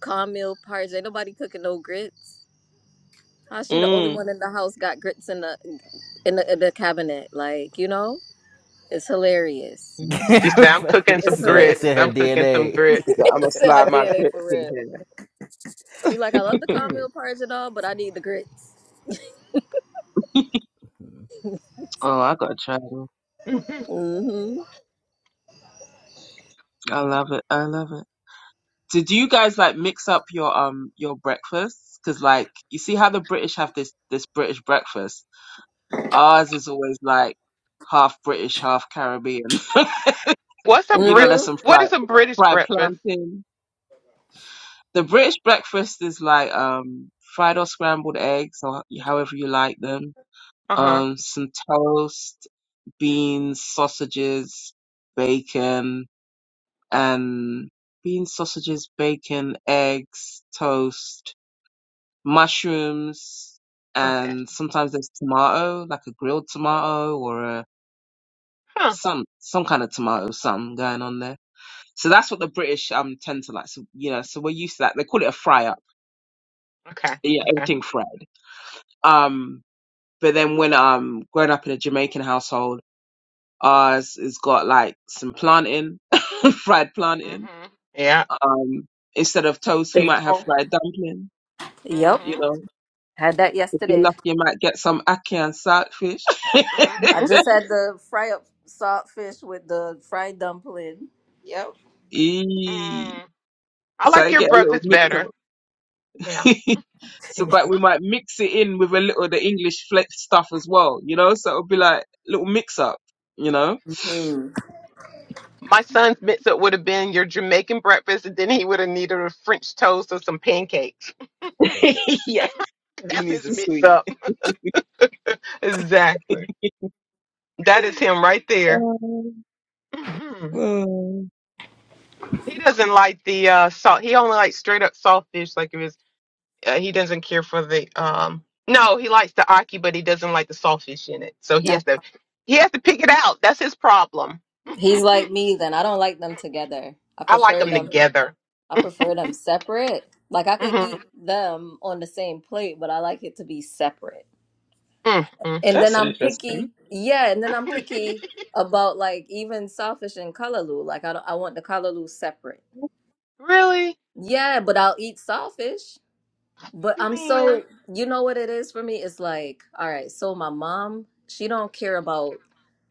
Speaker 2: corn meal porridge. Ain't nobody cooking no grits. How she the only
Speaker 3: Mm.
Speaker 2: one in the house got grits in the in the, in the cabinet? Like you know, it's hilarious.
Speaker 4: She said
Speaker 3: Mm.
Speaker 4: I'm cooking
Speaker 2: It's
Speaker 4: some
Speaker 1: it's, in, it's
Speaker 4: grits.
Speaker 1: in
Speaker 2: hilarious.
Speaker 1: her
Speaker 4: I'm cooking some
Speaker 1: DNA.
Speaker 4: grits.
Speaker 3: I'm gonna
Speaker 2: Still her
Speaker 3: slide my
Speaker 2: DNA
Speaker 3: grits
Speaker 2: for
Speaker 3: in
Speaker 2: real.
Speaker 3: here.
Speaker 2: She like, I love the corn meal
Speaker 1: Period.
Speaker 2: porridge and all, but I need the grits.
Speaker 3: oh, I gotta try them.
Speaker 2: Mhm.
Speaker 3: I love it. I love it. So do you guys like mix up your um your breakfasts? Cause like you see how the British have this this British breakfast. Ours is always like half British, half Caribbean.
Speaker 4: What's a
Speaker 3: You know,
Speaker 4: Brit?
Speaker 3: there's
Speaker 2: Mhm.
Speaker 3: some
Speaker 4: What
Speaker 3: fried
Speaker 4: is a British
Speaker 3: fried
Speaker 4: breakfast?
Speaker 3: plantain. The British breakfast is like um fried or scrambled eggs or however you like them.
Speaker 4: Uh-huh.
Speaker 3: Um some toast, beans, sausages, bacon and beans, sausages, bacon, eggs, toast, mushrooms
Speaker 4: Uh huh.
Speaker 3: and sometimes there's tomato, like a grilled tomato or a
Speaker 4: Huh.
Speaker 3: some some kind of tomato, something going on there So that's what the British um tend to like. So you know, so we're used to that. They call it a fry up.
Speaker 4: Okay.
Speaker 3: Yeah,
Speaker 4: Okay.
Speaker 3: everything fried. Um, but then when um growing up in a Jamaican household, ours has got like some plantain, fried plantain.
Speaker 4: Mhm. Yeah.
Speaker 3: Um, instead of toast,
Speaker 2: There
Speaker 3: we
Speaker 2: you
Speaker 3: might have
Speaker 2: go.
Speaker 3: fried dumpling.
Speaker 2: Yep.
Speaker 3: You
Speaker 4: Mhm.
Speaker 3: know,
Speaker 2: Had that
Speaker 3: if you're
Speaker 2: yesterday.
Speaker 3: lucky, you might get some ackee and saltfish.
Speaker 2: I
Speaker 4: Mhm.
Speaker 2: just had the fry up salt fish with the fried dumpling. Yep.
Speaker 3: Eee.
Speaker 4: Mm. I
Speaker 3: So
Speaker 4: like
Speaker 3: I
Speaker 4: your
Speaker 3: get a little
Speaker 4: breakfast
Speaker 3: mix.
Speaker 4: better. Yeah.
Speaker 3: so, but we might mix it in with a little of the English fle- stuff as well, you know. So it'll be like little mix up, you know.
Speaker 2: Hmm.
Speaker 4: My son's mix up would have been your Jamaican breakfast, and then he would have needed a French toast or some pancakes.
Speaker 3: yeah, he
Speaker 4: That's
Speaker 3: needs
Speaker 4: his
Speaker 3: a
Speaker 4: mix
Speaker 3: sweet.
Speaker 4: up. Exactly. That is him right there.
Speaker 3: Um,
Speaker 4: hmm
Speaker 3: mm,
Speaker 4: He doesn't like the uh, salt. He only likes straight up saltfish. Like it was. Uh, he doesn't care for the um. No, he likes the aki, but he doesn't like the saltfish in it. So he
Speaker 2: Uh,
Speaker 4: has to. He has to pick it out. That's his problem.
Speaker 2: He's like me then. I don't like them together. I
Speaker 4: I like
Speaker 2: prefer
Speaker 4: them
Speaker 2: them
Speaker 4: together.
Speaker 2: I prefer them separate. Like I could
Speaker 4: hmm
Speaker 2: eat them on the same plate, but I like it to be separate.
Speaker 4: mm mm
Speaker 2: And then
Speaker 3: that's
Speaker 2: I'm
Speaker 3: interesting.
Speaker 2: picky. Yeah, and then I'm
Speaker 4: mm.
Speaker 2: picky about like even sawfish and kalaloo. Like I don't, I want the kalaloo separate.
Speaker 4: really,
Speaker 2: Yeah, but I'll eat sawfish. But I'm so
Speaker 4: man?
Speaker 2: you know what it is for me? It's like, all right, so my mom, she don't care about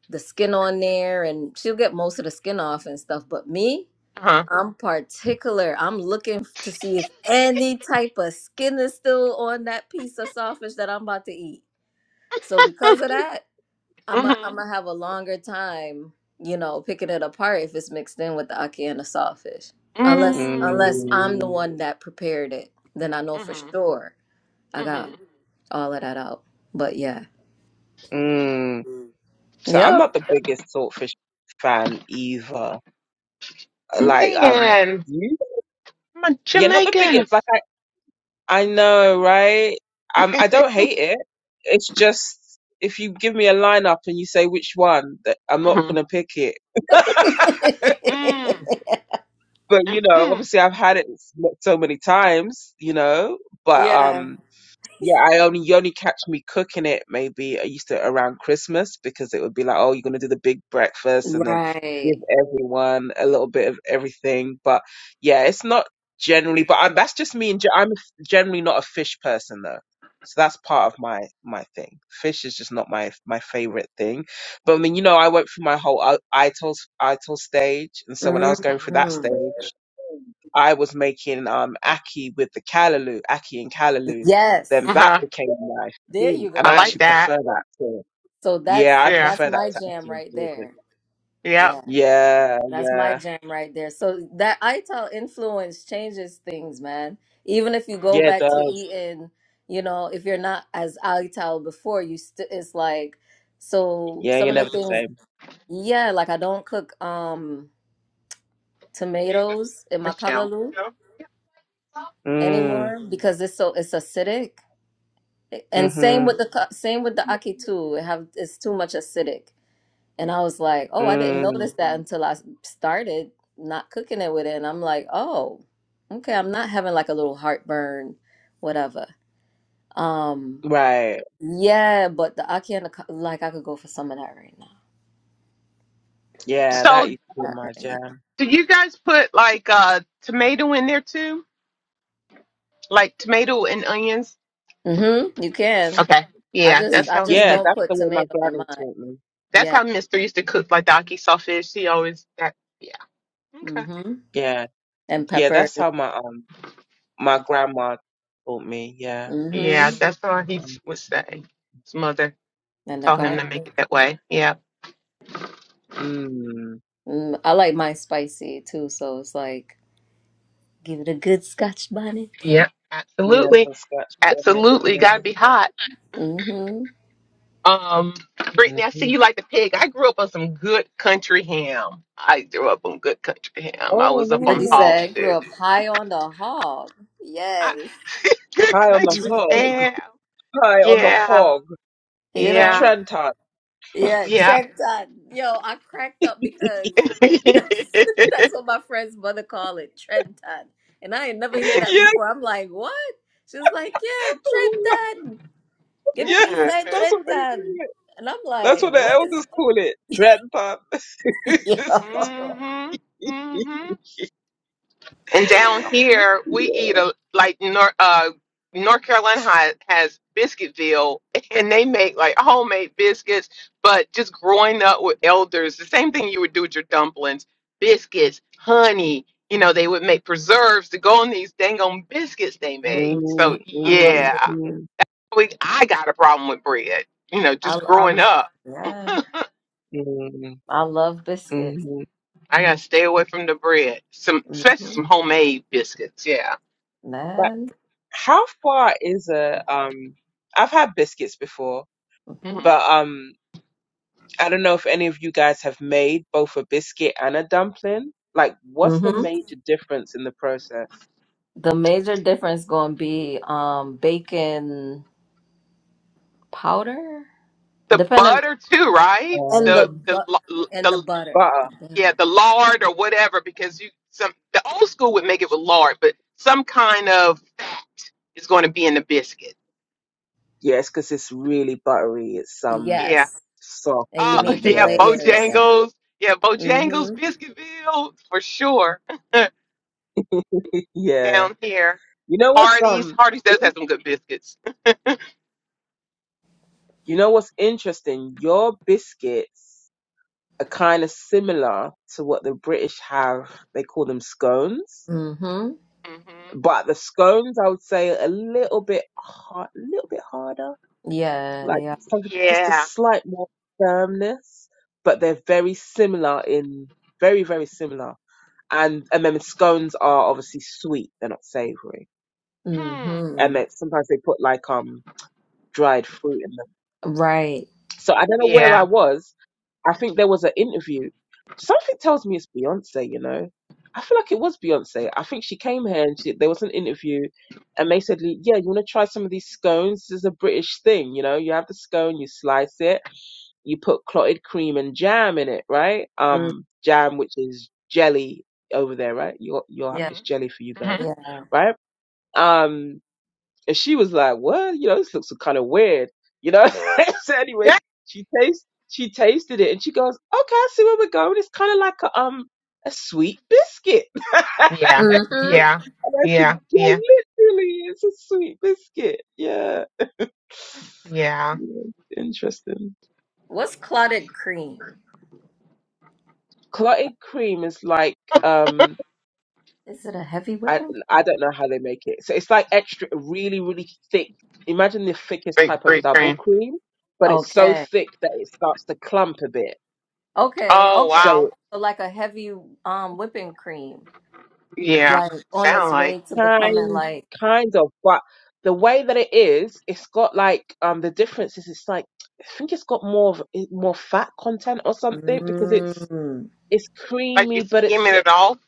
Speaker 2: the skin on there and she'll get most of the skin off and stuff, but me,
Speaker 4: Uh
Speaker 2: I'm particular. I'm looking f- to see if any type of skin is still on that piece of sausage that I'm about to eat. So because of that,
Speaker 4: huh.
Speaker 2: I'm i
Speaker 4: hmm
Speaker 2: I'm gonna have a longer time, you know, picking it apart if it's mixed in with the aki and the sawfish. Unless
Speaker 4: mm
Speaker 2: unless I'm the
Speaker 3: Mm,
Speaker 2: one that prepared it, then I know for
Speaker 4: hmm
Speaker 2: sure I
Speaker 4: hmm
Speaker 2: got all of that out. But yeah,
Speaker 3: mm. So I'm
Speaker 2: yep,
Speaker 3: not the biggest saltfish fan either. Like um,
Speaker 4: Man,
Speaker 3: you,
Speaker 4: my
Speaker 3: Yeah, not the biggest.
Speaker 4: Jamaicans.
Speaker 3: Like. I know, right? Um, I don't hate it. It's just if you give me a lineup and you say which one, that I'm not
Speaker 4: hmm
Speaker 3: gonna pick it.
Speaker 4: mm
Speaker 3: But you know,
Speaker 4: mm
Speaker 3: obviously I've had it s- so many times, you know. But
Speaker 2: yeah,
Speaker 3: um, Yeah, I only you only catch me cooking it maybe I used to around Christmas because it would be like, oh, you're gonna do the big breakfast and then give
Speaker 2: right.
Speaker 3: everyone a little bit of everything. But yeah, it's not generally. But I'm, that's just me. And ge- I'm generally not a fish person though, so that's part of my my thing. Fish is just not my my favorite thing. But I mean, you know, I went through my whole I- ITIL ITIL stage, and so when I was going through that
Speaker 2: Mhm.
Speaker 3: stage. I was making um ackee with the callaloo, ackee and callaloo then
Speaker 2: Yes,
Speaker 3: that
Speaker 4: Uh-huh.
Speaker 3: became life.
Speaker 2: there you
Speaker 3: Boom. And
Speaker 4: I
Speaker 3: I
Speaker 2: go.
Speaker 4: like
Speaker 3: actually
Speaker 4: that.
Speaker 3: prefer that to,
Speaker 2: So that's
Speaker 3: yeah, I
Speaker 4: Yeah.
Speaker 2: that's
Speaker 3: prefer that
Speaker 2: my
Speaker 3: to
Speaker 2: jam
Speaker 3: Aki and
Speaker 2: right
Speaker 3: Porgy.
Speaker 2: there.
Speaker 4: Yep.
Speaker 2: Yeah,
Speaker 3: Yeah,
Speaker 2: that's my
Speaker 3: yeah.
Speaker 2: jam right there. So that ITAL influence changes things, man. Even if you go
Speaker 3: Yeah,
Speaker 4: hmm
Speaker 3: it
Speaker 2: back to
Speaker 3: does.
Speaker 2: eating, you know, if you're not as ITAL before, you still it's like so
Speaker 3: Yeah,
Speaker 2: some
Speaker 3: you're
Speaker 2: of the
Speaker 3: never the
Speaker 2: things.
Speaker 3: same.
Speaker 2: Yeah, like I don't cook um tomatoes in my
Speaker 4: Michelle.
Speaker 2: kalaloo
Speaker 4: Michelle?
Speaker 3: Mm,
Speaker 2: anymore because it's so it's acidic. And same
Speaker 3: mm-hmm,
Speaker 2: with the ka- same with the aki too. It have it's too much acidic. And I was like, oh, I didn't
Speaker 3: mm.
Speaker 2: notice that until I s- started not cooking it with it. And I'm like, oh, okay, I'm not having like a little heartburn, whatever. Um,
Speaker 3: Right.
Speaker 2: yeah, but the ackee and the, ca- like, I could go for some of that right now.
Speaker 3: Yeah, that
Speaker 4: So,
Speaker 3: used to be
Speaker 2: Not
Speaker 3: my
Speaker 2: right
Speaker 3: jam.
Speaker 4: do you guys put like uh tomato in there too? Like tomato and onions?
Speaker 2: now. Mm-hmm. You can.
Speaker 4: Okay.
Speaker 2: I
Speaker 4: Yeah,
Speaker 2: just,
Speaker 3: Oh,
Speaker 4: that's
Speaker 2: I
Speaker 4: how
Speaker 2: just
Speaker 4: he.
Speaker 3: yeah,
Speaker 2: don't
Speaker 3: that's
Speaker 2: put
Speaker 3: the way my
Speaker 2: tomato in
Speaker 3: granny
Speaker 2: mine.
Speaker 3: taught me.
Speaker 4: That's
Speaker 2: Yeah.
Speaker 4: how Mister used to cook like the sawfish. He always that yeah. Okay.
Speaker 2: Mm-hmm.
Speaker 3: Yeah.
Speaker 2: And
Speaker 3: Yeah,
Speaker 2: peppers.
Speaker 3: that's how my, um, my grandma taught me. Yeah.
Speaker 4: Yeah,
Speaker 2: Mm-hmm.
Speaker 4: that's all he
Speaker 3: Mm.
Speaker 4: would say. His mother
Speaker 2: And the
Speaker 4: told him
Speaker 2: garlic.
Speaker 4: to make it that way. Yeah.
Speaker 3: Mm.
Speaker 2: Mm, I like mine spicy too, so it's like, give it a good scotch bonnet.
Speaker 4: Yeah.
Speaker 3: Yeah,
Speaker 4: Absolutely.
Speaker 3: some scratch on it in
Speaker 4: Absolutely. You Gotta
Speaker 3: there.
Speaker 4: be hot.
Speaker 2: Mm-hmm.
Speaker 4: Um Brittany, I see
Speaker 3: hmm
Speaker 4: you like the pig. I grew up on some good country ham. I grew up on good country ham. I
Speaker 3: Oh,
Speaker 4: was
Speaker 3: let
Speaker 4: up
Speaker 3: me
Speaker 2: Brittany
Speaker 4: on
Speaker 3: look.
Speaker 4: hog
Speaker 2: said, grew
Speaker 4: too.
Speaker 2: up high on the hog. Yes.
Speaker 4: I, good
Speaker 3: High on the
Speaker 4: country
Speaker 3: hog.
Speaker 4: ham.
Speaker 3: pie on the
Speaker 4: Yeah.
Speaker 3: hog,
Speaker 2: You
Speaker 3: the
Speaker 4: Yeah.
Speaker 2: know?
Speaker 3: Trenton.
Speaker 2: Yeah, track time. Yo, I cracked up because that's, that's what my friend's mother call it, trend time. And I ain't never hear that
Speaker 3: Yes,
Speaker 2: before. I'm like, what? She's like, yeah, trend time. Give me
Speaker 3: yes,
Speaker 2: peace
Speaker 4: Yeah.
Speaker 2: at
Speaker 3: that's
Speaker 2: trend
Speaker 3: what they
Speaker 2: time.
Speaker 3: call it.
Speaker 2: And I'm
Speaker 3: That's what
Speaker 2: like,
Speaker 3: the
Speaker 2: what is
Speaker 3: elders call it, Trenton.
Speaker 2: Yo.
Speaker 4: hmm hmm And down here, we
Speaker 3: Yeah.
Speaker 4: eat a like North uh, North Carolina ha- has Biscuitville, and they make like homemade biscuits. But just growing up with elders, the same thing you would do with your dumplings, biscuits, honey. You know, they would make preserves to go on these dang on biscuits they made.
Speaker 2: Mm,
Speaker 3: Mm,
Speaker 4: So
Speaker 2: I love
Speaker 3: mm,
Speaker 4: yeah,
Speaker 2: biscuits.
Speaker 3: mm,
Speaker 4: we I got a problem with bread. You know,
Speaker 2: I,
Speaker 4: just
Speaker 2: I
Speaker 4: growing up,
Speaker 2: yeah,
Speaker 3: mm,
Speaker 2: I love biscuits.
Speaker 3: mhm.
Speaker 4: I gotta stay away from the bread. Some especially
Speaker 2: hmm
Speaker 4: some homemade biscuits. Yeah.
Speaker 3: Like,
Speaker 2: Man.
Speaker 3: how far is a um? I've had biscuits before,
Speaker 2: hmm
Speaker 4: Mm-hmm.
Speaker 3: but um, I don't know if any of you guys have made both a biscuit and a dumpling. Like, what's the
Speaker 2: hmm
Speaker 3: major difference in the process?
Speaker 2: The major difference gonna be um bacon powder,
Speaker 4: the
Speaker 2: depending
Speaker 4: butter too, right?
Speaker 2: and the
Speaker 4: The
Speaker 3: Um,
Speaker 4: the
Speaker 2: bu-
Speaker 4: la-
Speaker 2: and the
Speaker 4: the
Speaker 2: butter,
Speaker 3: butter.
Speaker 2: the butter.
Speaker 4: yeah, the lard or whatever, because you some the old school would make it with lard, but some kind of fat is going to be in the biscuit.
Speaker 3: Yeah, it's 'cause it's really buttery. It's um
Speaker 4: Yeah.
Speaker 2: Yes,
Speaker 3: soft
Speaker 2: and you
Speaker 4: Oh
Speaker 2: need
Speaker 3: and
Speaker 2: the
Speaker 4: yeah,
Speaker 3: yeah, it's got
Speaker 2: layers.
Speaker 3: that.
Speaker 4: Bojangles. Yeah, Bojangles
Speaker 2: Mhm.
Speaker 4: Biscuitville for sure
Speaker 3: Yeah.
Speaker 4: down here.
Speaker 3: You know what's
Speaker 4: Hardee's.
Speaker 3: um
Speaker 4: Hardee's does have
Speaker 3: in,
Speaker 4: some good biscuits.
Speaker 3: you know what's interesting? Your biscuits are kind of similar to what the British have. They call them scones,
Speaker 2: Mhm.
Speaker 4: hmm
Speaker 3: but the scones I would say are a little bit hard, a little bit harder,
Speaker 2: Yeah,
Speaker 3: like
Speaker 2: they are.
Speaker 3: some- just a
Speaker 4: Yeah.
Speaker 3: slight more firmness, but they're very similar in very very similar. and and then scones are obviously sweet; they're not savory.
Speaker 4: Hmm.
Speaker 3: And
Speaker 2: Mhm.
Speaker 3: then sometimes they put like um dried fruit in them.
Speaker 2: Right.
Speaker 3: So I don't know where I
Speaker 4: Yeah.
Speaker 3: was. I think there was an interview. Something tells me it's Beyonce. You know, I feel like it was Beyonce. I think she came here and she, there was an interview, and they said, "Yeah, you want to try some of these scones? This is a British thing. You know, you have the scone, you slice it, you put clotted cream and jam in it, right?
Speaker 2: Mm.
Speaker 3: Um, jam, which is jelly over there, right? You're you're
Speaker 4: hmm
Speaker 2: Yeah.
Speaker 3: it's jelly for you guys."
Speaker 4: hmm
Speaker 2: Yeah.
Speaker 3: right? Um, and she was like, "What? You know, this looks kind of weird." You know. so anyway,
Speaker 4: Yeah.
Speaker 3: she tastes she tasted it, and she goes, "Okay, I see where we're going. It's kind of like a um a sweet biscuit." and I
Speaker 4: Yeah.
Speaker 2: Mhm.
Speaker 4: Yeah.
Speaker 3: said,
Speaker 4: Yeah.
Speaker 3: "Yeah,
Speaker 4: Yeah.
Speaker 3: literally, it's a sweet biscuit. Yeah,
Speaker 4: Yeah.
Speaker 3: yeah interesting.
Speaker 2: What's clotted cream?
Speaker 3: Clotted cream is like um."
Speaker 2: Is it a heavy
Speaker 3: I
Speaker 2: whipping?
Speaker 3: I don't know how they make it. So it's like extra, really, really thick. Imagine the thickest type
Speaker 4: Great,
Speaker 3: of
Speaker 4: great cream.
Speaker 3: double cream, but it's so
Speaker 2: Okay.
Speaker 3: thick that it starts to clump a bit.
Speaker 2: Okay.
Speaker 4: Oh
Speaker 3: So
Speaker 4: wow.
Speaker 2: Okay. So like a heavy um whipping cream,
Speaker 4: Yeah.
Speaker 2: like on
Speaker 4: Sound
Speaker 2: its
Speaker 4: like
Speaker 2: way to becoming
Speaker 3: kind
Speaker 2: like.
Speaker 3: kind of, but the way that it is, it's got like um the difference is it's like I think it's got more of more fat content or something because it's
Speaker 2: Mm.
Speaker 3: it's
Speaker 4: like you
Speaker 3: creamy, but it's
Speaker 4: skimming it off,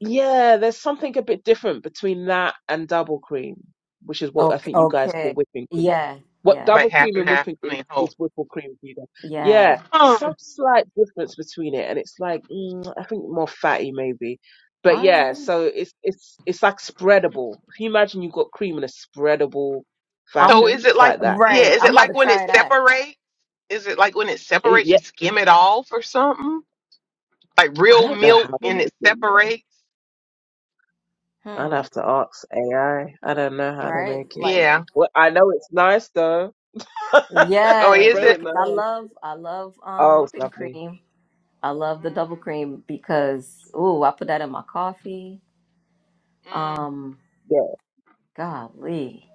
Speaker 3: Yeah, there's something a bit different between that and double cream, which is what I
Speaker 2: Okay,
Speaker 3: think you guys call
Speaker 2: okay.
Speaker 3: whipping cream.
Speaker 2: Yeah,
Speaker 3: What
Speaker 2: yeah,
Speaker 4: like
Speaker 3: double
Speaker 4: half
Speaker 3: cream
Speaker 4: and
Speaker 3: and
Speaker 4: half.
Speaker 3: whipping
Speaker 4: I
Speaker 3: is
Speaker 4: mean whole.
Speaker 3: is whipple cream for you guys.
Speaker 2: yeah.
Speaker 3: Yeah,
Speaker 4: Hmm.
Speaker 3: some slight difference between it, and it's like mm, I think more fatty maybe. But
Speaker 2: All
Speaker 3: yeah,
Speaker 2: right.
Speaker 3: so it's it's it's like spreadable. If you imagine you've got cream in a spreadable
Speaker 4: So
Speaker 2: I'm
Speaker 3: fashion,
Speaker 4: is it
Speaker 3: it's
Speaker 4: like
Speaker 3: like that.
Speaker 4: yeah,
Speaker 2: right.
Speaker 4: is
Speaker 2: I'm
Speaker 4: it
Speaker 2: about
Speaker 4: like
Speaker 2: to
Speaker 4: when it
Speaker 2: try that.
Speaker 4: separates? Is it like when it
Speaker 3: It-
Speaker 4: separates
Speaker 3: yeah,
Speaker 4: you skim it off or something? Like
Speaker 3: I
Speaker 4: real
Speaker 3: don't know how
Speaker 4: milk
Speaker 3: they
Speaker 4: and it
Speaker 3: make it. You know.
Speaker 4: separates?
Speaker 3: I'll
Speaker 2: Hmm.
Speaker 3: have to ask AI. I I don't know how they
Speaker 2: Right?
Speaker 3: make it.
Speaker 2: Like,
Speaker 4: Yeah.
Speaker 3: Well, I know it's nice though.
Speaker 4: Or
Speaker 3: it's
Speaker 2: yeah,
Speaker 4: is
Speaker 2: yeah,
Speaker 3: very
Speaker 4: it
Speaker 3: nice.
Speaker 2: because I love I love um
Speaker 3: Oh, it's
Speaker 2: whipping
Speaker 3: lovely.
Speaker 2: cream. I love the double
Speaker 4: mm,
Speaker 2: cream because ooh, I put that in my coffee.
Speaker 4: mm,
Speaker 2: Um,
Speaker 3: Yeah.
Speaker 2: golly.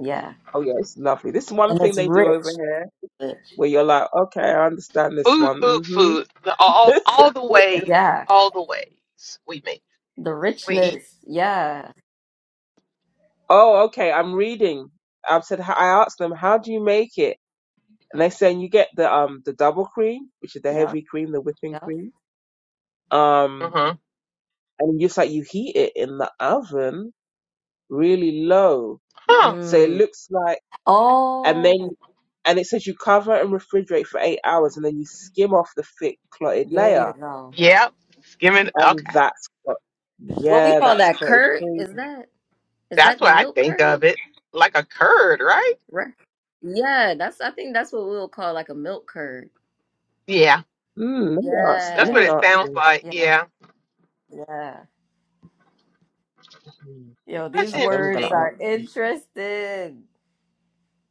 Speaker 2: Yeah.
Speaker 3: Oh, yeah. It's lovely. This is one
Speaker 2: And
Speaker 3: thing
Speaker 2: it's
Speaker 3: they do over
Speaker 2: rich.
Speaker 3: here
Speaker 2: Rich.
Speaker 3: where you're like, okay, I understand this
Speaker 4: food,
Speaker 3: one.
Speaker 4: food,
Speaker 3: hmm
Speaker 4: food. The- All all the ways,
Speaker 2: Yeah.
Speaker 4: all the ways we make
Speaker 2: The
Speaker 4: we eat.
Speaker 2: richness. Yeah.
Speaker 3: oh, okay. I'm reading. I've said, I asked them, how do you make it? And they are saying you get the um the double cream, which is the
Speaker 2: Yep.
Speaker 3: heavy cream, the whipping
Speaker 2: Yep.
Speaker 3: cream. Um,
Speaker 4: Uh-huh.
Speaker 3: and just like you heat it in the oven really low,
Speaker 4: Huh.
Speaker 3: so it
Speaker 2: Mm.
Speaker 3: looks like,
Speaker 2: Oh,
Speaker 3: and then and it says you cover and refrigerate for eight hours, and then you skim off the thick clotted
Speaker 2: There
Speaker 3: layer
Speaker 2: you go.
Speaker 4: Yep. Skimming
Speaker 3: And
Speaker 4: okay.
Speaker 3: that's what,
Speaker 2: What we
Speaker 3: yeah,
Speaker 2: call
Speaker 3: that's
Speaker 2: that
Speaker 3: quite
Speaker 2: curd?
Speaker 3: true.
Speaker 2: Is that is
Speaker 4: That's
Speaker 2: that the
Speaker 4: what I
Speaker 2: milk
Speaker 4: think
Speaker 2: curd?
Speaker 4: of it. Like a curd, right?
Speaker 2: Right. Yeah, that's I think that's what we'll call like a milk curd.
Speaker 4: Yeah,
Speaker 3: Mm, let me ask,
Speaker 4: that's
Speaker 3: let
Speaker 4: what
Speaker 3: me
Speaker 2: Yeah.
Speaker 4: it
Speaker 3: ask
Speaker 4: sounds
Speaker 3: them.
Speaker 4: like.
Speaker 2: Yeah.
Speaker 4: Yeah,
Speaker 2: Yeah.
Speaker 3: Hmm,
Speaker 2: Yo,
Speaker 4: that's
Speaker 2: these
Speaker 3: Okay, I'm gonna
Speaker 2: words
Speaker 4: interesting.
Speaker 2: are
Speaker 3: ask them.
Speaker 2: interesting.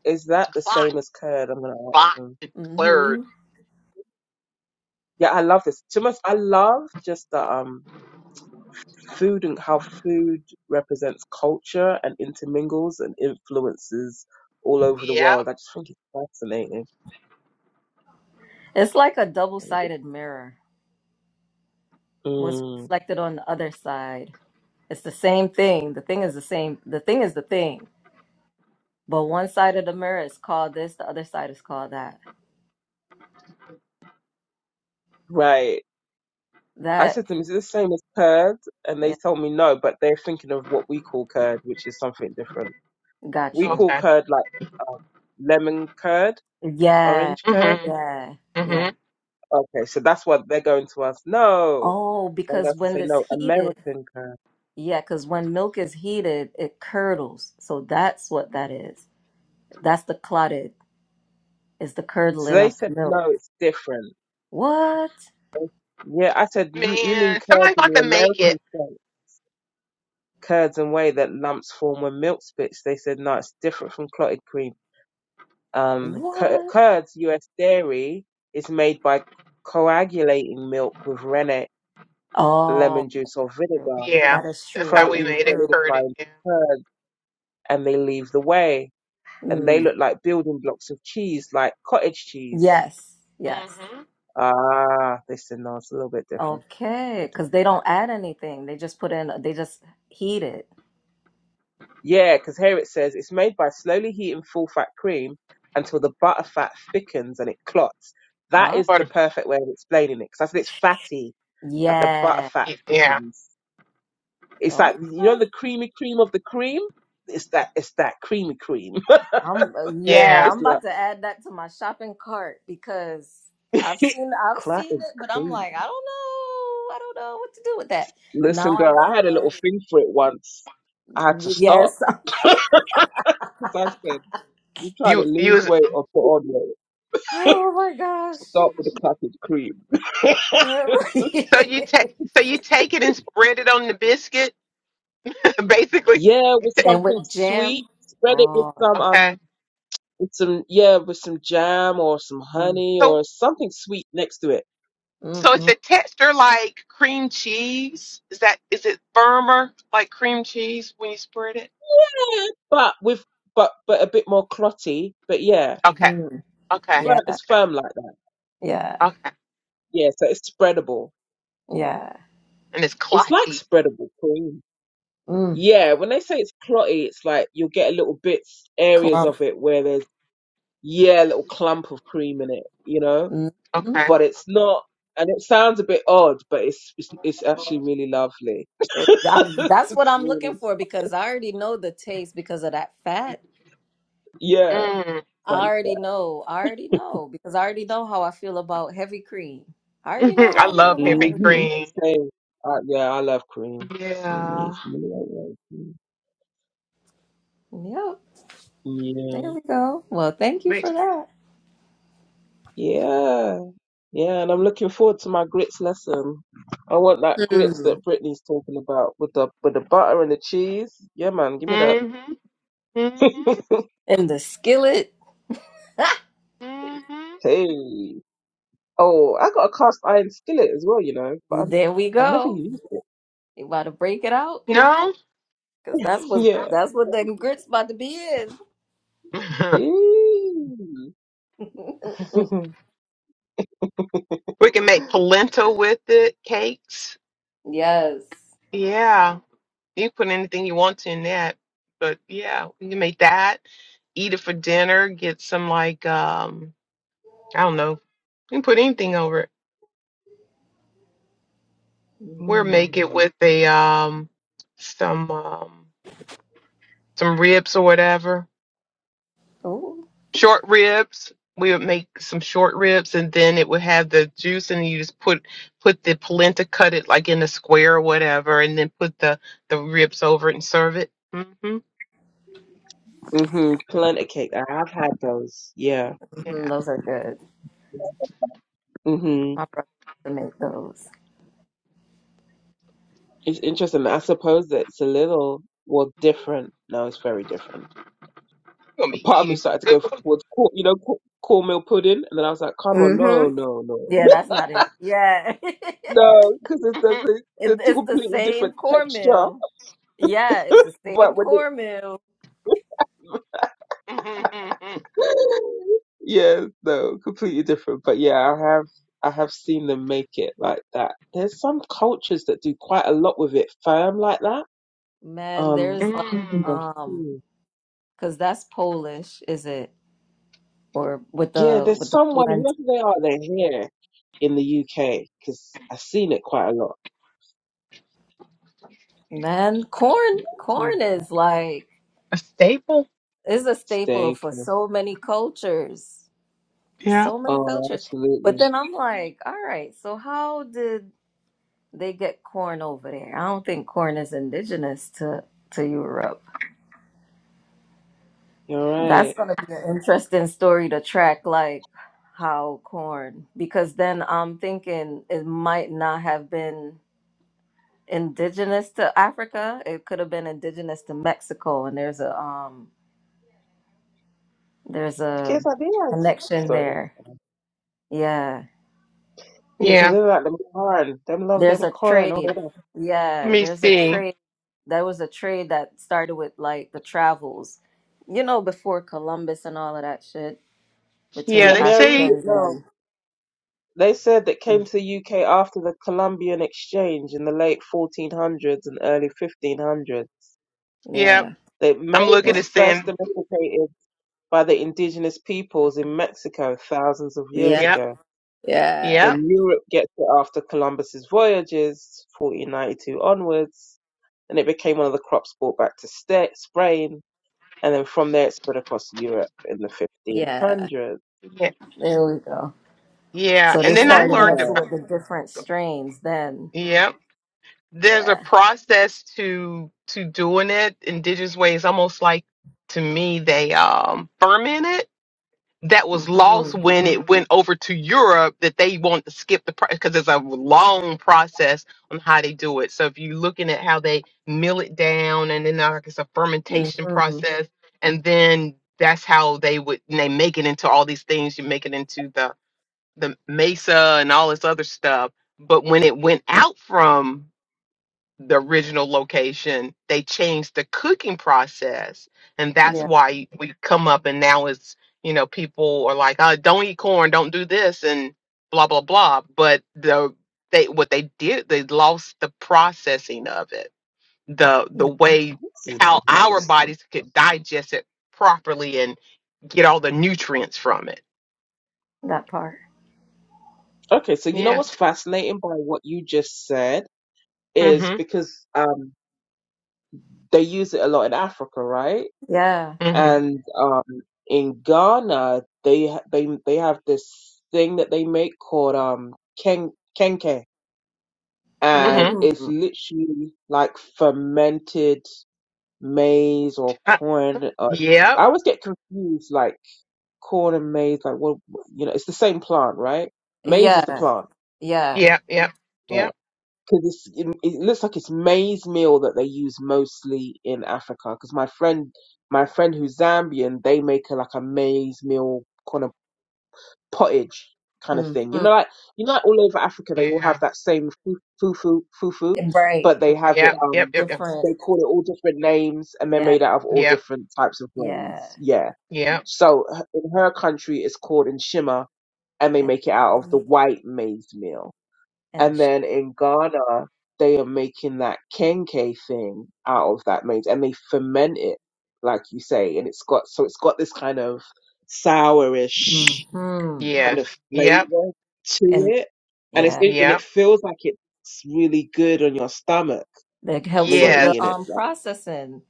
Speaker 3: Is that the
Speaker 4: Clot,
Speaker 3: same as curd? I'm gonna ask
Speaker 4: bot,
Speaker 3: them.
Speaker 4: and clerd.
Speaker 2: Mm-hmm.
Speaker 3: Yeah, I love this. Too much. I love just the um food and how food represents culture and intermingles and influences all over the
Speaker 4: Yeah.
Speaker 3: world. I just think it's fascinating.
Speaker 2: It's like a double-sided mirror. What's
Speaker 3: Mm,
Speaker 2: reflected on the other side? It's the same thing. The thing is the same. The thing is the thing. But one side of the mirror is called this, the other side is called that.
Speaker 3: right. I said
Speaker 2: That,
Speaker 3: to them, is it the same as curd? And they
Speaker 2: yeah,
Speaker 3: told me no, but they're thinking of what we call curd, which is something different.
Speaker 2: got
Speaker 3: We
Speaker 2: you.
Speaker 3: call
Speaker 4: Okay.
Speaker 3: curd like um, lemon curd,
Speaker 2: Yeah,
Speaker 3: orange curd.
Speaker 4: Mhm.
Speaker 2: yeah, yeah.
Speaker 4: Mhm.
Speaker 3: Okay, so that's what they're going to us. No.
Speaker 2: Oh,
Speaker 3: So I'm
Speaker 2: because
Speaker 3: going to
Speaker 2: when
Speaker 3: say
Speaker 2: it's
Speaker 3: no,
Speaker 2: heated,
Speaker 3: American curd.
Speaker 2: yeah, because when milk is heated, it curdles. So that's what that is. That's the clotted, is the
Speaker 3: So
Speaker 2: curdling
Speaker 3: they
Speaker 2: of the
Speaker 3: said no,
Speaker 2: milk.
Speaker 3: it's different.
Speaker 2: What?
Speaker 3: They- Yeah, I said you, you mean
Speaker 4: Man,
Speaker 3: curds
Speaker 4: somebody
Speaker 3: in
Speaker 4: got
Speaker 3: the
Speaker 4: to make
Speaker 3: American
Speaker 4: it.
Speaker 3: sense, curds and whey that lumps form when milk splits. They said no, it's different from clotted cream. Um, cur-
Speaker 2: What?
Speaker 3: curds, U.S. dairy is made by coagulating milk with rennet,
Speaker 2: Oh,
Speaker 3: lemon juice, or
Speaker 2: true.
Speaker 3: vinegar.
Speaker 4: Yeah,
Speaker 2: That is
Speaker 4: that's
Speaker 2: true.
Speaker 4: how
Speaker 2: That
Speaker 4: we
Speaker 2: is
Speaker 3: Protein
Speaker 4: made it,
Speaker 2: true.
Speaker 3: solidified
Speaker 4: curd. Yeah.
Speaker 3: into curd and they leave the way and they
Speaker 2: Mm.
Speaker 3: look like building blocks of cheese, like cottage cheese.
Speaker 2: Yes, yes.
Speaker 4: Mhm.
Speaker 3: Ah, this and that. It's a little bit different.
Speaker 2: Okay,
Speaker 3: Bit different.
Speaker 2: because they don't add anything. They just put in, they just heat it.
Speaker 3: Yeah, because here it says it's made by slowly heating full fat cream until the butter fat thickens and it clots. That
Speaker 2: Ah,
Speaker 3: is the
Speaker 4: But
Speaker 3: perfect way of explaining it because I said it's fatty, that the butter
Speaker 2: yeah.
Speaker 3: fat
Speaker 4: yeah,
Speaker 3: thickens. It's like,
Speaker 2: Okay.
Speaker 3: you know, the creamy cream of the cream? It's that, it's that creamy cream.
Speaker 2: I'm uh, yeah,
Speaker 4: yeah.
Speaker 3: it's
Speaker 2: I'm about
Speaker 3: not
Speaker 2: to add that to my shopping cart because I've seen I've seen
Speaker 3: clotted
Speaker 2: it, but I'm
Speaker 3: cream.
Speaker 2: like, I don't know. I don't know what to do with that. Now
Speaker 3: Listen,
Speaker 2: I
Speaker 3: girl, I had a
Speaker 2: do
Speaker 3: little thing for it once. I had to
Speaker 2: know.
Speaker 3: stop
Speaker 2: Yes.
Speaker 3: because I said, "You trying to
Speaker 4: You you
Speaker 3: lose
Speaker 4: was-
Speaker 3: weight or put on weight?
Speaker 2: Oh my gosh.
Speaker 3: Stop with the cracked cream."
Speaker 4: so you take so you take it and spread it on the biscuit, basically.
Speaker 3: yeah,
Speaker 4: You
Speaker 3: with
Speaker 4: ta-
Speaker 2: and with
Speaker 3: something sweet.
Speaker 2: jam.
Speaker 3: Spread it with
Speaker 2: Oh
Speaker 3: some
Speaker 2: yeah.
Speaker 4: Okay.
Speaker 3: um, with some yeah, with some jam or some
Speaker 2: Mm,
Speaker 3: honey
Speaker 4: So
Speaker 3: or something sweet next to it.
Speaker 2: mm,
Speaker 4: so is
Speaker 2: mm,
Speaker 4: the texture like cream cheese? Is that is it firmer like cream cheese when you spread it?
Speaker 3: Yeah, but with but but a bit more clotty. But yeah,
Speaker 4: Okay.
Speaker 2: mm.
Speaker 4: Okay.
Speaker 3: but
Speaker 2: Yeah,
Speaker 3: it's
Speaker 4: Okay.
Speaker 3: firm like that.
Speaker 2: yeah,
Speaker 4: Okay.
Speaker 3: Yeah, so it's spreadable.
Speaker 2: yeah.
Speaker 4: And it's
Speaker 3: It's like
Speaker 4: clotty.
Speaker 3: spreadable cream.
Speaker 2: Mm,
Speaker 3: Yeah, when they say it's clotty, it's like you'll get a little bits, areas
Speaker 2: clump.
Speaker 3: of it where there's, yeah, a little clump of cream in it, you know?
Speaker 2: Mm. mm.
Speaker 4: Okay.
Speaker 3: But it's not, and it sounds a bit odd, but it's it's, it's actually really lovely.
Speaker 2: It- I- that's what
Speaker 3: It's
Speaker 2: I'm looking
Speaker 3: really,
Speaker 2: for because I already know the taste because of that fat.
Speaker 3: yeah,
Speaker 4: Mm.
Speaker 2: I
Speaker 3: thank you.
Speaker 2: already know. I already know because I already know how I feel about heavy cream. I already know
Speaker 4: I
Speaker 2: how I feel
Speaker 4: love
Speaker 2: about
Speaker 4: heavy
Speaker 2: heavy
Speaker 3: Mm-hmm.
Speaker 4: cream.
Speaker 3: Same. Uh, yeah, I love cream. Mm,
Speaker 4: Yeah.
Speaker 3: it's really like that. Mm.
Speaker 2: cream. Yep.
Speaker 3: Yeah.
Speaker 2: There we go. Well, thank you for
Speaker 4: Makes.
Speaker 2: that.
Speaker 3: Yeah. Yeah, and I'm looking forward to my grits lesson. I want that grits
Speaker 2: Hmm.
Speaker 3: that Brittany's talking about with the with the butter and the cheese. Yeah, man, give me that.
Speaker 4: Mhm. Mhm.
Speaker 2: And the skillet.
Speaker 4: Mhm.
Speaker 3: Hey. Oh, I got a cast iron skillet as well, you know, but I've,
Speaker 2: there we
Speaker 3: I've never
Speaker 2: go.
Speaker 3: used it.
Speaker 2: You about to break it out?
Speaker 4: No.
Speaker 2: Because that's what
Speaker 3: Yeah.
Speaker 2: that's what the grits about to be is.
Speaker 3: Eee.
Speaker 4: we can make polenta with it, cakes.
Speaker 2: yes.
Speaker 4: Yeah. You put anything you want to in that, but yeah, we can make that. Eat it for dinner. Get some like um, I don't know. You can put anything over it. We'll make it with a um, some um. some ribs or whatever,
Speaker 2: Oh,
Speaker 4: short ribs. We would make some short ribs, and then it would have the juice, and you just put put the polenta, cut it like in a square or whatever, and then put the the ribs over it and serve it. hmm
Speaker 3: mm-hmm. Plenty cake. I have had those. Yeah.
Speaker 2: Mm-hmm.
Speaker 4: Yeah,
Speaker 2: those are good.
Speaker 3: mm hmm
Speaker 2: My brother used to make those.
Speaker 3: It's interesting. I suppose that it's a little, well, different. No, it's very different
Speaker 4: we're gonna be
Speaker 3: Part of me
Speaker 4: eating some
Speaker 3: started to
Speaker 4: good
Speaker 3: go
Speaker 4: food.
Speaker 3: towards, cor- you know, cor- cornmeal pudding, and then I was like, come on, no,
Speaker 2: hmm
Speaker 3: no, no,
Speaker 2: Yeah, that's not it. Yeah. it,
Speaker 3: no, because it's the,
Speaker 4: Mhm.
Speaker 3: the, the two
Speaker 2: it's the
Speaker 3: completely
Speaker 2: same
Speaker 3: different texture.
Speaker 2: cornmeal. Yeah, it's the same
Speaker 3: But when
Speaker 2: cornmeal,
Speaker 3: it, yeah, no, completely different. But yeah, I have I have seen them make it like that. There's some cultures that do quite a lot with it firm like that.
Speaker 2: Man,
Speaker 3: Um,
Speaker 2: there's
Speaker 3: I
Speaker 2: like
Speaker 3: can't
Speaker 4: Mm.
Speaker 3: remember.
Speaker 2: um
Speaker 3: who.
Speaker 2: because that's Polish, is it? Or with
Speaker 3: Yeah,
Speaker 2: the
Speaker 3: there's
Speaker 2: with the
Speaker 3: someone
Speaker 2: polenta.
Speaker 3: whoever they are, they're here in the UK because I've seen it quite a lot.
Speaker 2: Man, corn corn is like
Speaker 4: A staple?
Speaker 2: is a staple
Speaker 3: Stay.
Speaker 2: for so many cultures. For
Speaker 4: Yeah.
Speaker 2: so many
Speaker 3: Oh,
Speaker 2: cultures. But
Speaker 3: absolutely.
Speaker 2: then I'm like, all right, so how did they get corn over there? I don't think corn is indigenous to to Europe.
Speaker 3: You're
Speaker 2: That's
Speaker 3: right.
Speaker 2: gonna be an interesting story to track, like how corn, because then I'm thinking it might not have been indigenous to Africa. It could have been indigenous to Mexico, and there's a um there's a
Speaker 3: Yes, I did.
Speaker 2: connection
Speaker 3: Sorry.
Speaker 2: there. Yeah,
Speaker 3: Yeah, 'cause
Speaker 4: Yeah.
Speaker 3: they like them corn. Them love
Speaker 2: there's
Speaker 3: them
Speaker 2: a
Speaker 3: corn over
Speaker 2: trade.
Speaker 3: there.
Speaker 4: Let
Speaker 2: Yeah,
Speaker 4: me
Speaker 2: there's a
Speaker 4: see.
Speaker 2: trade. There was a trade that started with like the travels, you know, before Columbus and all of that shit between
Speaker 4: Yeah,
Speaker 3: Yeah,
Speaker 2: the
Speaker 4: they
Speaker 3: may I read
Speaker 4: say.
Speaker 3: it
Speaker 2: Africans
Speaker 3: now?
Speaker 2: and
Speaker 3: They said that came to the UK after the Columbian Exchange in the late 1400s and early 1500s.
Speaker 4: Yeah,
Speaker 2: yeah,
Speaker 3: That
Speaker 4: I'm
Speaker 3: maize
Speaker 4: looking
Speaker 2: yeah.
Speaker 3: was
Speaker 4: at
Speaker 3: first
Speaker 4: saying.
Speaker 3: domesticated by the indigenous peoples in Mexico thousands of
Speaker 2: yeah.
Speaker 3: years
Speaker 4: Yep.
Speaker 3: ago.
Speaker 4: Yep.
Speaker 2: Yeah.
Speaker 3: Then Europe gets it after Columbus's voyages, 1492 onwards, and it became one of the crops brought back to sta Spain And then from there it spread across Europe in the
Speaker 2: Yeah.
Speaker 3: 1500s.
Speaker 4: Yeah.
Speaker 2: There we go.
Speaker 4: Yeah.
Speaker 2: So they
Speaker 4: And then
Speaker 3: Yeah,
Speaker 4: I
Speaker 2: started
Speaker 4: learned
Speaker 2: messing
Speaker 4: about.
Speaker 2: with the different strains then.
Speaker 4: Yep. there's a
Speaker 2: Yeah.
Speaker 4: process to to doing it indigenous way. ways almost like to me they um ferment it that was lost
Speaker 2: Mhm.
Speaker 4: when it went over to europe that they want to skip the because there's a long process on how they do it so if you're looking at how they mill it down and then uh, like it's a fermentation
Speaker 2: Mhm.
Speaker 4: process and then that's how they would and they make it into all these things you make it into the the mesa and all this other stuff but when it went out from the original location. They changed the cooking process, and that's
Speaker 2: Yeah.
Speaker 4: why we come up. And now it's you know people are like, oh, don't eat corn, don't do this, and blah blah blah. But the they what they did, they lost the processing of it, the the way
Speaker 3: this is
Speaker 4: how our
Speaker 3: interesting.
Speaker 4: bodies could digest it properly and get all the nutrients from it.
Speaker 2: That part.
Speaker 3: Okay, so you know
Speaker 4: Yeah.
Speaker 3: what's fascinating by what you just said is
Speaker 4: Mhm.
Speaker 3: because um, they use it a lot in Africa, right?
Speaker 2: Yeah.
Speaker 4: Mhm.
Speaker 3: And um, in Ghana, they ha- they they have this thing that they make called um ken kenke, and
Speaker 4: Mhm.
Speaker 3: it's
Speaker 2: Mm.
Speaker 3: literally like fermented maize or
Speaker 4: Uh,
Speaker 3: corn. Or, I
Speaker 4: yep.
Speaker 3: always get confused, like corn and maize, like what you know, it's the same plant, right? Maize is the
Speaker 2: Yeah.
Speaker 3: plant,
Speaker 2: Yeah.
Speaker 4: Yep. Yep.
Speaker 3: right?
Speaker 4: Yep.
Speaker 3: Because it's it, it looks like it's maize meal that they use mostly in Africa. Because my friend, my friend who's Zambian, they make a, like a maize meal kind of pottage kind of thing. You know,
Speaker 2: Mhm.
Speaker 3: like you know, like all over Africa, they
Speaker 4: Yeah.
Speaker 3: all have
Speaker 4: Yep.
Speaker 3: that same fu- fufu fufu,
Speaker 2: Right.
Speaker 3: but they
Speaker 2: Right.
Speaker 3: have it
Speaker 4: Yep. Yep.
Speaker 3: um.
Speaker 4: Yep.
Speaker 2: Different.
Speaker 3: They call it all different names, and they're
Speaker 2: Yeah.
Speaker 3: made out of all
Speaker 4: Yep.
Speaker 3: different types of
Speaker 2: Yeah.
Speaker 3: grains. Yeah.
Speaker 4: Yep.
Speaker 3: So h- in her country, it's called in and they
Speaker 2: And
Speaker 3: make it out of the white maize meal.
Speaker 2: and
Speaker 3: And
Speaker 2: sh-
Speaker 3: then in Ghana, they are making that kenke thing out of that maize and they ferment it, like you say, and it's got so it's got this kind of sourish
Speaker 2: mhm.
Speaker 3: kind of
Speaker 4: Yes. Yep.
Speaker 3: flavor to
Speaker 2: And
Speaker 3: it, and it's
Speaker 2: yeah.
Speaker 3: and it
Speaker 4: Yep.
Speaker 3: feels like it's really good on your stomach
Speaker 2: That
Speaker 3: when
Speaker 2: helps
Speaker 3: you're
Speaker 2: with
Speaker 4: Yes.
Speaker 2: the
Speaker 3: eating it.
Speaker 2: um
Speaker 3: Like,
Speaker 2: processing.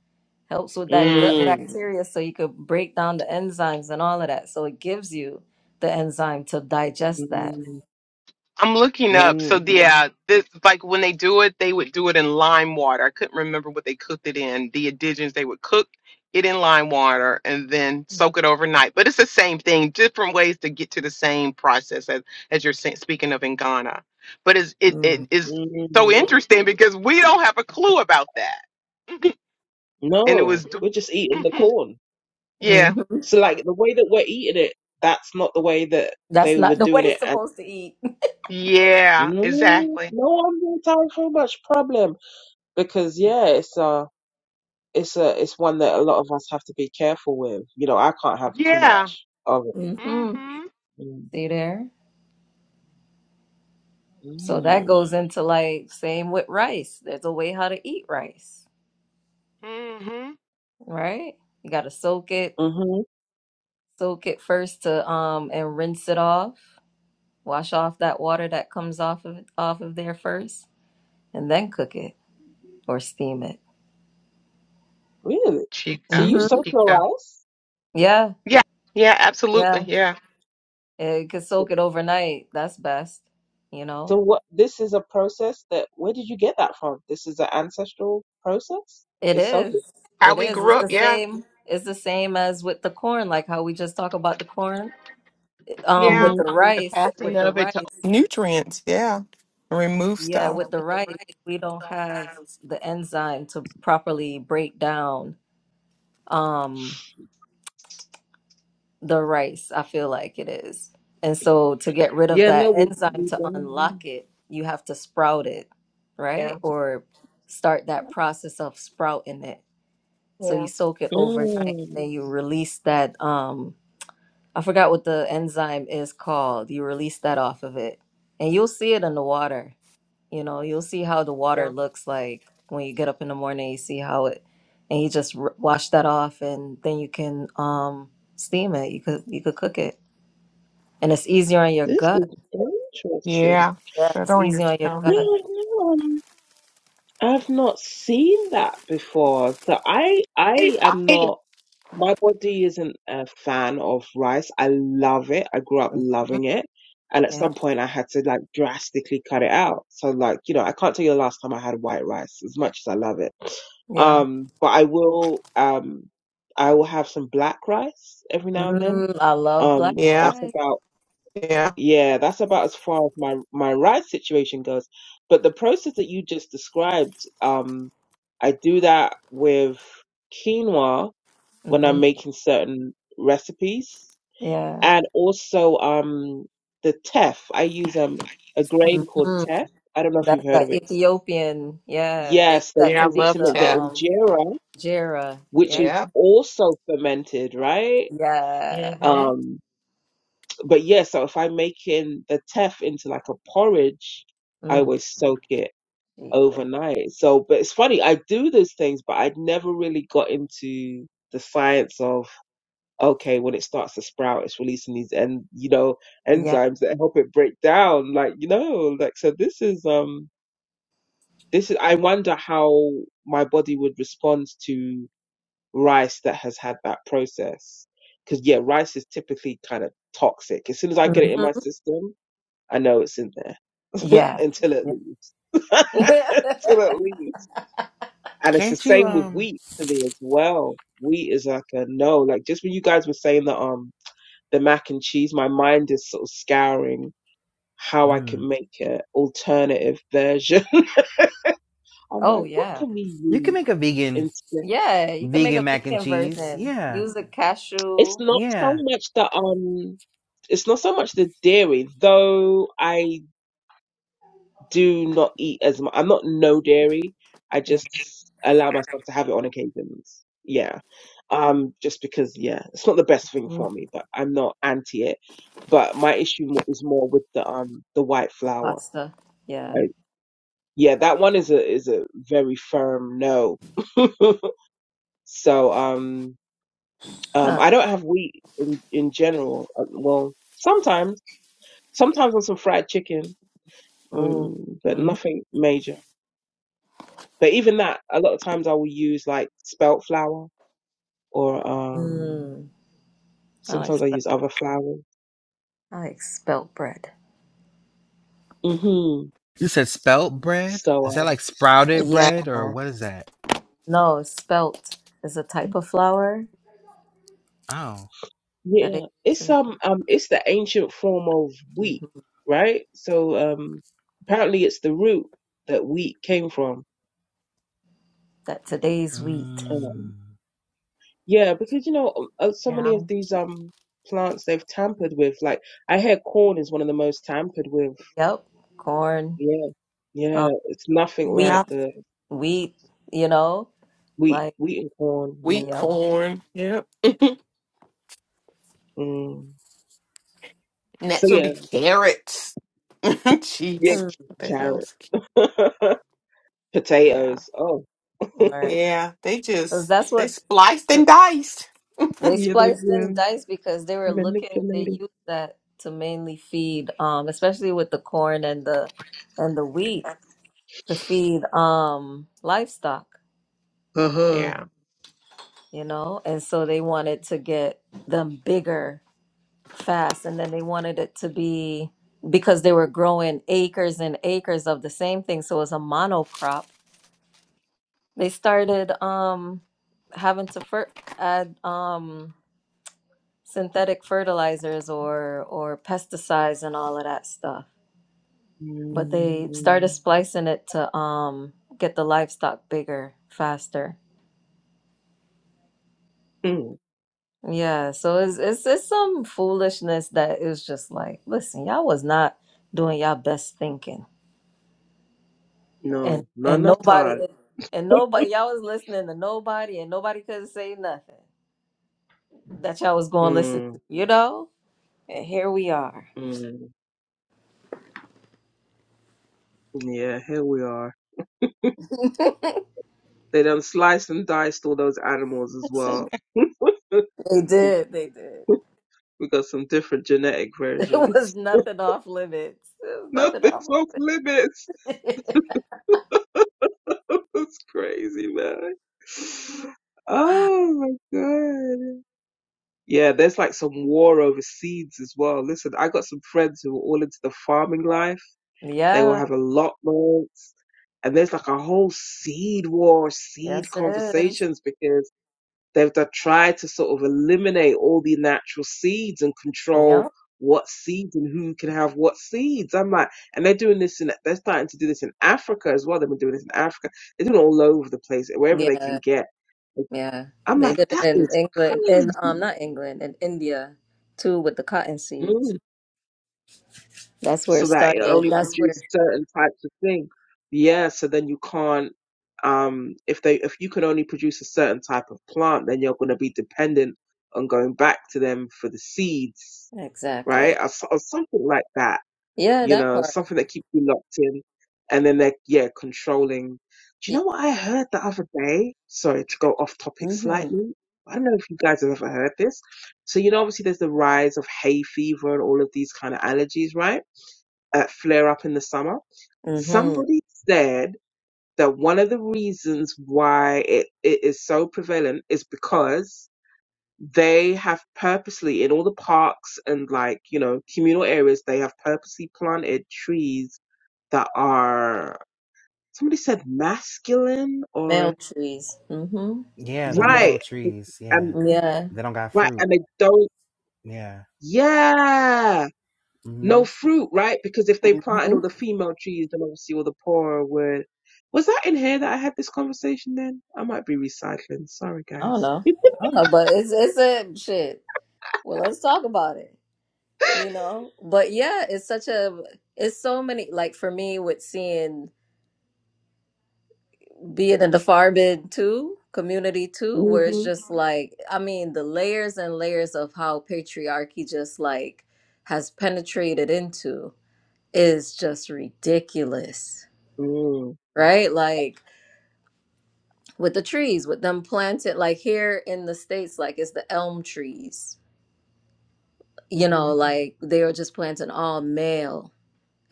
Speaker 2: helps with that
Speaker 4: hmm
Speaker 2: gut
Speaker 3: mm,
Speaker 2: bacteria so you could break down the enzymes and all of that. So it gives you the enzyme to digest that.
Speaker 3: mm,
Speaker 4: I'm looking
Speaker 2: Yeah.
Speaker 4: up.
Speaker 3: mm,
Speaker 4: So
Speaker 3: mm.
Speaker 4: yeah, this like when they do it, they would do it in lime water. I couldn't remember what they cooked it in. The indigenous they would cook it in lime water and then soak it overnight. But it's the same thing, different ways to get to the same process as as you're sa- speaking of in Ghana. But it's, it it
Speaker 2: Mm.
Speaker 4: is so
Speaker 3: mm.
Speaker 4: interesting because we don't have a clue about that, and it
Speaker 3: No,
Speaker 4: was.
Speaker 3: we're just eating the corn.
Speaker 4: Yeah.
Speaker 2: hmm
Speaker 3: So like the way that we're eating it, that's not the way that
Speaker 2: That's
Speaker 3: they were
Speaker 2: not the way
Speaker 3: doing
Speaker 2: it's
Speaker 3: it. And
Speaker 2: supposed to eat.
Speaker 4: Yeah,
Speaker 3: no,
Speaker 4: exactly.
Speaker 3: no, I'm not having so much problem because yeah, it's a, it's a, it's one that a lot of us have to be careful with. You know, I can't have too
Speaker 4: Yeah.
Speaker 3: much of it.
Speaker 2: hmm
Speaker 4: Mm-hmm.
Speaker 3: Mm.
Speaker 2: See there? So that
Speaker 3: Mm.
Speaker 2: goes into like same with rice. There's a way how to eat rice,
Speaker 4: Mm-hmm.
Speaker 2: right? You got to soak it,
Speaker 3: Mhm.
Speaker 2: soak it first to um and rinse it off. Wash off that water that comes off of off of there first and then cook it or steam it.
Speaker 3: Really? So
Speaker 4: Chica.
Speaker 3: you
Speaker 2: hmm
Speaker 3: soak your
Speaker 4: Chica.
Speaker 3: rice?
Speaker 2: Yeah.
Speaker 4: Yeah. Yeah, absolutely.
Speaker 2: Yeah.
Speaker 4: Yeah.
Speaker 2: It could soak it overnight. That's best, you
Speaker 3: So
Speaker 2: know?
Speaker 3: what? This is a process that. Where did you get that from? This is an ancestral process.
Speaker 2: It
Speaker 3: They soak it.
Speaker 2: is.
Speaker 4: How
Speaker 2: It
Speaker 4: we
Speaker 2: is.
Speaker 4: grew
Speaker 2: It's the
Speaker 4: up. Yeah.
Speaker 2: same. It's the same as with the corn, like how we just talk about the corn. Um,
Speaker 4: Yeah.
Speaker 2: with
Speaker 3: Mhm.
Speaker 2: the
Speaker 4: Um, The
Speaker 2: rice,
Speaker 4: passing
Speaker 2: with the
Speaker 4: of it to
Speaker 2: rice.
Speaker 4: Nutrients, yeah. Remove
Speaker 2: Yeah,
Speaker 4: stuff. Yeah.
Speaker 2: with the
Speaker 4: with the
Speaker 2: rice,
Speaker 4: right.
Speaker 2: we don't
Speaker 4: So
Speaker 2: have
Speaker 4: has.
Speaker 2: the enzyme to properly break down um the rice, I feel like it is. And so to get rid of
Speaker 3: Yeah. No,
Speaker 2: that
Speaker 3: we
Speaker 2: enzyme
Speaker 3: we
Speaker 2: to
Speaker 3: don't.
Speaker 2: unlock it, you have to sprout it,
Speaker 4: Yeah.
Speaker 2: right? Or start that process of sprouting it So you
Speaker 4: Yeah.
Speaker 2: soak it overnight and
Speaker 3: Mm.
Speaker 2: then you release that um I forgot what the enzyme is called. You release that off of it. And you'll see it in the water. You know, you'll see how the water
Speaker 4: Yeah.
Speaker 2: looks like when you get up in the morning, you see how it and you just r- wash that off and then you can um steam it. You could you could cook it. And it's easier on your
Speaker 3: This is
Speaker 2: gut.
Speaker 3: interesting.
Speaker 4: Yeah.
Speaker 2: Yeah,
Speaker 4: Put
Speaker 2: it's
Speaker 4: on your
Speaker 2: easier on your
Speaker 3: Yeah,
Speaker 4: stomach.
Speaker 2: gut.
Speaker 3: no, I've not seen that before. So I, I am
Speaker 4: Yeah.
Speaker 3: not. My body isn't a fan of rice. I love it. I grew up
Speaker 2: hmm
Speaker 3: loving it, and at
Speaker 2: Yeah.
Speaker 3: some point I had to like drastically cut it out. So like you know, I can't tell you the last time I had white rice, as much as I love it.
Speaker 2: Yeah.
Speaker 3: Um, but I will. Um, I will have some black rice every now and then.
Speaker 2: Mm, I love black
Speaker 3: Um,
Speaker 4: Yeah.
Speaker 3: that's
Speaker 2: rice.
Speaker 3: about
Speaker 4: Yeah.
Speaker 3: yeah, that's about as far as my my ride situation goes. But the process that you just described, um, I do that with quinoa when I'm
Speaker 2: Mhm.
Speaker 3: making certain recipes,
Speaker 2: Yeah.
Speaker 3: and also um the teff. I use um a grain called
Speaker 2: Mm-hmm.
Speaker 3: teff. I don't know if you've
Speaker 2: That's
Speaker 3: heard
Speaker 2: the
Speaker 3: of it.
Speaker 2: Ethiopian. Yeah, they use
Speaker 3: Yes, they
Speaker 2: that
Speaker 4: I
Speaker 2: to
Speaker 3: use it
Speaker 2: make
Speaker 4: love
Speaker 3: to
Speaker 2: the
Speaker 3: make the
Speaker 4: Tef.
Speaker 2: um
Speaker 3: injera,
Speaker 2: jera.
Speaker 3: which
Speaker 2: Yeah,
Speaker 3: is
Speaker 4: Yeah.
Speaker 3: also fermented, right?
Speaker 2: yeah.
Speaker 4: Mm-hmm.
Speaker 3: Um, but yeah, so if I'm making the teff into like a porridge, I
Speaker 2: Mm.
Speaker 3: always soak it
Speaker 2: gee whiz.
Speaker 3: overnight. So, but it's funny, I do those things, but I'd never really got into the science of, okay, when it starts to sprout, it's releasing these and, you know,
Speaker 2: Yeah.
Speaker 3: enzymes that help it break down. Like, you know, like, so this is, um, this is, I wonder how my body would respond to rice that has had that process. Cause yeah, rice is typically kind of toxic. As soon as I get it in
Speaker 2: Mhm.
Speaker 3: my system, I know it's in there
Speaker 2: Yeah.
Speaker 3: until it
Speaker 2: Yeah.
Speaker 3: leaves. until it leaves. And it's the
Speaker 1: Can't you
Speaker 3: same with
Speaker 1: um
Speaker 3: wheat for me as well. Wheat is like a no. Like just when you guys were saying the um the mac and cheese, my mind is sort of scouring how I
Speaker 1: mm.
Speaker 3: can make an alternative version. I'm
Speaker 2: Oh
Speaker 3: like, what
Speaker 2: yeah.
Speaker 3: can we
Speaker 1: you can
Speaker 3: use
Speaker 1: make a vegan
Speaker 3: instead?
Speaker 2: Yeah, you can make a
Speaker 1: vegan mac and
Speaker 2: vegan
Speaker 1: cheese.
Speaker 2: version.
Speaker 1: Yeah.
Speaker 2: Use a
Speaker 3: It's
Speaker 2: cashew.
Speaker 3: not so
Speaker 1: Yeah.
Speaker 3: much the um it's not so much the dairy, though I do not eat as much. I'm not no dairy. I
Speaker 2: Yeah.
Speaker 3: just allow myself to have it on occasions. Yeah. Um, just because, yeah, it's not the best thing
Speaker 2: Mm.
Speaker 3: for me, but I'm not anti it. But my issue mo- is more with the, um, the white
Speaker 2: The
Speaker 3: flour.
Speaker 2: pasta. Yeah.
Speaker 3: I, yeah, that one is a, is a very firm no. So, um, um,
Speaker 2: Huh.
Speaker 3: I don't have wheat in, in general. Uh, Well, sometimes, sometimes on some fried chicken,
Speaker 2: Ooh.
Speaker 3: mm, but
Speaker 2: Mm.
Speaker 3: nothing major. But even that, a lot of times I will use like spelt flour or um
Speaker 2: Mm. I like
Speaker 3: sometimes I
Speaker 2: spelt.
Speaker 3: use other flour.
Speaker 2: I like spelt bread.
Speaker 3: hmm
Speaker 1: You said spelt bread?
Speaker 3: So
Speaker 1: Is that
Speaker 3: um,
Speaker 1: like sprouted
Speaker 2: Yeah.
Speaker 1: bread or what is that?
Speaker 2: No, spelt is a type of flour
Speaker 1: Oh.
Speaker 2: that
Speaker 3: yeah, it's
Speaker 2: it.
Speaker 3: um um it's the ancient form of wheat, right? So um apparently it's the root that wheat came from.
Speaker 2: that today's wheat.
Speaker 3: Um,
Speaker 1: Mm.
Speaker 3: yeah, because you know uh, so
Speaker 4: Yeah.
Speaker 3: many of these um plants they've tampered with. Like I hear corn is one of the most tampered with.
Speaker 2: Yep, corn,
Speaker 3: Yeah, yeah,
Speaker 2: um,
Speaker 3: it's nothing
Speaker 2: wheat,
Speaker 3: like
Speaker 4: Yeah.
Speaker 3: the
Speaker 2: wheat. You know,
Speaker 3: wheat,
Speaker 2: like
Speaker 3: wheat and corn.
Speaker 4: Wheat
Speaker 2: yep,
Speaker 3: Yeah.
Speaker 4: corn. Yep.
Speaker 3: Mm. So
Speaker 4: Next would
Speaker 3: yeah,
Speaker 4: be carrots.
Speaker 3: yeah,
Speaker 4: Jeez,
Speaker 2: Mm.
Speaker 4: what the
Speaker 3: carrot,
Speaker 4: hell's yeah,
Speaker 3: potatoes. Oh,
Speaker 2: right.
Speaker 4: yeah? They
Speaker 2: Because
Speaker 4: just
Speaker 2: that's
Speaker 4: they
Speaker 2: what
Speaker 4: spliced and
Speaker 2: the-
Speaker 4: diced.
Speaker 2: they
Speaker 3: yeah, they've
Speaker 2: spliced and
Speaker 3: been
Speaker 2: diced because they were looking. They
Speaker 3: manipulated.
Speaker 2: used that to mainly feed, um, especially with the corn and the and the wheat to feed um livestock.
Speaker 3: Uh huh.
Speaker 4: Yeah,
Speaker 2: You know, and so they wanted to get them bigger fast and then they wanted it to be because they were growing acres and acres of the same thing so it was a monocrop they started um having to fer- add um synthetic fertilizers or or pesticides and all of that stuff but
Speaker 3: Mm,
Speaker 2: they
Speaker 3: mm,
Speaker 2: started splicing it to um get the livestock bigger faster
Speaker 3: mm.
Speaker 2: yeah so it's it's, it's some foolishness that is just like listen y'all was not doing y'all best thinking and
Speaker 3: No, no,
Speaker 2: and
Speaker 3: not at
Speaker 2: nobody
Speaker 3: all.
Speaker 2: and nobody y'all was listening to nobody and nobody could say nothing that y'all was going to listen
Speaker 3: Mm,
Speaker 2: to you know and here we are
Speaker 3: mm. Yeah, here we are. They done sliced and diced all those animals
Speaker 2: I
Speaker 3: as
Speaker 2: said,
Speaker 3: well. we
Speaker 2: they did they did
Speaker 3: got some different genetic
Speaker 2: it was
Speaker 3: versions.
Speaker 2: nothing off limits it was nothing
Speaker 3: Nothing's
Speaker 2: off
Speaker 3: off limits.
Speaker 2: limits.
Speaker 3: That's crazy, man. Oh my god. Yeah, there's like some war over seeds as well. Listen, I got some friends who are all into the farming life. They will
Speaker 2: yeah
Speaker 3: have allotments, and there's like a whole seed war, seed
Speaker 2: yes it is
Speaker 3: conversations because they've to try to sort of eliminate all the natural seeds and control
Speaker 2: yeah
Speaker 3: what seeds and who can have what seeds. I'm like, and they're doing this in, they're starting to do this in Africa as well. They've been doing this in Africa. They're doing it all over the place, wherever they
Speaker 2: Yeah,
Speaker 3: can get. Like,
Speaker 2: yeah.
Speaker 3: I'm
Speaker 2: They
Speaker 3: like,
Speaker 2: did it
Speaker 3: that
Speaker 2: in
Speaker 3: is
Speaker 2: England, in um,
Speaker 3: crazy.
Speaker 2: not England, in India too, with the cotton
Speaker 3: Mm.
Speaker 2: seeds. That's where
Speaker 3: so
Speaker 2: it
Speaker 3: that it
Speaker 2: started.
Speaker 3: only
Speaker 2: That's where
Speaker 3: produced certain types of thing. Yeah, so then you can't um if they if you can only produce a certain type of plant, then you're gonna be dependent on going back to them for the seeds, right?
Speaker 2: exactly.
Speaker 3: Or, s- or something like that,
Speaker 2: Yeah,
Speaker 3: you
Speaker 2: that
Speaker 3: know,
Speaker 2: part.
Speaker 3: something that keeps you locked in. And then they're yeah, controlling. Do you know what I heard the other day? Sorry to go off topic
Speaker 2: Mm-hmm.
Speaker 3: slightly. I don't know if you guys have ever heard this. So you know obviously there's the rise of hay fever and all of these kind of allergies, right? uh, flare up in the summer.
Speaker 2: Mm-hmm.
Speaker 3: Somebody said that one of the reasons why it, it is so prevalent is because they have purposely in all the parks and like you know communal areas they have purposely planted trees that are somebody said masculine
Speaker 2: Male
Speaker 3: or
Speaker 2: trees. Mm-hmm.
Speaker 1: Yeah,
Speaker 2: The
Speaker 1: the male
Speaker 3: right
Speaker 1: trees.
Speaker 3: um
Speaker 1: Yeah.
Speaker 2: ma- yeah.
Speaker 1: They don't got
Speaker 3: right
Speaker 1: fruit.
Speaker 3: and they don't
Speaker 1: Yeah.
Speaker 3: yeah
Speaker 1: hmm
Speaker 3: No fruit, right? Because if they planted
Speaker 2: Mm-hmm.
Speaker 3: all the female trees, then obviously all the poorer would. Was that in here that I had this conversation then? I might be recycling. Sorry,
Speaker 2: I don't
Speaker 3: guys.
Speaker 2: know. I don't know, but it's it's a shit. Well, let's talk about it. You know, but yeah, it's such a it's so many. Like for me, with seeing being in the Farbid too community too, where it's
Speaker 3: Mm-hmm.
Speaker 2: just like I mean the layers and layers of how patriarchy just like has penetrated into is just ridiculous, right? Like with the trees with them planted like here in the states like it's the elm trees you know
Speaker 3: Mm-hmm.
Speaker 2: like they are just planting all male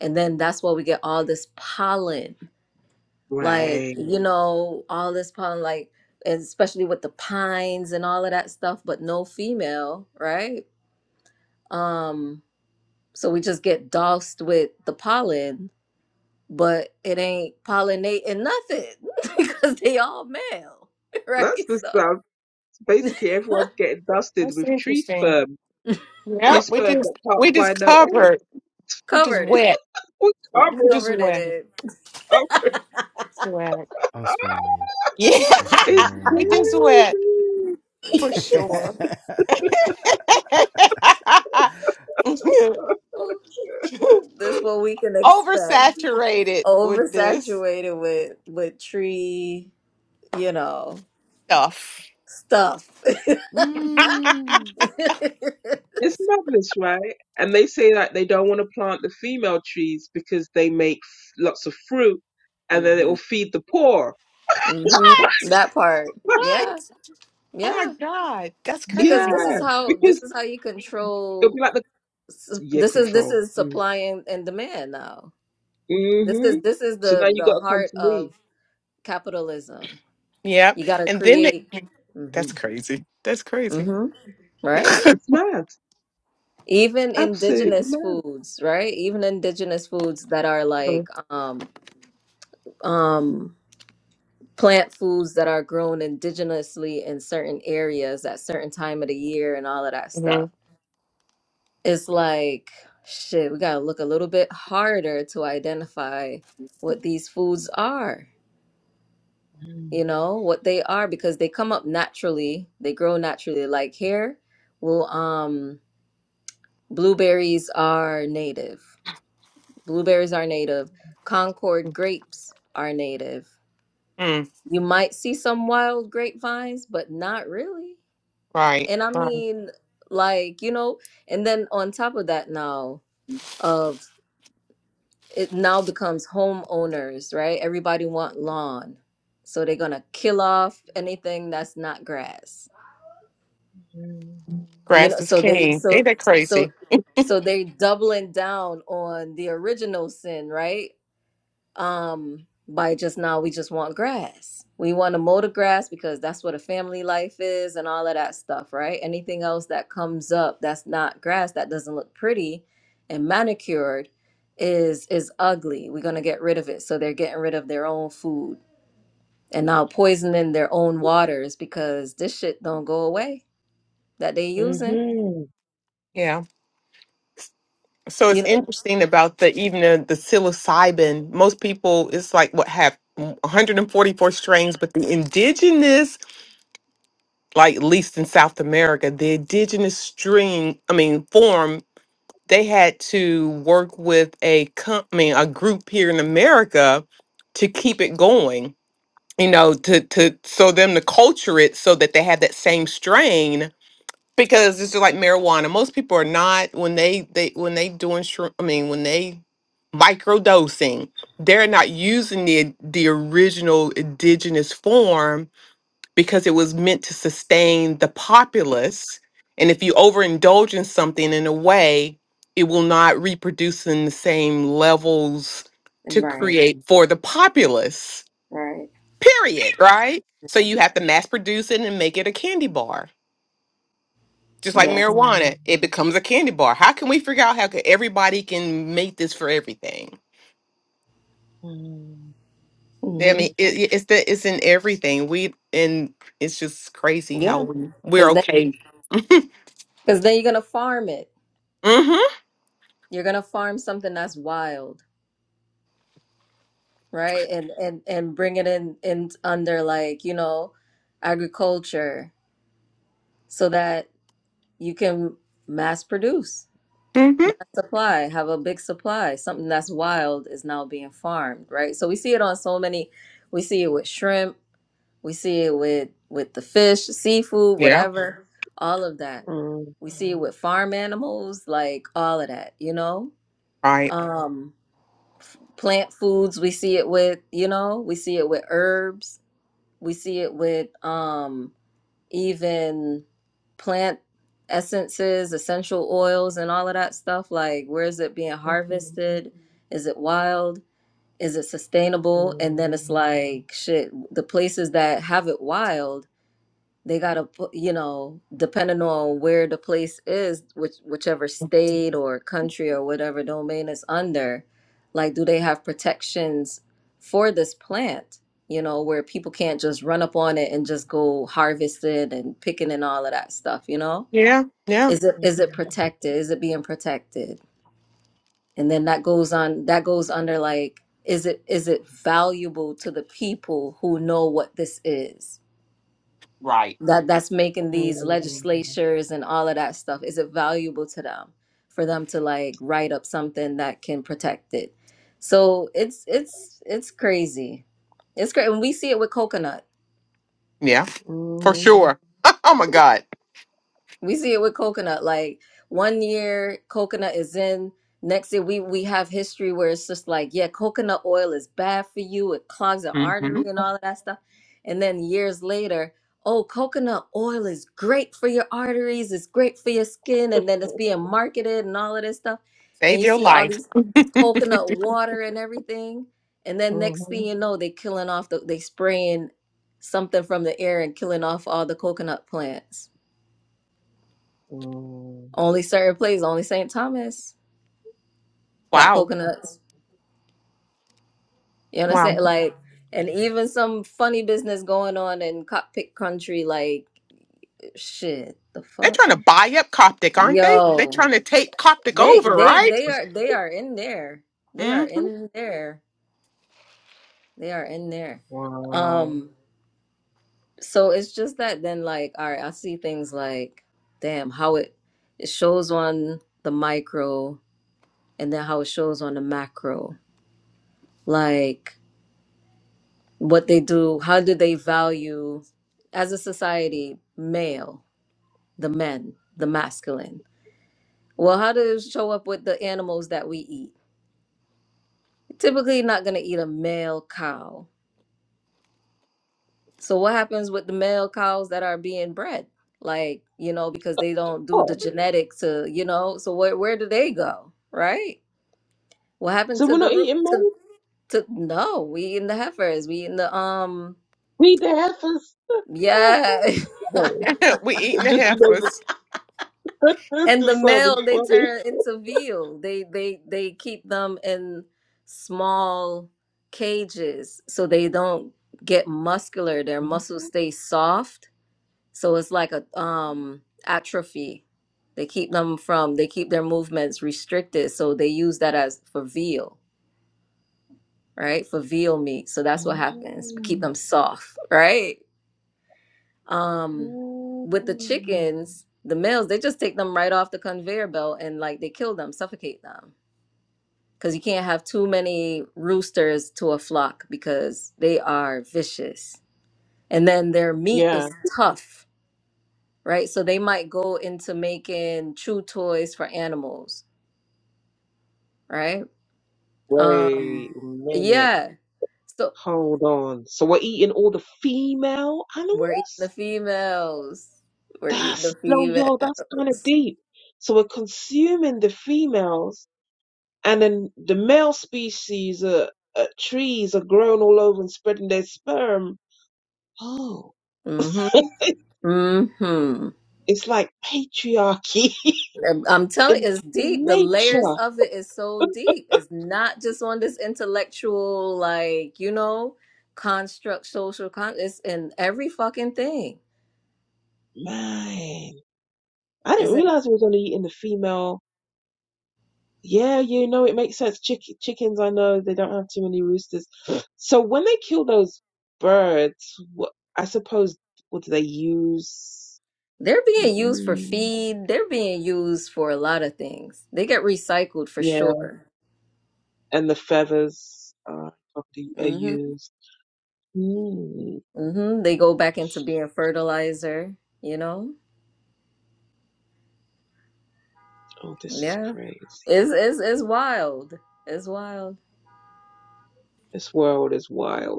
Speaker 2: and then that's why we get all this pollen like
Speaker 3: Right.
Speaker 2: you know all this pollen like and especially with the pines and all of that stuff but no female right um so we just get doused with the pollen but it ain't pollinating nothing because they all male
Speaker 3: That's
Speaker 2: right
Speaker 3: the stuff. Basically, everyone's getting dusted
Speaker 4: that's
Speaker 3: with tree
Speaker 4: interesting.
Speaker 3: sperm.
Speaker 2: so
Speaker 3: Tree
Speaker 4: Yeah, we
Speaker 3: sperm that
Speaker 4: just
Speaker 3: can't
Speaker 4: we
Speaker 3: fly
Speaker 4: just
Speaker 3: no eggs.
Speaker 4: covered. We just
Speaker 2: Covered in it.
Speaker 4: wet.
Speaker 3: Oh,
Speaker 4: We
Speaker 3: covered.
Speaker 4: just
Speaker 2: Covered in
Speaker 4: wet.
Speaker 2: it.
Speaker 3: Oh,
Speaker 4: Sweat.
Speaker 1: I'm
Speaker 3: oh,
Speaker 1: screaming.
Speaker 4: Yeah,
Speaker 1: I'm
Speaker 3: it's
Speaker 4: we just
Speaker 1: screaming.
Speaker 4: wet
Speaker 3: crazy.
Speaker 4: for sure.
Speaker 2: This is what we can expect.
Speaker 4: Oversaturated with this
Speaker 2: Oversaturated with with tree, you know,
Speaker 4: stuff.
Speaker 2: stuff.
Speaker 1: mm,
Speaker 3: It's madness, right? And they say that they don't want to plant the female trees because they make f- lots of fruit and then it
Speaker 2: hmm
Speaker 3: will feed the poor.
Speaker 2: hmm
Speaker 4: What?
Speaker 2: That part.
Speaker 4: What?
Speaker 2: Yeah.
Speaker 4: Oh my
Speaker 2: Yeah.
Speaker 4: god, that's
Speaker 3: Yeah,
Speaker 2: Because
Speaker 4: crazy.
Speaker 2: this is how this
Speaker 3: because
Speaker 2: is how you
Speaker 3: it'll
Speaker 2: control
Speaker 3: be like the
Speaker 2: s-
Speaker 3: yeah
Speaker 2: this is this
Speaker 3: control.
Speaker 2: is
Speaker 3: Mm.
Speaker 2: supply and, and demand now. This is
Speaker 3: hmm
Speaker 2: this is
Speaker 3: So now
Speaker 2: the
Speaker 3: you
Speaker 2: the
Speaker 3: got to come
Speaker 2: heart
Speaker 3: to me.
Speaker 2: of capitalism.
Speaker 4: Yep.
Speaker 2: You got to
Speaker 4: And then the.
Speaker 2: create
Speaker 4: That's
Speaker 2: hmm
Speaker 4: crazy. That's crazy.
Speaker 2: hmm Right?
Speaker 3: It's mad,
Speaker 2: even
Speaker 3: absolutely
Speaker 2: indigenous
Speaker 3: mad.
Speaker 2: foods right even indigenous foods that are like um um plant foods that are grown indigenously in certain areas at certain time of the year and all of that
Speaker 4: Mm-hmm.
Speaker 2: stuff it's like shit we gotta look a little bit harder to identify what these foods are
Speaker 3: Mm,
Speaker 2: you know what they are because they come up naturally they grow naturally like here well um blueberries are native Blueberries are native. Concord grapes are native.
Speaker 4: Mm,
Speaker 2: You might see some wild grapevines, but not really.
Speaker 4: right.
Speaker 2: And I
Speaker 4: Right.
Speaker 2: mean, like, you know, and then on top of that now, of it now becomes homeowners, right? Everybody want lawn. So they're gonna kill off anything that's not grass.
Speaker 3: mm,
Speaker 2: You know,
Speaker 4: Grass is
Speaker 2: so they
Speaker 4: king.
Speaker 2: so
Speaker 4: Ain't that
Speaker 2: so
Speaker 4: crazy?
Speaker 2: so they doubling down on the original sin, right? um by just now we just want grass we want to mow the grass because that's what a family life is and all of that stuff right anything else that comes up that's not grass that doesn't look pretty and manicured is is ugly we're going to get rid of it so they're getting rid of their own food and now poisoning their own waters because this shit don't go away that they using
Speaker 3: Mhm.
Speaker 4: Yeah. So it's
Speaker 2: you know
Speaker 4: interesting about the even the, the psilocybin. Most people, it's like what have 144 strains, but the indigenous, like at least in South America, the indigenous string, I mean form, they had to work with a company, a group here in America, to keep it going you know, to to so them to culture it so that they have that same strain because it's just like marijuana. Most people are not when they they when they doing shroom- I mean when they microdosing, they're not using the the original indigenous form because it was meant to sustain the populace. And if you overindulge in something in a way, it will not reproduce in the same levels to
Speaker 2: right
Speaker 4: create for the populace
Speaker 2: right
Speaker 4: period, right? So you have to mass produce it and make it a candy bar. Just like
Speaker 2: yes
Speaker 3: mm,
Speaker 4: marijuana, it becomes a candy bar. How can we figure out how could everybody can make this for everything?
Speaker 3: mm,
Speaker 4: Yeah, I
Speaker 2: hmm
Speaker 4: mean, it, it- it's the it's in everything. We and it's just crazy how
Speaker 2: yeah
Speaker 4: we we're
Speaker 2: because then
Speaker 4: okay.
Speaker 2: because then you're gonna farm it
Speaker 4: Mm-hmm.
Speaker 2: You're gonna farm something that's wild, right? And and and bring it in in under like, you know, agriculture so that you can mass produce,
Speaker 4: Mm-hmm.
Speaker 2: mass supply, have a big supply. Something that's wild is now being farmed, right? So we see it on so many we see it with shrimp, we see it with with the fish, seafood,
Speaker 4: Yeah.
Speaker 2: whatever, all of that.
Speaker 3: mm,
Speaker 2: We see it with farm animals, like all of that, you know?
Speaker 4: Right.
Speaker 2: Um plant foods we see it with you know we see it with herbs we see it with um even plant essences essential oils and all of that stuff like where is it being harvested is it wild is it
Speaker 3: mm,
Speaker 2: sustainable and then
Speaker 3: mm,
Speaker 2: it's like shit the places that have it wild they gotta put you know depending on where the place is which whichever state or country or whatever domain is under like do they have protections for this plant you know where people can't just run up on it and just go harvest it and picking and all of that stuff you know
Speaker 4: Yeah. Yeah.
Speaker 2: is it
Speaker 3: mm,
Speaker 2: is it protected is it being protected and then that goes on that goes under like is it is it valuable to the people who know what this is
Speaker 4: Right.
Speaker 2: that that's making these
Speaker 3: mm,
Speaker 2: legislatures and all of that stuff is it valuable to them for them to like write up something that can protect it so it's it's it's crazy it's great and we see it with coconut
Speaker 4: Yeah. For
Speaker 3: Mhm.
Speaker 4: sure. oh my God.
Speaker 2: We see it with coconut. Like one year, coconut is in. Next year, we we have history where it's just like, yeah, coconut oil is bad for you. It clogs the artery
Speaker 4: Mm-hmm.
Speaker 2: and all of that stuff. And then years later, oh, coconut oil is great for your arteries. It's great for your skin. And then it's being marketed and all of this stuff. And
Speaker 4: Save
Speaker 2: you
Speaker 4: your
Speaker 2: see all
Speaker 4: life.
Speaker 2: these coconut water and everything. And then next thing
Speaker 3: Mhm.
Speaker 2: you know, they killing off the they spraying something from the air and killing off all the coconut plants
Speaker 3: mm.
Speaker 2: only certain places, only St. Thomas got
Speaker 4: wow.
Speaker 2: coconuts. You
Speaker 4: Wow.
Speaker 2: understand? Like, and even some funny business going on in cockpit country, like shit, the
Speaker 4: They're
Speaker 2: fuck?
Speaker 4: trying to buy up Coptic, aren't they? They're
Speaker 2: Yo.
Speaker 4: trying to take Coptic
Speaker 2: They
Speaker 4: over,
Speaker 2: they
Speaker 4: right?
Speaker 2: they are they are in there. They are
Speaker 4: hmm
Speaker 2: in there. They are in there.
Speaker 3: Wow.
Speaker 2: Um, so it's just that then like, all right, I see things like, damn, how it it shows on the micro and then how it shows on the macro. Like what they do, how do they value as a society male, the men, the masculine? Well, how do it show up with the animals that we eat? Typically, not going to eat a male cow. So, what happens with the male cows that are being bred? Like, you know, because they don't do the
Speaker 3: Oh,
Speaker 2: genetics to, you know, so where, where do they go? Right? What happened
Speaker 3: so
Speaker 2: to
Speaker 3: we
Speaker 2: the
Speaker 3: don't eating it,
Speaker 2: root? To,
Speaker 3: man.
Speaker 2: to, no, we eating the heifers. We eating the, um,
Speaker 3: We eat the heifers. Ah,
Speaker 2: yeah.
Speaker 3: Sorry.
Speaker 4: we eating the
Speaker 3: Just, you know, the,
Speaker 4: heifers.
Speaker 2: and the
Speaker 3: just sounded
Speaker 2: male they
Speaker 3: funny.
Speaker 2: turn into veal they they they keep them in small cages so they don't get muscular their muscles stay soft so it's like a um atrophy they keep them from they keep their movements restricted so they use that as for veal right for veal meat so that's what happens keep them soft right um, with the chickens, the males, they just take them right off the conveyor belt and like they kill them, suffocate them. Because you can't have too many roosters to a flock because they are vicious. And then their meat is
Speaker 3: Yeah.
Speaker 2: Yeah. tough, right? So they might go into making chew toys for animals, right? Um,
Speaker 3: Wait a minute.
Speaker 2: yeah. So
Speaker 3: Hold on. So we're eating all the female
Speaker 2: we're eating the
Speaker 3: animals?
Speaker 2: females. We're eating the
Speaker 3: That's no, yo, that's kind of
Speaker 2: females.
Speaker 3: deep. So we're consuming the females, and then the male species, uh, uh, trees are grown all over and spreading their sperm. Oh.
Speaker 2: Mm-hmm. Mm-hmm.
Speaker 3: It's like patriarchy
Speaker 2: I'm I'm telling
Speaker 3: in,
Speaker 2: you, it's deep.
Speaker 3: in
Speaker 2: The layers
Speaker 3: nature.
Speaker 2: of it is so deep. It's not just on this intellectual, like, you know, construct, social con. It's in every fucking thing.
Speaker 3: Man, I didn't
Speaker 2: Isn't
Speaker 3: realize it was only in the female. Yeah, you know, it makes sense. Chick- chickens, I know they don't have too many roosters. So when they kill those birds, what, I suppose, what do they use?
Speaker 2: they're being used for
Speaker 3: Mm,
Speaker 2: feed. They're being used for a lot of things. They get recycled for
Speaker 3: yeah,
Speaker 2: sure.
Speaker 3: and the feathers are probably are
Speaker 2: hmm
Speaker 3: used. Mm.
Speaker 2: hmm They go back into being fertilizer, you know?
Speaker 3: Oh, this is
Speaker 2: Yeah. It's
Speaker 3: crazy.
Speaker 2: it's it's wild. It's wild.
Speaker 3: This world is wild.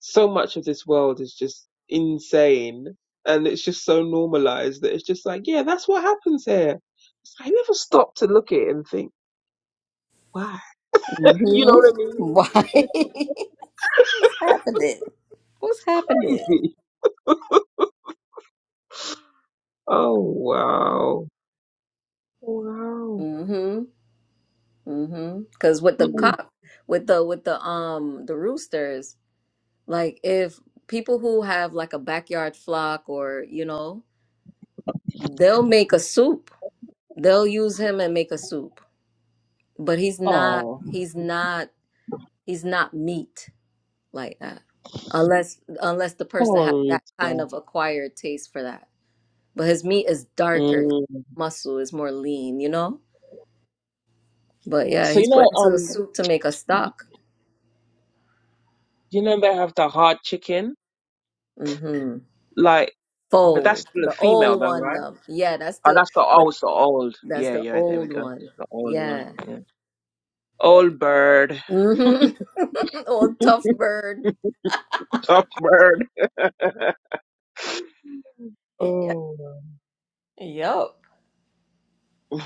Speaker 3: so much of this world is just insane and it's just so normalized that it's just like, yeah, that's what happens here. It's like, I never stop to look at it and think, why?
Speaker 2: hmm
Speaker 3: You know what I mean?
Speaker 2: Why?
Speaker 3: And it's
Speaker 2: What's happening? What's happening?
Speaker 3: crazy. Oh, wow. Wow.
Speaker 2: Mm-hmm. Mm-hmm. Because with the
Speaker 3: Mm.
Speaker 2: cock, with the with the um the roosters, like if people who have like a backyard flock or you know, they'll make a soup. They'll use him and make a soup. But he's not
Speaker 3: Oh,
Speaker 2: he's not he's not meat like that. Unless unless the person has
Speaker 3: oh,
Speaker 2: that kind
Speaker 3: Rita.
Speaker 2: of acquired taste for that. But his meat is darker,
Speaker 3: Mm.
Speaker 2: muscle is more lean, you know? But yeah,
Speaker 3: So, you
Speaker 2: he's put
Speaker 3: know,
Speaker 2: into a
Speaker 3: um,
Speaker 2: soup to make a stock.
Speaker 3: you know, they have the hard chicken,
Speaker 2: Mm-hmm.
Speaker 3: like, but that's
Speaker 2: Fold,
Speaker 3: still a
Speaker 2: the
Speaker 3: female
Speaker 2: old
Speaker 3: though,
Speaker 2: one
Speaker 3: right?
Speaker 2: though. Yeah, that's
Speaker 3: Oh,
Speaker 2: the
Speaker 3: that's the, oh,
Speaker 2: but
Speaker 3: it's the old.
Speaker 2: that's
Speaker 3: Yeah,
Speaker 2: the
Speaker 3: yeah, there we
Speaker 2: old
Speaker 3: go.
Speaker 2: one.
Speaker 3: The old one.
Speaker 2: Yeah.
Speaker 3: Yeah. Old bird.
Speaker 2: hmm old tough bird.
Speaker 3: Up bird.
Speaker 2: Yeah.
Speaker 3: oh. wow.
Speaker 2: Yup.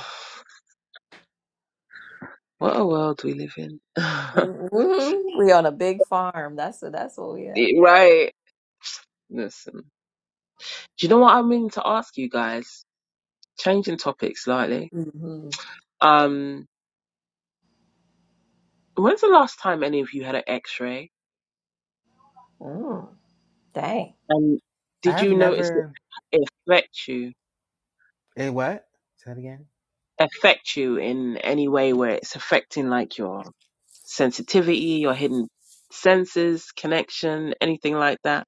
Speaker 3: What a world we live in.
Speaker 2: hmm We on a big farm. That's that's what we at.
Speaker 3: Yeah, right. Listen. Do you know what I'm meaning to ask you guys? Changing topic slightly.
Speaker 2: hmm
Speaker 3: Um, when's the last time any of you had an X-ray?
Speaker 2: Mm. Dang,
Speaker 3: And did
Speaker 1: I've
Speaker 3: you notice it
Speaker 1: never.
Speaker 3: it affect you?
Speaker 1: Hey, what? Say that again.
Speaker 3: Affect you in any way where it's affecting like your sensitivity, your hidden senses, connection, anything like that?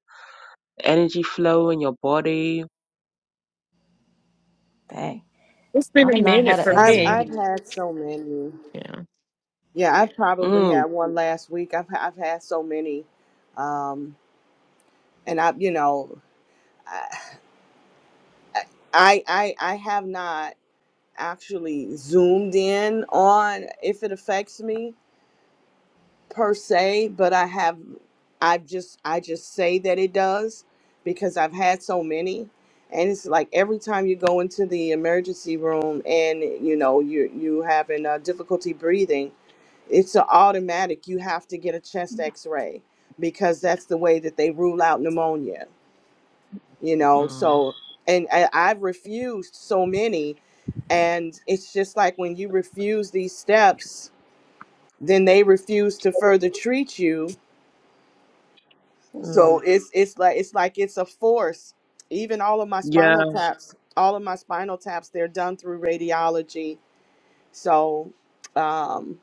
Speaker 3: Energy flow in your body.
Speaker 2: dang.
Speaker 4: It's
Speaker 2: I've
Speaker 4: been a
Speaker 2: not
Speaker 4: minute
Speaker 2: had an
Speaker 4: for
Speaker 6: I've
Speaker 1: Same.
Speaker 6: I've
Speaker 2: X-ray.
Speaker 4: me.
Speaker 6: had so many.
Speaker 4: Yeah.
Speaker 6: Yeah, I have probably
Speaker 3: Mm.
Speaker 6: had one last week. I've I've had so many, um, and I you know I I I have not actually zoomed in on if it affects me per se, but I have I've just I just say that it does because I've had so many. And it's like every time you go into the emergency room and you know you you having uh, difficulty breathing, it's an automatic you have to get a chest x-ray because that's the way that they rule out pneumonia you know
Speaker 3: Mm.
Speaker 6: so and I, i've refused so many and it's just like when you refuse these steps then they refuse to further treat you so
Speaker 2: Mm.
Speaker 6: it's it's like it's like it's a force even all of my
Speaker 3: Yeah.
Speaker 6: spinal taps all of my spinal taps they're done through radiology so um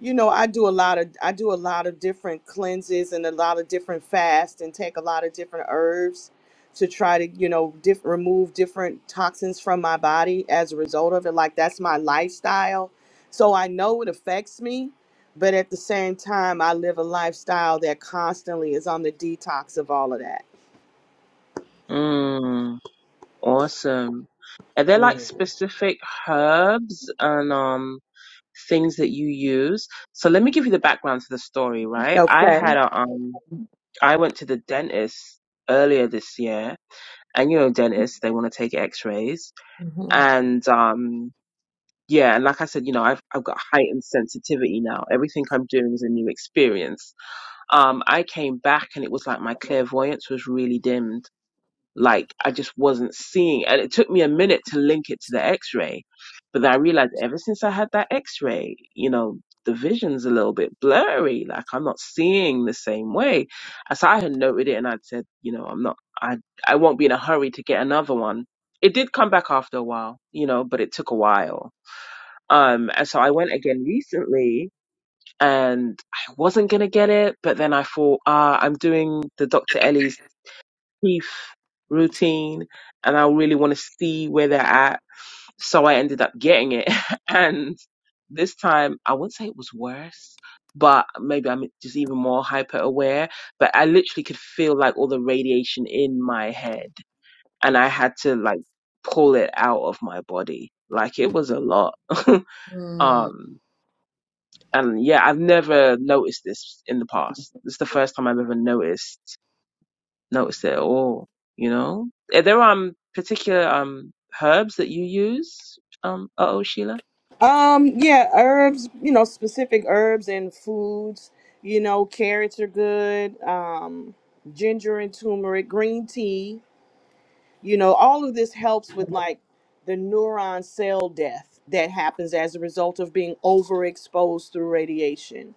Speaker 6: you know i do a lot of i do a lot of different cleanses and a lot of different fasts and take a lot of different herbs to try to you know diff- remove different toxins from my body as a result of it like that's my lifestyle so i know it affects me but at the same time i live a lifestyle that constantly is on the detox of all of that
Speaker 3: Mm. Awesome. Are there like
Speaker 6: Yeah.
Speaker 3: specific herbs and um things that you use? So let me give you the background to the story, right? I
Speaker 6: okay
Speaker 3: had a um I went to the dentist earlier this year and you know dentists they want to take x-rays
Speaker 2: hmm
Speaker 3: and um yeah and like I said you know I've I've got heightened sensitivity now everything I'm doing is a new experience um I came back and it was like my clairvoyance was really dimmed Like I just wasn't seeing, and it took me a minute to link it to the X-ray, but then I realized ever since I had that X-ray, you know, the vision's a little bit blurry. Like I'm not seeing the same way. As I had noted it, and I'd said, you know, I'm not, I, I won't be in a hurry to get another one. It did come back after a while, you know, but it took a while. Um, and so I went again recently, and I wasn't gonna get it, but then I thought, ah, I'm doing the Dr. Ellie's teeth routine and I really want to see where they're at. So I ended up getting it. And this time, I wouldn't say it was worse, but maybe I'm just even more hyper aware. But I literally could feel like all the radiation in my head and I had to like pull it out of my body. Like it was a lot.
Speaker 2: Mm-hmm.
Speaker 3: um, and yeah, I've never noticed this in the past. This is the first time I've ever noticed notice it at all. You know, are there um particular um herbs that you use? Um, uh oh, Sheila.
Speaker 6: Um, yeah, herbs, you know, specific herbs and foods. You know, carrots are good, um, ginger and turmeric, green tea. You know, all of this helps with like the neuron cell death that happens as a result of being overexposed through radiation.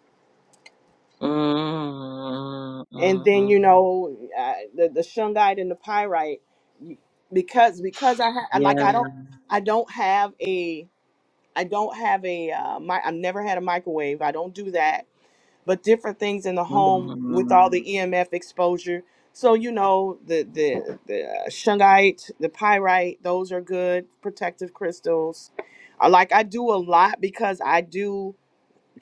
Speaker 3: mm mm,
Speaker 6: And then,
Speaker 3: mm.
Speaker 6: you know, uh, the the shungite and the pyrite you- because because I ha-
Speaker 3: Yeah.
Speaker 6: like I don't I don't have a I don't have a uh, my I've never had a microwave. I don't do that but different things in the
Speaker 3: mm
Speaker 6: home with all the EMF exposure. So you know the the the uh, shungite, the pyrite, those are good protective crystals. I like I do a lot because I do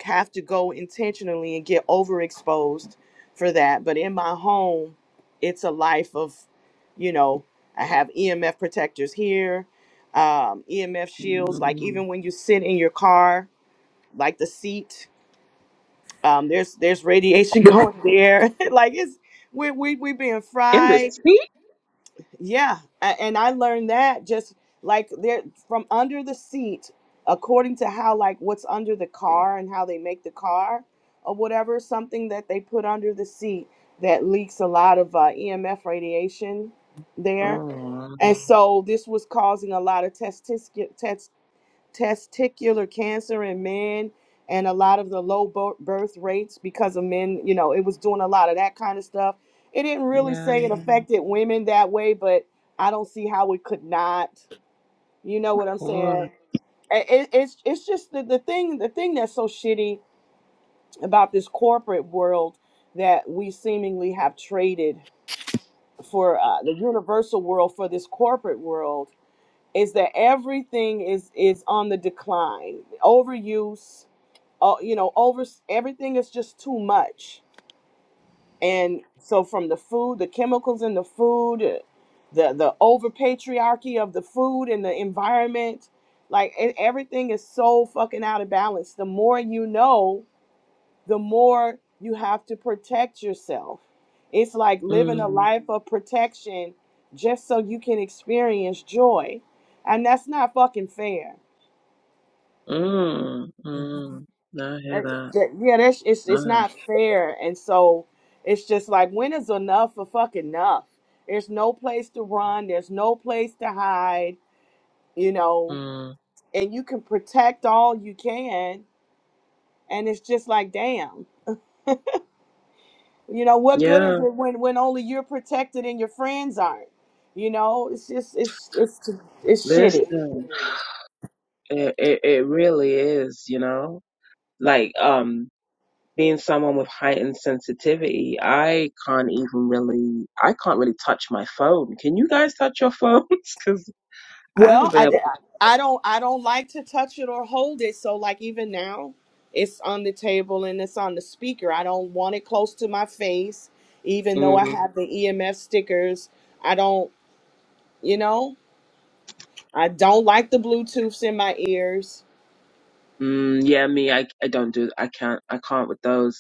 Speaker 6: have to go intentionally and get overexposed for that. But in my home, it's a life of, you know, I have EMF protectors here, um, EMF shields. Like
Speaker 3: mm.
Speaker 6: even when you sit in your car, like the seat um, there's there's radiation going there. like it's we we we being
Speaker 3: In the
Speaker 6: fried.
Speaker 3: sea.
Speaker 6: Yeah, A- and I learned that just like there from under the seat, according to how like what's under the car and how they make the car or whatever something that they put under the seat that leaks a lot of uh, EMF radiation there,
Speaker 3: Oh,
Speaker 6: and so this was causing a lot of testis- testicular cancer in men and a lot of the low bo- birth rates because of men, you know, it was doing a lot of that kind of stuff. It didn't really
Speaker 3: yeah,
Speaker 6: say
Speaker 3: yeah,
Speaker 6: it
Speaker 3: yeah,
Speaker 6: affected women that way, but I don't see how it could not. You know
Speaker 3: of
Speaker 6: what I'm
Speaker 3: course.
Speaker 6: saying? I- It, it's it's just the, the thing the thing that's so shitty about this corporate world that we seemingly have traded for uh, the universal world for this corporate world is that everything is is on the decline overuse all you know over everything is just too much and so from the food the chemicals in the food uh, the the over patriarchy of the food and the environment like e- everything is so fucking out of balance the more you know the more you have to protect yourself it's like living a
Speaker 3: Mm.
Speaker 6: life of protection just so you can experience joy and that's not fucking fair
Speaker 3: Mm, mm, I hear
Speaker 6: That-
Speaker 3: that.
Speaker 6: that- yeah, that's it's it's
Speaker 3: Alright.
Speaker 6: not fair, and so it's just like when is enough for fucking enough? There's no place to run. There's no place to hide. You know,
Speaker 3: Mm.
Speaker 6: and you can protect all you can, and it's just like damn. You know what good is
Speaker 3: Yeah,
Speaker 6: it when when only you're protected and your friends aren't? You know, it's just it's it's it's shitty.
Speaker 3: listen, it, it it really is, you know, like um being someone with heightened sensitivity, I can't even really, I can't really touch my phone. Can you guys touch your phones? Because I
Speaker 6: Well,
Speaker 3: haven't been
Speaker 6: I,
Speaker 3: able.
Speaker 6: I don't I don't like to touch it or hold it. So like even now, it's on the table and it's on the speaker. I don't want it close to my face, even though I
Speaker 3: Mm,
Speaker 6: have the EMF stickers. I don't, you know, I don't like the Bluetooths in my ears.
Speaker 3: mm, yeah, me, I I don't do, I can't, I can't with those.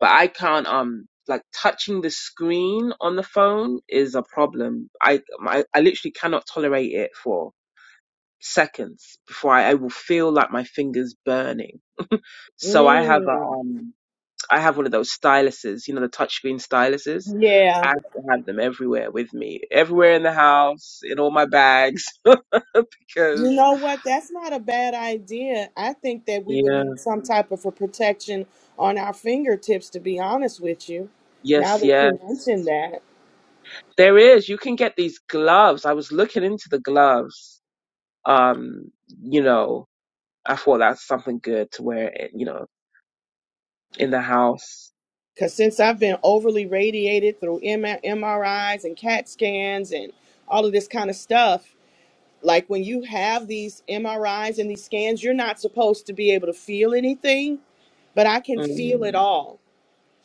Speaker 3: but I can't um like touching the screen on the phone is a problem. I I, I literally cannot tolerate it for seconds before I, I will feel like my fingers burning. So I have a
Speaker 6: Mm,
Speaker 3: um I have one of those styluses, you know, the touchscreen styluses. I
Speaker 6: yeah.
Speaker 3: have to have them everywhere with me, everywhere in the house, in all my bags,
Speaker 6: You
Speaker 3: because
Speaker 6: know what? That's not a bad idea. I think that we would
Speaker 3: yeah,
Speaker 6: need some type of a protection on our fingertips, to be honest with you. Now
Speaker 3: yes,
Speaker 6: that
Speaker 3: yeah,
Speaker 6: you mentioned that.
Speaker 3: there is. You can get these gloves. I was looking into the gloves. Um, you know, I thought that's something good to wear, it, you know, in the house.
Speaker 6: Because since I've been overly radiated through M- MRIs and CAT scans and all of this kind of stuff, like when you have these MRIs and these scans, you're not supposed to be able to feel anything, but I can feel it
Speaker 3: Mm,
Speaker 6: all.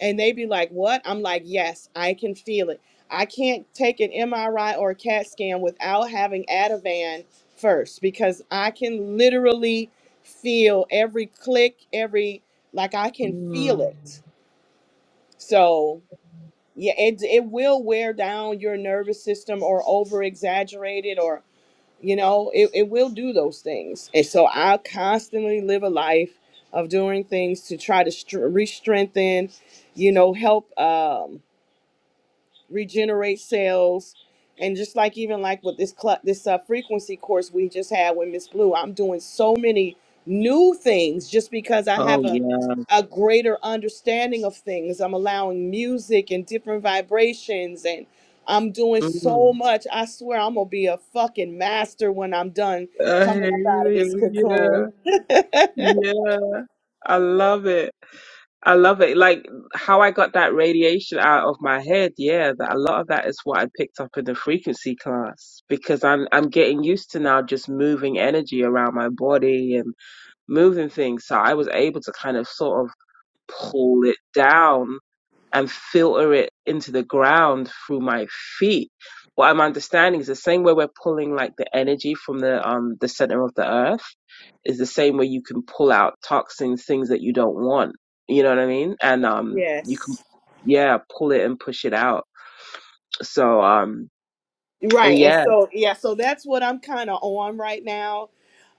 Speaker 6: And they be like, What? I'm like, Yes, I can feel it. I can't take an MRI or a CAT scan without having Ativan first because I can literally feel every click, every, like, I can feel
Speaker 3: mm.
Speaker 6: it. So yeah it it will wear down your nervous system or over exaggerate it or you know it, it will do those things and so i constantly live a life of doing things to try to str- re-strengthen you know help um regenerate cells and just like even like with this cl- this uh, frequency course we just had with miss blue i'm doing so many new things just because i have
Speaker 3: Oh
Speaker 6: a
Speaker 3: yeah.
Speaker 6: a greater understanding of things i'm allowing music and different vibrations and i'm doing so
Speaker 3: Mm.
Speaker 6: much i swear i'm gonna be a fucking master when i'm done
Speaker 3: I hear
Speaker 6: coming up out of this
Speaker 3: you.
Speaker 6: cocoon
Speaker 3: Yeah. Yeah. I love it. I love it. Like how I got that radiation out of my head. Yeah, that a lot of that is what I picked up in the frequency class because I'm I'm getting used to now just moving energy around my body and moving things. So I was able to kind of sort of pull it down and filter it into the ground through my feet. What I'm understanding is the same way we're pulling like the energy from the um the center of the earth is the same way you can pull out toxins, things that you don't want. You know what I mean? And um you can
Speaker 6: yes
Speaker 3: yeah, pull it and push it out. So um and
Speaker 6: Right. And
Speaker 3: yeah.
Speaker 6: so, yeah, so that's what I'm kind of on right now.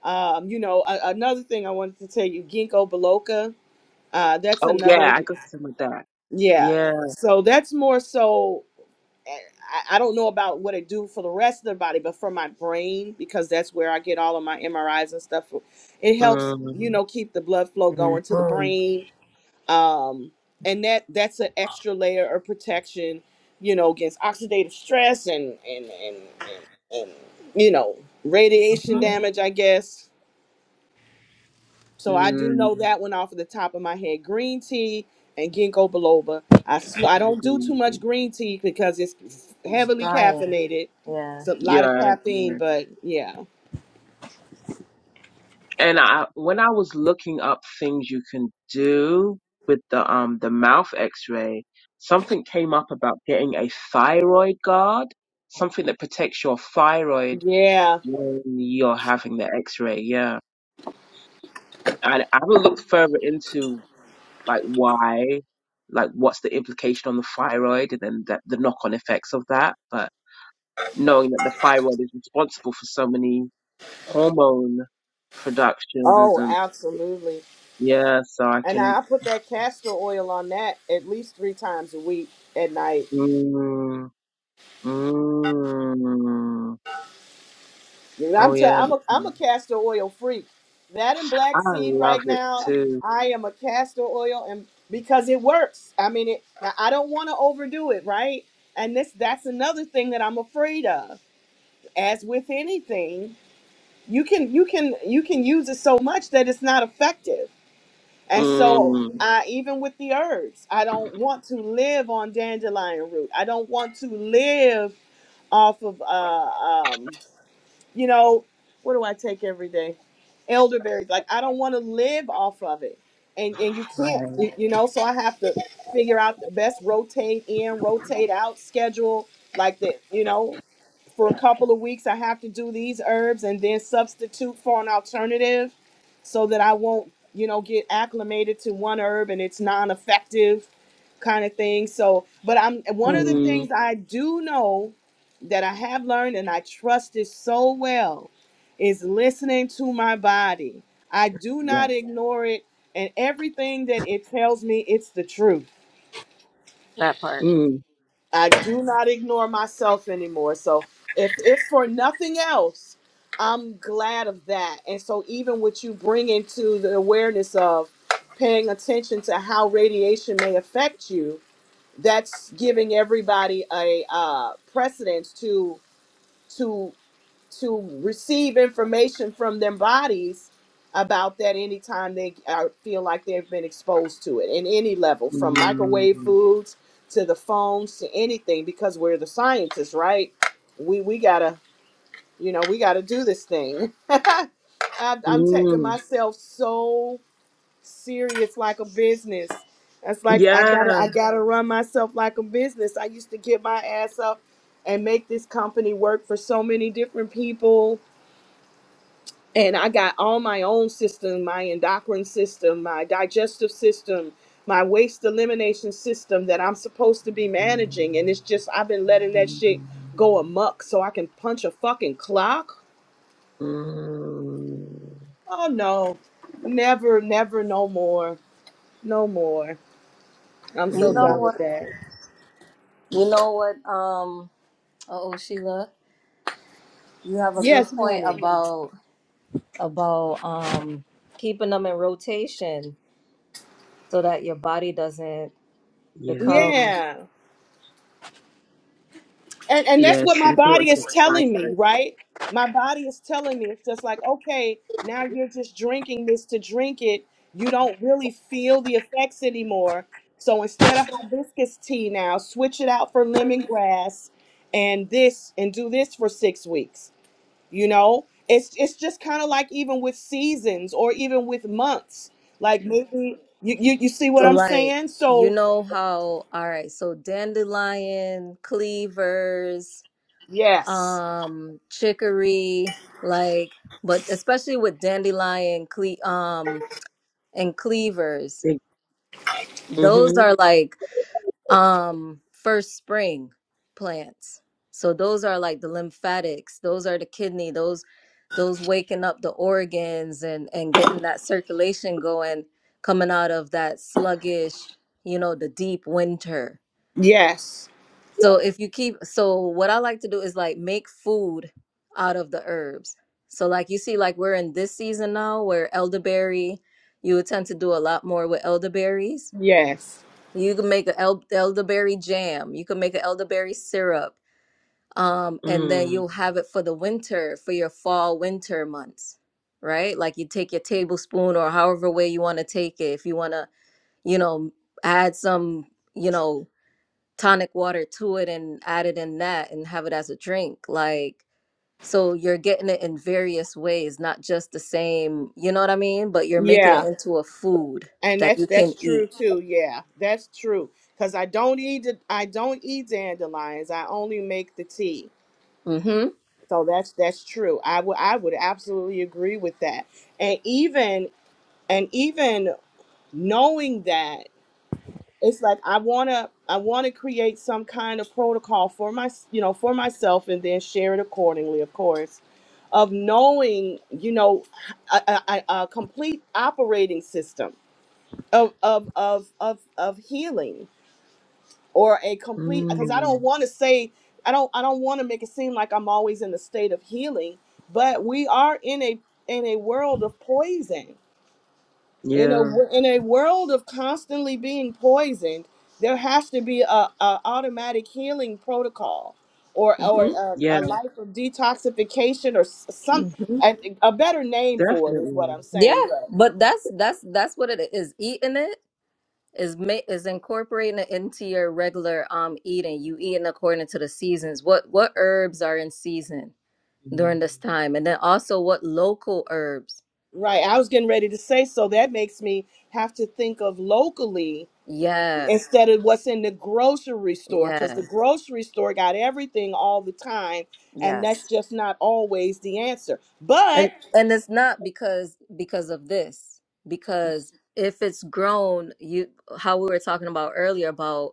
Speaker 6: Um, you know, a- another thing I wanted to tell you, ginkgo biloba, uh, that's
Speaker 3: Oh
Speaker 6: another,
Speaker 3: yeah, I got some of that.
Speaker 6: yeah.
Speaker 3: Yeah.
Speaker 6: So that's more so, eh, I, I don't know about what it do for the rest of the body, but for my brain, because that's where I get all of my MRIs and stuff. It helps, you
Speaker 3: Mm.
Speaker 6: know, keep the blood flow going to the
Speaker 2: hmm
Speaker 6: brain um, and that that's an extra layer of protection, you know, against oxidative stress and and and and, and you know radiation
Speaker 2: hmm
Speaker 6: damage, I guess. So I do know
Speaker 3: Mm.
Speaker 6: that one off of the top of my head. Green tea and ginkgo biloba. I sl-
Speaker 3: I
Speaker 6: I
Speaker 3: would
Speaker 6: don't
Speaker 3: agree
Speaker 6: do
Speaker 3: with
Speaker 6: too much
Speaker 3: you.
Speaker 6: green tea because it's
Speaker 2: It's
Speaker 6: heavily
Speaker 2: trying.
Speaker 6: caffeinated.
Speaker 2: Yeah.
Speaker 6: It's a lot of
Speaker 3: Yeah.
Speaker 6: caffeine,
Speaker 3: I-
Speaker 6: but yeah,
Speaker 3: And I when I was looking up things you can do with the um the mouth x-ray, something came up about getting a thyroid guard, something that protects your thyroid
Speaker 6: yeah.
Speaker 3: when you're having the x-ray. Yeah. I I haven't looked further into like why, like what's the implication on the thyroid and then that the knock-on effects of that, but knowing that the thyroid is responsible for so many hormone productions
Speaker 6: Oh,
Speaker 3: and
Speaker 6: absolutely.
Speaker 3: yeah, so I
Speaker 6: And
Speaker 3: can
Speaker 6: I put that castor oil on that at least three times a week at night
Speaker 3: Mm, mm.
Speaker 6: Yeah,
Speaker 3: Oh
Speaker 6: I'm t-
Speaker 3: yeah,
Speaker 6: I'm a
Speaker 3: that's
Speaker 6: I'm a
Speaker 3: nice.
Speaker 6: castor oil freak. That and black
Speaker 3: I
Speaker 6: seed
Speaker 3: love
Speaker 6: right
Speaker 3: it
Speaker 6: now.
Speaker 3: too.
Speaker 6: I am a castor oil and because it works. I mean it I don't want to overdo it, right? And this that's another thing that I'm afraid of. As with anything, you can you can you can use it so much that it's not effective. And so
Speaker 3: Mm,
Speaker 6: I even with the herbs, I don't want to live on dandelion root. I don't want to live off of uh, um, you know, what do I take every day? Elderberries. Like I don't want to live off of it. And and you can't,
Speaker 3: right.
Speaker 6: you, you know, so I have to figure out the best rotate in, rotate out schedule like that, you know for a couple of weeks i have to do these herbs and then substitute for an alternative so that i won't you know get acclimated to one herb and it's non-effective kind of thing so but i'm one of the
Speaker 2: Mm,
Speaker 3: Mm,
Speaker 6: things i do know that i have learned and i trust it so well is listening to my body i do
Speaker 3: yeah.
Speaker 6: not ignore it and everything that it tells me it's the truth
Speaker 2: that part.
Speaker 3: Mm,
Speaker 6: I do not ignore myself anymore. So if if for nothing else, I'm glad of that. And so even with you bringing to the awareness of paying attention to how radiation may affect you, that's giving everybody a uh, precedence to to to receive information from their bodies about that anytime they uh, feel like they've been exposed to it in any level from
Speaker 3: mm,
Speaker 6: microwave foods to the phones to anything because we're the scientists right we we gotta you know we gotta do this thing I, i'm taking
Speaker 3: mm.
Speaker 6: myself so serious like a business that's like i
Speaker 3: Yeah.
Speaker 6: gotta i gotta run myself like a business i used to get my ass up and make this company work for so many different people and I got all my own system, my endocrine system, my digestive system, my waste elimination system that I'm supposed to be managing. And it's just, I've been letting that shit go amok so I can punch a fucking clock.
Speaker 3: Mm,
Speaker 6: Oh no, never, never, no more, no more. I'm
Speaker 2: You
Speaker 6: so
Speaker 2: know
Speaker 6: done
Speaker 3: mm.
Speaker 6: with
Speaker 2: what?
Speaker 6: that.
Speaker 2: You know what? Um. Oh, Sheila. You have a
Speaker 6: Yes,
Speaker 2: good point
Speaker 6: honey.
Speaker 2: about about um keeping them in rotation so that your body doesn't
Speaker 3: Yeah.
Speaker 2: become
Speaker 6: Yeah. and and
Speaker 3: Yeah,
Speaker 6: that's what
Speaker 3: it's
Speaker 6: my body
Speaker 3: important to
Speaker 6: is telling me
Speaker 3: cycle.
Speaker 6: right my body is telling me it's just like okay now you're just drinking this to drink it you don't really feel the effects anymore so instead of hibiscus tea now switch it out for lemongrass and this and do this for six weeks you know it's it's just kind of like even with seasons or even with months like maybe you, you you see what
Speaker 2: so
Speaker 6: i'm
Speaker 2: like
Speaker 6: saying
Speaker 2: you
Speaker 6: so
Speaker 2: know how all right so dandelion cleavers
Speaker 6: yes
Speaker 2: um chicory like but especially with dandelion cle um and cleavers
Speaker 3: Think.
Speaker 2: those
Speaker 3: Mm-hmm.
Speaker 2: are like um first spring plants so those are like the lymphatics those are the kidney those those waking up the organs and and getting that circulation going coming out of that sluggish you know the deep winter
Speaker 6: yes
Speaker 2: so if you keep so what i like to do is like make food out of the herbs so like you see like we're in this season now where elderberry you would tend to do a lot more with elderberries
Speaker 6: yes
Speaker 2: you can make an el- elderberry jam. You can make an elderberry syrup. Um, and then
Speaker 3: Mm,
Speaker 2: you'll have it for the winter, for your fall, winter months, right? Like you take your tablespoon or however way you want to take it. If you want to, you know, add some, you know, tonic water to it and add it in that and have it as a drink. Like, so you're getting it in various ways, not just the same, you know what I mean? But you're making
Speaker 6: yeah
Speaker 2: it into a food
Speaker 6: And
Speaker 2: that
Speaker 6: that's
Speaker 2: you can
Speaker 6: that's true
Speaker 2: eat.
Speaker 6: too. Yeah, that's true. Cause I don't eat the- I don't eat dandelions. I only make the tea.
Speaker 2: Mm-hmm.
Speaker 6: So that's that's true. I would I would absolutely agree with that. And even and even knowing that it's like I wanna I wanna create some kind of protocol for my you know for myself and then share it accordingly, of course, of knowing you know a, a, a a complete operating system of of of of, of healing or a complete because i
Speaker 3: mm.
Speaker 6: don't want to say i don't i don't want to make it seem like i'm always in a state of healing but we are in a in a world of poison in a
Speaker 3: Yeah.
Speaker 6: wo- in a world of constantly being poisoned there has to be a, a automatic healing protocol or or a,
Speaker 3: Yeah,
Speaker 6: a life of detoxification or s- some
Speaker 2: Mm-hmm.
Speaker 6: a, a better name for it is what
Speaker 3: definitely.
Speaker 6: i'm
Speaker 2: Yeah,
Speaker 6: saying but
Speaker 2: but that's that's that's what it is. Eating it is ma is incorporating it into your regular um eating. You eating according to the seasons. What what herbs are in season
Speaker 3: Mm.
Speaker 2: during this time, and then also what local herbs.
Speaker 6: right i was getting ready to say so that makes me have to think of locally
Speaker 2: Yeah,
Speaker 6: instead of what's in the grocery store because
Speaker 2: yeah,
Speaker 6: the grocery store got everything all the time and that's
Speaker 2: yes.
Speaker 6: just not always the answer but
Speaker 2: And and it's not because because of this because if it's grown, you how we were talking about earlier about.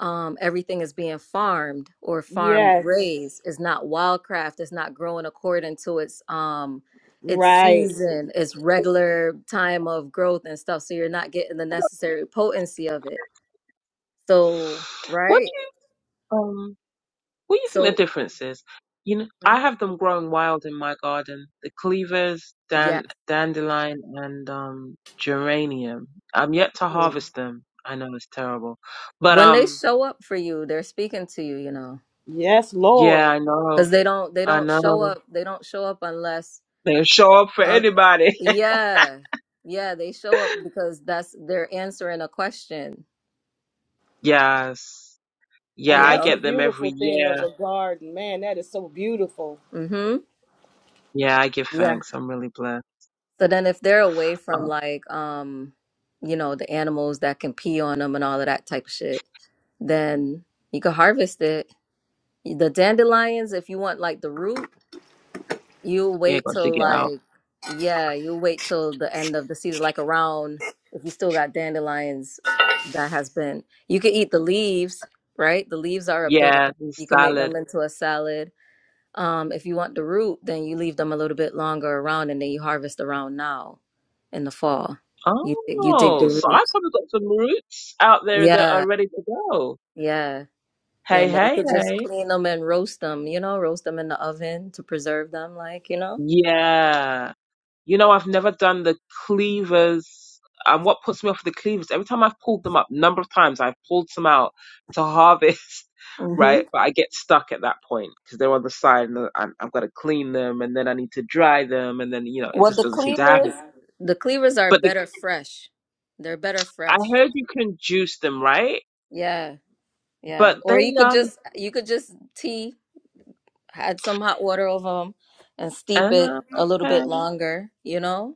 Speaker 2: um, everything is being farmed or farmed
Speaker 6: yes
Speaker 2: raised. It's not wildcraft. It's not growing according to its um its Mhm.
Speaker 6: right
Speaker 2: season, its regular time of growth and stuff. So you're not getting the necessary potency of it. So
Speaker 3: What do
Speaker 2: right.
Speaker 3: you, um, What do you think the
Speaker 2: So
Speaker 3: difference is? You know, I
Speaker 2: Mhm.
Speaker 3: have them growing wild in my garden. The cleavers,
Speaker 2: yeah,
Speaker 3: dan- dandelion, and um, geranium. I'm yet to
Speaker 2: Ooh.
Speaker 3: harvest them. I know it's terrible, but
Speaker 2: when they
Speaker 3: um,
Speaker 2: show up for you, they're speaking to you. You know,
Speaker 6: yes
Speaker 3: yeah,
Speaker 6: lord
Speaker 3: I know,
Speaker 2: because they don't they
Speaker 3: I
Speaker 2: don't show
Speaker 3: know.
Speaker 2: up. They don't show up unless
Speaker 3: They show up for
Speaker 2: uh,
Speaker 3: anybody.
Speaker 2: yeah yeah they show up because that's they're answering a question.
Speaker 3: yes,
Speaker 6: and
Speaker 3: yeah,
Speaker 2: You
Speaker 3: I
Speaker 6: that's
Speaker 2: know.
Speaker 6: a
Speaker 3: get them every
Speaker 6: beautiful thing of
Speaker 3: year.
Speaker 6: a garden man that is so beautiful
Speaker 2: Mm-hmm.
Speaker 3: Yeah, I give
Speaker 2: Yeah.
Speaker 3: thanks. I'm really blessed.
Speaker 2: So then if they're away from
Speaker 3: Oh,
Speaker 2: like um, you know, the animals that can pee on them and all of that type of shit, then you can harvest it. The dandelions, if you want like the root, you
Speaker 3: yeah,
Speaker 2: wait
Speaker 3: gotta
Speaker 2: till
Speaker 3: dig it out.
Speaker 2: like yeah, you wait till the end of the season, like around if you still got dandelions that has been you can eat the leaves, right? The leaves are a
Speaker 3: Yeah,
Speaker 2: bitter.
Speaker 3: and
Speaker 2: You can make them
Speaker 3: salad.
Speaker 2: into a salad. Um, if you want the root, then you leave them a little bit longer around, and then you harvest around now in the fall. You dig, you dig
Speaker 3: Oh,
Speaker 2: the
Speaker 3: so I
Speaker 2: roots.
Speaker 3: probably got some roots out there that
Speaker 2: Yeah,
Speaker 3: are ready to go.
Speaker 2: yeah, yeah.
Speaker 3: Hey,
Speaker 2: And then you
Speaker 3: hey,
Speaker 2: could just
Speaker 3: hey.
Speaker 2: clean them and roast them. You know, roast them in the oven to preserve them. Like you know.
Speaker 3: Yeah. You know, I've never done the cleavers. And what puts me off the cleavers, every time I've pulled them up, number of times I've pulled some out to harvest,
Speaker 2: hmm
Speaker 3: right? But I get stuck at that point because they're on the side and I'm, I've got to clean them and then I need to dry them. And then, you know, it
Speaker 2: Well,
Speaker 3: just
Speaker 2: the
Speaker 3: doesn't seem to happen.
Speaker 2: cleavers, the cleavers are
Speaker 3: But the,
Speaker 2: better fresh. They're better
Speaker 3: I
Speaker 2: fresh.
Speaker 3: heard you can juice them, right?
Speaker 2: Yeah, yeah.
Speaker 3: But
Speaker 2: Or
Speaker 3: they,
Speaker 2: you could
Speaker 3: um,
Speaker 2: just you could just tea, add some hot water over them, and
Speaker 3: uh,
Speaker 2: steep it a little
Speaker 3: okay.
Speaker 2: bit longer. You know.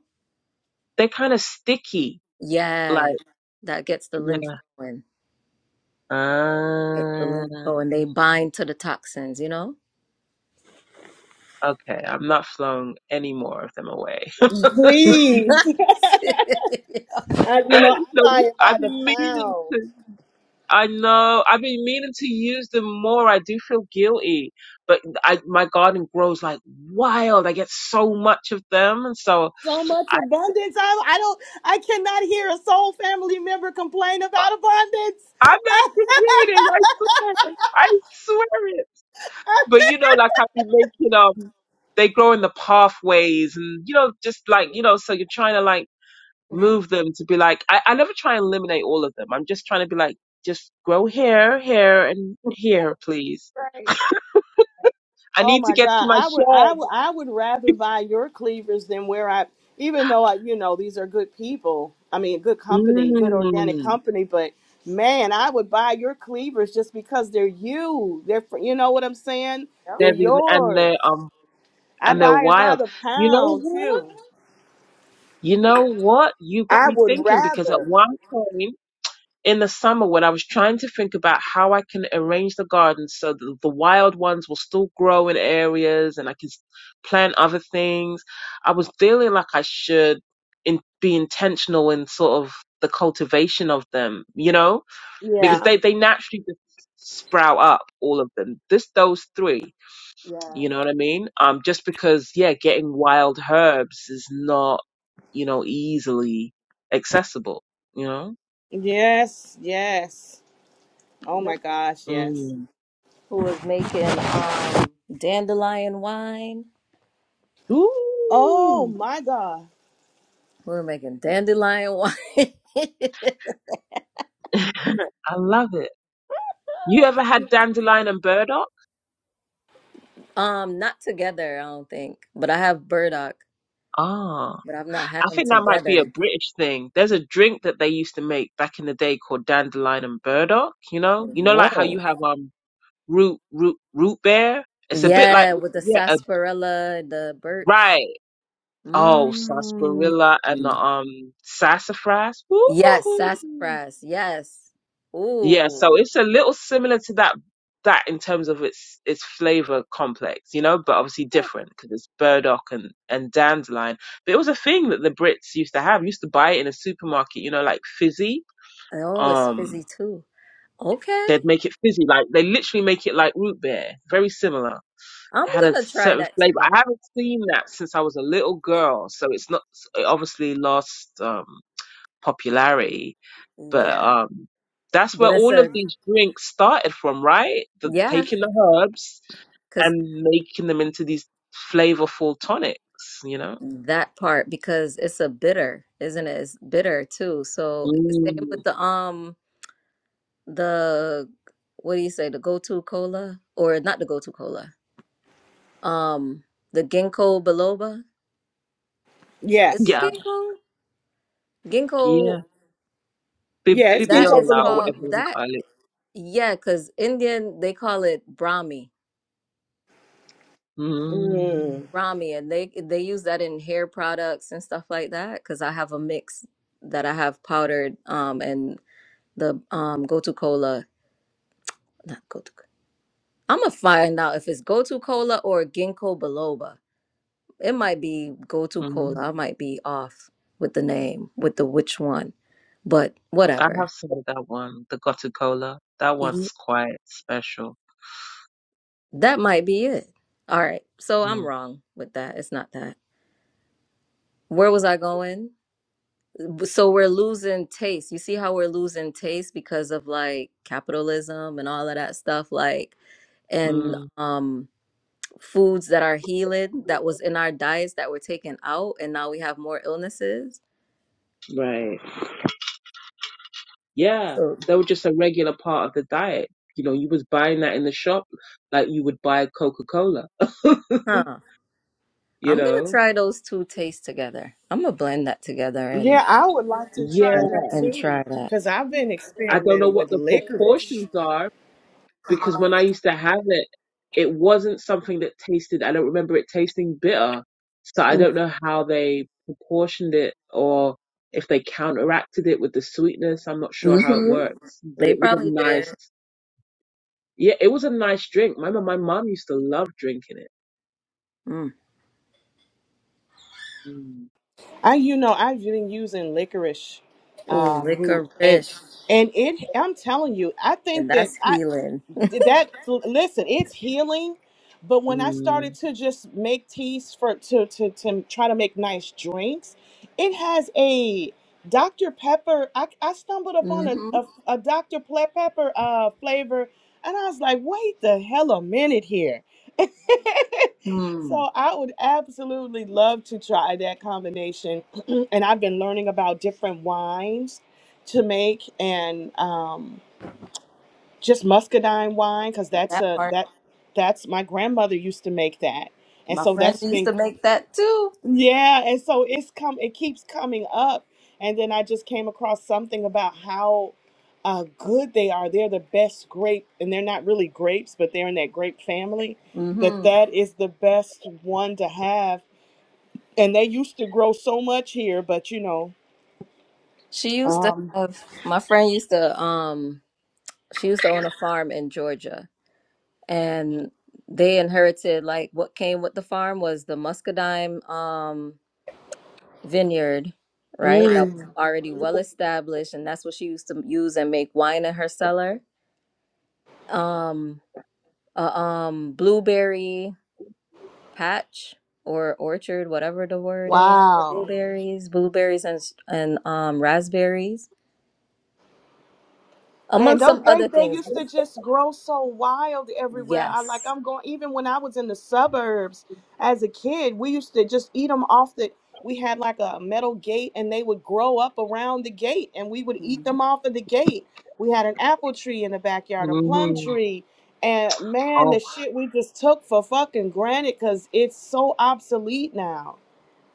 Speaker 3: They're kind of sticky.
Speaker 2: Yeah,
Speaker 3: Like,
Speaker 2: that gets the
Speaker 3: yeah.
Speaker 2: lymph going. Gets the lymph
Speaker 3: Ah.
Speaker 2: going. They bind to the toxins, you know?
Speaker 3: Okay, I'm not throwing any more of them away.
Speaker 6: please
Speaker 2: That's
Speaker 6: i you know i
Speaker 3: No,
Speaker 6: buy it by
Speaker 3: I've
Speaker 6: the
Speaker 3: been meaning
Speaker 6: pound
Speaker 3: to. I know. I've been meaning to use them more. I do feel guilty, but I my garden grows like wild. I get so much of them, and so
Speaker 6: so much
Speaker 3: I
Speaker 6: abundance i, I don't i cannot hear a soul family member complain about
Speaker 3: I'm not
Speaker 6: abundance
Speaker 3: complaining. I swear, I swear it. But you know, like I've been making um, they grow in the pathways, and you know, just like you know, so you're trying to like move them to be like I, I never try and eliminate all of them. I'm just trying to be like, just grow here, here, and here, please.
Speaker 2: right.
Speaker 3: I
Speaker 6: Oh
Speaker 3: need to
Speaker 6: my
Speaker 3: get to
Speaker 6: God,
Speaker 3: my
Speaker 6: I would, I
Speaker 3: shed.
Speaker 6: would, I would rather buy your cleavers than where I. Even though I, you know, these are good people. I mean, good company, good organic
Speaker 3: Mm.
Speaker 6: company. But man, I would buy your cleavers just because they're you. They're, fr- you know what I'm saying?
Speaker 2: Yep.
Speaker 6: They're
Speaker 3: They're the, and
Speaker 6: yours.
Speaker 3: they're um
Speaker 6: I
Speaker 3: and
Speaker 2: Yep.
Speaker 3: they're
Speaker 6: buy it by
Speaker 3: wild.
Speaker 6: the
Speaker 3: You know
Speaker 6: pound
Speaker 3: what?
Speaker 6: too.
Speaker 3: You know what? You got
Speaker 6: I
Speaker 3: me
Speaker 6: would
Speaker 3: thinking because at
Speaker 6: rather.
Speaker 3: one point in the summer when I was trying to think about how I can arrange the garden so that the wild ones will still grow in areas and I can s- plant other things, I was feeling like I should in, be intentional in sort of the cultivation of them, you know, because
Speaker 6: Yeah.
Speaker 3: they, they naturally just sprout up all of them. Just those three,
Speaker 2: Yeah.
Speaker 3: you know what I mean? Um, just because, yeah, getting wild herbs is not, you know, easily accessible, you know?
Speaker 6: Yes. Yes. Oh my
Speaker 2: Look
Speaker 6: gosh. Yes.
Speaker 3: Mm.
Speaker 2: Who was making um dandelion wine?
Speaker 6: Oh
Speaker 3: Ooh,
Speaker 6: my God.
Speaker 2: We were making dandelion wine.
Speaker 3: I love it. You ever had dandelion and burdock?
Speaker 2: um, not together, I don't think. But I have burdock,
Speaker 3: Ah,
Speaker 2: but I've not had
Speaker 3: I
Speaker 2: them
Speaker 3: think that might be a
Speaker 2: together.
Speaker 3: British thing. There's a drink that they used to make back in the day called dandelion and burdock. You know, you know, like how you
Speaker 2: Whoa.
Speaker 3: have um root root root beer. It's a bit like
Speaker 2: Yeah, with the
Speaker 3: yeah, a,
Speaker 2: sarsaparilla, the birch.
Speaker 3: right. Oh,
Speaker 2: Mmm.
Speaker 3: sarsaparilla and the um sassafras.
Speaker 2: Yes,
Speaker 3: Woo!
Speaker 2: sassafras. Yes.
Speaker 3: Yeah, so
Speaker 2: Ooh.
Speaker 3: it's a little similar to that that in terms of its its flavor complex, you know, but obviously
Speaker 2: Huh.
Speaker 3: different because it's burdock and and dandelion. But it was a thing that the Brits used to have. Used to buy it in a supermarket, you know, like fizzy.
Speaker 2: Oh, it's
Speaker 3: Um,
Speaker 2: fizzy too. Okay.
Speaker 3: they'd make it fizzy, like they literally make it like root beer, very similar.
Speaker 2: I'm
Speaker 3: It had a
Speaker 2: gonna try
Speaker 3: certain
Speaker 2: that
Speaker 3: flavor.
Speaker 2: together.
Speaker 3: I haven't seen that since I was a little girl, so it's not it obviously lost um popularity but
Speaker 2: Yeah.
Speaker 3: um, that's where
Speaker 2: But it's
Speaker 3: all of
Speaker 2: a
Speaker 3: these drinks started from, right? The
Speaker 2: yeah,
Speaker 3: taking the herbs
Speaker 2: because
Speaker 3: and making them into these flavorful tonics, you know?
Speaker 2: that part because it's a bitter, isn't it? It's bitter too. So same with
Speaker 3: Mm,
Speaker 2: the um the what do you say, the go-to cola? Or not the go-to cola. Um the ginkgo biloba. Is it
Speaker 6: Yes.
Speaker 3: yeah,
Speaker 2: ginkgo? Ginkgo
Speaker 3: yeah. Bib-
Speaker 6: Yes.
Speaker 2: that
Speaker 6: Ginkgo
Speaker 2: is
Speaker 3: Bibliola or
Speaker 6: biloba.
Speaker 3: whatever
Speaker 2: called
Speaker 3: you
Speaker 2: that
Speaker 3: call it.
Speaker 2: Yeah, because Indian they call it Brahmi,
Speaker 6: Mm.
Speaker 3: Mm,
Speaker 2: Brahmi, and they they use that in hair products and stuff like that. Because I have a mix that I have powdered, um, and the um Gotu kola. not Gotu. I'm gonna find out if it's Gotu kola or Ginkgo biloba. It might be Gotu
Speaker 3: mm.
Speaker 2: kola. I might be off with the name, with the which one, but
Speaker 3: I
Speaker 2: whatever.
Speaker 3: have some of that one, the Gotti Cola. That
Speaker 2: Ye-
Speaker 3: one's quite special.
Speaker 2: That might be it. All right, so I'm
Speaker 3: Mm,
Speaker 2: wrong with that. It's not that. Where was I going? so we're losing taste. You see how we're losing taste because of like capitalism and all of that stuff, like and
Speaker 3: mm,
Speaker 2: um foods that are healing that was in our diets that were taken out and now we have more illnesses.
Speaker 3: right. Yeah,
Speaker 2: So
Speaker 3: they were just a regular part of the diet. You know, you was buying that in the shop like you would buy Coca-Cola.
Speaker 2: huh.
Speaker 3: You
Speaker 2: I'm gonna
Speaker 3: know?
Speaker 2: try those two tastes together. I'm gonna blend that together and
Speaker 6: Yeah, I would like to try
Speaker 3: Yeah,
Speaker 2: and
Speaker 6: that
Speaker 2: and
Speaker 6: too,
Speaker 2: try that.
Speaker 6: because I've been
Speaker 3: I don't know
Speaker 6: experimenting
Speaker 3: what
Speaker 6: with
Speaker 3: the
Speaker 6: licorice.
Speaker 3: proportions are because when I used to have it, it wasn't something that tasted, I don't remember it tasting bitter. So I don't know how they proportioned it or if they counteracted it with the sweetness. I'm not sure how it
Speaker 2: Mhm.
Speaker 3: works, but
Speaker 2: They
Speaker 3: it was a
Speaker 2: probably did.
Speaker 3: nice, yeah, it was a nice drink. My my mom used to love drinking it.
Speaker 2: Mm.
Speaker 3: Mm.
Speaker 6: I, you know, I've been using licorice
Speaker 2: Oh,
Speaker 6: uh, root, and
Speaker 2: licorice.
Speaker 6: and it. I'm telling you, I
Speaker 2: And
Speaker 6: think that
Speaker 2: that's
Speaker 6: I
Speaker 2: healing.
Speaker 6: did that listen it's healing but when i started
Speaker 3: Mm.
Speaker 6: to just make teas for to to, to try to make nice drinks it has a dr pepper i, I stumbled upon a,
Speaker 2: Mm-hmm.
Speaker 6: a, a dr Ple- pepper uh, flavor and i was like wait the hell a minute here
Speaker 2: Mm.
Speaker 6: so i would absolutely love to try that combination and i've been learning about different wines to make and um just muscadine wine because that's
Speaker 2: That
Speaker 6: a
Speaker 2: part.
Speaker 6: that that's my grandmother used to make that and
Speaker 2: My
Speaker 6: so
Speaker 2: friend
Speaker 6: that's
Speaker 2: used
Speaker 6: been
Speaker 2: to make that too.
Speaker 6: yeah and so it's come it keeps coming up and then i just came across something about how uh, good they are they're the best grape and they're not really grapes but they're in that grape family that
Speaker 2: hmm
Speaker 6: that is the best one to have and they used to grow so much here but you know
Speaker 2: She used to
Speaker 6: um
Speaker 2: have my friend used to um she used to own a farm in Georgia and they inherited like what came with the farm was the muscadine um vineyard, right? That was
Speaker 6: mm,
Speaker 2: already well established and that's what she used to use and make wine in her cellar. Um a um blueberry patch or orchard, whatever the word is for
Speaker 6: wow
Speaker 2: blueberries, blueberries and s- and um raspberries
Speaker 6: Man,
Speaker 2: among some
Speaker 6: don't
Speaker 2: other
Speaker 6: think they
Speaker 2: things.
Speaker 6: used to just grow so wild everywhere. I like
Speaker 2: Yes.
Speaker 6: I'm going even when I was in the suburbs as a kid, we used to just eat them off the we had like a metal gate and they would grow up around the gate and we would eat
Speaker 2: Mhm.
Speaker 6: them off of the gate. We had an apple tree in the backyard, a plum
Speaker 3: hmm
Speaker 6: tree, and man, the
Speaker 3: Oh.
Speaker 6: shit we just took for fucking granted cuz it's so obsolete now.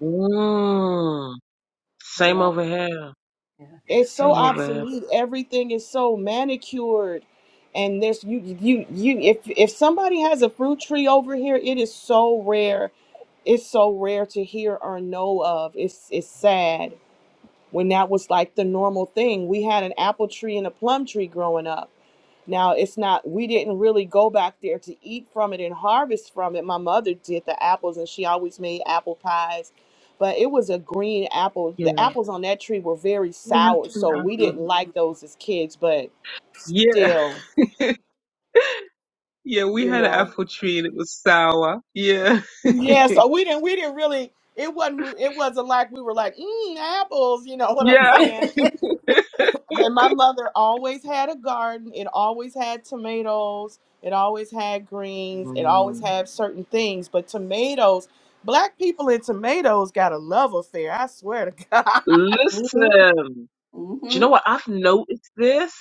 Speaker 3: Mm. Same
Speaker 2: Yeah.
Speaker 3: over here.
Speaker 2: Yeah.
Speaker 6: it's so
Speaker 3: Same over
Speaker 6: obsolete everything is so manicured and there's you you you if if somebody has a fruit tree over here it is so rare it's so rare to hear or know of it's it's sad when that was like the normal thing we had an apple tree and a plum tree growing up now, it's not, we didn't really go back there to eat from it and harvest from it. My mother did the apples and she always made apple pies, but it was a green apple.
Speaker 3: here.
Speaker 6: The
Speaker 3: Yeah.
Speaker 6: apples on that tree were very
Speaker 3: We had
Speaker 6: sour,
Speaker 3: some
Speaker 6: so we didn't
Speaker 3: apples.
Speaker 6: like those as kids, but
Speaker 3: Yeah.
Speaker 6: still,
Speaker 3: Yeah, we
Speaker 6: you
Speaker 3: had an
Speaker 6: know.
Speaker 3: apple tree and it was sour. Yeah.
Speaker 6: Yeah, so we didn't, we didn't really, it wasn't, it wasn't like we were like, mm, apples, you know what I'm
Speaker 3: Yeah.
Speaker 6: saying? But my mother always had a garden. It always had tomatoes. It always had greens. It always
Speaker 3: Mm.
Speaker 6: had certain things. But tomatoes, black people and tomatoes got a love affair. I swear to God.
Speaker 2: Mm-hmm.
Speaker 3: Listen, do you
Speaker 2: hmm
Speaker 3: know what? I've noticed this,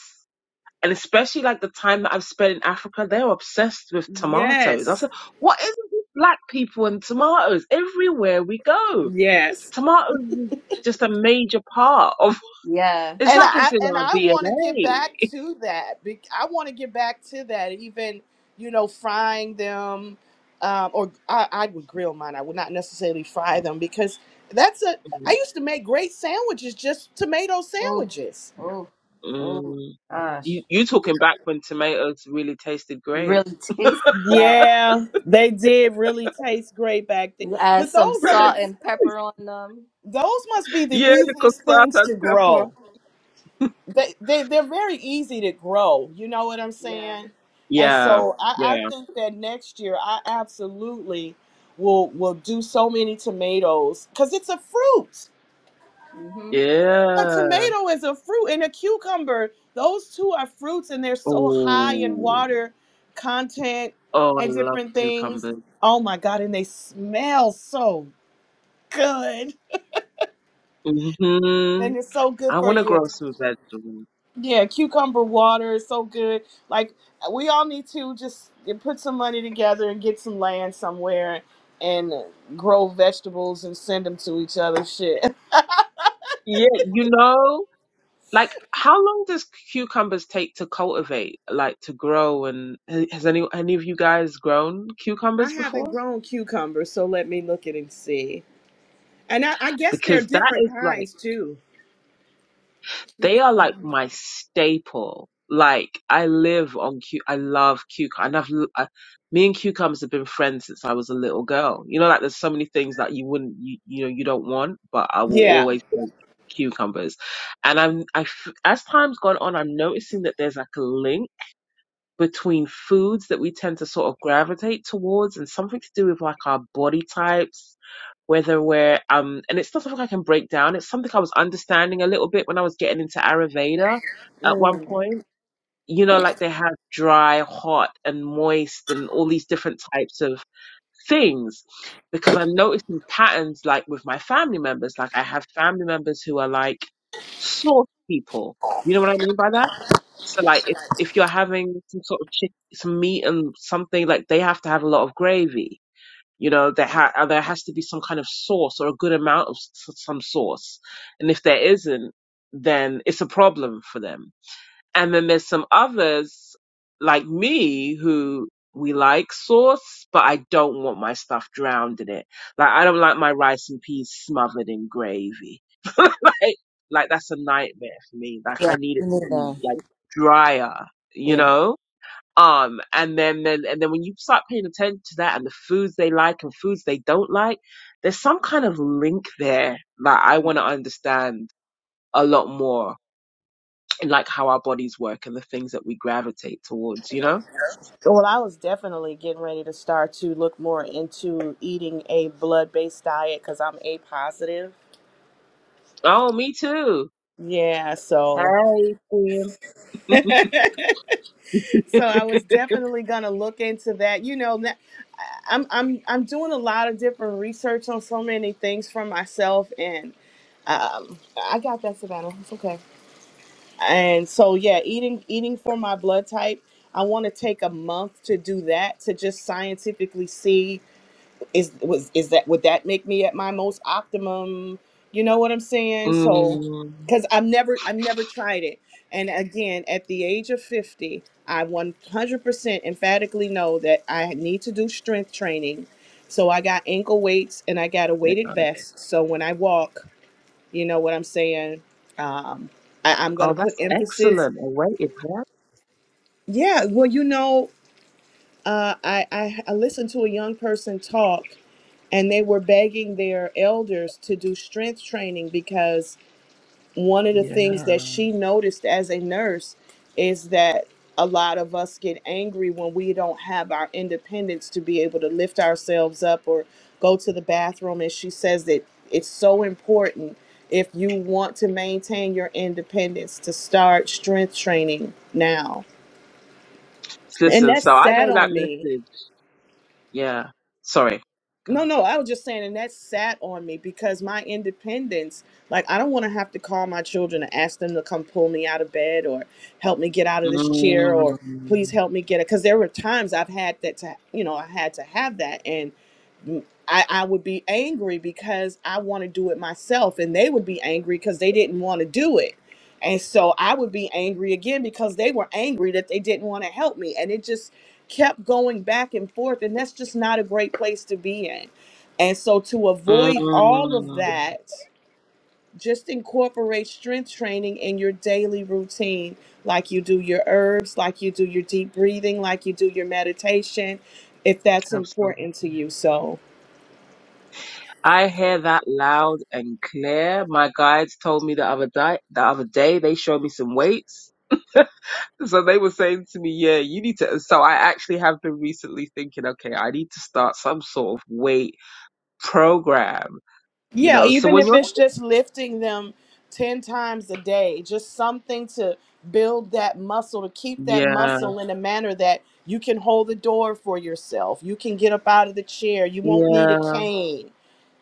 Speaker 3: and especially like the time that I've spent in Africa, they're obsessed with tomatoes. I
Speaker 6: Yes.
Speaker 3: said, what is it with black people and tomatoes? Everywhere we go,
Speaker 6: Yes.
Speaker 3: tomatoes is just a major part of
Speaker 2: Yeah.
Speaker 3: It's
Speaker 6: and
Speaker 3: like
Speaker 6: I
Speaker 3: it's in
Speaker 6: and
Speaker 3: our
Speaker 6: I want to get
Speaker 3: DNA.
Speaker 6: back to that. Be- I want to get back to that. Even you know, frying them, um, or I, I would grill mine. I would not necessarily fry them because that's a. I used to make great sandwiches, just tomato
Speaker 2: Oh,
Speaker 6: sandwiches.
Speaker 2: oh, oh
Speaker 3: Mm.
Speaker 2: my gosh.
Speaker 3: You you talking back when tomatoes really tasted great?
Speaker 2: Really taste it. Yeah.
Speaker 6: Yeah, they did really taste great back then.
Speaker 2: You Add
Speaker 6: But
Speaker 2: some
Speaker 6: those are the
Speaker 2: salt and pepper on them.
Speaker 6: those must be the
Speaker 3: yeah, little
Speaker 6: easiest
Speaker 3: salt
Speaker 6: things
Speaker 3: and
Speaker 6: to
Speaker 3: pepper.
Speaker 6: grow. they, they they're very easy to grow. You know what I'm
Speaker 2: Yeah.
Speaker 6: saying? And
Speaker 3: Yeah,
Speaker 6: so I, I
Speaker 3: yeah,
Speaker 6: think that next year I absolutely will will do so many tomatoes because it's a fruit.
Speaker 2: Mm-hmm.
Speaker 6: A
Speaker 3: yeah.
Speaker 6: tomato is a fruit, and a cucumber. Those two are fruits, and they're so high in
Speaker 3: Oh,
Speaker 6: water content
Speaker 3: oh, I
Speaker 6: and
Speaker 3: love
Speaker 6: different things.
Speaker 3: cucumbers.
Speaker 6: Oh my God! And they smell so good,
Speaker 3: hmm
Speaker 6: and it's so good
Speaker 3: I
Speaker 6: for
Speaker 3: want to
Speaker 6: you.
Speaker 3: grow some vegetables.
Speaker 6: Yeah, cucumber water is so good. Like uh, we all need to just uh, put some money together and get some land somewhere and grow vegetables and send them to each other. Shit,
Speaker 3: Yeah, you know, like how long does cucumbers take to cultivate, like to grow? And ha- has any any of you guys grown
Speaker 6: I
Speaker 3: cucumbers before?
Speaker 6: haven't grown cucumbers, so let me look at and see. And I, I guess there are
Speaker 3: Because that
Speaker 6: different
Speaker 3: is like.
Speaker 6: kinds too.
Speaker 3: They are like my staple. Like I live on cu I love cucumber, and I've l- I, me and cucumbers have been friends since I was a little girl. You know, like there's so many things that you wouldn't, you, you know, you don't want, but I will
Speaker 6: Yeah.
Speaker 3: always want cucumbers. And I'm, I, f- as time's gone on, I'm noticing that there's like a link between foods that we tend to sort of gravitate towards and something to do with like our body types whether we're um and it's not something I can break down it's something I was understanding a little bit when I was getting into Ayurveda at one
Speaker 6: Mm.
Speaker 3: point you know like they have dry hot and moist and all these different types of things because I'm noticing patterns like with my family members like I have family members who are like source people you know what I mean by that so like if, if you're having some sort of chick, some meat and something like they have to have a lot of gravy. You know, there ha- uh, there has to be some kind of sauce or a good amount of s- some sauce. And if there isn't, then it's a problem for them. And then there's some others like me who we like sauce, but I don't want my stuff drowned in it. Like I don't like my rice and peas smothered in gravy Hey, like that's a nightmare for me. Like
Speaker 2: Yeah.
Speaker 3: I need
Speaker 2: Me
Speaker 3: it to be
Speaker 2: neither.
Speaker 3: like drier, you
Speaker 2: Yeah.
Speaker 3: know? Um, and then, then, and then when you start paying attention to that and the foods they like and foods they don't like, there's some kind of link there that I want to understand a lot more and like how our bodies work and the things that we gravitate towards, you know?
Speaker 6: Well, I was definitely getting ready to start to look more into eating a blood based diet because I'm A positive.
Speaker 3: Oh, me too.
Speaker 6: Yeah. So.
Speaker 3: Hey, Queen.
Speaker 6: So I was definitely gonna look into that. You know, that- I'm I'm I'm doing a lot of different research on so many things for myself, and um, I got that Savannah. It's okay. And so yeah, eating eating for my blood type. I want to take a month to do that to just scientifically see is was is that would that make me at my most optimum you know what i'm saying so
Speaker 3: Mm,
Speaker 6: because i've never i've never tried it and again at the age of 50 i 100% emphatically know that i need to do strength training so i got ankle weights and i got a
Speaker 3: yeah.
Speaker 6: weighted vest so when i walk you know what i'm saying um I, i'm
Speaker 3: Oh,
Speaker 6: gonna put
Speaker 3: that's
Speaker 6: emphasis
Speaker 3: excellent. I waited for that.
Speaker 6: yeah well you know uh, I, I I listened to a young person talk and they were begging their elders to do strength training because one of the things that
Speaker 3: Yeah.
Speaker 6: she noticed as a nurse is that a lot of us get angry when we don't have our independence to be able to lift ourselves up or go to the bathroom and she says that it's so important if you want to maintain your independence to start strength training now and
Speaker 3: Listen,
Speaker 6: that
Speaker 3: so I
Speaker 6: sat
Speaker 3: know that
Speaker 6: on me
Speaker 3: message. Yeah. Sorry. Go.
Speaker 6: No, no, I was just saying, and that sat on me because my independence, like, I don't want to have to call my children and ask them to come pull me out of bed or help me get out of this chair or please
Speaker 3: Mm,
Speaker 6: help me get it. Because there were times I've had that to, you know, I had to have that. and. I, I would be angry because I want to do it myself, and they would be angry because they didn't want to do it. And so I would be angry again because they were angry that they didn't want to help me. And it just kept going back and forth. And that's just not a great place to be in. And so to avoid all of
Speaker 3: mm,
Speaker 6: that, just incorporate strength training in your daily routine, like you do your herbs, like you do your deep breathing, like you do your meditation, if that's
Speaker 3: absolutely.
Speaker 6: important to you. So,
Speaker 3: I hear that loud and clear. My guides told me the other day, the other day they showed me some weights. So they were saying to me, yeah, you need to. So I actually have been recently thinking, okay, I need to start some sort of weight program, you
Speaker 6: Yeah,
Speaker 3: know. So
Speaker 6: even
Speaker 3: when
Speaker 6: if
Speaker 3: you're,
Speaker 6: it's just lifting them 10 times a day, just something to build that muscle, to keep that
Speaker 3: yeah,
Speaker 6: muscle in a manner that you can hold the door for yourself. You can get up out of the chair. You won't need
Speaker 3: yeah,
Speaker 6: a cane,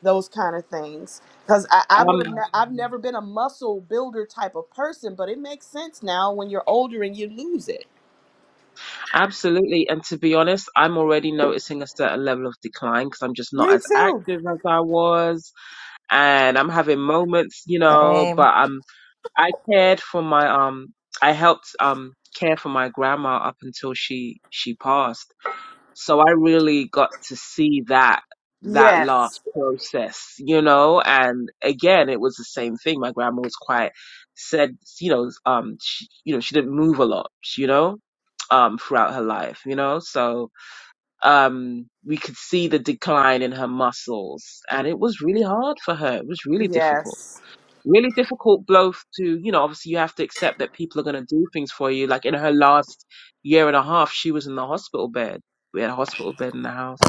Speaker 6: those kind of things. Because I, I would have, ne- I've
Speaker 3: um,
Speaker 6: never been a muscle builder type of person, but it makes sense now when you're older and you lose it.
Speaker 3: Absolutely. And to be honest, I'm already noticing a certain level of decline because I'm just not
Speaker 6: Me
Speaker 3: as
Speaker 6: too.
Speaker 3: active as I was. And I'm having moments, you know,
Speaker 2: Same.
Speaker 3: but um I cared for my um I helped um care for my grandma up until she she passed. So I really got to see that that last
Speaker 6: Yes.
Speaker 3: process, you know, and again, it was the same thing. My grandma was quite said, you know, um, she, you know, she didn't move a lot, you know, um, throughout her life, you know, so, um, we could see the decline in her muscles and it was really hard for her. It was really difficult
Speaker 6: Yes.
Speaker 3: really difficult both to you know obviously you have to accept that people are going to do things for you like in her last year and a half she was in the hospital bed we had a hospital bed in the house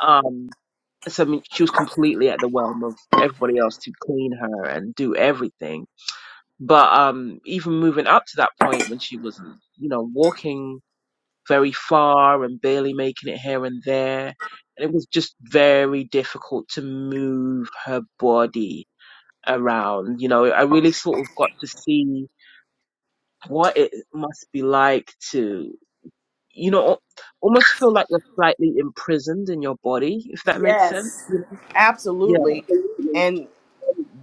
Speaker 3: um so I mean, she was completely at the realm of everybody else to clean her and do everything but um even moving up to that point when she wasn't you know walking very far and barely making it here and there and it was just very difficult to move her body around. You know, I really sort of got to see what it must be like to, you know, al- almost feel like you're slightly imprisoned in your body, if that makes sense.
Speaker 6: Yes.
Speaker 3: you know?
Speaker 6: Absolutely.
Speaker 3: Yeah.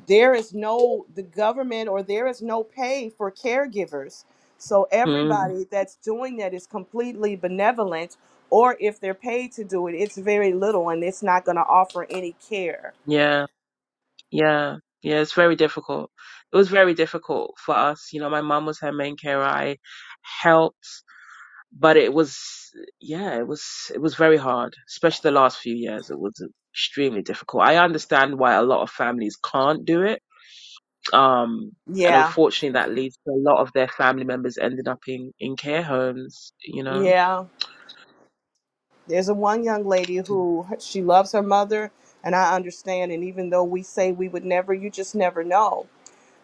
Speaker 6: there is no the government or there is no pay for caregivers so
Speaker 3: Mm,
Speaker 6: everybody that's doing that is completely benevolent or if they're paid to do it it's very little and it's not going to offer any care
Speaker 3: yeah. Yeah. Yeah. It's very difficult. It was very difficult for us. You know, my mom was her main carer. I helped, but it was, yeah, it was, it was very hard, especially the last few years. It was extremely difficult. I understand why a lot of families can't do it Um, and
Speaker 6: yeah
Speaker 3: unfortunately, that leads to a lot of their family members ending up in, in care homes, you know?
Speaker 6: yeah there's a one young lady who she loves her mother and i understand and even though we say we would never you just never know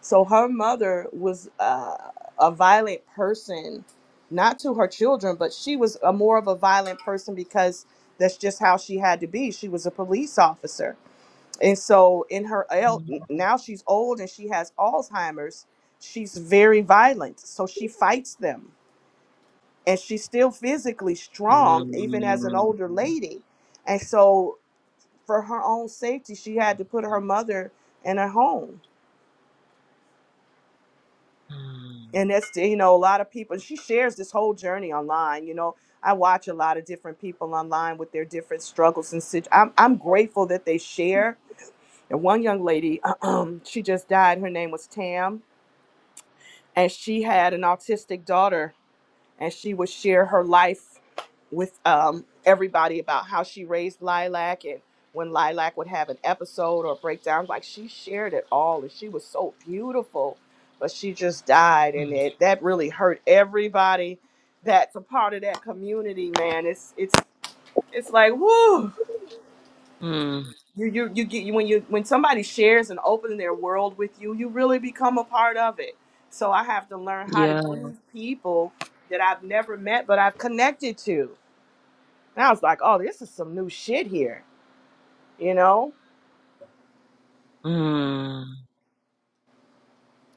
Speaker 6: So her mother was uh, a violent person, not to her children, but she was a more of a violent person because that's just how she had to be. She was a police officer, and so in her el-
Speaker 3: Mm.
Speaker 6: now she's old and she has Alzheimer's. She's very violent, so she fights them, and she's still physically strong even as an
Speaker 3: Mm.
Speaker 6: older lady. And so, for her own safety, she had to put her mother in a home
Speaker 3: Mm.
Speaker 6: and that's you know a lot of people she shares this whole journey online you know i watch a lot of different people online with their different struggles and such i'm, I'm grateful that they share and one young lady she just died her name was tam and she had an autistic daughter and she would share her life with um, everybody about how she raised Lilac and when Lilac would have an episode or breakdown. Like she shared it all and she was so beautiful, but she just died and
Speaker 3: Mm.
Speaker 6: it that really hurt everybody that's a part of that community, man. It's it's it's like whoo.
Speaker 3: mm.
Speaker 6: You, you you get you when you when somebody shares and opens their world with you, you really become a part of it. So I have to learn how to
Speaker 3: Yeah.
Speaker 6: grieve people that I've never met but I've connected to and I was like, oh, this is some new shit here, you know?
Speaker 3: Mm.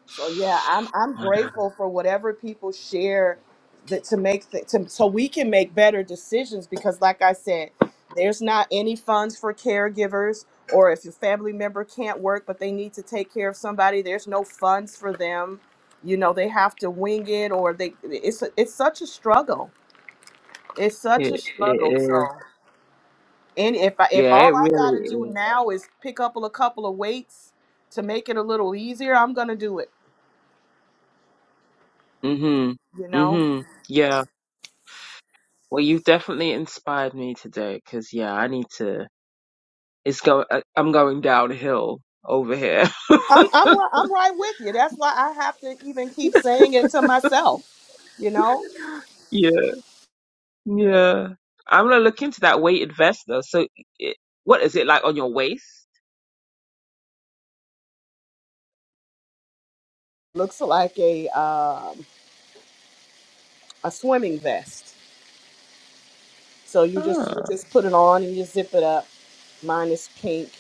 Speaker 6: So yeah, I'm I'm grateful for whatever people share that to make th- to, so we can make better decisions because like I said, there's not any funds for caregivers or if your family member can't work but they need to take care of somebody, there's no funds for them. You know, they have to wing it or they it's it's such a struggle. It's such a
Speaker 3: It, it
Speaker 6: struggle. So
Speaker 3: is.
Speaker 6: And if I, if
Speaker 3: Yeah, it
Speaker 6: all I
Speaker 3: really
Speaker 6: gotta do
Speaker 3: is.
Speaker 6: now is pick up a couple of weights to make it a little easier, I'm gonna do it.
Speaker 3: hmm
Speaker 6: You know,
Speaker 3: hmm Yeah. Well, you've definitely inspired me today because, yeah, I need to. It's go. I- I'm going downhill over here.
Speaker 6: I'm I'm ri- I'm right with you. That's why I have to even keep saying it to myself. You know,
Speaker 3: Yeah. Yeah. I'm gonna look into that weighted vest though. So, it, what is it like on your waist?
Speaker 6: looks like a um, a swimming vest. So you just you
Speaker 3: Ah.
Speaker 6: just put it on and you zip it up. Mine is pink.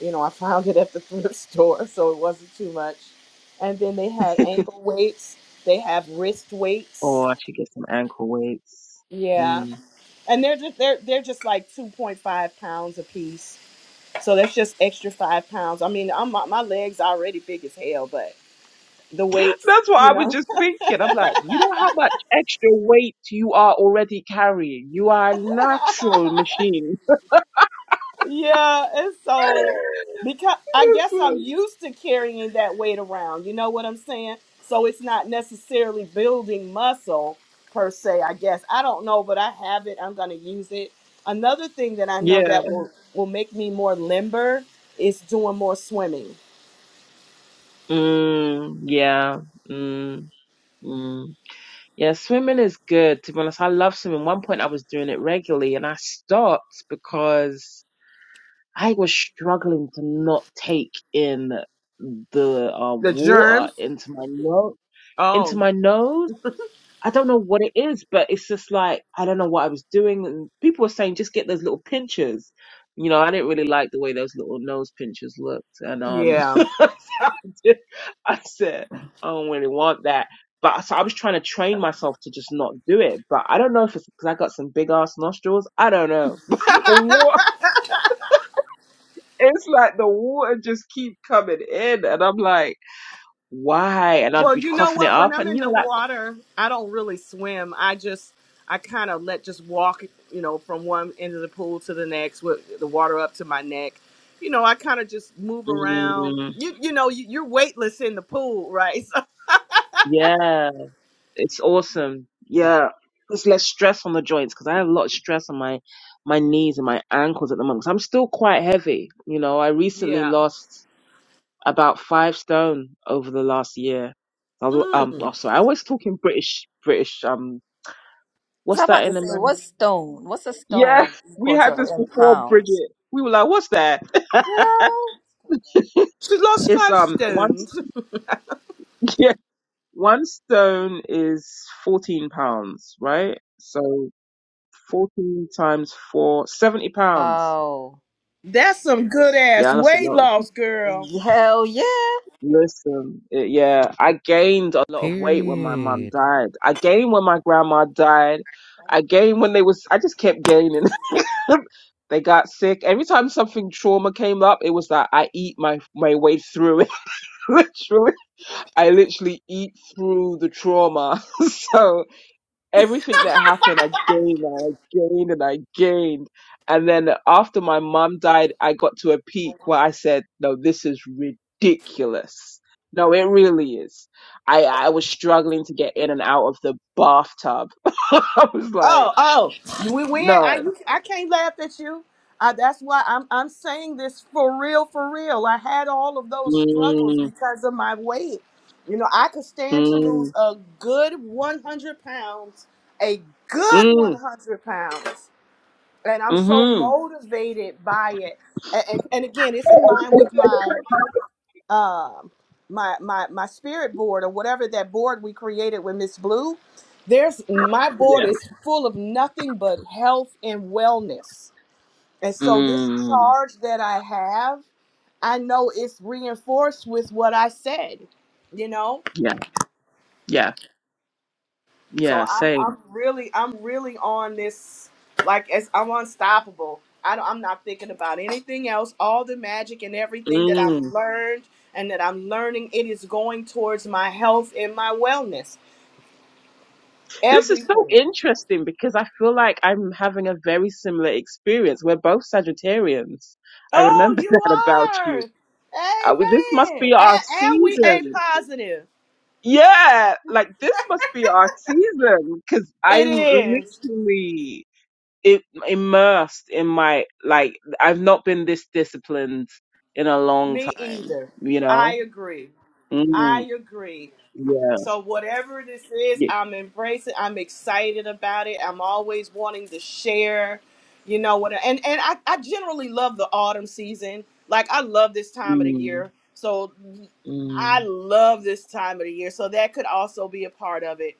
Speaker 6: You know, I found it at the thrift store, so it wasn't too much. And then they had ankle weights. They have wrist weights.
Speaker 3: Or I should get some ankle weights.
Speaker 6: Yeah.
Speaker 3: Mm.
Speaker 6: and they're just they're they're just like 2.5 pounds a piece so that's just extra five pounds i mean i'm my my legs are already big as hell but the weights
Speaker 3: That's what
Speaker 6: you
Speaker 3: I was
Speaker 6: know
Speaker 3: just thinking. I'm like, you know how much extra weight you are already carrying. You are a natural machine.
Speaker 6: yeah and so because i guess i'm
Speaker 3: Listen.
Speaker 6: used to carrying that weight around you know what i'm saying so it's not necessarily building muscle per se i guess i don't know but i have it i'm going to use it another thing that i know
Speaker 3: Yeah.
Speaker 6: that will will make me more limber is doing more swimming
Speaker 3: Mm, yeah. Mm, mm. Yeah, swimming is good. To be honest, I love swimming. One point I was doing it regularly and I stopped because I was struggling to not take in the uh,
Speaker 6: the germs
Speaker 3: water into my nose. Into
Speaker 6: Oh,
Speaker 3: my nose. I don't know what it is, but it's just like I don't know what I was doing. And people were saying just get those little pinchers. You know, I didn't really like the way those little nose pinchers looked, and um,
Speaker 6: yeah.
Speaker 3: so I, just, I said I don't really want that. But so I was trying to train myself to just not do it. But I don't know if it's because I got some big ass nostrils. I don't know. But the water it's like the water just keep coming in, and I'm like, why? And I'd
Speaker 6: Well,
Speaker 3: be
Speaker 6: you know
Speaker 3: coughing it
Speaker 6: what? When
Speaker 3: up,
Speaker 6: I'm
Speaker 3: and
Speaker 6: in
Speaker 3: you know,
Speaker 6: the
Speaker 3: like,
Speaker 6: water, I don't really swim. I just, I kind of let just walk, you know, from one end of the pool to the next with the water up to my neck. You know, I kind of just move around.
Speaker 3: mm,
Speaker 6: You, you know, you, you're weightless in the pool, right? So,
Speaker 3: yeah, it's awesome. Yeah, it's less stress on the joints because I have a lot of stress on my my knees and my ankles at the moment. 'cause I'm still quite heavy. You know, I recently
Speaker 6: yeah.
Speaker 3: lost about five stone over the last year. I l- Um, oh,
Speaker 6: Mm.
Speaker 3: sorry, I always talk in British British. Um,
Speaker 2: i was
Speaker 3: what's that
Speaker 2: about to
Speaker 3: in
Speaker 2: say,
Speaker 3: America?
Speaker 2: what's stone? What's a
Speaker 3: Yeah,
Speaker 2: stone
Speaker 3: we
Speaker 2: equal to
Speaker 3: had this
Speaker 2: in
Speaker 3: before,
Speaker 2: pounds?
Speaker 3: Bridget. We were like, what's that?
Speaker 2: You know?
Speaker 6: She lost
Speaker 3: It's
Speaker 6: five
Speaker 3: um one
Speaker 6: stones.
Speaker 3: yeah one stone is fourteen pounds, right? So fourteen times four seventy pounds.
Speaker 2: Oh,
Speaker 6: That's some good ass
Speaker 3: Yeah, that's a
Speaker 6: weight
Speaker 3: lot.
Speaker 6: loss, girl.
Speaker 2: hell yeah.
Speaker 3: Listen, eh, yeah, I gained a lot of weight when my mum
Speaker 1: Period.
Speaker 3: died. I gained when my grandma died. I gained when they was. I just kept gaining. they got sick. Every time something trauma came up, it was that I eat my my way through it. literally, I literally eat through the trauma. so. everything that happened, I gained and I gained and I gained. And then after my mum died, I got to a peak where I said, no, this is ridiculous. No, it really is. I, I was struggling to get in and out of the bathtub. I was
Speaker 6: Oh,
Speaker 3: like,
Speaker 6: oh, we we ain't- I
Speaker 3: no.
Speaker 6: you, I can't laugh at you. I, that's why I'm I'm saying this for real, for real. I had all of those struggles
Speaker 3: Mm,
Speaker 6: because of my weight. You know, I could stand to lose
Speaker 3: mm,
Speaker 6: a good 100 pounds, a good
Speaker 3: mm,
Speaker 6: 100 pounds, and I'm so
Speaker 3: mm-hmm.
Speaker 6: motivated by it. And, and, and again, it's in line with my um my my my spirit board or whatever that board we created with Miss Blue, there's my board
Speaker 3: Yeah.
Speaker 6: is full of nothing but health and wellness. And so this
Speaker 3: Mm,
Speaker 6: charge that I have, I know it's reinforced with what I said, you know.
Speaker 3: yeah, yeah,
Speaker 6: So
Speaker 3: yeah,
Speaker 6: I'm
Speaker 3: same.
Speaker 6: I'm really I'm really on this like as I'm unstoppable. I don't, I'm not thinking about anything else. All the magic and everything that
Speaker 3: Mm.
Speaker 6: I've learned and that I'm learning, it is going towards my health and my wellness.
Speaker 3: This is so
Speaker 6: Everything.
Speaker 3: interesting because I feel like I'm having a very similar experience. We're both Sagittarians. I
Speaker 6: Oh,
Speaker 3: remember
Speaker 6: you
Speaker 3: that about
Speaker 6: are.
Speaker 3: you. Uh, we- this must
Speaker 6: Amen.
Speaker 3: be our
Speaker 6: And, and we ain't
Speaker 3: season.
Speaker 6: positive.
Speaker 3: Yeah, like this must be our season because
Speaker 6: It
Speaker 3: I'm
Speaker 6: is.
Speaker 3: literally i immersed in my, like, I've not been this disciplined in a long
Speaker 6: Me
Speaker 3: time,
Speaker 6: either.
Speaker 3: you
Speaker 6: I
Speaker 3: know?
Speaker 6: agree.
Speaker 3: Mm,
Speaker 6: I agree.
Speaker 3: yeah.
Speaker 6: So whatever this is,
Speaker 3: yeah.
Speaker 6: I'm embracing. I'm excited about it. I'm always wanting to share, you know what? And and I, I generally love the autumn season. Like I love this time of the
Speaker 3: Mm,
Speaker 6: year. So I
Speaker 3: mm,
Speaker 6: love this time of the year. So that could also be a part of it.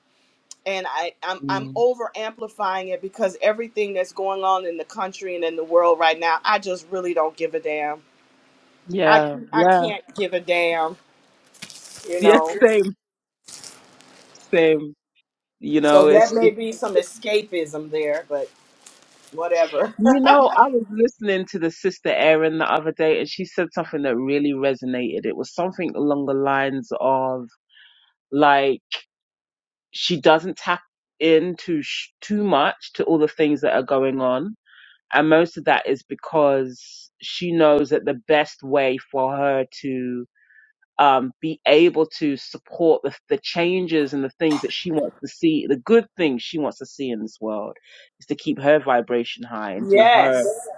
Speaker 6: And I I'm I'm
Speaker 3: mm.
Speaker 6: over amplifying it because everything that's going on in the country and in the world right now, I just really don't give a damn. I
Speaker 3: Yeah,
Speaker 6: I
Speaker 3: yeah.
Speaker 6: can't give a damn, you
Speaker 3: Yeah,
Speaker 6: know.
Speaker 3: same. Same. You
Speaker 6: So
Speaker 3: know,
Speaker 6: that
Speaker 3: it's
Speaker 6: may
Speaker 3: just,
Speaker 6: be some escapism there, but. whatever.
Speaker 3: you know, I was listening to the sister Erin the other day and she said something that really resonated. It was something along the lines of like she doesn't tap into sh- too much to all the things that are going on. And most of that is because she knows that the best way for her to um, be able to support the, the changes and the things that she wants to see, the good things she wants to see in this world, is to keep her vibration high and do her
Speaker 6: yes.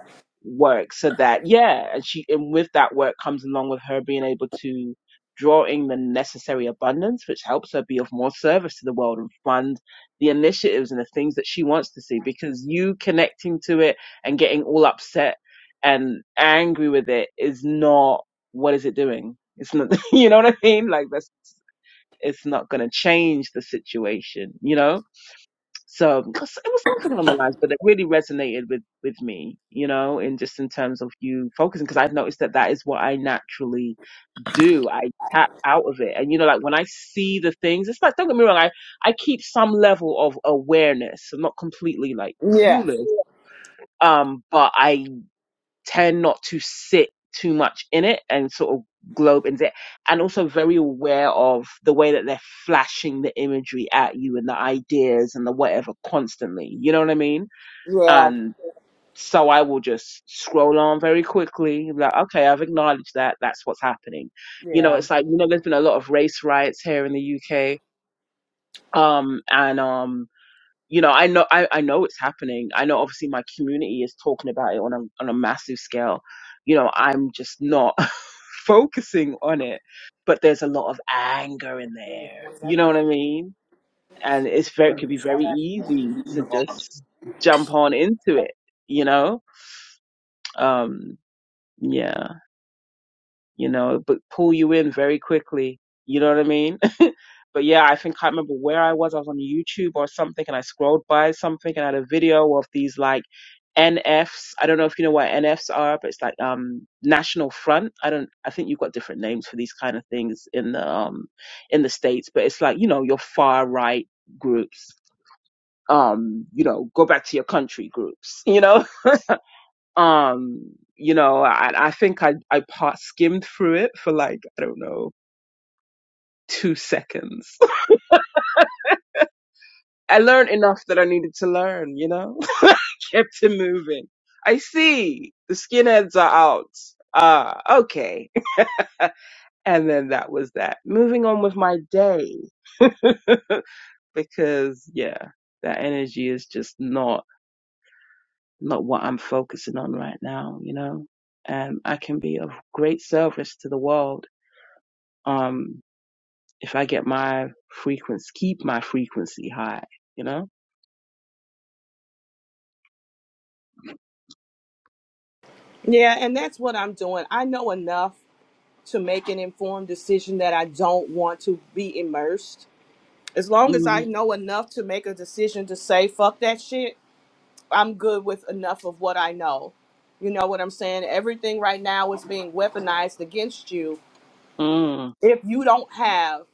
Speaker 3: work so that yeah and she and with that work comes along with her being able to draw in the necessary abundance which helps her be of more service to the world and fund the initiatives and the things that she wants to see because you connecting to it and getting all upset and angry with it is not what is it doing it's not you know what i mean like that's it's not going to change the situation you know so it was something along the lines, but it really resonated with with me, you know, and just in terms of you focusing, because I've noticed that that is what I naturally do. I tap out of it, and you know, like when I see the things, it's like don't get me wrong, I I keep some level of awareness. I'm not completely like
Speaker 6: Yes.
Speaker 3: clueless, um, but I tend not to sit too much in it and sort of globe into it and also very aware of the way that they're flashing the imagery at you and the ideas and the whatever constantly you know what i mean
Speaker 6: Yeah.
Speaker 3: and so i will just scroll on very quickly like okay i've acknowledged that that's what's happening you know
Speaker 6: Yeah.
Speaker 3: it's like you know there's been a lot of race riots here in the uk um and um you know i know I, I know it's happening i know obviously my community is talking about it on a on a massive scale you know i'm just not focusing on it but there's a lot of anger in there you know what i mean and it's very it could be very easy to just jump on into it you know um yeah you know but pull you in very quickly you know what i mean but yeah, I think I can't remember where I was. I was on YouTube or something, and I scrolled by something and I had a video of these like NFs. I don't know if you know what NFs are, but it's like um National Front. I don't. I think you've got different names for these kind of things in the um in the states, but it's like you know your far right groups. Um, you know, go back to your country groups. You know, um, you know, I, I think I I part skimmed through it for like I don't know two seconds I learned enough that I needed to learn, you know? I Kept it moving. I see. The skinheads are out. Ah, okay. And then that was that. Moving on with my day. because yeah, that energy is just not not what I'm focusing on right now, you know? And I can be of great service to the world, um, if I get my frequency keep my frequency high, you know?
Speaker 6: Yeah, and that's what I'm doing. I know enough to make an informed decision that I don't want to be immersed. As long as I
Speaker 3: Mm,
Speaker 6: know enough to make a decision to say fuck that shit, I'm good with enough of what I know. You know what I'm saying? Everything right now is being weaponized against you.
Speaker 3: mm,
Speaker 6: If you don't have,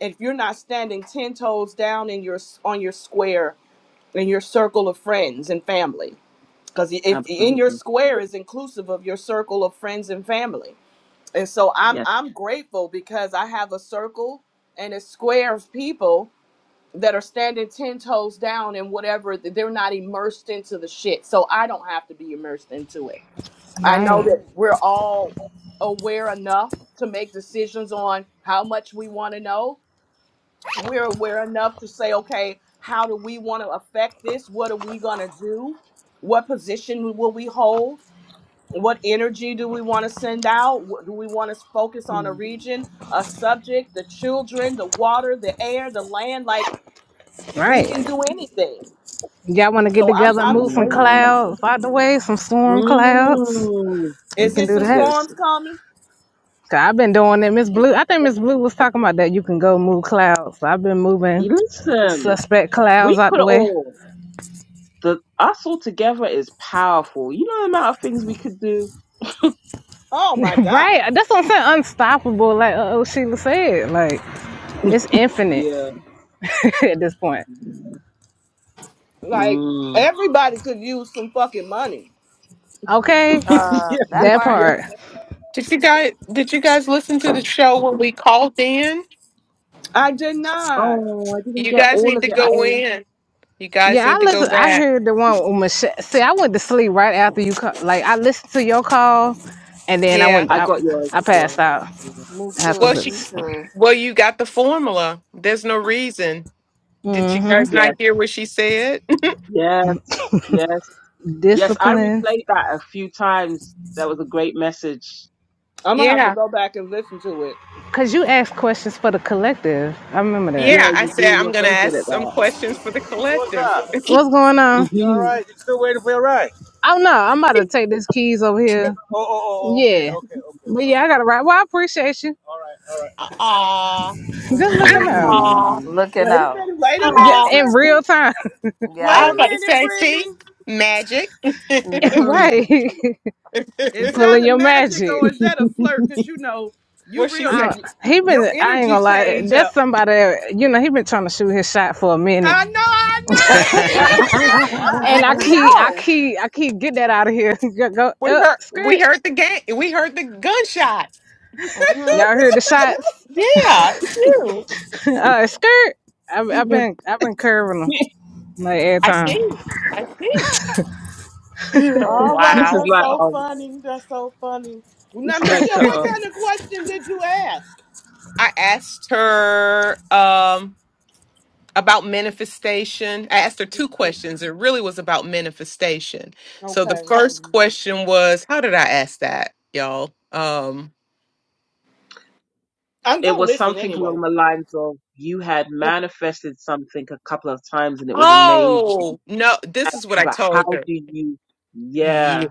Speaker 6: if you're not standing 10 toes down in your on your square in your circle of friends and family because if in your
Speaker 3: absolutely.
Speaker 6: square is inclusive of your circle of friends and family and so i'm
Speaker 3: Yes.
Speaker 6: i'm grateful because i have a circle and a square of people that are standing 10 toes down in whatever they're not immersed into the shit so i don't have to be immersed into it i know
Speaker 5: Right,
Speaker 6: that Right. we're all aware enough to make decisions on how much we want to know we're aware enough to say, okay, how do we want to affect this? What are we going to do? What position will we hold? What energy do we want to send out? What- Do we want to focus on
Speaker 3: Mm.
Speaker 6: a region, a subject, the children, the water, the air, the land? Like we can
Speaker 5: right.
Speaker 6: do anything.
Speaker 5: Y'all want to get
Speaker 6: So I'm
Speaker 5: together and
Speaker 6: I'm
Speaker 5: move some
Speaker 6: grateful.
Speaker 3: Mm.
Speaker 5: clouds out the way, some storm clouds.
Speaker 3: Mm.
Speaker 5: We
Speaker 6: Is
Speaker 5: can
Speaker 6: there
Speaker 5: do
Speaker 6: some
Speaker 5: that.
Speaker 6: storms
Speaker 3: Listen,
Speaker 6: coming?
Speaker 5: i I've been doing it. Miss Blue, I think Miss Blue was talking about that. You can go move clouds. So I've been moving
Speaker 3: listen.
Speaker 5: suspect clouds
Speaker 3: We
Speaker 5: out
Speaker 3: could
Speaker 5: the way.
Speaker 3: all the us all together is powerful. You know the amount of things we could do.
Speaker 6: Oh my
Speaker 5: Right.
Speaker 6: God!
Speaker 5: That's what I'm saying. Unstoppable. Like uh, oh Sheila said. Like it's infinite
Speaker 3: Yeah.
Speaker 5: at this point.
Speaker 6: Like
Speaker 3: Mm.
Speaker 6: everybody could use some fucking money.
Speaker 5: Okay,
Speaker 3: yeah.
Speaker 2: Uh, that
Speaker 5: that
Speaker 2: part.
Speaker 3: Yeah.
Speaker 5: part.
Speaker 4: Did you guys did you guys listen to the show when we called in?
Speaker 6: I did not.
Speaker 3: Oh, I didn't
Speaker 4: You
Speaker 3: get
Speaker 4: guys
Speaker 3: all
Speaker 4: need
Speaker 3: of
Speaker 4: to
Speaker 3: it. I
Speaker 4: go in. You guys
Speaker 5: Yeah,
Speaker 4: need
Speaker 5: I
Speaker 4: to go
Speaker 5: listen. I
Speaker 4: back.
Speaker 5: heard the one with Michelle. See, I went to sleep right after you call. Like I listened to your call, and then I
Speaker 4: Yeah.
Speaker 5: went.
Speaker 3: I
Speaker 5: I,
Speaker 3: got yours
Speaker 5: I
Speaker 3: as
Speaker 5: passed
Speaker 3: well.
Speaker 5: out
Speaker 3: Yeah.
Speaker 2: Me
Speaker 4: Well
Speaker 2: too.
Speaker 4: she
Speaker 2: Me
Speaker 5: afterwards.
Speaker 2: too.
Speaker 4: well you got the formula. There's no reason. Did you
Speaker 5: Mm-hmm.
Speaker 4: guys not
Speaker 3: Yes.
Speaker 4: hear what she said?
Speaker 3: Yes. Yes. Yes. I
Speaker 5: Discipline,
Speaker 3: replayed that a few times. That was a great message.
Speaker 6: I'm gonna have to
Speaker 4: Yeah.
Speaker 6: go back and listen to it.
Speaker 5: cause you asked questions for the collective. I remember that.
Speaker 4: Yeah.
Speaker 3: Yeah,
Speaker 4: I
Speaker 3: you do.
Speaker 4: said I'm
Speaker 3: You're
Speaker 4: gonna
Speaker 3: very good
Speaker 4: ask
Speaker 3: at
Speaker 4: some
Speaker 3: that.
Speaker 4: questions for the
Speaker 5: What's
Speaker 4: collective.
Speaker 5: up? What's going on? You all right? You still waiting for your ride? Oh no, I'm about to take these keys over here. Oh, oh, oh, oh, okay, Yeah, okay, okay. but yeah, I gotta ride. Well, I appreciate you. All right, all right.
Speaker 4: Aw.
Speaker 5: Good looking
Speaker 2: hmm
Speaker 5: out.
Speaker 4: Aw.
Speaker 3: hmm
Speaker 2: Looking
Speaker 6: Wait a
Speaker 2: out.
Speaker 6: minute, wait a
Speaker 5: Yeah,
Speaker 6: minute,
Speaker 4: Oh,
Speaker 5: in real
Speaker 6: Brittany.
Speaker 5: time,
Speaker 6: Wait
Speaker 4: I was
Speaker 6: a
Speaker 2: Yes.
Speaker 4: about to
Speaker 6: minute,
Speaker 4: say, see,
Speaker 6: Brittany.
Speaker 4: magic.
Speaker 2: hmm hmm
Speaker 5: right?
Speaker 6: Is
Speaker 5: Pulling
Speaker 6: that a
Speaker 5: your
Speaker 6: magic
Speaker 5: magic.
Speaker 6: or is that a flirt? Because you know, you
Speaker 4: what she
Speaker 6: real, you,
Speaker 5: I,
Speaker 4: said?
Speaker 6: you-
Speaker 5: he
Speaker 6: your
Speaker 5: been I ain't
Speaker 6: energy
Speaker 5: gonna lie,
Speaker 6: change
Speaker 5: that's
Speaker 6: up.
Speaker 5: somebody that, you know, he been trying to shoot his shot for a minute.
Speaker 6: I know, I
Speaker 1: it's
Speaker 5: And I
Speaker 4: We
Speaker 5: keep I
Speaker 4: know.
Speaker 5: keep I keep get that out of here. go go
Speaker 4: We
Speaker 5: up
Speaker 4: heard. We
Speaker 5: skirt.
Speaker 4: heard the game. We heard the gunshots.
Speaker 6: know, did
Speaker 5: Y'all heard the
Speaker 6: I know?
Speaker 5: shots.
Speaker 4: Yeah, it's you.
Speaker 3: this
Speaker 5: Uh skirt. I've I've been I've been curving them like every
Speaker 4: I
Speaker 5: time.
Speaker 4: see. I see.
Speaker 6: All right,
Speaker 3: is
Speaker 4: wow.
Speaker 6: that's
Speaker 3: like
Speaker 6: so
Speaker 3: um
Speaker 6: funny. That's so funny. Now,
Speaker 3: it's like
Speaker 6: Michelle,
Speaker 3: the
Speaker 6: what
Speaker 3: um
Speaker 6: kind of question did you ask?
Speaker 4: I asked her um, about manifestation. I asked her two questions. It really was about manifestation. So the
Speaker 6: Okay.
Speaker 4: first question was, how did I ask that, y'all? Um,
Speaker 6: I'm
Speaker 3: it
Speaker 6: going to
Speaker 3: was
Speaker 6: listen
Speaker 3: something along
Speaker 6: anyway.
Speaker 3: the lines of you had manifested something a couple of times and it was amazing.
Speaker 4: Oh, no, this is what
Speaker 3: How
Speaker 4: I
Speaker 3: about
Speaker 4: told
Speaker 3: how
Speaker 4: her.
Speaker 3: do you yeah.
Speaker 4: Yeah.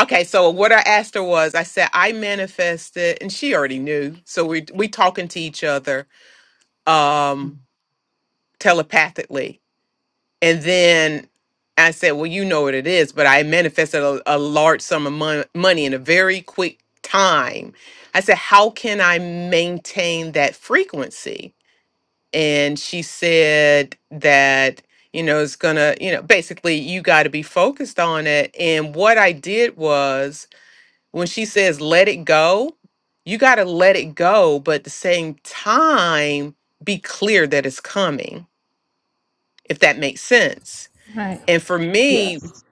Speaker 4: Okay, so what I asked her was I said I manifested and she already knew. So we we talking to each other um telepathically. And then I said, "Well, you know what it is, but I manifested a, a large sum of mon- money in a very quick time." I said, "How can I maintain that frequency?" and she said that you know it's gonna you know basically you got to be focused on it and what i did was when she says let it go you got to let it go but at the same time be clear that it's coming if that makes sense
Speaker 5: Right.
Speaker 4: and for me
Speaker 3: Yes.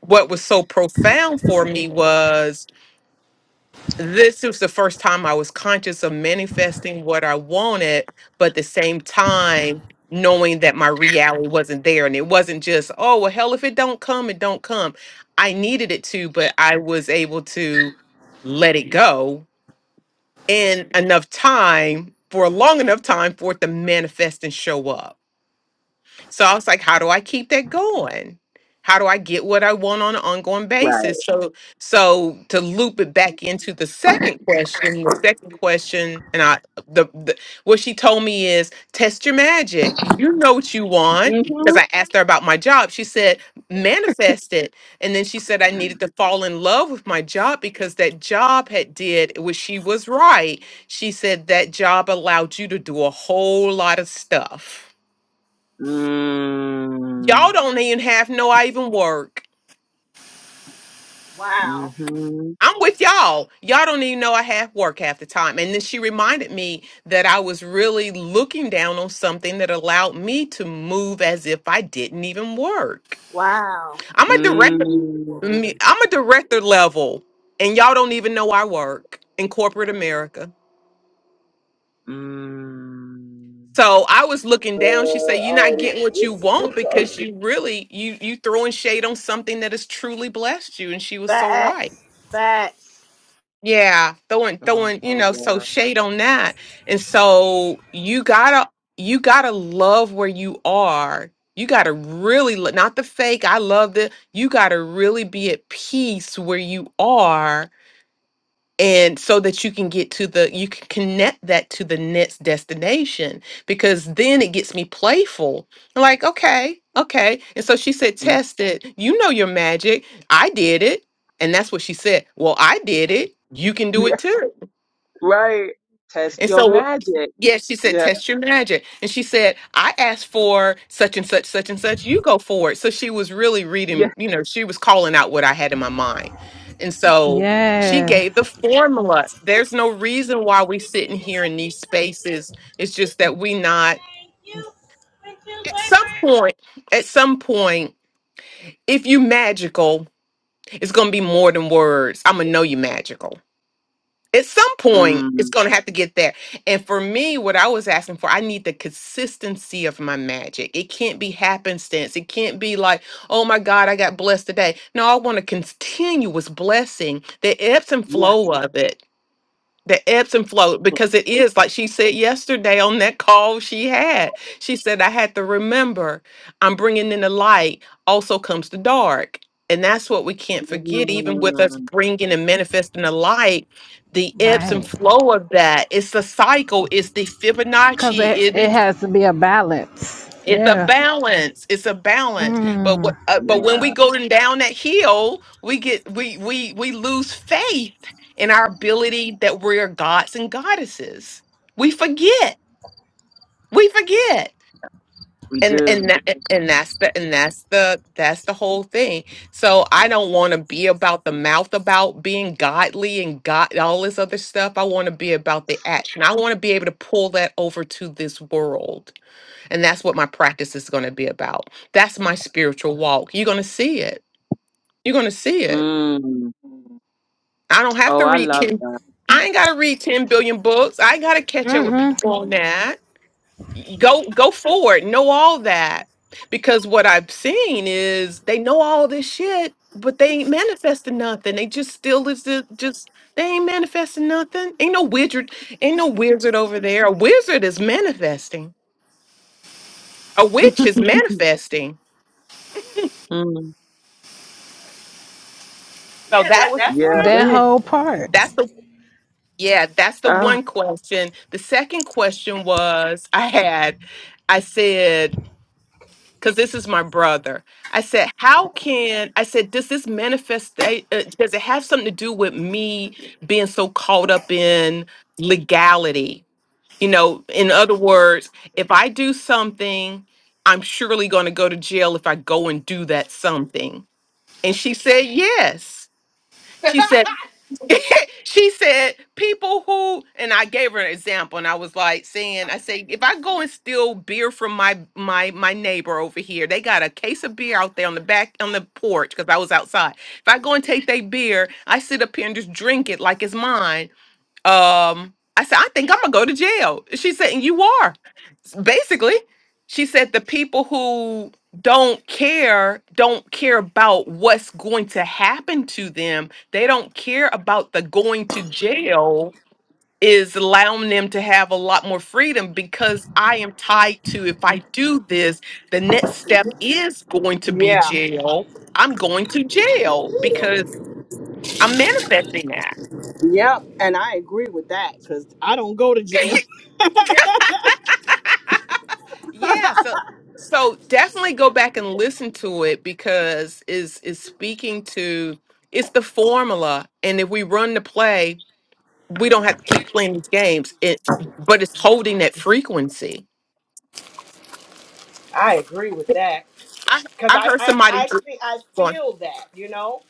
Speaker 4: what was so profound for me was this was the first time I was conscious of manifesting what I wanted, but at the same time knowing that my reality wasn't there. And it wasn't just, oh well hell if it don't come, it don't come. I needed it to, but I was able to let it go in enough time for a long enough time for it to manifest and show up. So I was like, how do I keep that going? How do I get what I want on an ongoing
Speaker 3: Right.
Speaker 4: basis? So, so to loop it back into the second question, the second question, and I, the, the what she told me is test your magic. You know what you want
Speaker 3: Mm-hmm.
Speaker 4: because I asked her about my job. She said manifest it, and then she said I needed to fall in love with my job because that job had did which she was right. She said that job allowed you to do a whole lot of stuff Y'all
Speaker 3: Mm.
Speaker 4: don't even have no. I even work.
Speaker 3: hmm
Speaker 6: Wow.
Speaker 3: mm
Speaker 4: I'm with y'all. Y'all don't even know I have work half the time. And then she reminded me that I was really looking down on something that allowed me to move as if I didn't even work.
Speaker 6: Wow.
Speaker 4: I'm
Speaker 3: hmm
Speaker 4: a director.
Speaker 3: Mm.
Speaker 4: me- I'm a director level, and y'all don't even know I work in corporate America.
Speaker 3: Mm.
Speaker 4: So I was looking down. She said, "You're not getting what you
Speaker 5: Alrighty.
Speaker 4: want because you really you you throwing shade on something that has truly blessed you." And she was so right.
Speaker 6: Facts. Facts.
Speaker 4: Yeah, throwing throwing, you
Speaker 3: Oh
Speaker 4: know, so
Speaker 3: yeah.
Speaker 4: shade on that. And so you gotta you gotta love where you are. You gotta really lo- not the fake. I love the you gotta really be at peace where you are and so that you can get to the you can connect that to the next destination because then it gets me playful I'm like okay okay and so she said test it you know your magic i did it and that's what she said well i did it you can do
Speaker 3: Yeah.
Speaker 4: it too
Speaker 3: Right. Test
Speaker 4: and
Speaker 3: your
Speaker 4: so
Speaker 3: magic.
Speaker 4: yeah, she
Speaker 3: Yeah.
Speaker 4: said, test your magic. And she said, I asked for such and such, such and such. You go for it. So she was really
Speaker 3: Yes.
Speaker 4: reading, you know, she was calling out what I had in my mind. And so she
Speaker 5: Yeah.
Speaker 4: gave the formula. There's no reason why we sitting here in these spaces. It's just that we not at some point, at some point, if you magical, it's gonna be more than words. I'm gonna know you magical. at some point it's
Speaker 3: Mm.
Speaker 4: going to have to get there and for me what i was asking for i need the consistency of my magic it can't be happenstance it can't be like oh my god i got blessed today no i want a continuous blessing the ebbs and
Speaker 3: Yes.
Speaker 4: flow of it the ebbs and flow because it is like she said yesterday on that call she had she said i had to remember i'm bringing in the light also comes the dark and that's what we can't forget even with us
Speaker 3: Mm.
Speaker 4: bringing and manifesting the light the ebbs and
Speaker 5: Right.
Speaker 4: flow of that it's the cycle it's the
Speaker 5: Cause
Speaker 4: fibonacci
Speaker 5: it
Speaker 4: it
Speaker 5: it
Speaker 4: is
Speaker 5: has to be a balance.
Speaker 4: it's a
Speaker 5: Yeah.
Speaker 4: balance. It's a balance. But
Speaker 5: Mm.
Speaker 4: what? Uh, but
Speaker 3: Yeah,
Speaker 4: when we go down that hill, we get we we we lose faith in our ability that we are gods and goddesses. We forget. We forget.
Speaker 3: we
Speaker 4: And
Speaker 3: do.
Speaker 4: and that, and that's the and that's the that's the whole thing. So I don't want to be about the mouth about being godly and God all this other stuff. I want to be about the action. I want to be able to pull that over to this world and that's what my practice is going to be about. That's my spiritual walk. You're going to see it. You're going to see it.
Speaker 3: Mm.
Speaker 4: I don't have
Speaker 3: Oh,
Speaker 4: to
Speaker 3: I
Speaker 4: read
Speaker 3: love
Speaker 4: 10.
Speaker 3: that.
Speaker 4: I ain't got to read 10 billion books. I ain't got to catch up with
Speaker 5: Mm-hmm.
Speaker 4: people on that. Y- Go go forward. Know all that. Because what I've seen is they know all this shit, but they ain't manifesting nothing. They just still is the just they ain't manifesting nothing. Ain't no wizard, ain't no wizard over there. A wizard is manifesting. A witch is manifesting.
Speaker 3: mm.
Speaker 4: So
Speaker 6: Yeah,
Speaker 4: that
Speaker 6: that,
Speaker 4: was
Speaker 6: that's
Speaker 3: Yeah.
Speaker 6: where I'm
Speaker 5: That
Speaker 3: that-
Speaker 5: whole part.
Speaker 4: that's the Yeah, that's the
Speaker 3: Ah.
Speaker 4: one question. The second question was I had, I said, because this is my brother. I said, how can I said, does this manifest? eh, Uh, does it have something to do with me being so caught up in legality? You know, in other words, if I do something, I'm surely going to go to jail if I go and do that something. And she said, yes.
Speaker 6: at.
Speaker 4: She said, she said people who and i gave her an example and i was like saying i say if i go and steal beer from my my my neighbor over here they got a case of beer out there on the back on the porch because i was outside if i go and take their beer i sit up here and just drink it like it's mine um i said i think i'm gonna go to jail she said and you are S- basically she said the people who don't care don't care about what's going to happen to them they don't care about the going to jail is allowing them to have a lot more freedom because i am tied to if i do this the next step is going to be
Speaker 6: Yeah.
Speaker 4: jail i'm going to jail because i'm manifesting that
Speaker 6: Yep. And I agree with that because I don't go to jail.
Speaker 4: Yeah, so so definitely go back and listen to it because is is speaking to it's the formula, and if we run the play, we don't have to keep playing these games. It but it's holding that frequency.
Speaker 6: I agree with that
Speaker 4: I
Speaker 6: because
Speaker 4: I
Speaker 6: I
Speaker 4: heard
Speaker 6: I
Speaker 4: somebody
Speaker 6: I, fe- I
Speaker 4: going.
Speaker 6: feel that you know.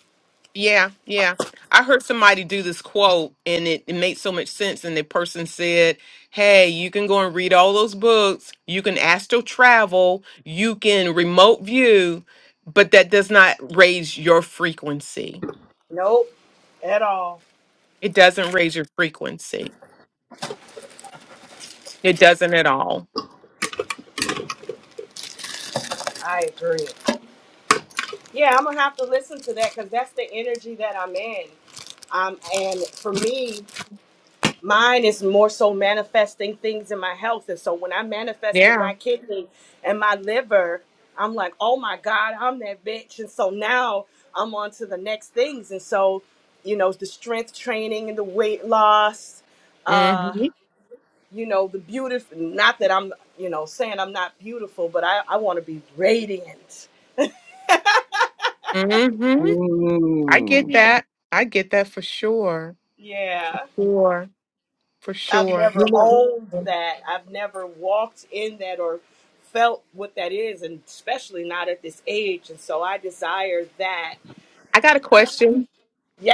Speaker 4: Yeah, yeah. I heard somebody do this quote and it, it made so much sense. And the person said, Hey, you can go and read all those books, you can astral travel, you can remote view, but that does not raise your frequency.
Speaker 6: Nope, at all.
Speaker 4: It doesn't raise your frequency. It doesn't at all.
Speaker 6: I agree. Yeah, I'm gonna have to listen to that because that's the energy that I'm in. Um, and for me. Mine is more so manifesting things in my health. And so when I manifested
Speaker 4: Yeah.
Speaker 6: my kidney and my liver, I'm like, oh my God, I'm that bitch. And so now I'm on to the next things. And so, you know, the strength training and the weight loss, uh,
Speaker 4: Mm-hmm.
Speaker 6: you know, the beautiful, not that I'm, you know, saying I'm not beautiful, but I, I want to be radiant.
Speaker 4: Mm-hmm. I get
Speaker 3: Mm.
Speaker 4: Yeah. that. I get that for sure. For
Speaker 6: Yeah.
Speaker 4: sure. For
Speaker 6: I've
Speaker 4: sure.
Speaker 3: You
Speaker 6: never
Speaker 3: know,
Speaker 6: owned
Speaker 4: I
Speaker 6: that. I've never walked in that or felt what that is, and especially not at this age. And so I desire that.
Speaker 4: got a question.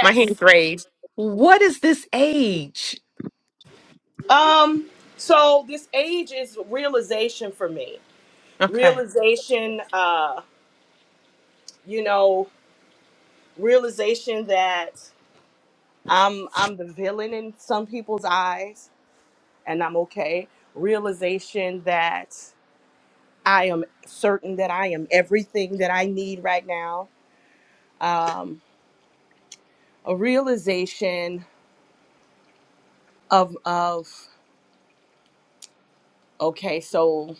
Speaker 4: My hand's raised. What is this age?
Speaker 6: Um. So this age is realization for me.
Speaker 4: Okay.
Speaker 6: Realization. Uh. You know. Realization that I'm I'm the villain in some people's eyes, and I'm okay. Realization that I am certain that I am everything that I need right now. Um a realization of of okay so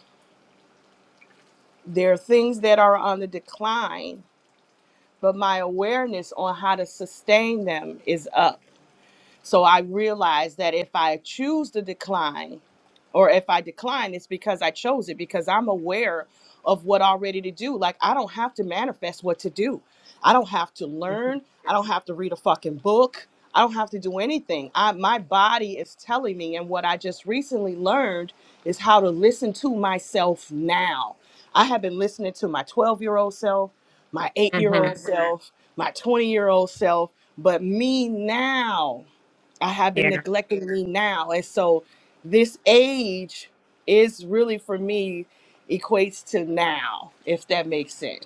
Speaker 6: there are things that are on the decline but my awareness on how to sustain them is up So I realized that if I choose to decline, or if I decline, it's because I chose it, because I'm aware of what already to do. Like, I don't have to manifest what to do. I don't have to learn. I don't have to read a fucking book. I don't have to do anything. I, my body is telling me. And what I just recently learned is how to listen to myself now. I have been listening to my 12 year old self, my eight year
Speaker 4: hmm
Speaker 6: old self, my 20 year old self, but me now. I have been
Speaker 4: Yeah.
Speaker 6: neglecting me now. And so this age is really for me equates to now, if that makes sense.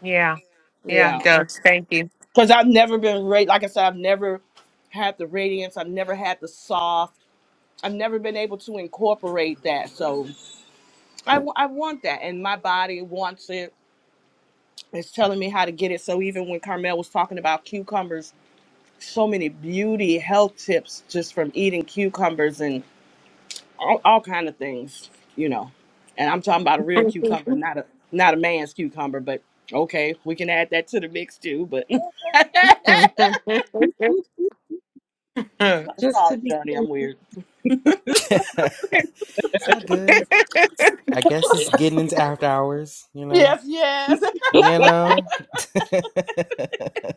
Speaker 4: Yeah. Yeah,
Speaker 6: Yeah.
Speaker 4: it does. Thank you.
Speaker 6: Because I've never been, ra- like I said, I've never had the radiance. I've never had the soft. I've never been able to incorporate that. So I, w- I want that. And my body wants it. It's telling me how to get it. So even when Carmel was talking about cucumbers, so many beauty health tips just from eating cucumbers all, all kind of things, you know. And I'm talking about a real cucumber, not a not a man's cucumber, but okay, we can add that to the mix too, but
Speaker 4: Mm-hmm.
Speaker 3: just to
Speaker 6: sorry,
Speaker 3: be
Speaker 6: Journey,
Speaker 3: clear.
Speaker 6: I'm weird.
Speaker 1: all good. It's- I guess it's getting into after hours. You know.
Speaker 6: Yes, yes.
Speaker 1: You know.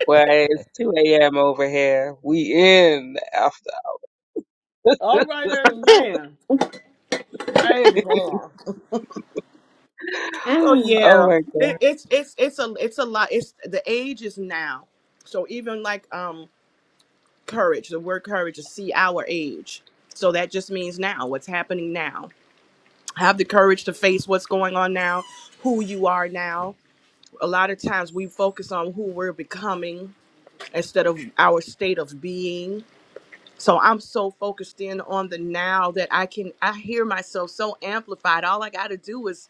Speaker 3: Well, it's 2 a.m. over here. We in after.
Speaker 6: All right, amen. Amen. So
Speaker 3: oh
Speaker 6: yeah.
Speaker 3: my
Speaker 6: It,
Speaker 3: God.
Speaker 6: it's it's it's a it's a lot. It's the age is now. So even like um courage, the word courage is see our age. So that just means now, what's happening now have the courage to face what's going on now, who you are now. A lot of times we focus on who we're becoming instead of our state of being. So I'm so focused in on the now that I can I hear myself so amplified. All I got to do is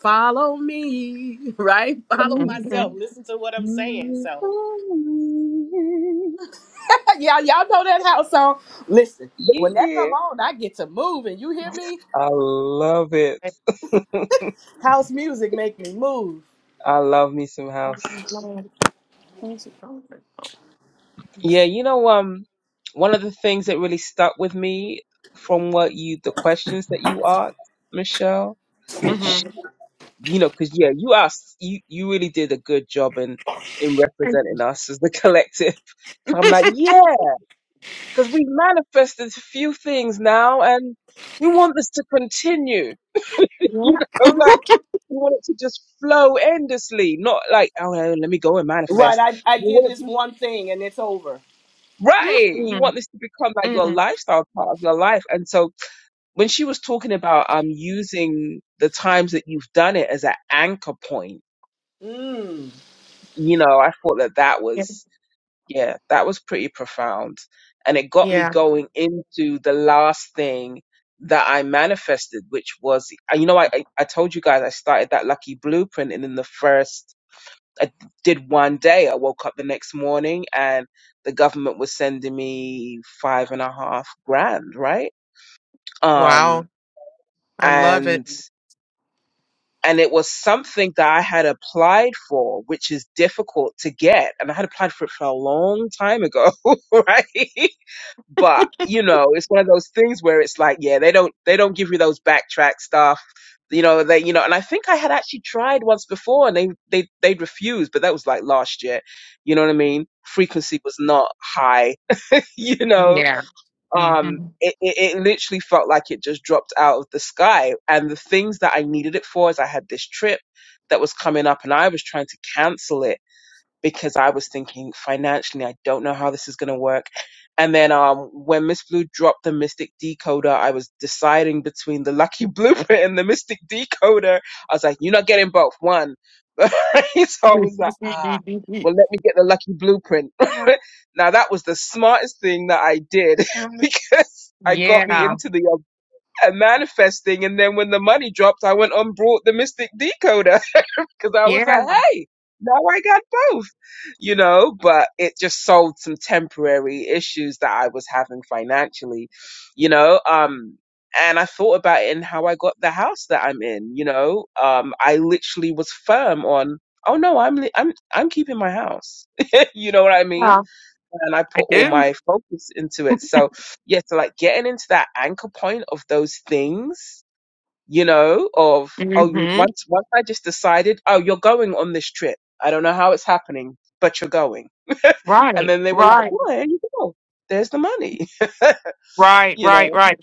Speaker 6: follow me, right? Follow myself. Listen to what I'm saying. So yeah, y'all know that house song. Listen,
Speaker 3: Yeah,
Speaker 6: when that
Speaker 3: yeah.
Speaker 6: come on, I get to move, and you hear me?
Speaker 3: I love it.
Speaker 6: House music make me move.
Speaker 3: I love me some house. Yeah, you know, um, one of the things that really stuck with me from what you, the questions that you asked, Michelle, sh- you know, because yeah, you asked, you you really did a good job in in representing us as the collective. So I'm like, yeah, because we manifested a few things now, and we want this to continue. You know, like we want it to just flow endlessly, not like, oh, let me go and
Speaker 6: Right.
Speaker 3: manifest.
Speaker 6: I, I
Speaker 3: We
Speaker 6: did
Speaker 3: want it to.
Speaker 6: this one thing and it's over.
Speaker 3: Right. You want this to become like your lifestyle part of your life. And so when she was talking about um using the times that you've done it as an anchor point,
Speaker 6: Mm.
Speaker 3: you know, I thought that that was yeah, that was pretty profound. And it got me
Speaker 4: Yeah.
Speaker 3: going into the last thing that I manifested, which was, uh, you know, I, I I told you guys I started that lucky blueprint and in the first I did one day. I woke up the next morning and the government was sending me five and a half grand, right? Um,
Speaker 4: Wow. I love it.
Speaker 3: and, and it was something that I had applied for, which is difficult to get. And I had applied for it for a long time ago, right? but you know it's one of those things where it's like yeah they don't they don't give you those backtrack stuff you know they you know and i think i had actually tried once before and they they they would refused but that was like last year you know what i mean frequency was not high you know
Speaker 4: Yeah. hmm
Speaker 3: um it, it, it literally felt like it just dropped out of the sky and the things that i needed it for is i had this trip that was coming up and i was trying to cancel it because I was thinking financially, I don't know how this is going to work. And then um, when Miss Blue dropped the Mystic Decoder, I was deciding between the Lucky Blueprint and the Mystic Decoder. I was like, you're not getting both, one. so I was like, ah,
Speaker 4: yeah.
Speaker 3: well, let me get the Lucky Blueprint. now that was the smartest thing that I did because I got me into the uh, manifesting. And then when the money dropped, I went on brought the Mystic Decoder because I was
Speaker 4: Yeah.
Speaker 3: like, hey, now I got both, you know, but it just solved some temporary issues that I was having financially, you know. Um, and I thought about it in how I got the house that I'm in, you know. Um, I literally was firm on, oh no, I'm li- I'm I'm keeping my house, you know what I mean?
Speaker 4: Yeah.
Speaker 3: And I
Speaker 4: I
Speaker 3: put all
Speaker 4: do.
Speaker 3: my focus into it. So yeah, so like getting into that anchor point of those things you know, of oh,
Speaker 4: hmm
Speaker 3: once once I just decided, oh, you're going on this trip. I don't know how it's happening, but you're going. And
Speaker 4: Right,
Speaker 3: then they were like,
Speaker 4: right,
Speaker 3: well, there you go. There's the money,
Speaker 4: right,
Speaker 3: you
Speaker 4: right,
Speaker 3: know.
Speaker 4: right.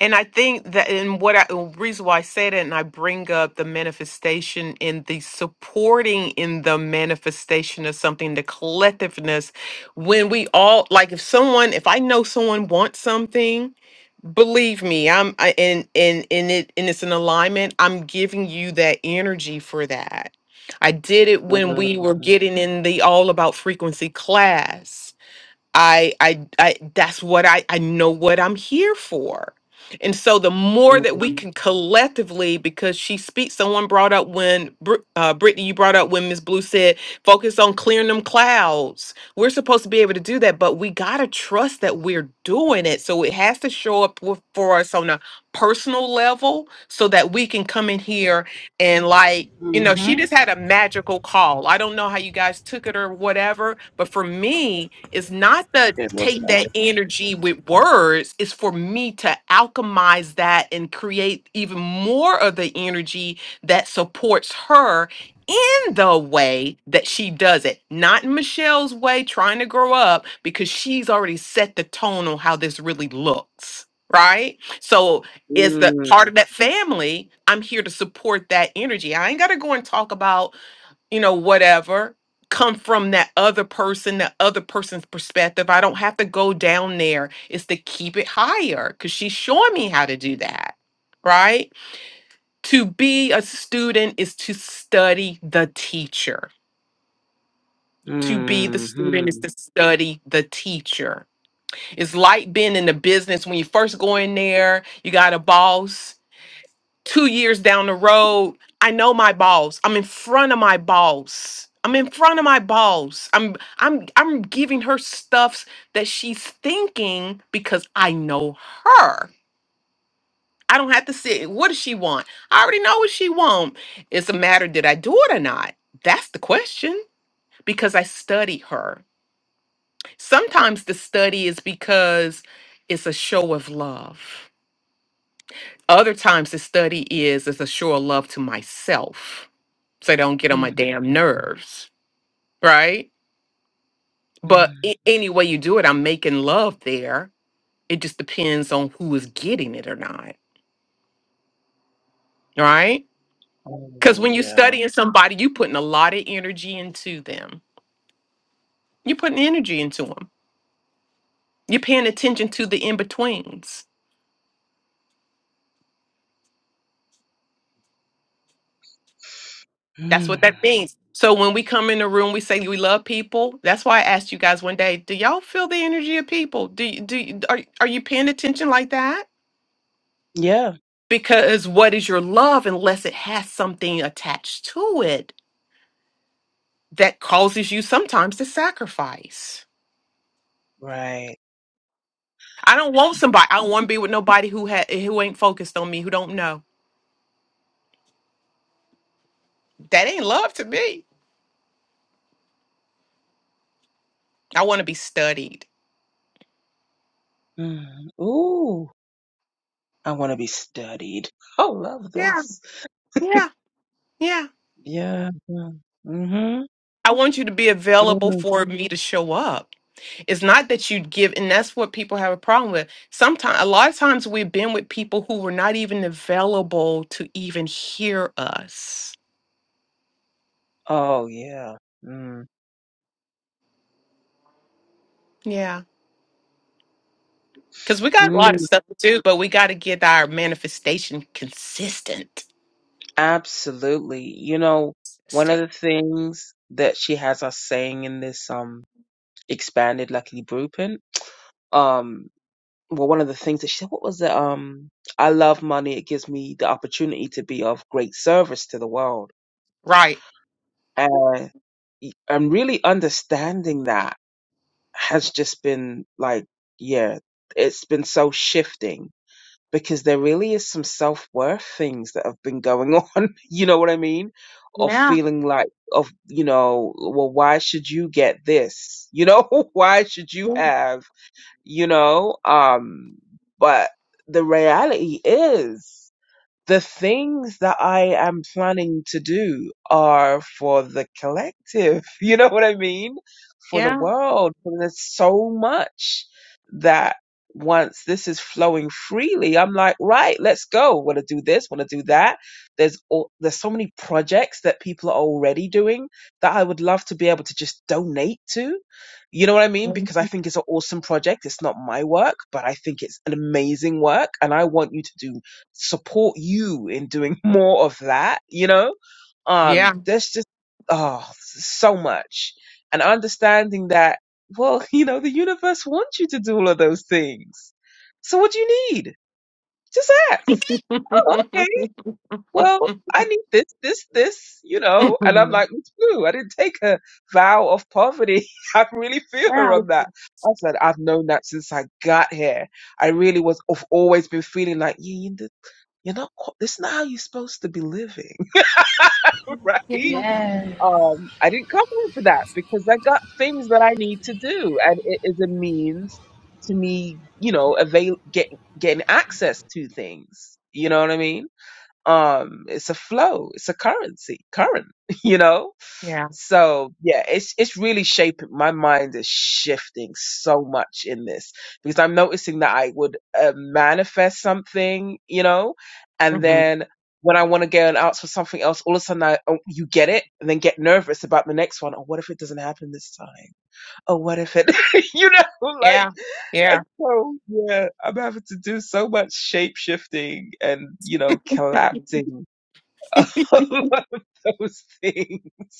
Speaker 4: And I think that, and what I, the reason why I say that, and I bring up the manifestation in the supporting in the manifestation of something, the collectiveness, when we all, like if someone, if I know someone wants something, believe me, I'm, I, and, and, and it, and it's an alignment, I'm giving you that energy for that. I did it when we were
Speaker 3: Mm,
Speaker 4: getting in the all about frequency class I, I, I that's what I, I know what I'm here for. And so the more
Speaker 3: mm,
Speaker 4: that we can collectively, because she speaks, someone brought up when, Br- uh, Brittany, you brought up when Miss Blue said, focus on clearing them clouds. We're supposed to be able to do that, but we got to trust that we're doing it. So it has to show up with, for us on a personal level so that we can come in here and like, you know, she just had a magical call. I don't know how you guys took it or whatever, but for me, it's not the
Speaker 3: It was
Speaker 4: take that
Speaker 3: magic.
Speaker 4: energy with words, it's for me to alchemize that and create even more of the energy that supports her in the way that she does it, not in Michelle's way, trying to grow up, because she's already set the tone on how this really looks. Right. so is that
Speaker 3: Mm,
Speaker 4: part of that family i'm here to support that energy i ain't gotta go and talk about you know whatever come from that other person that other person's perspective i don't have to go down there it's to keep it higher because she's showing me how to do that right to be a student is to study the teacher to be the
Speaker 3: mm,
Speaker 4: student is
Speaker 3: mm,
Speaker 4: to study the teacher it's like being in the business when you first go in there you got a boss two years down the road, I know my balls. I'm in front of my balls. I'm in front of my balls. I'm I'm I'm giving her stuffs that she's thinking because I know her. I don't have to sit. What does she want? I already know what she want. It's a matter did I do it or not? That's the question because I study her. Sometimes the study is because it's a show of love. Other times the study is as a show of love to myself so they don't get on my
Speaker 3: mm,
Speaker 4: damn nerves, right? But
Speaker 3: mm.
Speaker 4: a- any way you do it, I'm making love there. It just depends on who is getting it or not, right? Because
Speaker 3: Oh
Speaker 4: when you're
Speaker 3: yeah.
Speaker 4: studying somebody, you're putting a lot of energy into them. You're putting energy into them. You're paying attention to the in betweens. That's
Speaker 3: Mm,
Speaker 4: what that means. So when we come in the room, we say we love people. That's why I asked you guys one day, do y'all feel the energy of people? Do you, do you, are, are you paying attention like that?
Speaker 3: yeah.
Speaker 4: Because what is your love unless it has something attached to it that causes you sometimes to sacrifice?
Speaker 3: Right.
Speaker 4: I don't want somebody. I don't want to be with nobody who ha- who ain't focused on me, who don't know. That ain't love to me. I want to be studied.
Speaker 3: Mm. Ooh, I want to be studied. I love
Speaker 4: Yeah,
Speaker 3: this.
Speaker 4: yeah, yeah.
Speaker 3: Yeah. Mm-hmm.
Speaker 4: I want you to be available
Speaker 3: Mm.
Speaker 4: for me to show up. It's not that you give, and that's what people have a problem with. Sometimes, a lot of times, we've been with people who were not even available to even hear us.
Speaker 3: Oh yeah. Mm.
Speaker 4: Yeah. Because we got a lot of
Speaker 3: Mm,
Speaker 4: stuff to do, but we got to get our manifestation consistent.
Speaker 3: absolutely. You know, one of
Speaker 4: Consistent.
Speaker 3: the things that she has us saying in this um expanded Luckily Blueprint, um, well, one of the things that she said, what was it? Um, I love money. It gives me the opportunity to be of great service to the world,
Speaker 4: Right.
Speaker 3: and I'm really understanding that has just been like, yeah, it's been so shifting because there really is some self worth things that have been going on. You know what I mean? Of
Speaker 4: Yeah.
Speaker 3: feeling like, of, you know, well, why should you get this? You know, why should you have, you know? Um, but the reality is, the things that I am planning to do are for the collective. You know what I mean? For the
Speaker 4: Yeah.
Speaker 3: world. And there's so much that once this is flowing freely, I'm like, right, let's go. Want to do this? Want to do that? There's all, there's so many projects that people are already doing that I would love to be able to just donate to. You know what I mean? Because I think it's an awesome project. It's not my work, but I think it's an amazing work, and I want you to do support you in doing more of that, you know?
Speaker 4: Yeah.
Speaker 3: Um, there's just, oh, so much. And understanding that, well, you know, the universe wants you to do all of those things. So what do you need? Just ask. Oh, okay. Well, I need this, this, this, you know? And I'm
Speaker 4: Mhm.
Speaker 3: like, it's blue. I didn't take a vow of poverty. I really feel her
Speaker 4: Yeah.
Speaker 3: on that. I said, I've known that since I got here. I really was, I've always been feeling like, yeah, you're not, co- this is not how you're supposed to be living,
Speaker 4: Yeah.
Speaker 3: right? Um, I didn't come here for that because I got things that I need to do. And it is a means to me, you know, avail, get, getting access to things. You know what I mean? Um, it's a flow. It's a currency, current, you know?
Speaker 4: Yeah.
Speaker 3: So yeah, it's it's really shaping my mind is shifting so much in this because I'm noticing that I would uh, manifest something, you know, and
Speaker 4: hmm
Speaker 3: then when I want to go and ask for something else, all of a sudden I oh, you get it and then get nervous about the next one. Oh, what if it doesn't happen this time? Oh, what if it, you know, like
Speaker 4: Yeah.
Speaker 3: and
Speaker 4: Yeah.
Speaker 3: so yeah, I'm having to do so much shape shifting and you know collapsing all of those things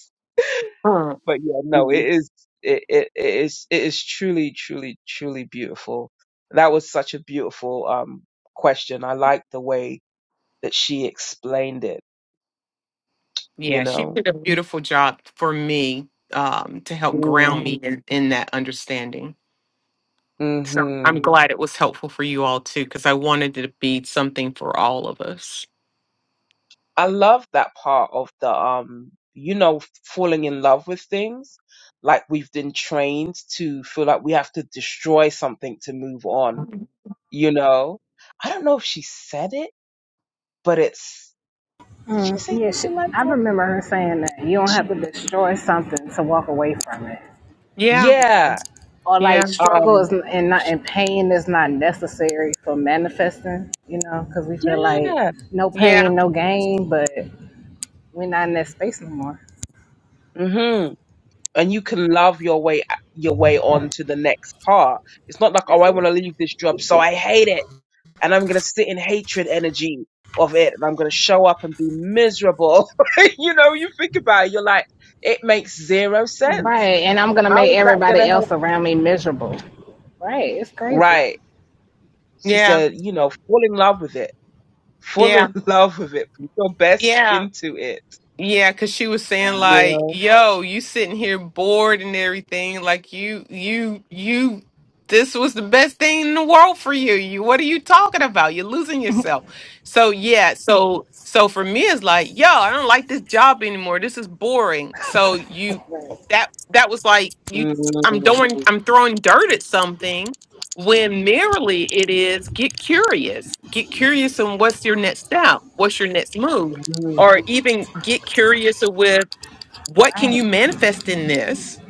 Speaker 4: Mm.
Speaker 3: but yeah, no, it is it, it it is it is truly, truly, truly beautiful. That was such a beautiful um question. I like the way that she explained it, you
Speaker 4: Yeah. She
Speaker 3: know.
Speaker 4: did a beautiful job for me um, to help ground
Speaker 3: Mm.
Speaker 4: me in, in that understanding. So I'm
Speaker 3: Mhm.
Speaker 4: glad it was helpful for you all too, because I wanted it to be something for all of us.
Speaker 3: I love that part of the um you know falling in love with things. Like we've been trained to feel like we have to destroy something to move on, you know? I don't know if she said it, but it's did she say
Speaker 5: Yes,
Speaker 3: something like
Speaker 5: I
Speaker 3: that?
Speaker 5: remember her saying that you don't
Speaker 3: She,
Speaker 5: have to destroy something to walk away from it.
Speaker 4: Yeah.
Speaker 5: You know,
Speaker 3: yeah,
Speaker 5: or like
Speaker 4: Yeah.
Speaker 5: struggle
Speaker 3: Um,
Speaker 5: is n- and not and pain is not necessary for manifesting. You know, because we feel like
Speaker 3: yeah.
Speaker 5: no
Speaker 4: Yeah.
Speaker 5: pain, no gain, but we're not in that space no more.
Speaker 3: hmm And you can love your way uh, your way on to the next part. It's not like, oh,
Speaker 5: That's
Speaker 3: I want
Speaker 5: it.
Speaker 3: to leave this job, so I hate it, and I'm gonna sit in hatred energy of it, and I'm gonna show up and be miserable. you know, you think about it, you're like, it makes zero sense.
Speaker 5: Right, and I'm gonna
Speaker 3: How
Speaker 5: make
Speaker 3: is that gonna
Speaker 5: everybody
Speaker 3: help?
Speaker 5: else around me miserable. Right, it's crazy.
Speaker 3: Right. She
Speaker 4: Yeah,
Speaker 3: said, you know, fall in love with it. Fall
Speaker 4: yeah,
Speaker 3: in love with it. Put your best
Speaker 4: yeah.
Speaker 3: into it.
Speaker 4: Yeah, cause she was saying like,
Speaker 3: Yeah.
Speaker 4: "Yo, you sitting here bored and everything. Like you, you, you. This was the best thing in the world for you. You, what are you talking about? You're losing yourself." So yeah, so so for me, it's like, "Yo, I don't like this job anymore. This is boring." So you, that that was like you. I'm
Speaker 3: Mm,
Speaker 4: doing. I'm throwing dirt at something when merely it is get curious. Get curious on what's your next step. What's your next move
Speaker 3: mm,
Speaker 4: or even get curious with what can you
Speaker 5: Right,
Speaker 4: manifest in this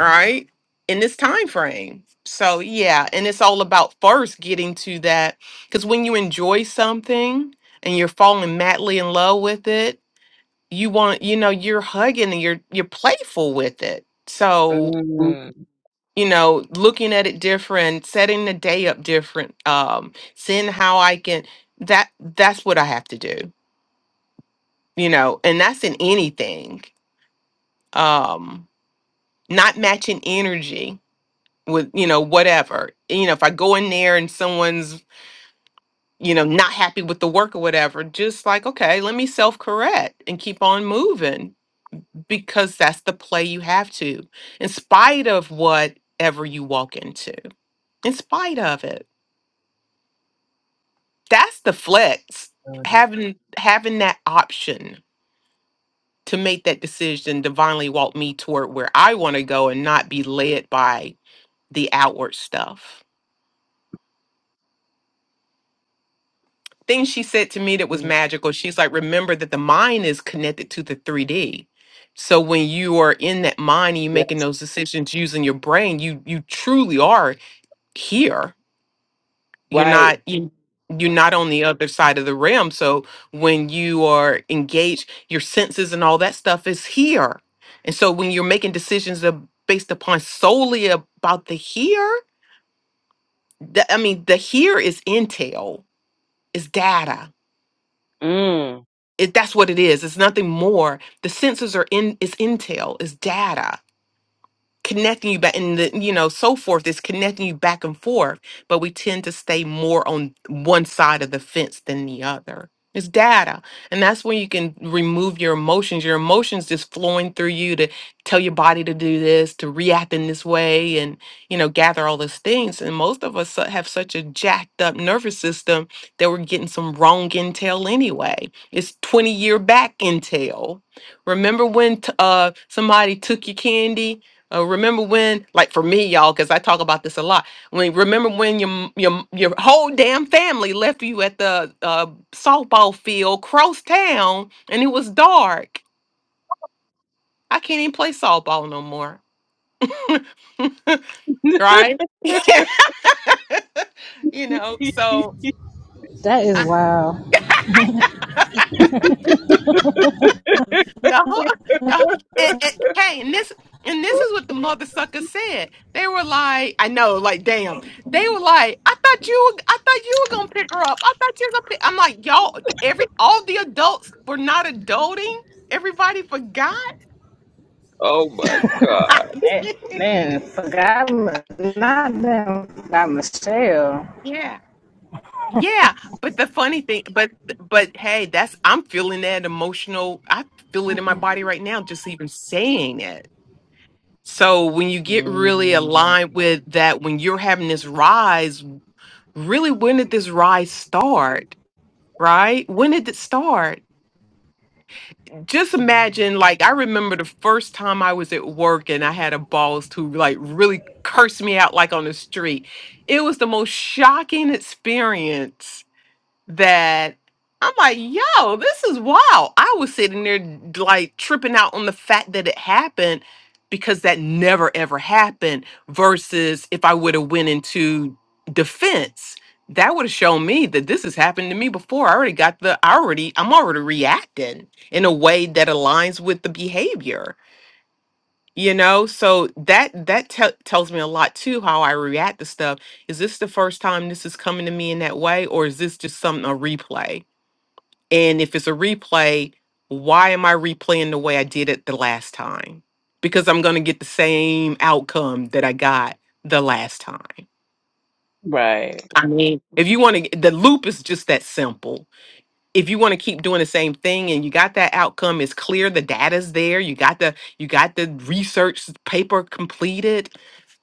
Speaker 4: all right in this time frame so yeah and it's all about first getting to that because when you enjoy something and you're falling madly in love with it you want you know you're hugging and you're you're playful with it so
Speaker 3: mm.
Speaker 4: you know looking at it different setting the day up different um seeing how i can that that's what i have to do you know and that's in anything um not matching energy with you know whatever you know if i go in there and someone's you know not happy with the work or whatever just like okay let me self correct and keep on moving because that's the play you have to in spite of whatever you walk into in spite of it that's the flex
Speaker 3: Mm.
Speaker 4: having having that option to make that decision divinely walk me toward where i want to go and not be led by the outward stuff thing she said to me that was
Speaker 3: Mm.
Speaker 4: magical. She's like, remember that the mind is connected to the 3D. So when you are in that mind and you're
Speaker 3: Yeah.
Speaker 4: making those decisions using your brain, you you truly are here. You're
Speaker 3: Right.
Speaker 4: not you you're not on the other side of the realm. So when you are engaged, your senses and all that stuff is here. And so when you're making decisions ab- based upon solely about the here, the, I mean, the here is intel, is data
Speaker 3: Mm.
Speaker 4: it, that's what it is. It's nothing more. The sensors are in, it's intel, it's data connecting you back and the you know so forth is connecting you back and forth but we tend to stay more on one side of the fence than the other it's data and that's when you can remove your emotions your emotions just flowing through you to tell your body to do this to react in this way and you know gather all those things and most of us su- have such a jacked up nervous system that we're getting some wrong intel anyway it's 20 year back intel remember when t- uh somebody took your candy Oh, remember when, like for me, y'all, because I talk about this a lot. When remember when your m- your m- your whole damn family left you at the uh, softball field, cross town, and it was dark. I can't even play softball no more, right? you know, so
Speaker 5: that is
Speaker 4: I,
Speaker 5: wild.
Speaker 4: The whole, the, whole- and, and, hey, and this and this is what the mother suckers said. They were like, I know, like, damn. They were like, I thought you, were, I thought you were gonna pick her up. I thought you was gonna pick. I'm like, y'all, every all the adults were not adulting. Everybody forgot.
Speaker 3: oh my God.
Speaker 5: Eh, man, forgot not them, forgot Michelle.
Speaker 4: yeah, yeah. But the funny thing, but but hey, that's I'm feeling that emotional. I feel it in my body right now, just even saying that. So when you get really
Speaker 3: Mm.
Speaker 4: aligned with that, when you're having this rise, really, when did this rise start? Right? When did it start? Just imagine, like, I remember the first time I was at work and I had a boss who, like, really cursed me out, like, on the street. It was the most shocking experience that I'm like, yo, this is wild. I was sitting there d- like tripping out on the fact that it happened because that never ever happened. Versus if I would have went into defense, that would have shown me that this has happened to me before. I already got the I already I'm already reacting in a way that aligns with the behavior. You know, so that that te- tells me a lot too how I react to stuff. Is this the first time this is coming to me in that way, or is this just something a replay? And if it's a replay, why am I replaying the way I did it the last time? Because I'm going to get the same outcome that I got the last time.
Speaker 3: Right.
Speaker 4: I mean, if you want to, the loop is just that simple. If you want to keep doing the same thing and you got that outcome, it's clear the data's there. You got the you got the research paper completed,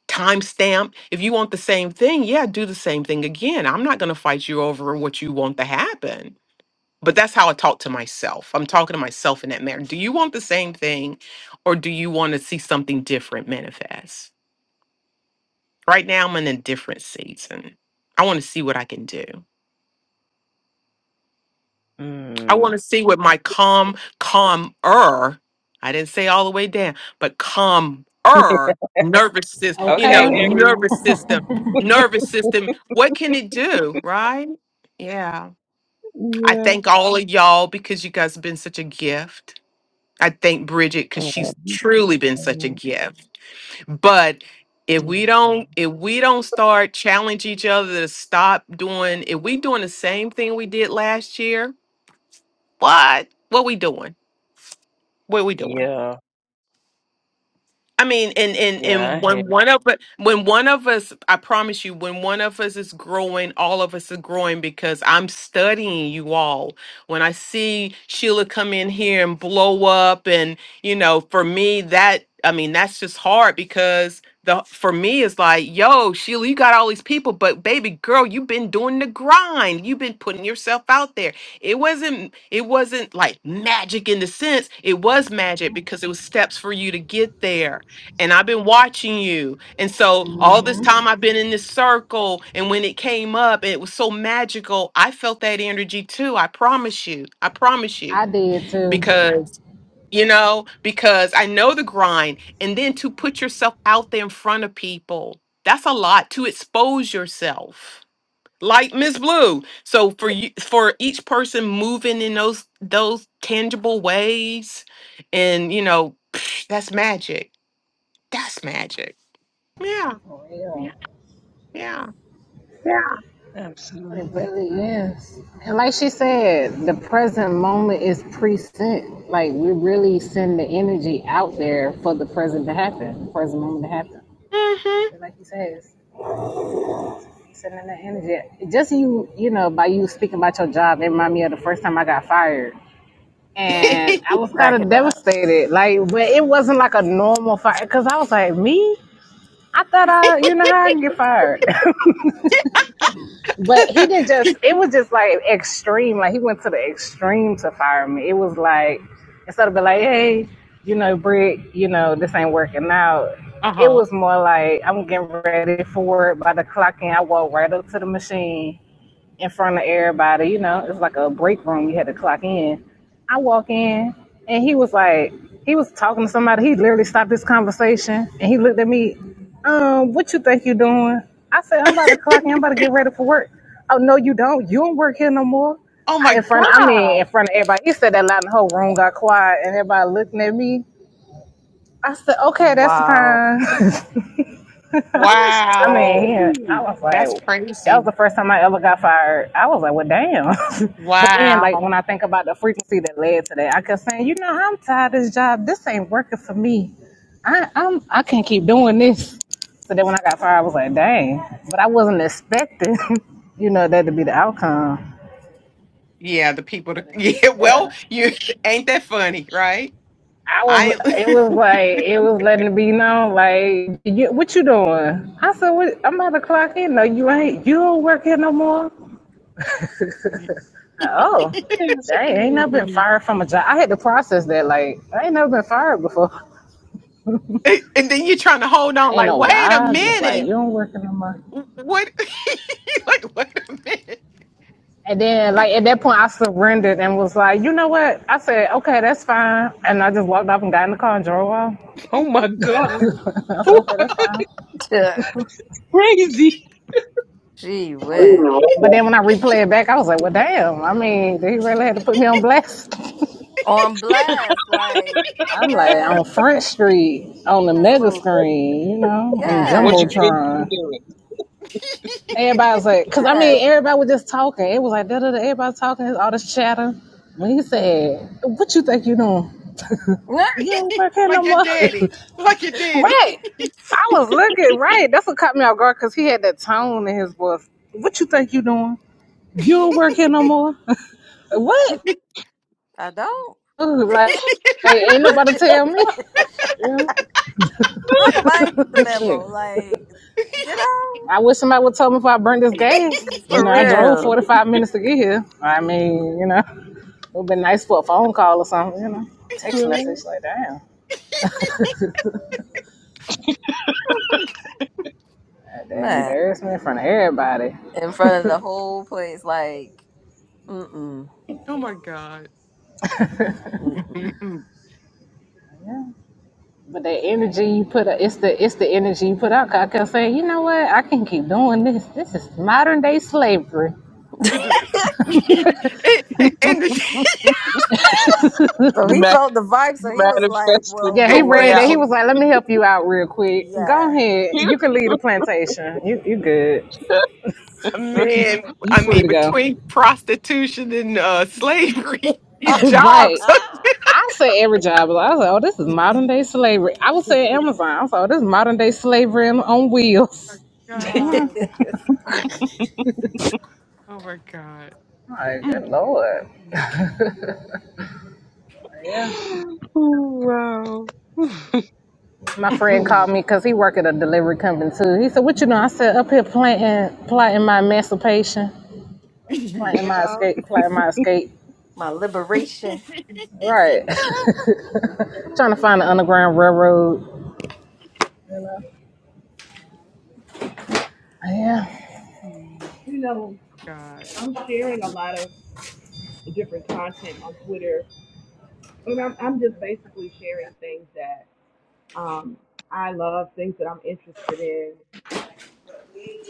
Speaker 4: time stamped. If you want the same thing, yeah, do the same thing again. I'm not going to fight you over what you want to happen but that's how I talk to myself. I'm talking to myself in that manner. Do you want the same thing or do you want to see something different manifest? Right now, I'm in a different season. I want to see what I can do. I
Speaker 3: Mm.
Speaker 4: want to see what my calm, calmer, I didn't say all the way down, but calmer nervous system, you
Speaker 3: Okay,
Speaker 4: know,
Speaker 5: Okay.
Speaker 4: nervous
Speaker 3: Aries.
Speaker 4: system, nervous system. What can it do? Right? Yeah. I
Speaker 3: Yeah.
Speaker 4: thank all of y'all because you guys have been such a gift. I thank Bridget because
Speaker 3: Oh,
Speaker 4: she's
Speaker 3: mm,
Speaker 4: truly been such a gift. But if
Speaker 3: mm.
Speaker 4: we don't, if we don't start challenge each other to stop doing, if we doing the same thing we did last year, what? What we doing? What we doing?
Speaker 3: Yeah.
Speaker 4: I mean, and and
Speaker 3: Yeah, I
Speaker 4: and
Speaker 3: have.
Speaker 4: when one of us, when one of us, I promise you, when one of us is growing, all of us are growing because I'm studying you all. When I see Sheila come in here and blow up, and you know, for me, that I mean, that's just hard because the for me it's like, yo, Sheila, you got all these people, but baby girl, you've been doing the grind. You've been putting yourself out there. It wasn't, it wasn't like magic in the sense. It was magic because it was steps for you to get there and I've been watching you. And so all this time I've been in this circle. And when it came up, it was so magical. I felt that energy too. I promise you. I promise you.
Speaker 5: I did too. Yeah,
Speaker 4: Because, you know, because I know the grind. And then to put yourself out there in front of people, that's a lot to expose yourself. Like Miss Blue. So for you for each person moving in those those tangible ways and you know, that's magic. That's magic. Yeah.
Speaker 5: For
Speaker 4: Yeah.
Speaker 5: real.
Speaker 4: Yeah.
Speaker 3: Yeah.
Speaker 5: It
Speaker 3: Absolutely.
Speaker 5: really is. And like she said, the present moment is preset. Like we really send the energy out there for the present to happen, present moment to happen.
Speaker 4: hmm
Speaker 5: Like you said, it's sending that energy. Just you, you know, by you speaking about your job, it reminded me of the first time I got fired. And I was kind
Speaker 2: Crack
Speaker 5: of
Speaker 2: it up.
Speaker 5: devastated. Like, but it wasn't like a normal fire. Cause I was like, me? I thought I, you know how I can get fired. But he didn't just, it was just like extreme. Like he went to the extreme to fire me. It was like, instead of being like, hey, you know, Britt, you know, this ain't working out.
Speaker 4: Uh
Speaker 5: It
Speaker 4: huh.
Speaker 5: was more like, I'm getting ready for it. By the clock in, I walked right up to the machine in front of everybody. You know, it's like a break room. You had to clock in. I walk in, and he was like, he was talking to somebody. He literally stopped this conversation, and he looked at me. Um, what you think you doing? I said, I'm about to clock in. I'm about to get ready for work. Oh no, you don't. You don't work here no more.
Speaker 4: Oh
Speaker 5: I- In
Speaker 4: my
Speaker 5: front, I mean,
Speaker 4: God.
Speaker 5: in front of everybody. He said that loud, and the whole room got quiet, and everybody looking at me. I said, okay, that's
Speaker 2: Wow.
Speaker 5: fine.
Speaker 3: That's
Speaker 5: I mean,
Speaker 4: Wow.
Speaker 5: he, I
Speaker 3: crazy.
Speaker 5: was
Speaker 4: That's
Speaker 5: like, that
Speaker 4: crazy.
Speaker 5: was the first time I ever got fired. I was like, well, damn. but then, like,
Speaker 4: Wow.
Speaker 5: when I think about the frequency that led to that, I kept saying, you know, I'm tired of this job. This ain't working for me. I, I'm, I can't keep doing this. So then when I got fired, I was like, dang. But I wasn't expecting, you know, that to be the outcome.
Speaker 4: Yeah, the people to,
Speaker 5: But it's,
Speaker 4: yeah, well,
Speaker 5: yeah.
Speaker 4: you ain't that funny, right?
Speaker 5: I was,
Speaker 4: I
Speaker 5: it was like, it was letting it be known, like, you, what you doing? I said, what, I'm about to clock in. No, you ain't. You don't work here no more.
Speaker 4: and
Speaker 5: Oh,
Speaker 3: That's
Speaker 5: I ain't never been
Speaker 3: crazy.
Speaker 5: fired from a job. I had to process that. Like, I ain't never been fired before.
Speaker 4: then you're trying to hold on
Speaker 5: Ain't
Speaker 4: like,
Speaker 5: no
Speaker 4: wait a
Speaker 5: why. Just like, you
Speaker 4: minute.
Speaker 5: don't work in the month.
Speaker 4: What like wait a minute.
Speaker 5: And then, like, at that point, I surrendered and was like, you know what? I said, okay, that's fine. And I just walked off and got in the car and drove off.
Speaker 3: Oh my God.
Speaker 5: I said,
Speaker 3: Oh,
Speaker 5: okay, that's fine.
Speaker 3: crazy.
Speaker 2: Gee
Speaker 5: But
Speaker 2: whiz.
Speaker 5: but then when I replay it back, I was like, well, damn. I mean, did he really have to put me on blast?
Speaker 2: On blast, like
Speaker 5: I'm like, on
Speaker 2: man,
Speaker 5: Front Street, on the
Speaker 2: that's a
Speaker 5: mega
Speaker 2: little
Speaker 5: screen, you know, on the
Speaker 3: What you
Speaker 2: yeah,
Speaker 3: think
Speaker 5: Jumbotron.
Speaker 3: you doing?
Speaker 5: Everybody was like, because I mean,
Speaker 2: man.
Speaker 5: everybody was just talking. It was like, da da da, everybody talking, it's all this chatter. When he said, What you think you doing?
Speaker 2: Nah,
Speaker 5: You don't work here
Speaker 4: like
Speaker 5: no
Speaker 4: your
Speaker 5: more.
Speaker 4: daddy. Like your
Speaker 2: It's,
Speaker 4: daddy.
Speaker 5: right. I was looking, right. That's what caught me off guard because he had that tone in his voice. What you think you doing? You don't work here no more. what?
Speaker 2: I don't.
Speaker 5: Ooh, Like, hey, ain't nobody tell me.
Speaker 2: How come I ain't get the
Speaker 5: But
Speaker 2: memo?
Speaker 5: Shit.
Speaker 2: Like you
Speaker 5: I wish somebody would tell me if I burned this gas.
Speaker 2: know,
Speaker 5: You know, I drove
Speaker 2: for
Speaker 5: 45 minutes to get here. I mean, you know. It would been nice for a phone call or something, you know. Text
Speaker 3: Right.
Speaker 5: message, like damn.
Speaker 4: oh my
Speaker 5: The
Speaker 2: real,
Speaker 4: god.
Speaker 5: embarrassment in front of everybody.
Speaker 2: in front of the whole place. Like, mm-mm,
Speaker 4: Oh my God.
Speaker 2: mm-mm.
Speaker 4: Mhm.
Speaker 5: But the energy you put out, it's the it's the energy you put out. 'Cause I kept saying, you know what, I can keep doing this. This is modern day slavery.
Speaker 4: It just and and the,
Speaker 2: so he
Speaker 3: You
Speaker 2: felt the vibe.
Speaker 3: You
Speaker 2: So he was like,
Speaker 3: manifested
Speaker 2: well,
Speaker 5: Yeah, he
Speaker 4: hey,
Speaker 2: if,
Speaker 3: your way
Speaker 5: read that. He
Speaker 3: out.
Speaker 4: Bridget,
Speaker 5: was like, let me help you out real quick. Go
Speaker 2: yeah.
Speaker 5: ahead. You can leave the plantation. You you good.
Speaker 4: man,
Speaker 5: You
Speaker 4: I
Speaker 5: free
Speaker 4: mean,
Speaker 5: to go.
Speaker 4: between prostitution and uh, slavery, these
Speaker 5: right.
Speaker 4: jobs.
Speaker 5: I say every job. I was like, oh, this is modern day slavery. I would say Amazon. I was like, oh, this is modern day slavery on on wheels.
Speaker 4: Oh my God. Oh my God. Oh
Speaker 5: My good lord. Yeah. My friend called
Speaker 4: my
Speaker 5: me because he work at a delivery company too. He said, "What you know?" I said, "Up here planting, plotting my emancipation,
Speaker 4: God.
Speaker 5: planting
Speaker 2: you
Speaker 5: my
Speaker 2: know,
Speaker 5: escape, plotting my escape."
Speaker 2: my liberation.
Speaker 5: Right,
Speaker 4: Oh
Speaker 5: trying to
Speaker 4: my
Speaker 5: find
Speaker 4: God.
Speaker 5: the underground railroad. You know? Yeah.
Speaker 3: wow.
Speaker 6: you know,
Speaker 4: God.
Speaker 6: I'm sharing a lot of different content on Twitter. I mean, I'm, I'm just basically sharing things that um, I love, things that I'm interested in.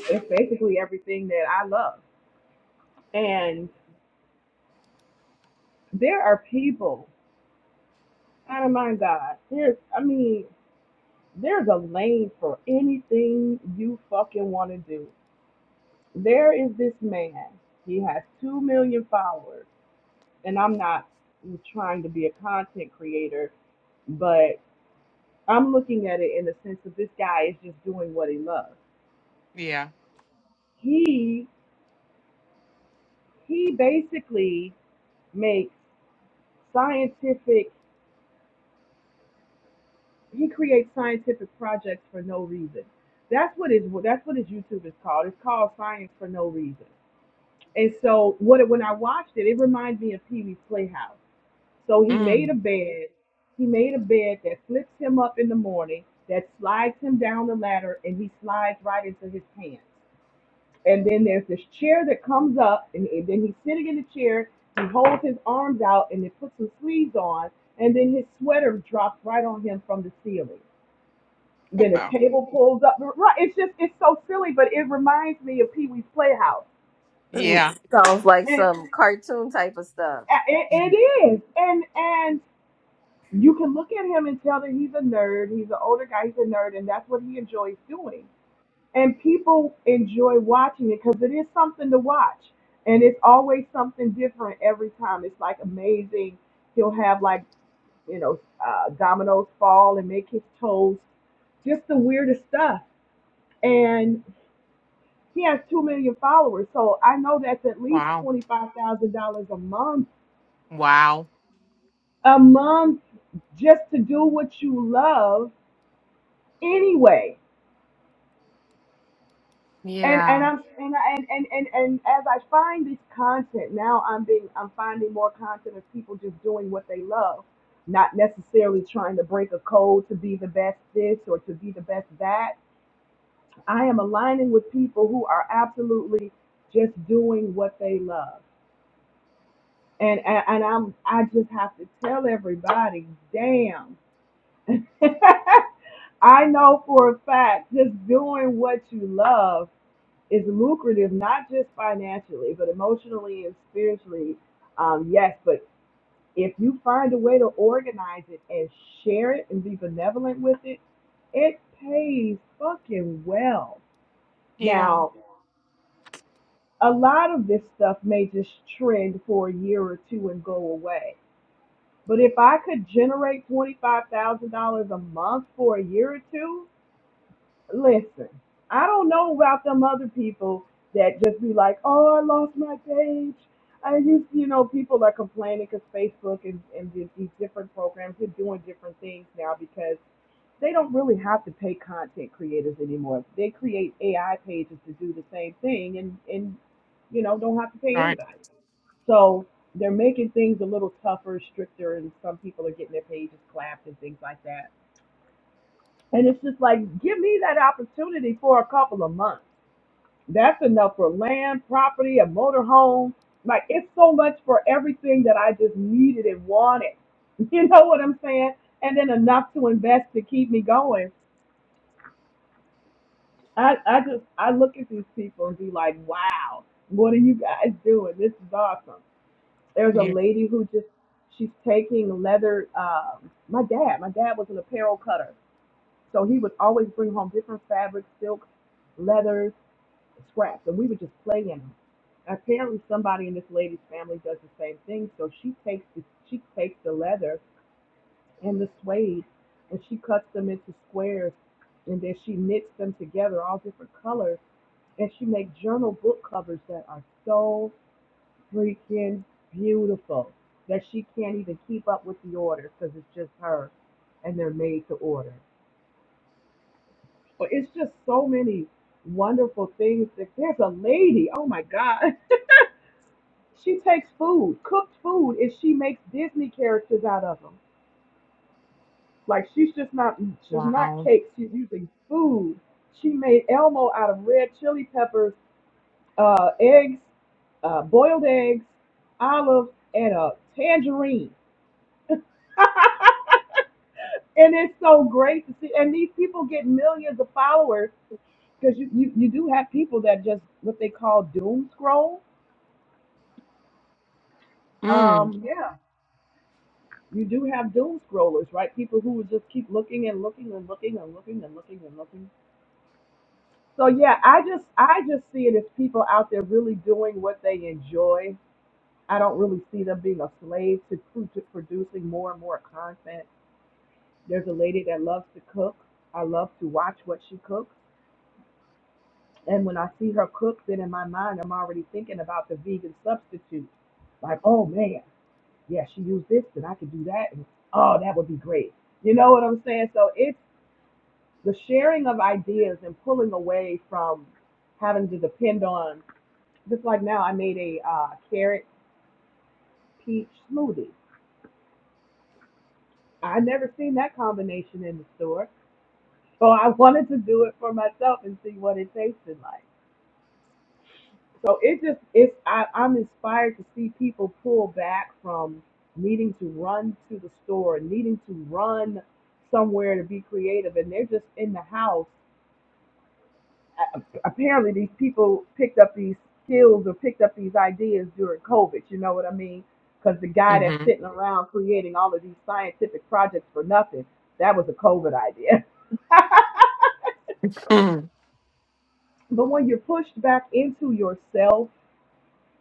Speaker 6: But it's basically everything that I love. And there are people, out of my God, there's, I mean, there's a lane for anything you fucking want to do. There is this man. He has 2 million followers. and I'm not trying to be a content creator, but I'm looking at it in the sense that this guy is just doing what he loves.
Speaker 4: Yeah.
Speaker 6: He he basically makes scientific he creates scientific projects for no reason. That's what his that's what his YouTube is called. It's called Science for No Reason. And so what it- when I watched it, it reminds me of Pee Wee's Playhouse So he made a
Speaker 4: Mm.
Speaker 6: bed. He made a bed that flips him up in the morning, that slides him down the ladder, and he slides right into his pants. And then there's this chair that comes up, and, and then he's sitting in the chair. He holds his arms out and it puts some sleeves on, and then his sweater drops right on him from the ceiling. Then
Speaker 4: Wow.
Speaker 6: a table pulls up. Right, it's just it's so silly, but it reminds me of Pee Wee's Playhouse.
Speaker 4: Yeah.
Speaker 2: Sounds like
Speaker 6: And
Speaker 2: some cartoon type of stuff.
Speaker 6: it, it
Speaker 4: Mm.
Speaker 6: is, and and you can look at him and tell that he's a nerd. He's an older guy. He's a nerd, and that's what he enjoys doing. And people enjoy watching it because it is something to watch, and it's always something different every time. It's like amazing. He'll have like you know uh, dominoes fall and make his toes, just the weirdest stuff. And he has two million followers, so I know that's at least
Speaker 4: Wow.
Speaker 6: twenty five thousand dollars a month
Speaker 4: Wow.
Speaker 6: a month just to do what you love anyway and and
Speaker 4: Yeah.
Speaker 6: I'm and I- and and and, and as I find this content now, I'm being I'm finding more content of people just doing what they love, not necessarily trying to break a code to be the best this or to be the best that. I am aligning with people who are absolutely just doing what they love, and and, and I'm I just have to tell everybody, damn. I know for a fact, just doing what you love is lucrative not just financially but emotionally and spiritually um, yes but if you find a way to organize it and share it and be benevolent with it it pays fucking well
Speaker 4: Yeah.
Speaker 6: now a lot of this stuff may just trend for a year or two and go away but if i could generate $25000 a month for a year or two listen, I don't know about them other people that just be like, oh, I lost my page. I used, you know, people are complaining because Facebook and, and the- these different programs are doing different things now because they don't really have to pay content creators anymore. They create AI pages to do the same thing and, and you know, don't have to pay
Speaker 4: Right.
Speaker 6: anybody. So they're making things a little tougher, stricter, and some people are getting their pages clapped and things like that and it's just like, give me that opportunity for a couple of months. That's enough for land, property, a motorhome. Like, it's so much for everything that I just needed and wanted. You know what I'm saying? And then enough to invest to keep me going. I, I just, I look at these people and be like, wow, what are you guys doing? This is awesome. There's a
Speaker 4: Yeah.
Speaker 6: lady who just, she's taking leather. Um, my dad, my dad was an apparel cutter So he would always bring home different fabrics, silks, leathers, scraps, and we would just play in them. Apparently, somebody in this lady's family does the same thing. So she takes the, she takes the leather and the suede, and she cuts them into squares, and then she knits them together, all different colors, and she makes journal book covers that are so freaking beautiful that she can't even keep up with the orders because it's just her, and they're made to order. But it's just so many wonderful things. That there's a lady, oh my God, she takes food, cooked food, and she makes Disney characters out of them. Like she's just not, she's not
Speaker 4: Wow.
Speaker 6: cakes. She's using food. She made Elmo out of red chili peppers, uh, eggs, uh, boiled eggs, olives, and a tangerine. And it's so great to see. And these people get millions of followers because you, you, you do have people that just what they call doom scroll.
Speaker 4: Mm.
Speaker 6: Um, yeah. You do have doom scrollers, right? People who would just keep looking and looking and looking and looking and looking and looking. So yeah, I just I just see it as people out there really doing what they enjoy. I don't really see them being a slave to, pro- to producing more and more content. There's a lady that loves to cook. I love to watch what she cooks. And when I see her cook, then in my mind I'm already thinking about the vegan substitute. Like, oh man, yeah, she used this, and I could do that, and oh, that would be great. You know what I'm saying? So it's the sharing of ideas and pulling away from having to depend on just like now i made a uh, carrot peach smoothie i never seen that combination in the store so i wanted to do it for myself and see what it tasted like so it just it's I, i'm inspired to see people pull back from needing to run to the store needing to run somewhere to be creative and they're just in the house a- apparently these people picked up these skills or picked up these ideas during COVID. You know what I mean? Because the guy that's
Speaker 4: Mm-hmm.
Speaker 6: sitting around creating all of these scientific projects for nothing, that was a COVID idea.
Speaker 4: Mm.
Speaker 6: But when you're pushed back into yourself,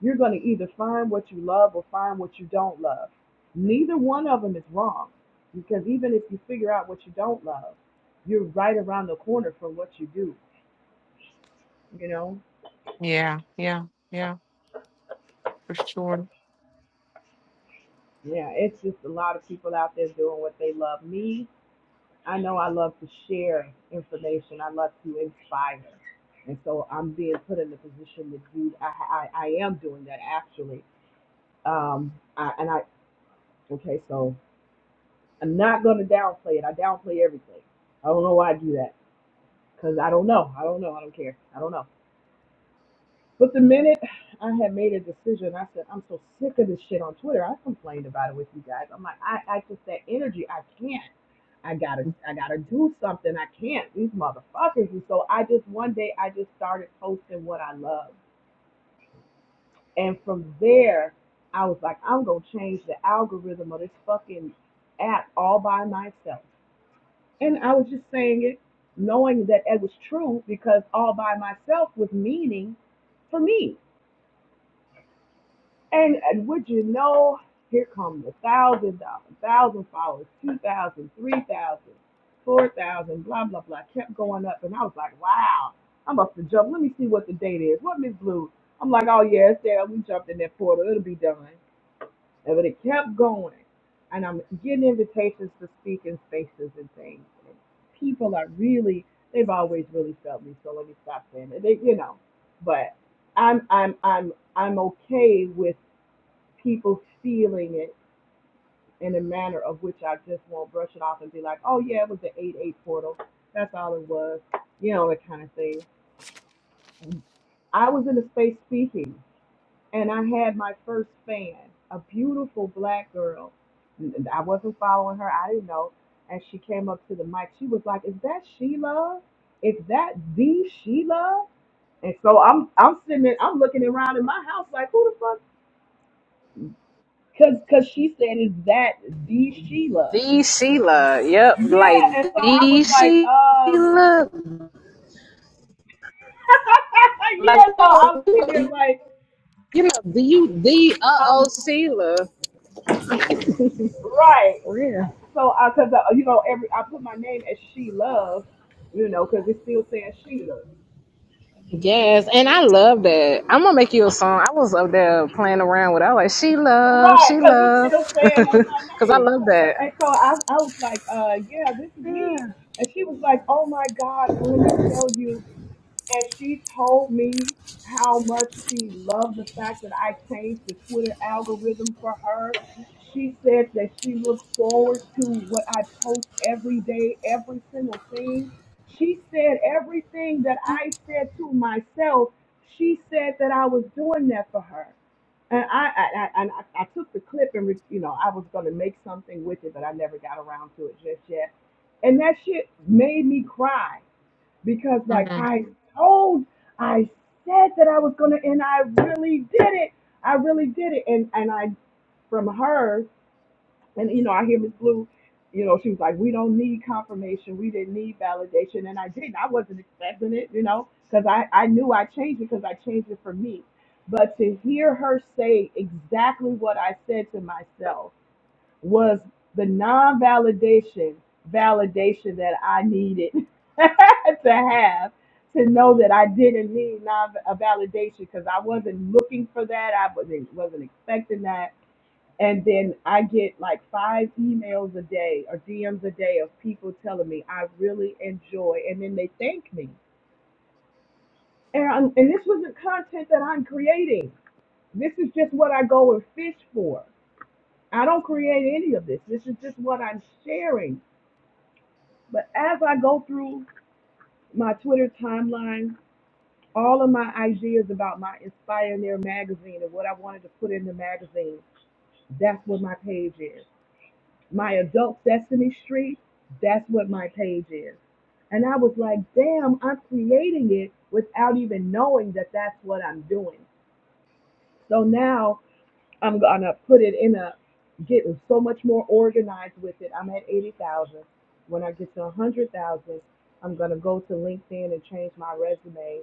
Speaker 6: you're going to either find what you love or find what you don't love. Neither one of them is wrong because even if you figure out what you don't love, you're right around the corner from what you do, you know?
Speaker 4: Yeah. Yeah. Yeah. for sure.
Speaker 6: Yeah, it's just a lot of people out there doing what they love. Me, I know I love to share information. I love to inspire. And so I'm being put in the position to do, I, I, I am doing that actually. Um, I, and I, okay, so I'm not going to downplay it. I downplay everything. I don't know why I do that because I don't know. I don't know. I don't care. I don't know. But the minute I had made a decision, I said, I'm so sick of this shit on Twitter. I complained about it with you guys. I'm like, I, I just that energy, I can't. I gotta I gotta do something. I can't. These motherfuckers. And so I just one day I just started posting what I love. And from there, I was like, I'm gonna change the algorithm of this fucking app all by myself. And I was just saying it knowing that it was true because all by myself was meaning for me And, and would you know, here come the thousand dollars, thousand followers, two thousand, three thousand, four thousand, blah, blah, blah. Kept going up. And I was like, wow, I must have jumped. Let me see what the date is. What Miss Blue? I'm like, oh, yeah, it's there. We jumped in that portal. It'll be done. And but it kept going. And I'm getting invitations to speak in spaces and things. And people are really, they've always really felt me. So let me stop saying it. They, you know, but I'm, I'm, I'm, I'm okay with people stealing it in a manner of which I just won't brush it off and be like, oh yeah, it was the 8-8 portal. That's all it was. You know, that kind of thing. I was in a space speaking and I had my first fan, a beautiful black girl. I I wasn't following her. I didn't know. And she came up to the mic. She was like, is that Sheila? Is that the Sheila? And so I'm I'm sitting there, I'm looking around in my house like, who the fuck? Because Cause cause she said, is that the Sheila?
Speaker 5: The Sheila. Yep.
Speaker 6: Yeah,
Speaker 5: Like
Speaker 6: and so I was
Speaker 5: the
Speaker 6: like, um,
Speaker 5: Sheila.
Speaker 6: yeah.
Speaker 5: Like,
Speaker 6: So I was sitting there like,
Speaker 5: you know, the you the uh oh
Speaker 6: um,
Speaker 5: Sheila.
Speaker 6: right.
Speaker 5: Yeah.
Speaker 6: So I, cause uh, you know, every I put my name as she love, you know, cause it's still saying she love,
Speaker 5: Yes, and I love that. I'm gonna make you a song. I was up there playing around with. It. I was like, she love, she
Speaker 6: right? Cause it's still
Speaker 5: love,
Speaker 6: saying ain't my
Speaker 5: because I
Speaker 6: name.
Speaker 5: love that.
Speaker 6: And so I, I was like, uh, yeah, this is me. And she was like, oh my god, let me tell you. and she told me how much she loved the fact that I changed the Twitter algorithm for her. She said that she looked forward to what I post every day, every single thing. She said everything that I said to myself, she said that I was doing that for her. And I, I, I, and I, I took the clip and, re- you know, I was going to make something with it, but I never got around to it just yet. And that shit made me cry because like
Speaker 4: hmm
Speaker 6: I told, I said that I was gonna, and I really did it. I really did it, and and I from her, and you know I hear Miss Blue, you know she was like, we don't need confirmation, we didn't need validation, and I didn't. I wasn't expecting it, you know, because I I knew I changed it because I changed it for me. But to hear her say exactly what I said to myself was the non-validation validation that I needed to have to know that I didn't need non a validation because I wasn't looking for that. I wasn't wasn't expecting that. And then I get like five emails a day or DMs a day of people telling me I really enjoy, and then they thank me. And I'm, and this wasn't content that I'm creating. This is just what I go and fish for. I don't create any of this. This is just what I'm sharing But as I go through my Twitter timeline, all of my ideas about my Inspire Near magazine and what I wanted to put in the magazine, that's what my page is. My Adult Sesame Street, that's what my page is. And I was like, damn, I'm creating it without even knowing that that's what I'm doing. So now I'm gonna put it in a getting so much more organized with it. I'm at eighty thousand. When I get to a hundred thousand, I'm gonna go to LinkedIn and change my resume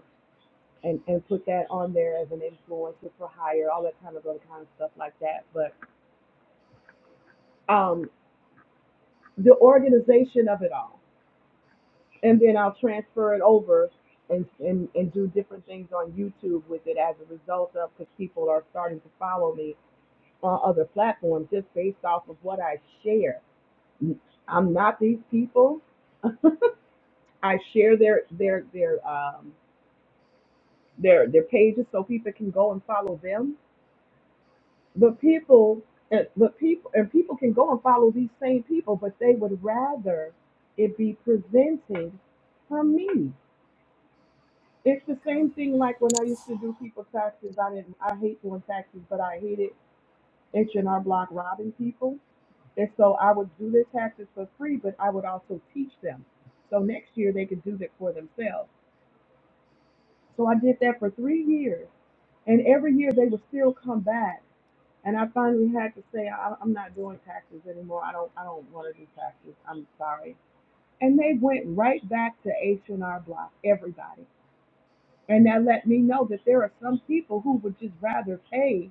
Speaker 6: and and put that on there as an influencer for hire, all that kind of other kind of stuff like that. But um, the organization of it all, and then I'll transfer it over. And, and, and do different things on YouTube with it as a result of because people are starting to follow me on other platforms just based off of what I share. I'm not these people. I share their their their um their their pages so people can go and follow them. But people and but people and people can go and follow these same people, but they would rather it be presented from me. It's the same thing like when I used to do people taxes. I didn't I hate doing taxes, but I hated H and R Block robbing people. And so I would do their taxes for free, but I would also teach them. So next year they could do that for themselves. So I did that for three years. And every year they would still come back. And I finally had to say, I, I'm not doing taxes anymore. I don't, I don't want to do taxes. I'm sorry. And they went right back to H&R Block, everybody. And that let me know that there are some people who would just rather pay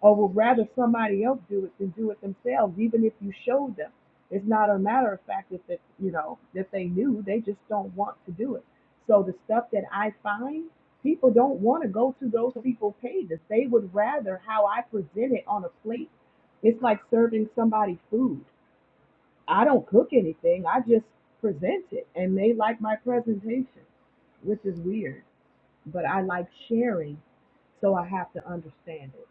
Speaker 6: or would rather somebody else do it than do it themselves, even if you showed them. It's not a matter of fact if that you know that they knew, they just don't want to do it. So the stuff that I find, people don't want to go to those people's pages. They would rather how I present it on a plate. It's like serving somebody food. I don't cook anything. I just present it, and they like my presentation, which is weird. But I like sharing, so I have to understand it.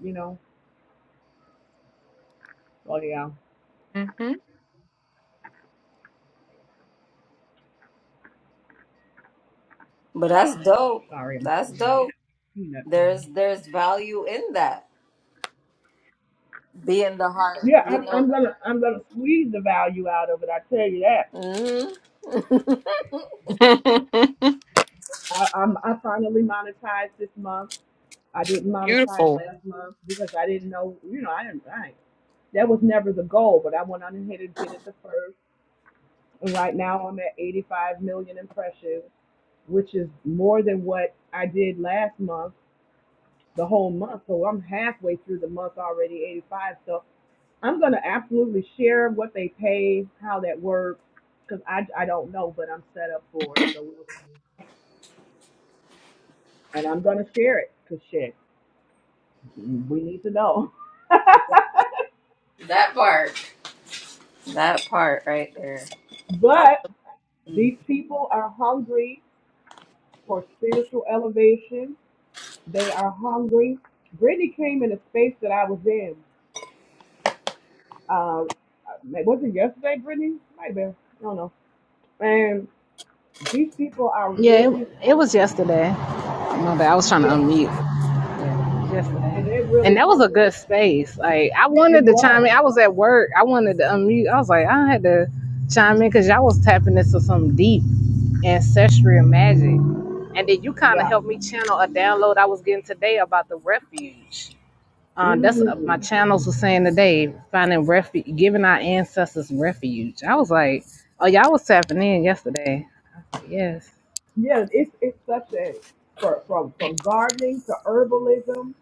Speaker 6: You know. Oh yeah.
Speaker 4: hmm
Speaker 2: But that's dope.
Speaker 6: Sorry, I'm
Speaker 2: That's
Speaker 6: sorry.
Speaker 2: dope.
Speaker 6: Peanut butter.
Speaker 2: There's there's value in that. Being the heart,
Speaker 6: Yeah,
Speaker 2: you
Speaker 6: I'm,
Speaker 2: know.
Speaker 6: I'm gonna I'm gonna squeeze the value out of it. I tell you that.
Speaker 2: Mhm.
Speaker 6: I, I'm I finally monetized this month. I didn't monetize
Speaker 4: Beautiful.
Speaker 6: last month because I didn't know. You know, I didn't. I, that was never the goal, but I went on ahead and did it the first. And right now I'm at 85 million impressions, which is more than what I did last month, the whole month. So I'm halfway through the month already, 85. So. I'm gonna absolutely share what they pay, how that works, because I, I don't know, but I'm set up for it. So, we'll- and I'm gonna share it, cause shit, we need to know.
Speaker 2: that part. That part right there.
Speaker 6: But
Speaker 2: Mm.
Speaker 6: these people are hungry for spiritual elevation. They are hungry. Brittany came in a space that I was in. Uh, was it yesterday, Brittany? Might have been. I don't know. And these people are
Speaker 5: Yeah,
Speaker 6: really
Speaker 5: it, it was
Speaker 6: hungry.
Speaker 5: yesterday. My bad. I was trying to
Speaker 6: Yeah,
Speaker 5: unmute. Yeah,
Speaker 6: and
Speaker 5: yesterday,
Speaker 6: they're really
Speaker 5: and that was a
Speaker 6: hungry.
Speaker 5: good space. Like I
Speaker 6: It
Speaker 5: wanted to chime in.
Speaker 6: was.
Speaker 5: I was at work. I wanted to unmute. I was like, I had to chime in because y'all was tapping into some deep ancestral magic, and then you kind of
Speaker 6: Yeah.
Speaker 5: helped me channel a download I was getting today about the refuge. Uh, that's uh, my
Speaker 6: Mm.
Speaker 5: channels were saying today, finding refuge, giving our ancestors refuge. I was like, oh, y'all was tapping in yesterday. I was like, yes.
Speaker 6: Yeah, it's it's such a for, from from gardening to herbalism.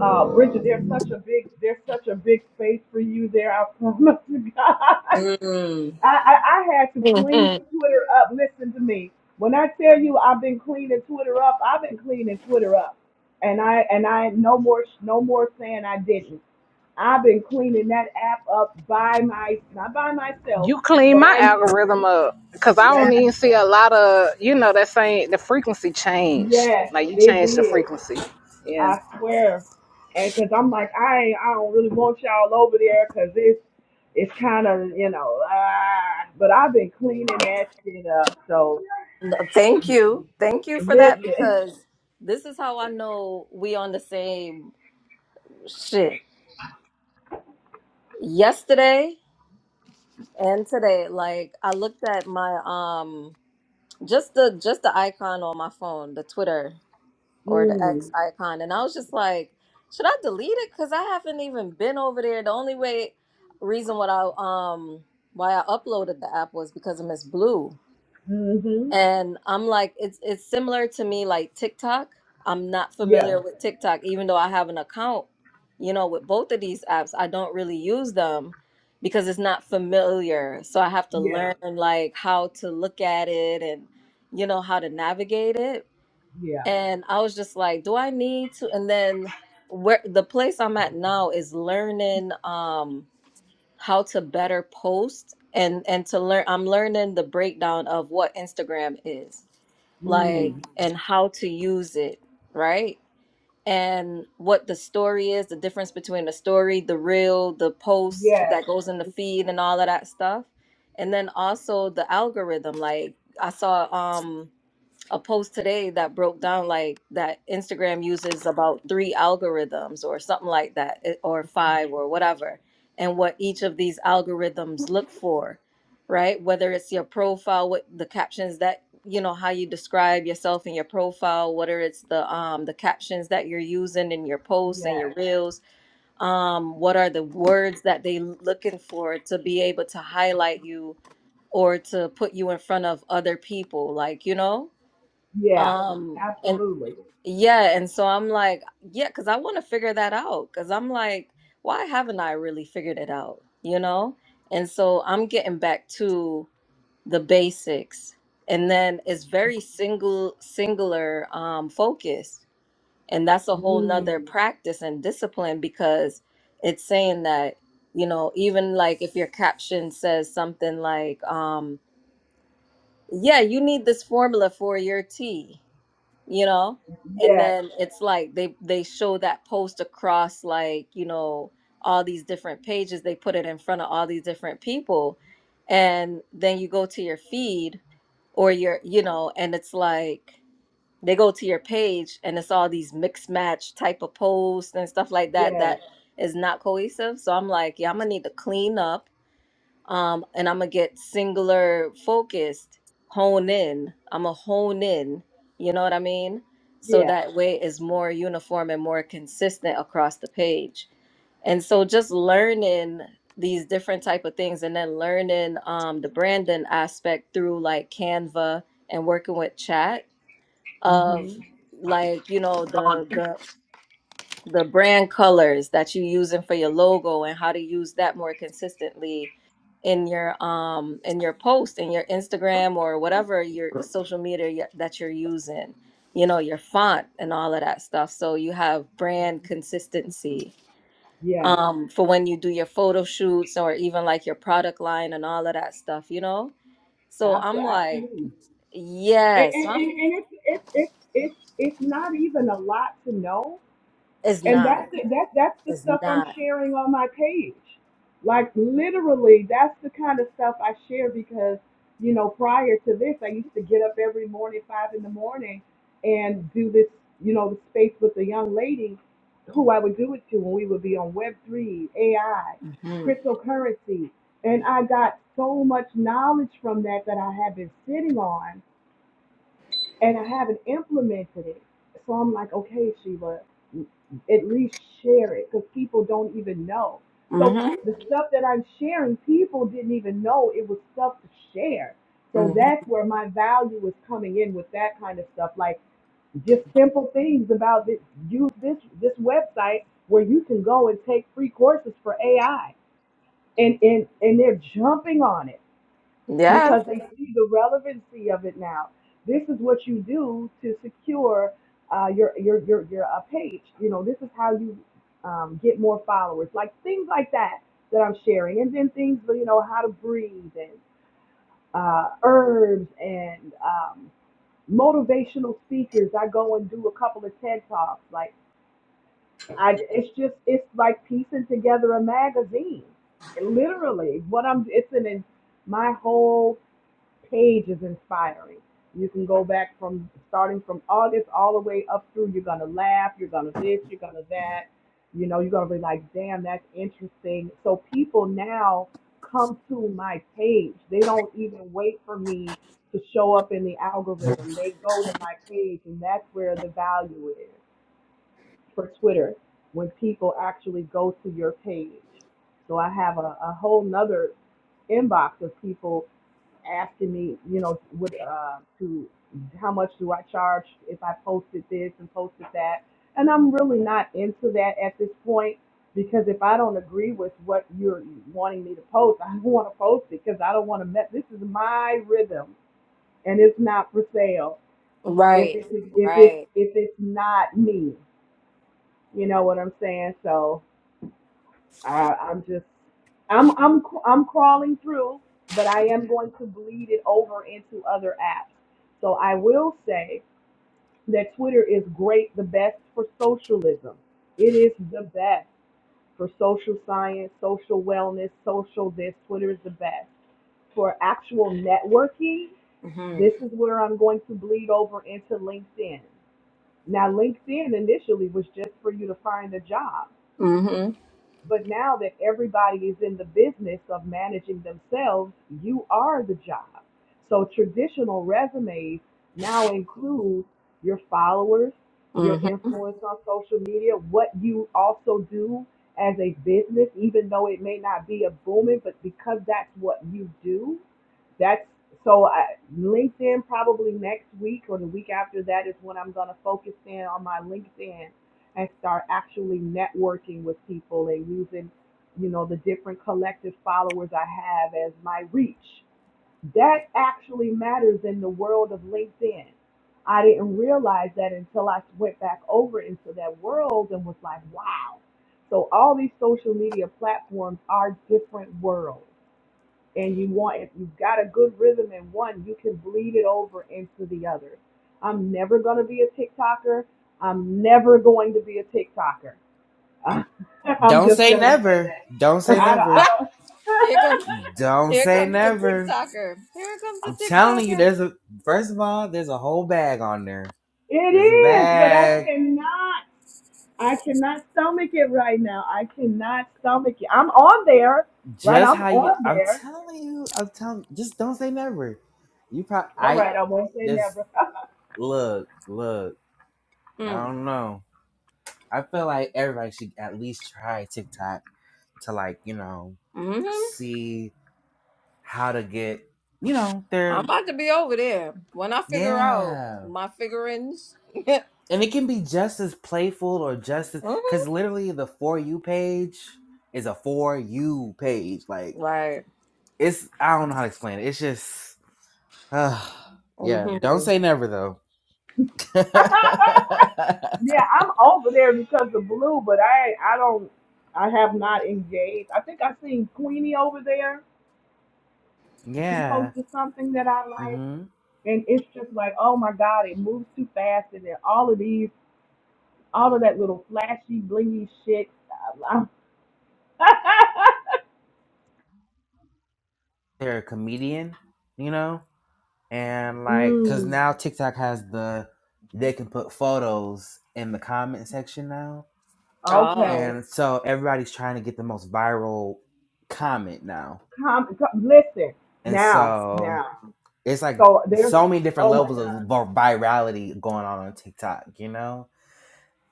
Speaker 6: Uh, Bridget, there's such a big there's such a big space for you there. I promise you God.
Speaker 2: Mm.
Speaker 6: I, I I had to clean
Speaker 4: Mhm.
Speaker 6: Twitter up. Listen to me. When I tell you I've been cleaning Twitter up, I've been cleaning Twitter up, and I and I no more no more saying I didn't. I've been cleaning that app up by my not by myself,
Speaker 5: You clean
Speaker 6: but
Speaker 5: my
Speaker 6: I.
Speaker 5: algorithm up because I don't even see a lot of, you know, that saying the frequency changed.
Speaker 6: Yes,
Speaker 5: Like you
Speaker 6: it
Speaker 5: changed the
Speaker 6: did.
Speaker 5: frequency. Yeah.
Speaker 6: I swear. And because I'm like, I ain't, I don't really want y'all over there because it's, it's kind of, you know, ah, but I've been cleaning that shit up. So
Speaker 2: Thank you. Thank you for that
Speaker 6: listen.
Speaker 2: because this is how I know we on the same shit. Yesterday and today, like I looked at my um just the just the icon on my phone, the Twitter or the X
Speaker 6: Mm,
Speaker 2: icon, and I was just like, should I delete it? Cause I haven't even been over there. The only way reason what I um why I uploaded the app was because of Miss Blue
Speaker 6: mm-hmm.
Speaker 2: And I'm like, it's it's similar to me like TikTok. I'm not
Speaker 6: Yeah,
Speaker 2: familiar with TikTok, even though I have an account, you know, with both of these apps. I don't really use them because it's not familiar. So I have to
Speaker 6: yeah,
Speaker 2: learn like how to look at it and you know how to navigate it.
Speaker 6: yeah.
Speaker 2: And I was just like, do I need to? And then where the place I'm at now is learning um how to better post and and to learn I'm learning the breakdown of what Instagram is like
Speaker 6: Mm,
Speaker 2: and how to use it, right? And what the story is, the difference between the story, the reel, the post
Speaker 6: yes,
Speaker 2: that goes in the feed and all of that stuff. And then also the algorithm. Like I saw um a post today that broke down like that Instagram uses about three algorithms or something like that, it- or five or whatever, and what each of these algorithms look for, right? Whether it's your profile, what the captions that you know how you describe yourself in your profile, whether it's the um the captions that you're using in your posts and your
Speaker 6: yes,
Speaker 2: reels, um, what are the words that they looking for to be able to highlight you or to put you in front of other people, like you know
Speaker 6: yeah,
Speaker 2: um and
Speaker 6: absolutely.
Speaker 2: yeah and so i'm like yeah because i want to figure that out because i'm like why haven't i really figured it out you know and so i'm getting back to the basics and then it's very single singular um focused and that's a whole nother
Speaker 6: Mm,
Speaker 2: practice and discipline because it's saying that you know even like if your caption says something like um yeah you need this formula for your tea you know and
Speaker 6: yes,
Speaker 2: then it's like they they show that post across like you know all these different pages they put it in front of all these different people and then you go to your feed or your you know and it's like they go to your page and it's all these mixed match type of posts and stuff like that
Speaker 6: yes,
Speaker 2: that is not cohesive so i'm like yeah i'm gonna need to clean up um, and I'm gonna get singular focused, hone in. I'm gonna hone in. You know what I mean? So
Speaker 6: yeah.
Speaker 2: that way is more uniform and more consistent across the page. And so just learning these different type of things, and then learning um, the branding aspect through like Canva and working with chat of
Speaker 6: Mm-hmm.
Speaker 2: like you know the the the brand colors that you using for your logo and how to use that more consistently in your um in your post in your Instagram or whatever your social media y- that you're using you know your font and all of that stuff so you have brand consistency
Speaker 6: Yes,
Speaker 2: um for when you do your photo shoots or even like your product line and all of that stuff you know so I'm
Speaker 6: abso-
Speaker 2: like
Speaker 6: absolutely. and
Speaker 2: yes
Speaker 6: and, and
Speaker 2: I'm-
Speaker 6: and it's it's it's it's it's not even a lot to know
Speaker 2: it's
Speaker 6: and
Speaker 2: not
Speaker 6: that's the, that that's the
Speaker 2: it's
Speaker 6: stuff i'm
Speaker 2: not
Speaker 6: sharing on my page like literally that's the kind of stuff i share because you know prior to this i used to get up every morning five in the morning and do this you know the space with a young lady who i would do it to and we would be on web3 ai
Speaker 2: hmm
Speaker 6: cryptocurrency and i got so much knowledge from that that i have been sitting on and I haven't implemented it. So I'm like, okay, Sheila, at least share it because people don't even know. So
Speaker 2: hmm
Speaker 6: the stuff that I'm sharing, people didn't even know it was stuff to share.
Speaker 2: hmm
Speaker 6: So that's where my value is coming in with that kind of stuff, like just simple things about this. Use this this website where you can go and take free courses for AI, and and and they're jumping on it
Speaker 2: yeah
Speaker 6: because they see the relevancy of it now. This is what you do to secure uh, your your your your uh, page. You know, this is how you um, get more followers, like things like that that I'm sharing, and then things you know how to breathe and uh, herbs and um, motivational speakers. I go and do a couple of TED talks. Like I, it's just it's like piecing together a magazine. Literally, what I'm it's an my whole page is inspiring. You can go back from starting from August all the way up through. You're gonna laugh. You're gonna this. You're gonna that. You know, you're gonna be like, damn, that's interesting. So people now come to my page. They don't even wait for me to show up in the algorithm. They go to my page, and that's where the value is for Twitter when people actually go to your page. So I have a, a whole nother inbox of people asking me, you know, what uh, to how much do I charge if I posted this and posted that, and I'm really not into that at this point because if I don't agree with what you're wanting me to post, I don't want to post it because I don't want to mess. This is my rhythm, and it's not for sale. If
Speaker 2: Right.
Speaker 6: it's if it's
Speaker 2: Right.
Speaker 6: if it's not me, you know what I'm saying? So I, I'm just, I'm, I'm, I'm crawling through, but I am going to bleed it over into other apps. So I will say that Twitter is great, the best for socialism. It is the best for social science, social wellness, social this. Twitter is the best for actual networking.
Speaker 2: Mhm.
Speaker 6: This is where I'm going to bleed over into LinkedIn. Now, LinkedIn initially was just for you to find a job.
Speaker 2: Mhm.
Speaker 6: But now that everybody is in the business of managing themselves, you are the job. So traditional resumes now include your followers, your
Speaker 2: Mhm.
Speaker 6: influence on social media, what you also do as a business, even though it may not be a booming, but because that's what you do, that's so I, LinkedIn probably next week or the week after that is when I'm going to focus in on my LinkedIn and start actually networking with people and using, you know, the different collective followers I have as my reach. That actually matters in the world of LinkedIn. I didn't realize that until I went back over into that world and was like, wow. So all these social media platforms are different worlds and you want if you've got a good rhythm in one, you can bleed it over into the other. I'm never going to be a TikToker. I'm never going to be a TikToker. I'm
Speaker 1: Don't
Speaker 6: just
Speaker 1: say
Speaker 6: going to say
Speaker 1: never.
Speaker 6: that.
Speaker 1: Don't say
Speaker 6: I don't. I
Speaker 1: never.
Speaker 6: don't.
Speaker 2: here comes
Speaker 1: Don't
Speaker 2: here
Speaker 1: say
Speaker 2: comes the
Speaker 1: never.
Speaker 2: TikToker. Here comes the
Speaker 1: I'm telling you,
Speaker 2: TikToker.
Speaker 1: there's a first of all, there's a whole bag on there.
Speaker 6: It
Speaker 1: There's a
Speaker 6: is,
Speaker 2: Mm.
Speaker 6: but I
Speaker 1: bag.
Speaker 6: cannot. I cannot stomach it right now. I cannot stomach it. I'm on there, right?
Speaker 1: Just
Speaker 6: I'm
Speaker 1: how you,
Speaker 6: on
Speaker 1: I'm
Speaker 6: there.
Speaker 1: telling you, I'm telling. Just don't say never. You probably,
Speaker 6: All
Speaker 1: I
Speaker 6: right, I won't say
Speaker 1: just
Speaker 6: never.
Speaker 1: look, look. I
Speaker 2: Mm.
Speaker 1: don't know. I feel like everybody should at least try TikTok to like, you know,
Speaker 2: Mhm.
Speaker 1: see how to get, you know,
Speaker 2: I'm
Speaker 1: their
Speaker 2: about to be over there when I figure out
Speaker 1: yeah.
Speaker 2: my figurines. mhm.
Speaker 1: And it can be just as playful or just as because literally the for you page is a for you page. Like
Speaker 2: Right.
Speaker 1: it's I don't know how to explain it. It's just yeah, don't
Speaker 2: Mhm.
Speaker 1: say never though.
Speaker 6: Yeah, I'm over there because of blue, but I I don't I have not engaged. I think I seen Queenie over there. She
Speaker 1: yeah.
Speaker 6: posted something that I like,
Speaker 1: hmm
Speaker 6: and it's just like, oh my god, it moves too fast, and then all of these, all of that little flashy, blingy shit. I'm-
Speaker 1: They're a comedian, you know? And like, cause
Speaker 6: mm,
Speaker 1: now TikTok has the, they can put photos in the comment section now.
Speaker 2: Ah.
Speaker 6: okay.
Speaker 1: And so everybody's trying to get the most viral comment now.
Speaker 6: Come, come, listen
Speaker 1: And
Speaker 6: now,
Speaker 1: so
Speaker 6: now.
Speaker 1: it's like
Speaker 6: So there's,
Speaker 1: so many different
Speaker 6: oh my
Speaker 1: levels of
Speaker 6: god,
Speaker 1: virality going on on TikTok, you know?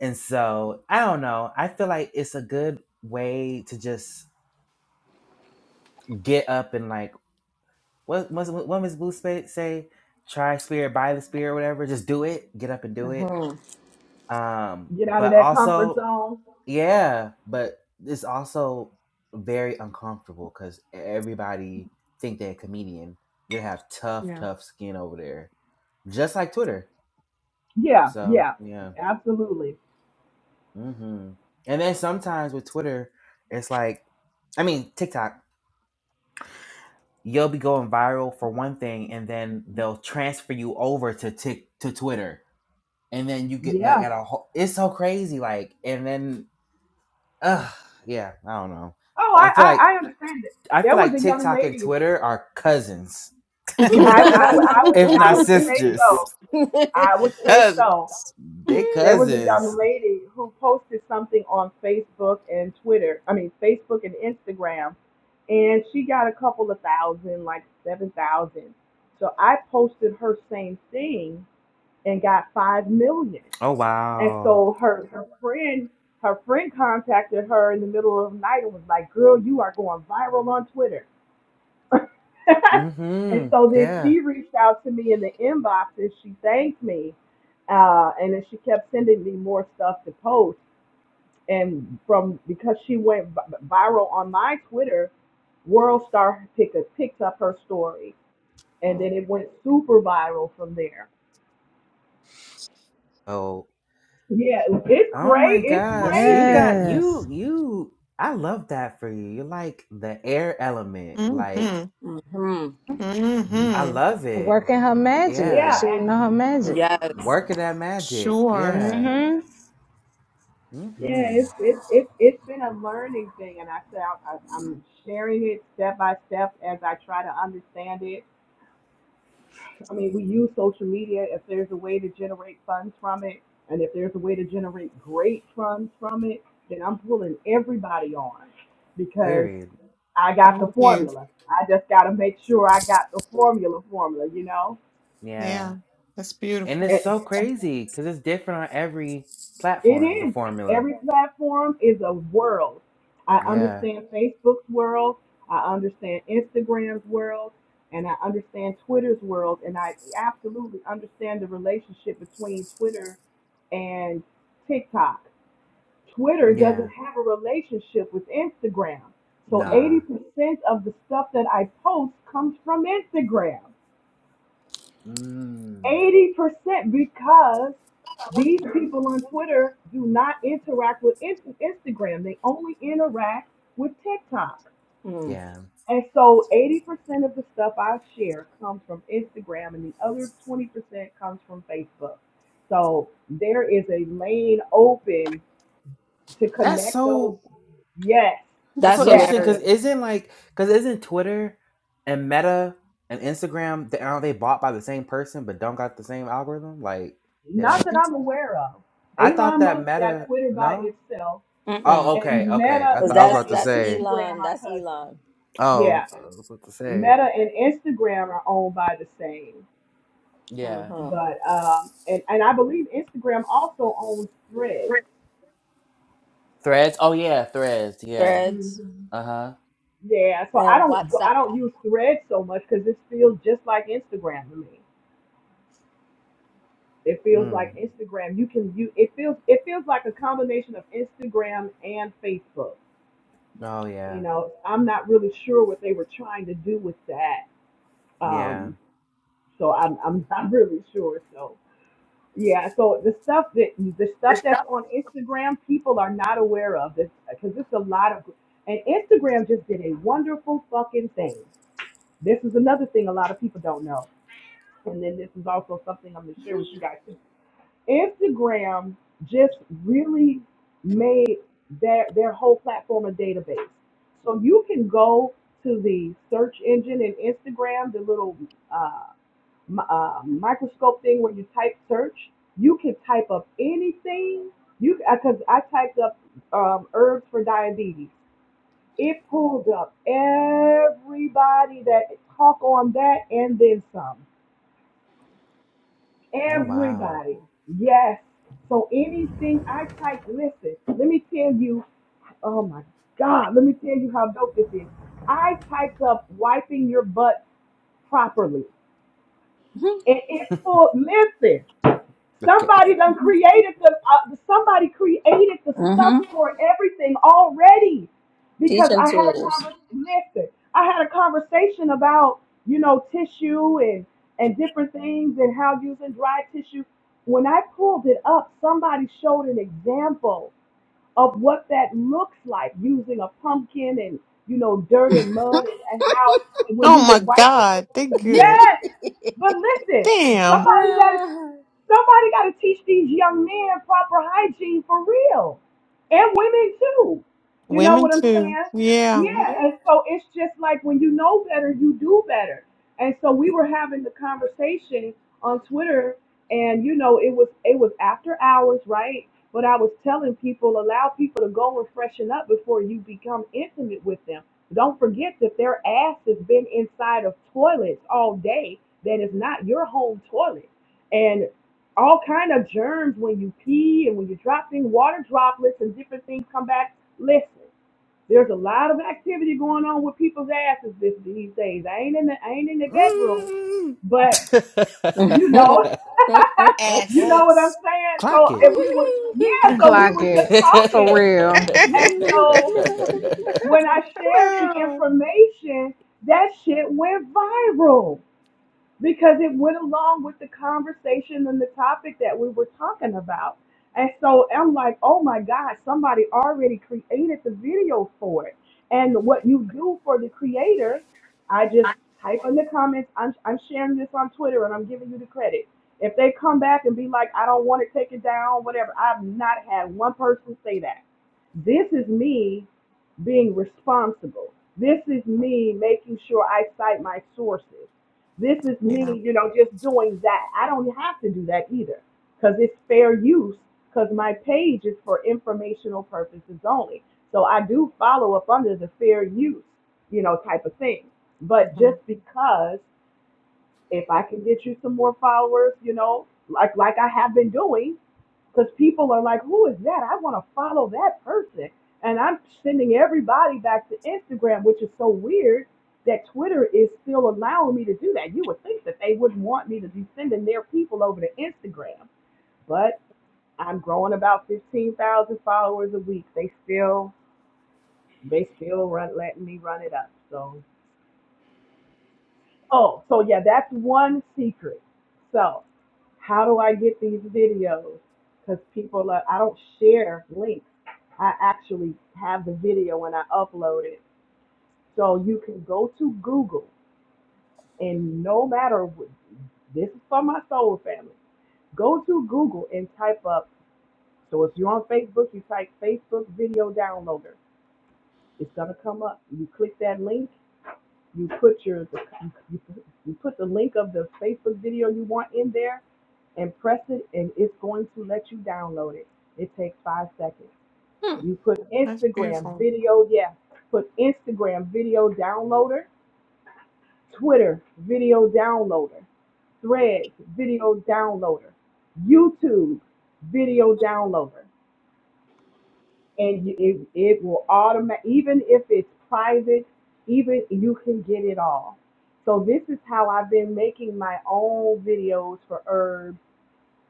Speaker 1: And so I don't know. I feel like it's a good way to just get up and like what what what Miss Blue spa- say? Try spirit, buy the spirit, whatever. Just do it. Get up and do it.
Speaker 2: Mhm.
Speaker 1: Um,
Speaker 6: get out of
Speaker 1: but
Speaker 6: that comfort
Speaker 1: also,
Speaker 6: zone.
Speaker 1: yeah, but it's also very uncomfortable because everybody think they're a comedian. You have tough,
Speaker 4: yeah.
Speaker 1: tough skin over there, just like Twitter.
Speaker 6: Yeah,
Speaker 1: So
Speaker 6: yeah,
Speaker 1: yeah,
Speaker 6: absolutely.
Speaker 1: hmm and then sometimes with Twitter, it's like, I mean TikTok you'll be going viral for one thing, and then they'll transfer you over to tick to Twitter, and then you get that
Speaker 6: Yeah,
Speaker 1: got a whole. It's so crazy, like, and then, ugh, yeah, I don't know.
Speaker 6: Oh, I,
Speaker 1: I feel like
Speaker 6: I, I understand it.
Speaker 1: I feel
Speaker 6: There was
Speaker 1: like
Speaker 6: a young
Speaker 1: TikTok and
Speaker 6: lady.
Speaker 1: Twitter are cousins,
Speaker 6: I, I, would- I would
Speaker 1: if
Speaker 6: I
Speaker 1: not
Speaker 6: would say
Speaker 1: sisters.
Speaker 6: so. I would say so.
Speaker 1: They
Speaker 6: There was a
Speaker 1: cousins.
Speaker 6: young lady who posted something on Facebook and Twitter. I mean Facebook and Instagram, and she got a couple of thousand, like seven thousand. So I posted her same thing and got five million.
Speaker 1: Oh
Speaker 6: And
Speaker 1: wow.
Speaker 6: so her her friend her friend contacted her in the middle of the night and was like, "Girl, you are going viral on Twitter." and
Speaker 1: Mm-hmm.
Speaker 6: so then
Speaker 1: Yeah.
Speaker 6: she reached out to me in the inbox and she thanked me. Uh, and then she kept sending me more stuff to post. And from because she went vi- viral on my Twitter, World Star picked, picked up her story. And then it went super viral from there.
Speaker 1: Oh.
Speaker 6: Yeah, it's
Speaker 1: Oh my
Speaker 6: crazy. It's
Speaker 1: gosh. You
Speaker 6: crazy.
Speaker 1: got
Speaker 5: Yes.
Speaker 1: you you I love that for you. You're like the air element. Like
Speaker 4: mm-hmm.
Speaker 2: mhm.
Speaker 4: hmm
Speaker 1: I
Speaker 4: hmm
Speaker 1: love it.
Speaker 5: Working her magic.
Speaker 1: Yeah.
Speaker 6: Yeah,
Speaker 5: She would
Speaker 6: and
Speaker 5: know her magic.
Speaker 2: Yes.
Speaker 1: Working that magic.
Speaker 4: Sure.
Speaker 1: Yeah.
Speaker 5: Mm hmm.
Speaker 6: yeah,
Speaker 1: Mm-hmm.
Speaker 6: it's it's it's it's been a learning thing, and I say I, I, I'm sharing it step by step as I try to understand it I mean, we use social media if there's a way to generate funds from it, and if there's a way to generate great funds from it, then I'm pulling everybody on because
Speaker 1: Period.
Speaker 6: I got the
Speaker 4: Thank you.
Speaker 6: formula. I just got to make sure I got the formula formula, you know?
Speaker 1: Yeah.
Speaker 4: Yeah, that's
Speaker 1: And it's
Speaker 4: beautiful.
Speaker 1: so crazy because it's different on every platform,
Speaker 6: It
Speaker 1: the
Speaker 6: is.
Speaker 1: formula.
Speaker 6: Every platform is a world. I
Speaker 1: Yeah.
Speaker 6: understand Facebook's world, I understand Instagram's world, and I understand Twitter's world, and I absolutely understand the relationship between Twitter and TikTok. Twitter
Speaker 1: Yeah.
Speaker 6: doesn't have a relationship with Instagram. So
Speaker 1: Nah.
Speaker 6: 80% of the stuff that I post comes from Instagram.
Speaker 1: Mm.
Speaker 6: 80% because these people on Twitter do not interact with In- Instagram. They only interact with TikTok.
Speaker 2: Mhm.
Speaker 1: Yeah.
Speaker 6: And so 80% of the stuff I share comes from Instagram and the other 20% comes from Facebook. So there is a lane open to
Speaker 1: That's
Speaker 6: connect those.
Speaker 1: so
Speaker 6: Yes,
Speaker 1: that's so
Speaker 2: That's
Speaker 6: yes.
Speaker 1: interesting because
Speaker 2: hilarious.
Speaker 1: isn't like because isn't Twitter and Meta and Instagram they aren't they bought by the same person but don't got the same algorithm? Like they
Speaker 6: Not
Speaker 1: don't
Speaker 6: that I'm aware of.
Speaker 1: I thought
Speaker 6: Elon
Speaker 1: that
Speaker 6: Musk got
Speaker 1: Meta
Speaker 6: Twitter by
Speaker 1: no?
Speaker 6: itself
Speaker 2: mm
Speaker 1: Oh, okay,
Speaker 6: and
Speaker 1: okay.
Speaker 6: Meta,
Speaker 1: I
Speaker 2: Cause
Speaker 1: thought I was
Speaker 6: Meta
Speaker 2: that's
Speaker 1: about to
Speaker 6: and
Speaker 2: that's
Speaker 1: say.
Speaker 6: Instagram
Speaker 2: Elon.
Speaker 6: are
Speaker 2: That's
Speaker 6: cousins.
Speaker 2: Elon.
Speaker 1: Oh,
Speaker 6: Yeah,
Speaker 1: I was about to say.
Speaker 6: Meta and Instagram are owned by the same,
Speaker 1: Yeah,
Speaker 2: hmm
Speaker 6: but um, and and I believe Instagram also owns Threads.
Speaker 1: threads. Oh yeah, threads. Yeah.
Speaker 2: Threads
Speaker 6: hmm
Speaker 1: Uh huh.
Speaker 6: Yeah, so I
Speaker 2: and
Speaker 6: don't go-
Speaker 2: WhatsApp.
Speaker 6: I don't use Threads so much because it feels just like Instagram to me. It feels
Speaker 1: Hmm.
Speaker 6: like Instagram. You can you it feels it feels like a combination of Instagram and Facebook.
Speaker 1: Oh
Speaker 6: You
Speaker 1: yeah.
Speaker 6: know, I'm not really sure what they were trying to do with that.
Speaker 1: Yeah.
Speaker 6: Um, so I'm I'm not really sure. So. Yeah, so the stuff that the stuff that's on Instagram, people are not aware of this because it's a lot of, and Instagram just did a wonderful fucking thing. This is another thing a lot of people don't know, and then this is also something I'm gonna share with you guys. too. Instagram just really made their their whole platform a database, so you can go to the search engine in Instagram, the little uh, uh, microscope thing where you type search. You can type up anything. You because I typed up um, herbs for diabetes. It pulled up everybody that talk on that and then some.
Speaker 1: Oh wow.
Speaker 6: Everybody, yes. So anything I typed, listen. Let me tell you. Oh my God. Let me tell you how dope this is. I typed up wiping your butt properly,
Speaker 2: Mm-hmm.
Speaker 6: and it pulled. Listen.
Speaker 1: Okay.
Speaker 6: Somebody done created the, uh, somebody created the stuff
Speaker 2: hmm
Speaker 6: for everything already. Because
Speaker 2: Teaching
Speaker 6: I had a
Speaker 2: tools.
Speaker 6: conversation, listen, I had a conversation about, you know, tissue and, and different things and how using dry tissue. When I pulled it up, somebody showed an example of what that looks like using a pumpkin and, you know, dirt and mud and, and how when you
Speaker 4: Oh my
Speaker 6: would wipe it. with-
Speaker 4: God, they good.
Speaker 6: Yes, but listen,
Speaker 4: Damn,
Speaker 6: somebody that is.
Speaker 2: hmm
Speaker 6: Somebody got to teach these young men proper hygiene for real, and women too. You know
Speaker 4: women
Speaker 6: what I'm
Speaker 4: too.
Speaker 6: saying?
Speaker 4: Yeah.
Speaker 6: Yeah. And so it's just like when you know better, you do better. And so we were having the conversation on Twitter, and you know it was it was after hours, right? But I was telling people, allow people to go and freshen up before you become intimate with them. Don't forget that their ass has been inside of toilets all day. That is not your home toilet. And all kind of germs when you pee and when you drop things, water droplets and different things come back. Listen, there's a lot of activity going on with people's asses this, these days. I ain't in the I ain't in the bedroom,
Speaker 1: Mm.
Speaker 6: but you know, you know what I'm
Speaker 4: Asses.
Speaker 6: saying.
Speaker 1: Clock
Speaker 6: So
Speaker 1: it.
Speaker 6: if we were, yeah,
Speaker 4: yeah.
Speaker 1: Clock
Speaker 6: so
Speaker 1: it.
Speaker 6: we
Speaker 5: Clock
Speaker 6: were
Speaker 5: it.
Speaker 6: just
Speaker 5: For
Speaker 6: talking,
Speaker 5: real.
Speaker 6: and so when I shared the information, that shit went viral because it went along with the conversation and the topic that we were talking about. And so I'm like, oh my God, somebody already created the video for it. And what you do for the creator, I just type in the comments, I'm, I'm sharing this on Twitter and I'm giving you the credit. If they come back and be like, I don't want to take it down, whatever, I've not had one person say that. This is me being responsible. This is me making sure I cite my sources. This is me, you know, just doing that. I don't have to do that either because it's fair use because my page is for informational purposes only. So I do follow up under the fair use, you know, type of thing. But
Speaker 4: hmm
Speaker 6: just because if I can get you some more followers, you know, like like I have been doing, because people are like, who is that? I want to follow that person. And I'm sending everybody back to Instagram, which is so weird that Twitter is still allowing me to do that. You would think that they wouldn't want me to be sending their people over to Instagram, but I'm growing about 15,000 followers a week. They still, they still run, letting me run it up. So Oh, so yeah, that's one secret. So, how do I get these videos? Because people are, I don't share links. I actually have the video and I upload it. So you can go to Google and no matter what, this is for my soul family. Go to Google and type up. So if you're on Facebook, you type Facebook video downloader. It's gonna come up. You click that link You put your you put you put the link of the Facebook video you want in there and press it and it's going to let you download it. It takes five seconds. You put
Speaker 4: That's
Speaker 6: Instagram
Speaker 4: beautiful.
Speaker 6: video, yeah. Put Instagram video downloader, Twitter video downloader, Threads video downloader, YouTube video downloader and you- it, it will automatic even if it's private even you can get it all so this is how i've been making my own videos for herbs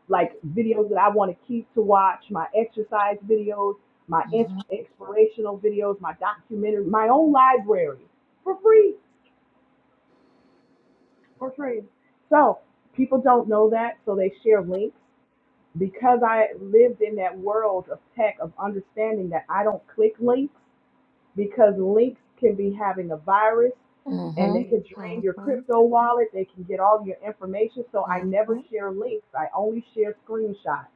Speaker 6: like videos that i want to keep to watch my exercise videos my ins- inspirational videos my documentary my own library for free for free so people don't know that so they share links because i lived in that world of tech of understanding that i don't click links because links can be having a virus and they can drain your crypto
Speaker 4: hmm
Speaker 6: wallet. They can get all your information. So I never
Speaker 4: Mm-hmm.
Speaker 6: share links. I only share screenshots.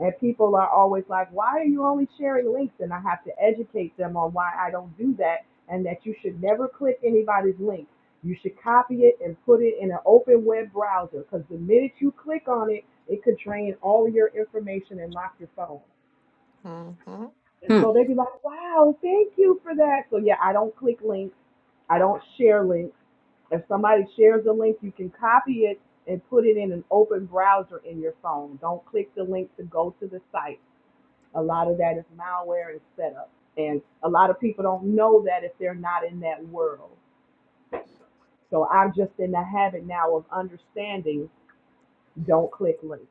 Speaker 6: And people are always like, why are you only sharing links? And I have to educate them on why I don't do that and that you should never click anybody's link. You should copy it and put it in an open web browser because the minute you click on it, it could drain all of your information and lock your phone.
Speaker 4: Mm-hmm.
Speaker 6: And
Speaker 2: hmm
Speaker 6: so they'd be like, wow, thank you for that. So yeah, I don't click links. I don't share links. If somebody shares a link, you can copy it and put it in an open browser in your phone. Don't click the link to go to the site. A lot of that is malware and setup. And a lot of people don't know that if they're not in that world. So I'm just in the habit now of understanding don't click links.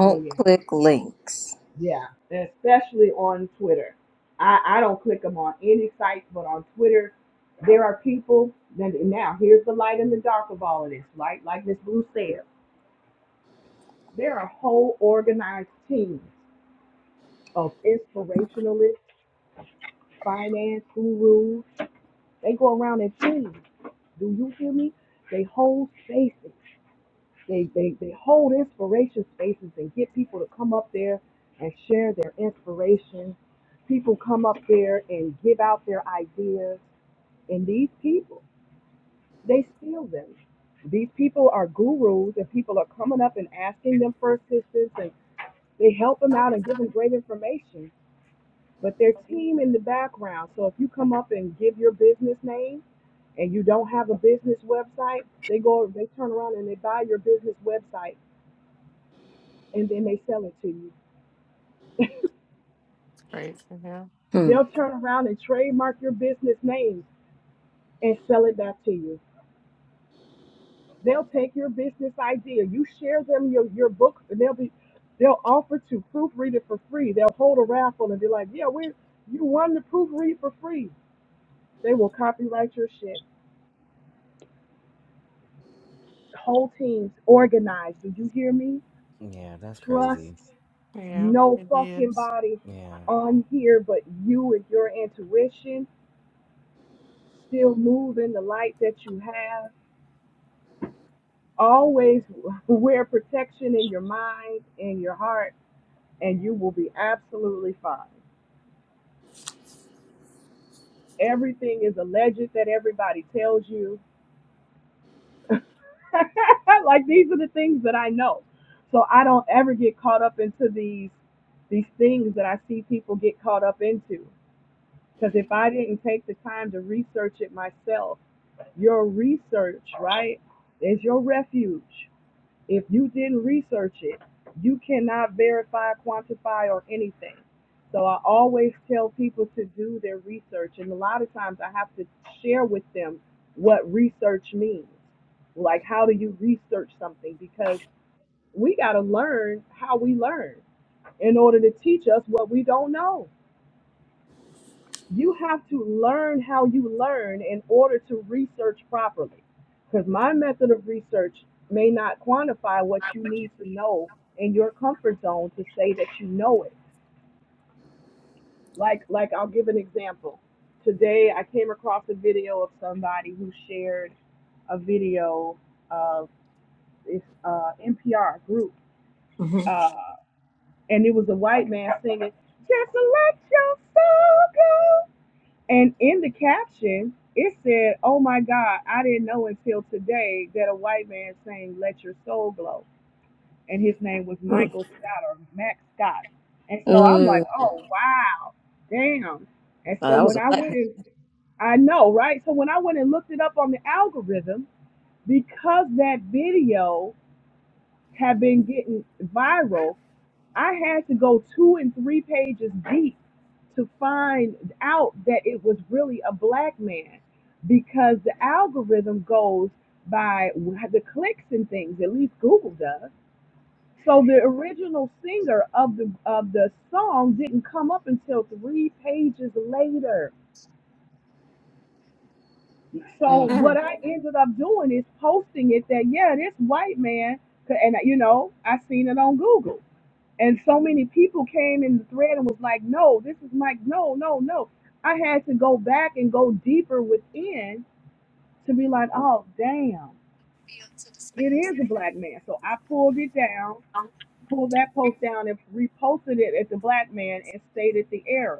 Speaker 6: So yeah.
Speaker 2: click links.
Speaker 6: Yeah, especially on Twitter. I, I don't click them on any site, but on Twitter, there are people that now here's the light in the dark of all of this, Like Like Miss Blue said, there are whole organized teams of inspirationalists, finance gurus. They go around in teams. Do you hear me? They hold spaces. They, they, they hold inspiration spaces and get people to come up there and share their inspiration. People come up there and give out their ideas. And these people, they steal them. These people are gurus, and people are coming up and asking them for assistance, and they help them out and give them great information. But their team in the background. So if you come up and give your business name and you don't have a business website, they go, they turn around and they buy your business website and then they sell it to you.
Speaker 4: crazy, yeah,
Speaker 2: Hmm.
Speaker 6: They'll turn around and trademark your business name and sell it back to you. They'll take your business idea. You share them your, your book and they'll be they'll offer to proofread it for free. They'll hold a raffle and be like, Yeah, we're you won the proofread for free. They will copyright your shit. Whole teams organized. Do you hear me?
Speaker 1: yeah, that's
Speaker 6: Trust
Speaker 1: crazy.
Speaker 4: Yeah,
Speaker 6: no
Speaker 4: it
Speaker 6: fucking
Speaker 4: is.
Speaker 6: body
Speaker 1: Yeah.
Speaker 6: on here but you and your intuition. Still move in the light that you have Always wear protection in your mind, in your heart, and you will be absolutely fine. Everything is alleged that everybody tells you. like these are the things that I know. So I don't ever get caught up into these these things that I see people get caught up into. Because if I didn't take the time to research it myself, your research, right, is your refuge. If you didn't research it, you cannot verify, quantify, or anything. So I always tell people to do their research, and a lot of times I have to share with them what research means. Like, how do you research something? Because we got to learn how we learn in order to teach us what we don't know you have to learn how you learn in order to research properly. Because my method of research may not quantify what you need to know in your comfort zone to say that you know it. Like, like I'll give an example. Today, I came across a video of somebody who shared a video of this uh, NPR group,
Speaker 2: hmm
Speaker 6: uh, and it was a white man singing, "Just let your soul go." And in the caption, it said, Oh my God, I didn't know until today that a white man sang 'Let Your Soul Glow. And his name was
Speaker 2: Mm.
Speaker 6: Michael Scott or Max Scott. And so I'm like,
Speaker 2: Mm.
Speaker 6: Oh wow, damn. And
Speaker 2: Oh,
Speaker 6: so
Speaker 2: that was
Speaker 6: when
Speaker 2: a
Speaker 6: I
Speaker 2: black
Speaker 6: went and I know, right? So when I went and looked it up on the algorithm, because that video had been getting viral, I had to go two and three pages deep to find out that it was really a black man because the algorithm goes by the clicks and things, at least Google does. So the original singer of the of the song didn't come up until three pages later.
Speaker 2: man.
Speaker 6: So what
Speaker 4: Mm.
Speaker 6: I ended up doing is posting it that yeah, this white man, and you know I seen it on Google. And so many people came in the thread and was like, no, this is Mike. No, no, no. I had to go back and go deeper within to be like, oh, damn, it is a black man. So I pulled it down, pulled that post down and reposted it at the black man and stated the error.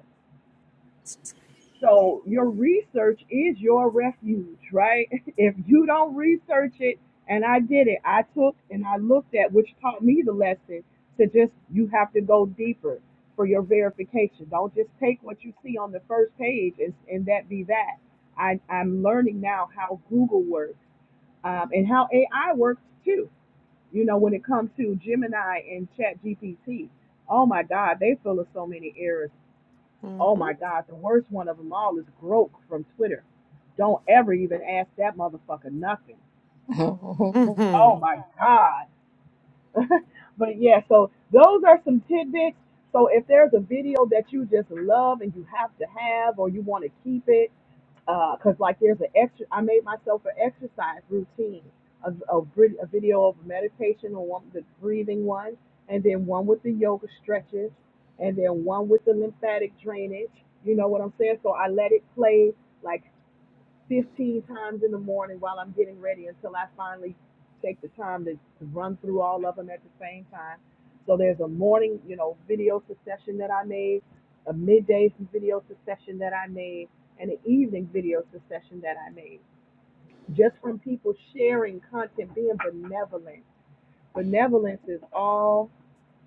Speaker 6: So your research is your refuge, right? If you don't research it, and I did it, I took and I looked at, which taught me the lesson to just, you have to go deeper for your verification. Don't just take what you see on the first page and, and that be that. I, I'm learning now how Google works um, and how AI works too. You know, when it comes to Gemini and Chat GPT, oh my God, they fill us so many errors. Oh
Speaker 4: Mm-hmm.
Speaker 6: my God, the worst one of them all is Groke from Twitter. Don't ever even ask that motherfucker nothing.
Speaker 2: Mm.
Speaker 4: Mm-hmm.
Speaker 6: Oh my God. but yeah, so those are some tidbits. So if there's a video that you just love and you have to have or you want to keep it, because like there's an extra i made myself an exercise routine a, a, vid- a video of meditation or one the breathing one and then one with the yoga stretches and then one with the lymphatic drainage you know what i'm saying so i let it play like 15 times in the morning while I'm getting ready until I finally take the time to, to run through all of them at the same time. So there's a morning, you know, video succession that I made, a midday video succession that I made, and an evening video succession that I made. Just from people sharing content, being benevolent. Benevolence is all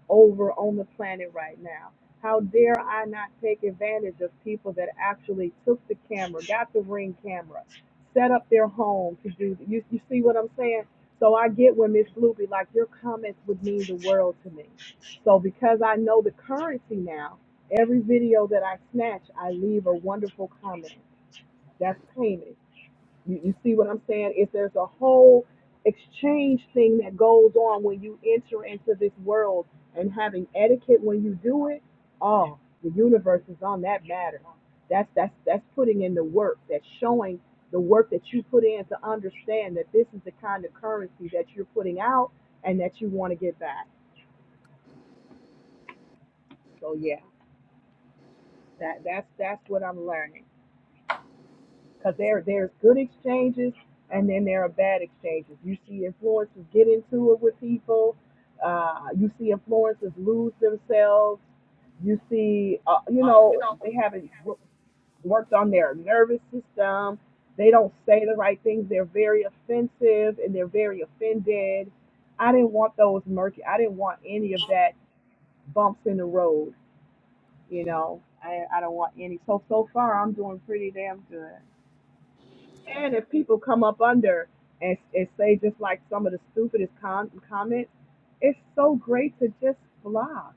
Speaker 6: over on the planet right now. How dare I not take advantage of people that actually took the camera, got the ring camera, set up their home to do you you see what I'm saying? So I get when Miss Loopy, like your comments would mean the world to me. So because I know the currency now, every video that I snatch, I leave a wonderful comment. That's payment. You, you see what I'm saying? Is there's a whole exchange thing that goes on when you enter into this world and having etiquette when you do it. Oh, the universe is on that matter. That's that's that's putting in the work. That's showing the work that you put in to understand that this is the kind of currency that you're putting out and that you want to get back. So yeah, that that's that's what I'm learning. because there there's good exchanges and then there are bad exchanges. You see influencers get into it with people. Uh, you see influencers lose themselves. You see, uh, you know, they haven't wor- worked on their nervous system. They don't say the right things. They're very offensive and they're very offended. I didn't want those murky. I didn't want any of that bumps in the road. You know, I, I don't want any. So so far, I'm doing pretty damn good. And if people come up under and, and say just like some of the stupidest com- comments, it's so great to just block.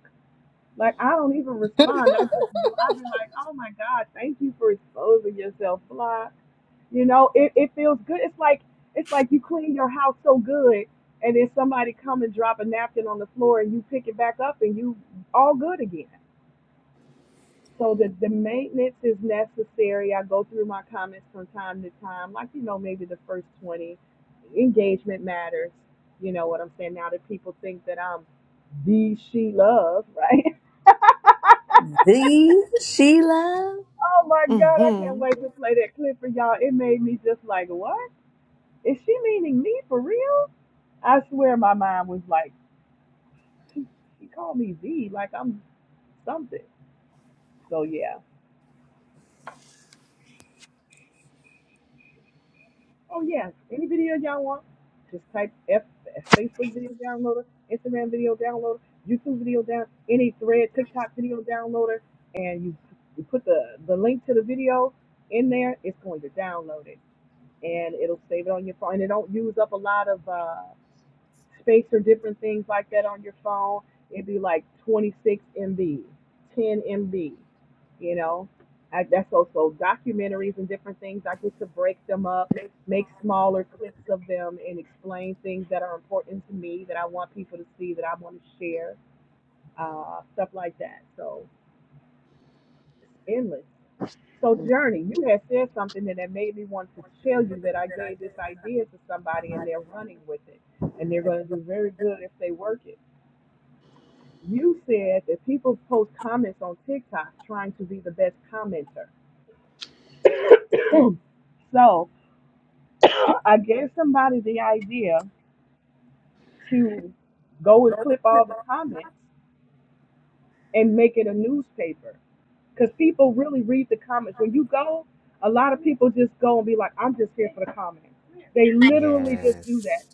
Speaker 6: Like I don't even respond. I just I've been like, oh my god, thank you for exposing yourself. Block. You know, it, it feels good. It's like it's like you clean your house so good, and then somebody come and drop a napkin on the floor, and you pick it back up, and you all good again so the, the maintenance is necessary. I go through my comments from time to time, like, you know, maybe the first 20. Engagement matters. You know what I'm saying? Now that people think that I'm the she love, right?
Speaker 2: The Sheila.
Speaker 6: Oh my God, I can't
Speaker 4: Mm-hmm.
Speaker 6: wait to play that clip for y'all. It made me just like, what? Is she meaning me for real? I swear my mind was like, she, she called me the, like I'm something. So yeah. Oh yeah, any video y'all want, just type F, F- Facebook video downloader, Instagram video downloader, YouTube video down, any thread, TikTok video downloader, and you you put the the link to the video in there. It's going to download it, and it'll save it on your phone. And it don't use up a lot of. uh, space or different things like that on your phone, it'd be like 26 MB, 10 MB. You know, I, that's also documentaries and different things. I get to break them up, make smaller clips of them, and explain things that are important to me that I want people to see, that I want to share, uh, stuff like that. So it's endless. So, Journey, you had said something that that made me want to tell you that I
Speaker 2: that
Speaker 6: gave this idea to somebody and they're running with it. And they're going to do very good if they work it You said that people post comments on TikTok trying to be the best commenter. So I gave somebody the idea to go and clip all the comments and make it a newspaper. Because people really read the comments. When you go, a lot of people just go and be like, I'm just here for the comments. They literally just do that.
Speaker 1: Yes.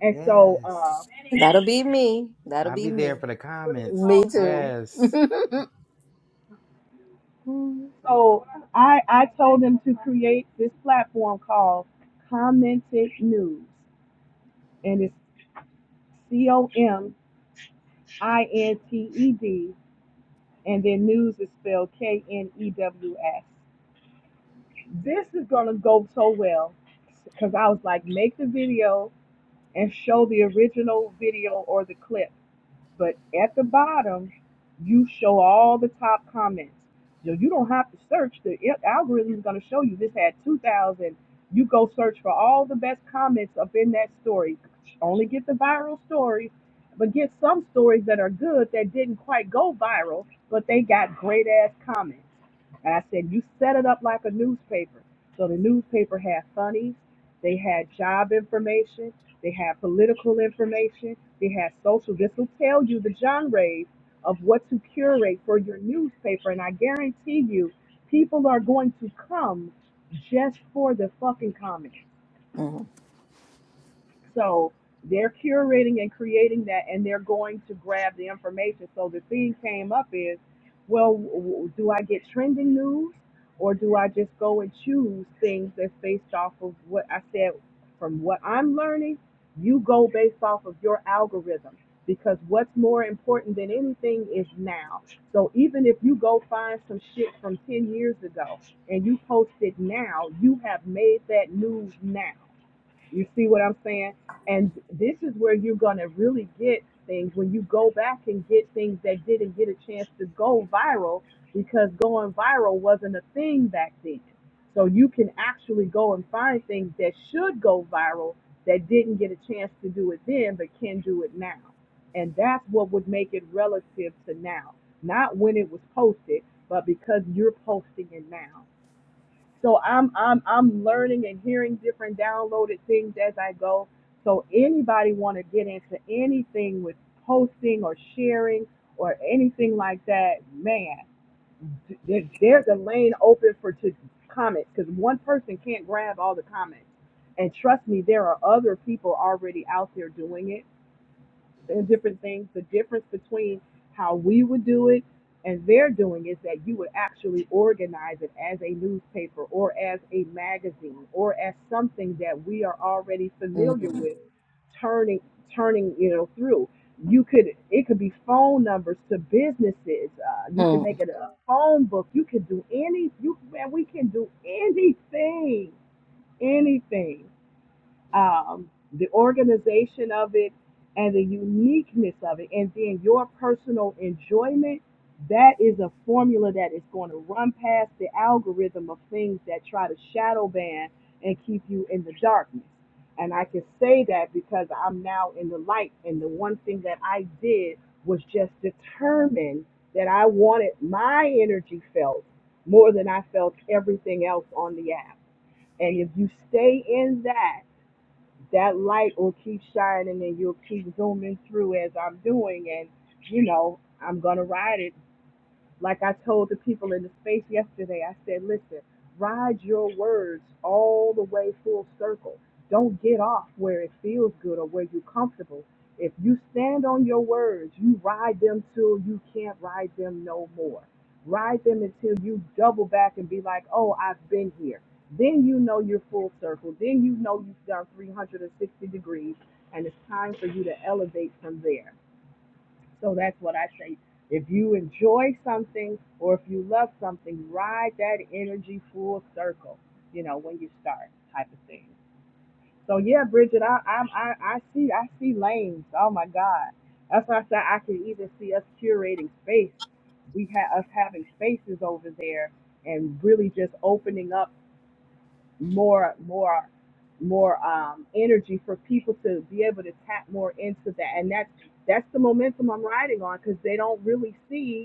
Speaker 6: And so, uh,
Speaker 1: Yes.
Speaker 2: will be me. That'll
Speaker 1: I'll
Speaker 2: be
Speaker 1: be there
Speaker 2: me.
Speaker 1: for the
Speaker 6: what is it
Speaker 1: comments.
Speaker 2: Me
Speaker 6: called? Comment.
Speaker 2: too.
Speaker 1: Yes.
Speaker 2: Mm,
Speaker 6: So I, I told them to create this platform called Commented News. and it's C O M I N T E D, and then news is spelled K N E W S. This is gonna go so well because I was like, make the video and show the original video or the clip But at the bottom, you show all the top comments. So you don't have to search. The algorithm is going to show you this had 2,000. You go search for all the best comments up in that story. Only get the viral stories, but get some stories that are good that didn't quite go viral, but they got great ass comments. And I said, you set it up like a newspaper. So the newspaper had funnies, they had job information, they have political information. They have social. This will tell you the genres of what to curate for your newspaper. And I guarantee you, people are going to come just for the fucking comments. So they're curating and creating that, and they're going to grab the information. So the thing came up is, well, w- w- do I get trending news, or do I just go and choose things that's based off of what I said from what I'm learning? You go based off of your algorithm because what's more important than anything is now. So even if you go find some shit from 10 years ago and you post it now, you have made that news now. You see what I'm saying? And this is where you're going to really get things when you go back and get things that didn't get a chance to go viral because going viral wasn't a thing back then. So you can actually go and find things that should go viral that didn't get a chance to do it then but can do it now. And that's what would make it relative to now. Not when it was posted, but because you're posting it now. So I'm I'm I'm learning and hearing different downloaded things as I go. So anybody want to get into anything with posting or sharing or anything like that, man, there- there's a lane open for to comments because one person can't grab all the comments. And trust me, there are other people already out there doing it and different things. The difference between how we would do it and they're doing is that you would actually organize it as a newspaper or as a magazine or as something that we are already familiar
Speaker 2: mm,
Speaker 6: with turning turning you know through you could it could be phone numbers to businesses uh, you can
Speaker 2: mm.
Speaker 6: make it a phone book you can do any you man we can do anything anything um, the organization of it and the uniqueness of it, and then your personal enjoyment, that is a formula that is going to run past the algorithm of things that try to shadow ban and keep you in the darkness. And I can say that because I'm now in the light, and the one thing that I did was just determine that I wanted my energy felt more than I felt everything else on the app. And if you stay in that, that light will keep shining and you'll keep zooming through as I'm doing and you know, I'm gonna ride it like I told the people in the space yesterday, I said, listen, ride your words all the way full circle. Don't get off where it feels good or where you're comfortable. If you stand on your words, you ride them till you can't ride them no more. Ride them until you double back and be like, oh, I've been here. Then you know you're full circle. Then you know you've done 360 degrees and it's time for you to elevate from there. So that's what I say. If you enjoy something or if you love something, ride that energy full circle, you know, when you start type of thing. So yeah, Bridget, I I'm, I I see I see lanes. Oh my God, that's why I said I can even see us curating space. We have us having spaces over there and really just opening up more more more um, energy for people to be able to tap more into that and that's that's the momentum i'm riding on because they don't really see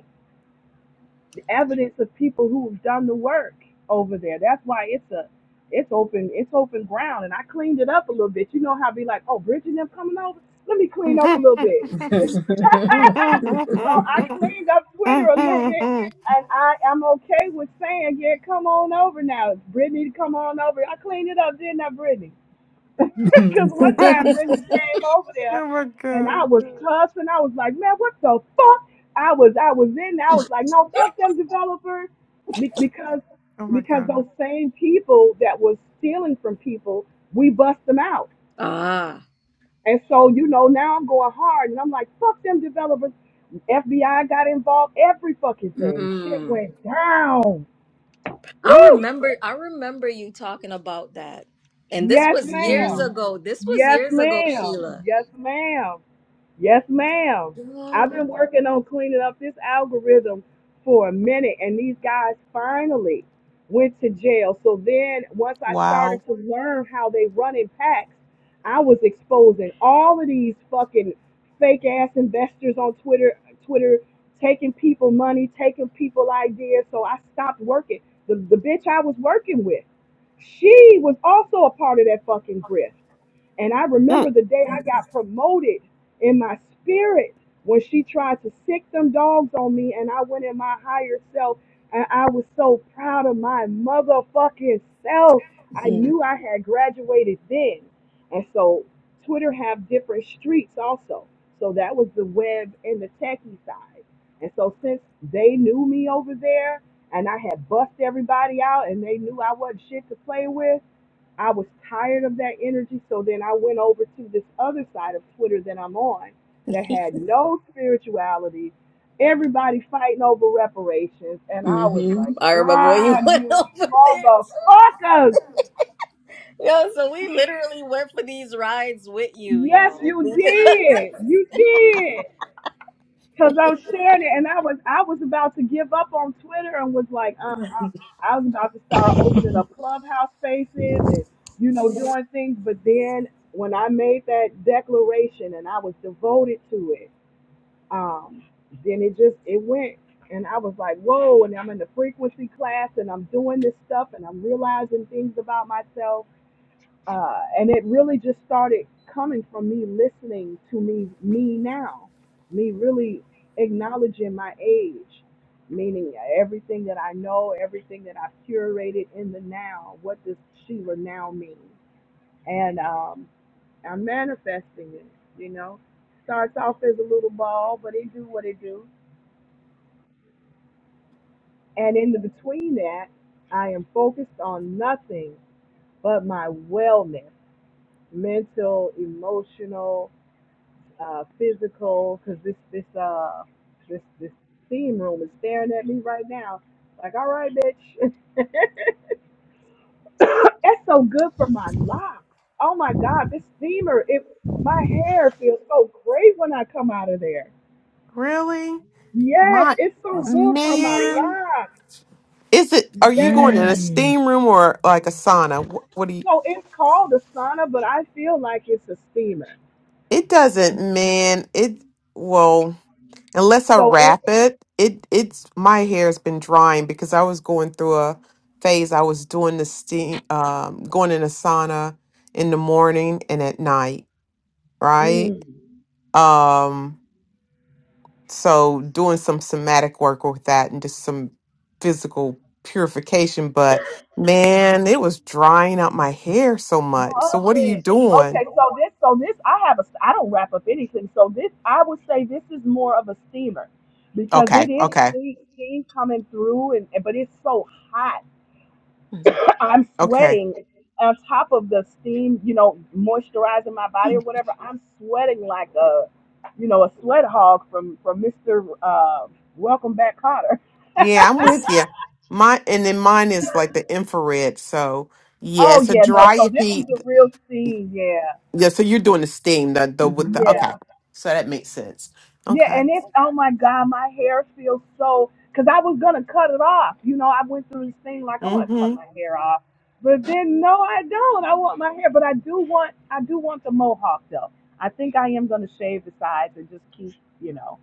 Speaker 6: the evidence of people who've done the work over there. That's why it's a it's open it's open ground and I cleaned it up a little bit. You know how I be like, oh Bridget and them coming over? Let me
Speaker 4: Mm-hmm.
Speaker 6: clean up a little bit.
Speaker 4: oh
Speaker 6: so I cleaned up Twitter a little bit and I am okay with saying, Yeah, come on over now. Brittany come on over. I cleaned it up, didn't I, Brittany? Because one time Brenda came over there
Speaker 4: my
Speaker 6: and
Speaker 4: god.
Speaker 6: I was cussing. I was like, man, what the fuck? I was I was in there. I was like, no, fuck them developers. Be- because
Speaker 4: Oh my
Speaker 6: because those
Speaker 4: god.
Speaker 6: same people that was stealing from people, we bust them out.
Speaker 2: ah.
Speaker 6: And so, you know, now I'm going hard and I'm like, fuck them developers. FBI got involved, every fucking thing. Shit
Speaker 2: Mm.
Speaker 6: went down.
Speaker 2: I
Speaker 6: Woo!
Speaker 2: remember I remember you talking about that. And this
Speaker 6: Yes,
Speaker 2: was years
Speaker 6: ma'am.
Speaker 4: Mm.
Speaker 2: ago. This was
Speaker 6: Yes,
Speaker 2: years ago,
Speaker 6: ma'am.
Speaker 2: Sheila.
Speaker 6: Yes, ma'am. Yes, ma'am. I've been working on cleaning up this algorithm for a minute, and these guys finally went to jail. So then, once I
Speaker 4: Wow.
Speaker 6: started to learn how they run in packs, I was exposing all of these fucking fake ass investors on Twitter, Twitter taking people money, taking people ideas. So I stopped working. The, the bitch I was working with, she was also a part of that fucking grift. And I remember
Speaker 4: Mm.
Speaker 6: the day I got promoted in my spirit when she tried to sick them dogs on me, and I went in my higher self, and I was so proud of my motherfucking self. I
Speaker 2: Mm-hmm.
Speaker 6: knew I had graduated then. And so Twitter have different streets also. So that was the web and the techie side. And so since they knew me over there and I had bust everybody out and they knew I wasn't shit to play with, I was tired of that energy, so then I went over to this other side of Twitter that I'm on that had no spirituality, everybody fighting over reparations, and I was like,
Speaker 2: I remember when you
Speaker 6: God,
Speaker 2: went
Speaker 6: you
Speaker 2: over there
Speaker 6: motherfuckers!
Speaker 2: too. Yo, so we literally went for these rides with you,
Speaker 6: Yes,
Speaker 2: yo.
Speaker 6: you did, you did, because I was sharing it, and I was I was about to give up on Twitter and was like, I was about to start opening up clubhouse spaces and, you know, doing things. But then when I made that declaration and I was devoted to it, um, then it just, it went. And I was like, whoa. And I'm in the frequency class and I'm doing this stuff and I'm realizing things about myself uh, and it really just started coming from me listening to me me now me really acknowledging my age meaning everything that i know everything that i've curated in the now what does sheila now mean and um, i'm manifesting it you know starts off as a little ball but it do what it do and in the between that i am focused on nothing but my wellness mental emotional uh, physical, because this this uh this this steam room is staring at me right now. Like, all right, bitch, that's so good for my locks. Oh my God, this steamer, it my hair feels so great when I come out of there.
Speaker 4: Really?
Speaker 6: Yes,
Speaker 4: My
Speaker 6: it's so good for my
Speaker 4: man.
Speaker 6: locks.
Speaker 4: Is it are you going in
Speaker 6: Yes.
Speaker 4: a
Speaker 5: Mm.
Speaker 4: steam room or like a sauna? What, what do you
Speaker 6: So it's called a sauna, but I feel like it's a steamer.
Speaker 4: it doesn't, man. It well. Unless I
Speaker 6: So it.
Speaker 4: wrap it, it it's my hair's been drying because I was going through a phase. I was doing the steam, um, going in a sauna in the morning and at night, right?
Speaker 6: mm.
Speaker 4: Um, so doing some somatic work with that and just some physical purification. But man, it was drying out my hair so much. So
Speaker 6: Love
Speaker 4: what are you
Speaker 6: it. Okay,
Speaker 4: doing?
Speaker 6: so this, so this, I have a, I don't wrap up anything. So this, I would say this is more of a steamer because
Speaker 4: Okay,
Speaker 6: it is
Speaker 4: okay,
Speaker 6: steam, steam coming through, and but it's so hot.
Speaker 2: Mm-hmm.
Speaker 6: I'm
Speaker 4: okay.
Speaker 6: sweating on top of the steam, you know, moisturizing my body or whatever. I'm sweating like a, you know, a sweat hog from from Mr. Uh, Welcome Back Cotter.
Speaker 4: Yeah, I'm with you. My and then mine is like the infrared. So yeah,
Speaker 6: Oh
Speaker 4: so
Speaker 6: yeah, no.
Speaker 4: dry
Speaker 6: So
Speaker 4: your
Speaker 6: this is
Speaker 4: feet.
Speaker 6: the real steam. Yeah,
Speaker 4: Yeah, so you're doing the steam, the the with the
Speaker 6: yeah.
Speaker 4: okay. So that makes sense.
Speaker 6: Yeah,
Speaker 4: Okay.
Speaker 6: and it's oh my god, my hair feels so because I was gonna cut it off. You know, I went through this thing like I want to cut
Speaker 4: Mm-hmm.
Speaker 6: my hair off, but then no, I don't. I want my hair, but I do want I do want the mohawk though. I think I am gonna shave the sides and just keep you know.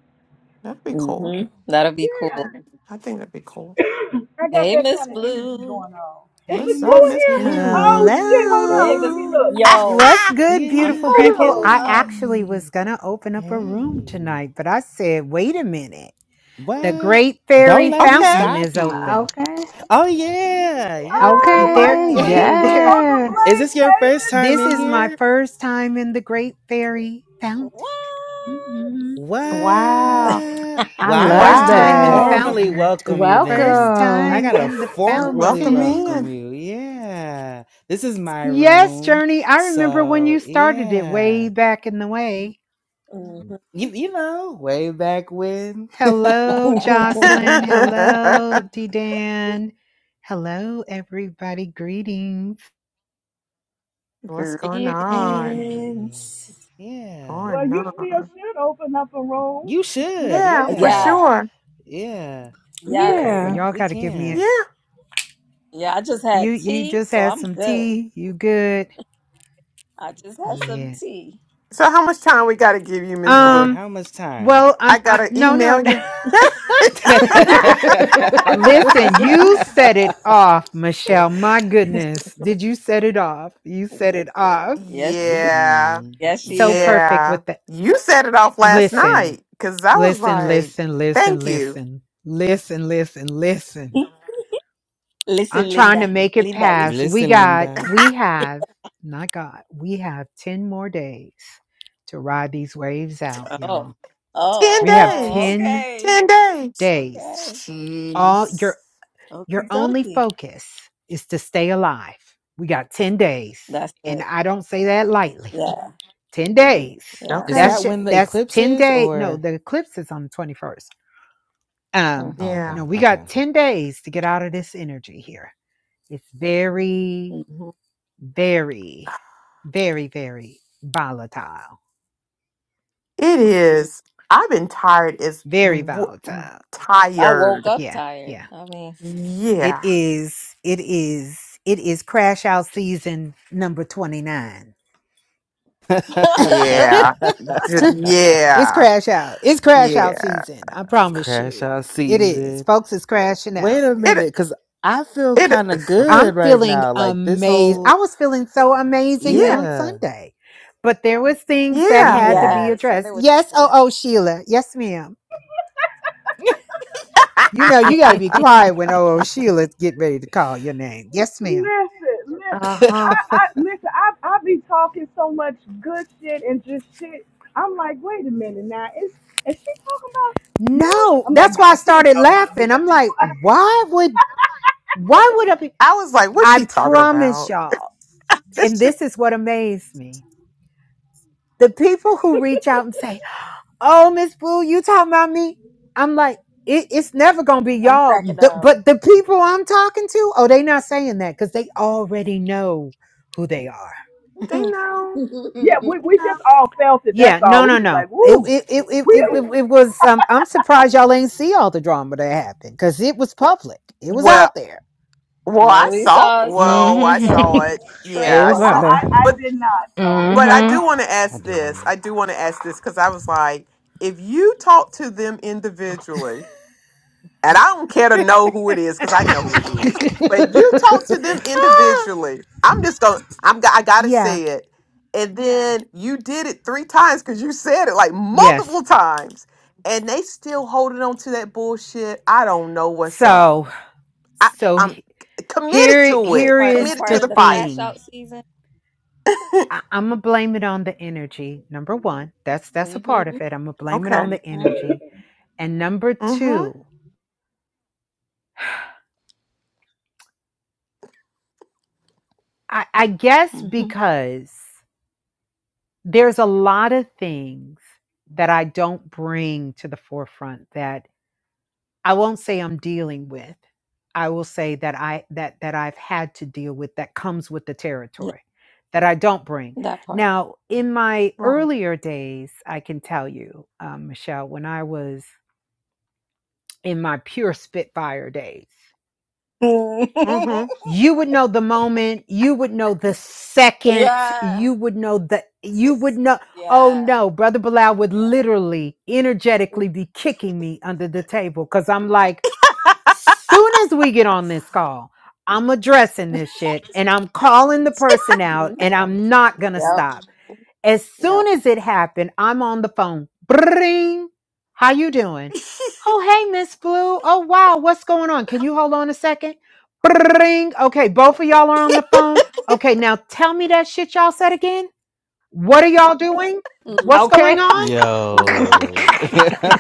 Speaker 4: That'd be cool.
Speaker 2: hmm That'll be
Speaker 6: Yeah,
Speaker 2: cool.
Speaker 4: That'd be- I think that'd be cool.
Speaker 6: I got
Speaker 2: Hey,
Speaker 6: that
Speaker 2: Miss
Speaker 6: kind of energy
Speaker 2: Blue.
Speaker 6: going on. Is
Speaker 1: Hey,
Speaker 6: Miss
Speaker 4: What's up,
Speaker 6: Boo in
Speaker 1: Miss
Speaker 4: Miss
Speaker 6: here?
Speaker 4: Blue?
Speaker 6: Oh shit! Hold
Speaker 2: Hey,
Speaker 6: on, let
Speaker 2: Miss.
Speaker 6: me
Speaker 7: Hello.
Speaker 6: look.
Speaker 1: Blue.
Speaker 2: Yo,
Speaker 7: What's good,
Speaker 2: I'm
Speaker 1: Yeah,
Speaker 7: beautiful
Speaker 6: Hold
Speaker 7: people?
Speaker 2: cracking
Speaker 6: on.
Speaker 7: I
Speaker 2: up.
Speaker 7: actually was
Speaker 1: hey.
Speaker 7: going to open up a room
Speaker 1: Hey.
Speaker 7: tonight, but I said, wait a minute. The
Speaker 1: What?
Speaker 7: Great
Speaker 1: Don't
Speaker 7: Fairy
Speaker 2: Hey,
Speaker 1: let me
Speaker 4: okay.
Speaker 7: Fountain
Speaker 1: stop
Speaker 7: is
Speaker 1: you.
Speaker 7: open.
Speaker 5: Okay.
Speaker 1: Oh, yeah. Yeah,
Speaker 6: Oh, my
Speaker 7: There,
Speaker 5: Okay.
Speaker 1: yeah.
Speaker 6: screen was
Speaker 7: there,
Speaker 6: on the
Speaker 5: Yes.
Speaker 1: Is
Speaker 6: blank.
Speaker 1: this your
Speaker 6: Hey,
Speaker 1: first
Speaker 6: Miss
Speaker 1: time
Speaker 7: this
Speaker 1: in
Speaker 7: is my
Speaker 1: here?
Speaker 6: Blue.
Speaker 7: first time in the Great Fairy Fountain.
Speaker 2: what?
Speaker 7: Mhm.
Speaker 2: Yeah.
Speaker 4: Wow.
Speaker 1: What? Well,
Speaker 5: I
Speaker 1: I will
Speaker 5: love
Speaker 7: First
Speaker 1: have to
Speaker 7: time in the
Speaker 5: that.
Speaker 4: Wow.
Speaker 1: formally
Speaker 7: fountain.
Speaker 1: welcome you then.
Speaker 7: First
Speaker 1: I
Speaker 5: Welcome.
Speaker 7: time
Speaker 1: gotta
Speaker 7: in the
Speaker 1: formally
Speaker 4: Welcome
Speaker 1: welcome
Speaker 4: in.
Speaker 7: fountain.
Speaker 1: you. Yeah. This is my
Speaker 7: Yes,
Speaker 1: room.
Speaker 7: Journey. I remember when
Speaker 1: So,
Speaker 7: you started it
Speaker 1: yeah.
Speaker 7: way back in the way.
Speaker 2: Mhm.
Speaker 1: You, you know, way back when.
Speaker 7: Hello, Jocelyn. Hello, D Dan. Hello, everybody. Greetings.
Speaker 4: What's going
Speaker 2: Greetings.
Speaker 4: on?
Speaker 1: hey, yeah.
Speaker 6: Well,
Speaker 4: Going
Speaker 6: you still
Speaker 4: on.
Speaker 6: should open up a room.
Speaker 1: You should,
Speaker 4: Yeah, for
Speaker 1: yeah.
Speaker 2: Yeah.
Speaker 4: sure.
Speaker 1: Yeah,
Speaker 7: Okay,
Speaker 2: Yes.
Speaker 7: well,
Speaker 6: Yeah.
Speaker 5: Yeah.
Speaker 7: y'all
Speaker 1: we
Speaker 7: got to give me a.
Speaker 1: can.
Speaker 4: Yeah.
Speaker 2: Yeah. I just
Speaker 7: You
Speaker 2: had
Speaker 7: you
Speaker 2: tea,
Speaker 7: just
Speaker 2: so
Speaker 7: had
Speaker 2: I'm
Speaker 7: some
Speaker 2: good.
Speaker 7: tea. You good?
Speaker 2: I just had some
Speaker 7: Yeah.
Speaker 2: tea.
Speaker 4: So how much time we gotta give you, Miss
Speaker 1: Right,
Speaker 4: Blue?
Speaker 7: Um.
Speaker 1: how much time?
Speaker 7: Well,
Speaker 4: I
Speaker 7: I'm. I,
Speaker 4: gotta
Speaker 7: no, no.
Speaker 4: email you.
Speaker 7: Listen, you set it off, Michelle. My goodness, did you set it off? You set it off.
Speaker 2: Yes, she did.
Speaker 4: yeah,
Speaker 1: hmm
Speaker 2: Yes, she
Speaker 7: So
Speaker 2: did.
Speaker 7: perfect
Speaker 4: yeah.
Speaker 7: with the.
Speaker 4: You set it off last
Speaker 7: Listen,
Speaker 4: night because I was
Speaker 7: listen,
Speaker 4: like,
Speaker 7: listen, listen,
Speaker 4: "Thank you."
Speaker 7: listen, listen, listen, listen. I'm
Speaker 2: Listen,
Speaker 7: trying to
Speaker 2: Linda.
Speaker 7: make it
Speaker 2: Linda,
Speaker 7: past.
Speaker 2: listen.
Speaker 7: We
Speaker 1: Listen,
Speaker 7: got,
Speaker 1: Linda.
Speaker 7: we have, not God, we have 10 more days to ride these waves out,
Speaker 2: Oh.
Speaker 7: y'all.
Speaker 4: Ten
Speaker 2: Oh,
Speaker 7: We have
Speaker 2: oh,
Speaker 4: days.
Speaker 7: 10
Speaker 2: okay.
Speaker 4: Ten days.
Speaker 7: days.
Speaker 2: Okay.
Speaker 7: All
Speaker 4: Jeez.
Speaker 7: your your
Speaker 2: Okie
Speaker 7: only
Speaker 2: dokie.
Speaker 7: focus is to stay alive. We got 10 days.
Speaker 2: That's
Speaker 7: And
Speaker 2: it.
Speaker 7: I don't say that lightly.
Speaker 2: Yeah.
Speaker 7: 10 days.
Speaker 2: Yeah.
Speaker 1: Is
Speaker 4: Okay.
Speaker 1: that
Speaker 7: That's ju-
Speaker 1: when the
Speaker 7: that's
Speaker 1: eclipse
Speaker 7: 10
Speaker 1: is
Speaker 7: days. No,
Speaker 1: or?
Speaker 7: the eclipse is on the 21st. Um,
Speaker 1: Oh,
Speaker 2: Mm-hmm.
Speaker 1: okay,
Speaker 4: Yeah.
Speaker 7: no, we got 10 days to get out of this energy here. It's very
Speaker 2: hmm
Speaker 7: very, very, very volatile.
Speaker 4: It is. I've been tired. Is
Speaker 7: Very
Speaker 4: w-
Speaker 7: volatile.
Speaker 2: I woke
Speaker 4: tired.
Speaker 2: up
Speaker 7: Yeah,
Speaker 2: tired.
Speaker 7: yeah.
Speaker 2: I mean,
Speaker 7: It
Speaker 4: Yeah.
Speaker 7: is, it is, it is crash out season number 29.
Speaker 1: okay.
Speaker 4: Yeah. D-
Speaker 7: It's
Speaker 4: Yeah.
Speaker 7: crash out. It's crash out
Speaker 4: Yeah.
Speaker 7: season. I promise
Speaker 1: Crash
Speaker 7: you.
Speaker 1: out
Speaker 7: It
Speaker 1: season.
Speaker 7: is. Folks, it's crashing
Speaker 1: Wait
Speaker 7: out.
Speaker 1: a
Speaker 4: It.
Speaker 1: minute, because I feel
Speaker 4: It.
Speaker 1: kind of good
Speaker 7: I'm
Speaker 1: right
Speaker 7: feeling
Speaker 1: now. Like this
Speaker 7: amazed.
Speaker 1: whole,
Speaker 7: I was feeling so amazing
Speaker 2: Say-
Speaker 4: Yeah,
Speaker 7: on
Speaker 1: yeah,
Speaker 7: Sunday. But there was things that
Speaker 4: yeah.
Speaker 7: had to be
Speaker 1: yeah.
Speaker 2: yes, and
Speaker 7: addressed.
Speaker 2: it was.
Speaker 7: Yes, oh
Speaker 2: good.
Speaker 7: oh Sheila. Yes, ma'am. You know, you got to be quiet when old Sheila get ready to call your name. Yes, ma'am.
Speaker 6: Listen, listen. I,
Speaker 4: Uh-huh.
Speaker 6: I
Speaker 1: I
Speaker 6: listen. I, I be talking so much good shit and just shit. I'm like, wait a minute now. Is is she talking about me?
Speaker 7: No,
Speaker 6: I'm like,
Speaker 7: that's
Speaker 6: no,
Speaker 7: why I
Speaker 6: nah, she ain't
Speaker 7: started
Speaker 6: talking about me.
Speaker 7: laughing.
Speaker 6: Let
Speaker 7: I'm like,
Speaker 6: me.
Speaker 7: why would, why would I be?
Speaker 4: I was like, what's
Speaker 7: I
Speaker 4: she talking
Speaker 7: promise
Speaker 4: about?
Speaker 7: y'all,
Speaker 4: they
Speaker 7: and this is what amazed me: the people who reach out and say, "Oh, Miss Boo, you talking about me?" I'm like, it, it's never gonna be
Speaker 2: I'm
Speaker 7: y'all.
Speaker 2: cracking
Speaker 7: The-
Speaker 2: up.
Speaker 7: but the people I'm talking to, oh, they not saying that because they already know who they are
Speaker 4: know.
Speaker 6: yeah, we
Speaker 4: They
Speaker 6: we
Speaker 4: know.
Speaker 6: just all felt it. That's
Speaker 7: Yeah,
Speaker 6: all.
Speaker 7: no,
Speaker 6: We
Speaker 7: no,
Speaker 6: was
Speaker 7: no.
Speaker 6: like,
Speaker 7: It
Speaker 6: woo.
Speaker 7: it it it, it,
Speaker 6: We
Speaker 7: it it was. Um, I'm surprised y'all ain't see all the drama that happened because it was public. It was out
Speaker 4: Well
Speaker 7: there.
Speaker 4: well
Speaker 2: well,
Speaker 4: I
Speaker 2: we
Speaker 4: saw
Speaker 2: saw some
Speaker 4: well, I
Speaker 5: hmm
Speaker 4: saw
Speaker 2: some
Speaker 4: it.
Speaker 5: It
Speaker 4: Yeah, I
Speaker 6: well,
Speaker 5: was
Speaker 6: I
Speaker 5: out
Speaker 4: saw
Speaker 2: trails
Speaker 5: there.
Speaker 6: I, I
Speaker 4: but
Speaker 6: did not. So it's
Speaker 4: but I
Speaker 6: all
Speaker 5: hmm
Speaker 4: do want
Speaker 6: right.
Speaker 4: to ask this.
Speaker 1: didn't.
Speaker 4: I do want to ask this because I was like, if you talk to them individually, And I don't care to know who it is because I know who it is. But you talk to them
Speaker 7: Ah,
Speaker 4: individually. I'm just going. to I'm. I gotta
Speaker 7: yeah.
Speaker 4: say it. And then you did it three times because you said it like
Speaker 7: Yes.
Speaker 4: multiple times, and they still holding on to that bullshit. I don't know what's up.
Speaker 7: So
Speaker 4: I,
Speaker 7: so
Speaker 4: I'm
Speaker 7: he-
Speaker 4: c- committed
Speaker 7: here
Speaker 4: to
Speaker 2: as
Speaker 7: here
Speaker 4: it.
Speaker 2: part as
Speaker 7: is
Speaker 4: Committed
Speaker 2: part
Speaker 4: to
Speaker 7: the
Speaker 2: of
Speaker 4: the
Speaker 2: the
Speaker 4: fight.
Speaker 2: crash
Speaker 7: thing.
Speaker 2: out season.
Speaker 7: I, I'm gonna blame it on the energy. Number one, that's that's a
Speaker 2: hmm
Speaker 7: part of it. I'm gonna blame it
Speaker 4: Okay.
Speaker 7: on
Speaker 2: hmm
Speaker 7: the energy. And number
Speaker 4: Mm-hmm.
Speaker 7: two, I, I guess
Speaker 2: hmm
Speaker 7: because there's a lot of things that I don't bring to the forefront that I won't say I'm dealing with. I will say that I that that I've had to deal with that comes with the
Speaker 2: Yeah,
Speaker 7: territory that I don't bring.
Speaker 2: that part.
Speaker 7: Now, in my
Speaker 4: Right.
Speaker 7: earlier days, I can tell you, um, Michelle, when I was in my pure Spitfire days,
Speaker 2: Mm.
Speaker 4: Mm-hmm.
Speaker 7: you would know the moment you would know the second
Speaker 2: yeah.
Speaker 7: you would know the you would know oh
Speaker 2: Yeah.
Speaker 7: no brother bilal would
Speaker 2: Yeah.
Speaker 7: literally energetically be kicking me under the table because i'm like soon as we get on this call i'm addressing this shit and i'm calling the person out
Speaker 2: Mm-hmm.
Speaker 7: and i'm not gonna
Speaker 2: Yep.
Speaker 7: stop as
Speaker 2: Yeah.
Speaker 7: soon as it happened, I'm on the phone. Bring. How you doing? Oh, hey, Miss Blue. Oh, wow. What's going on? Can you hold on a second? Bring. Okay, both of y'all are on the phone. Okay, now tell me that shit y'all said again. What are y'all doing?
Speaker 2: Mm-hmm.
Speaker 7: What's going
Speaker 5: Okay.
Speaker 7: on?
Speaker 2: Mm-hmm.
Speaker 1: Yo.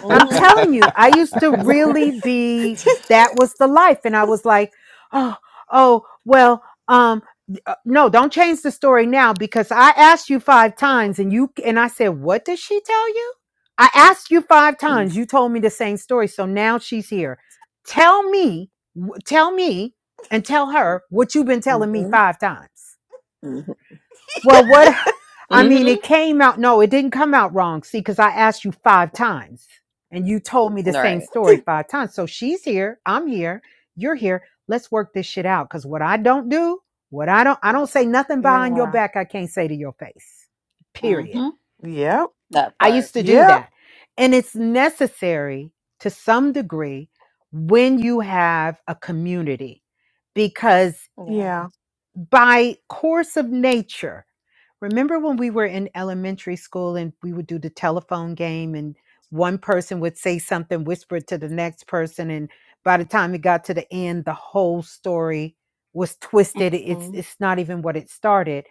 Speaker 7: I'm telling you, I used to
Speaker 2: Mm-hmm.
Speaker 7: really be that was the life, and I was like, oh, oh, well, um, uh, no, don't change the story now because I asked you five times, and you and I said, what did she tell you? I asked you five times. You told me the same story, so now she's here. Tell me, w- tell me, and tell her what you've been telling me five times.
Speaker 2: Mm-hmm.
Speaker 7: Well, what I mean,
Speaker 2: Mm-hmm.
Speaker 7: it came out. No, it didn't come out wrong. See, because I asked you five times and you told me the same
Speaker 2: Right.
Speaker 7: story five times. So she's here. I'm here. You're here. Let's work this shit out. Because what I don't do, what I don't, I don't say nothing behind your
Speaker 4: yeah.
Speaker 7: back I can't say to your face. Period.
Speaker 2: Mm-hmm.
Speaker 4: Yep.
Speaker 2: That
Speaker 7: I
Speaker 2: part.
Speaker 7: used to do
Speaker 4: Yep.
Speaker 7: that. And it's necessary to some degree when you have a community because
Speaker 2: Yeah.
Speaker 4: Yeah.
Speaker 7: by course of nature. Remember when we were in elementary school and we would do the telephone game and one person would say something, whisper it to the next person, and by the time it got to the end, the whole story was twisted. It's
Speaker 2: Mm-hmm.
Speaker 7: it's not even what it started.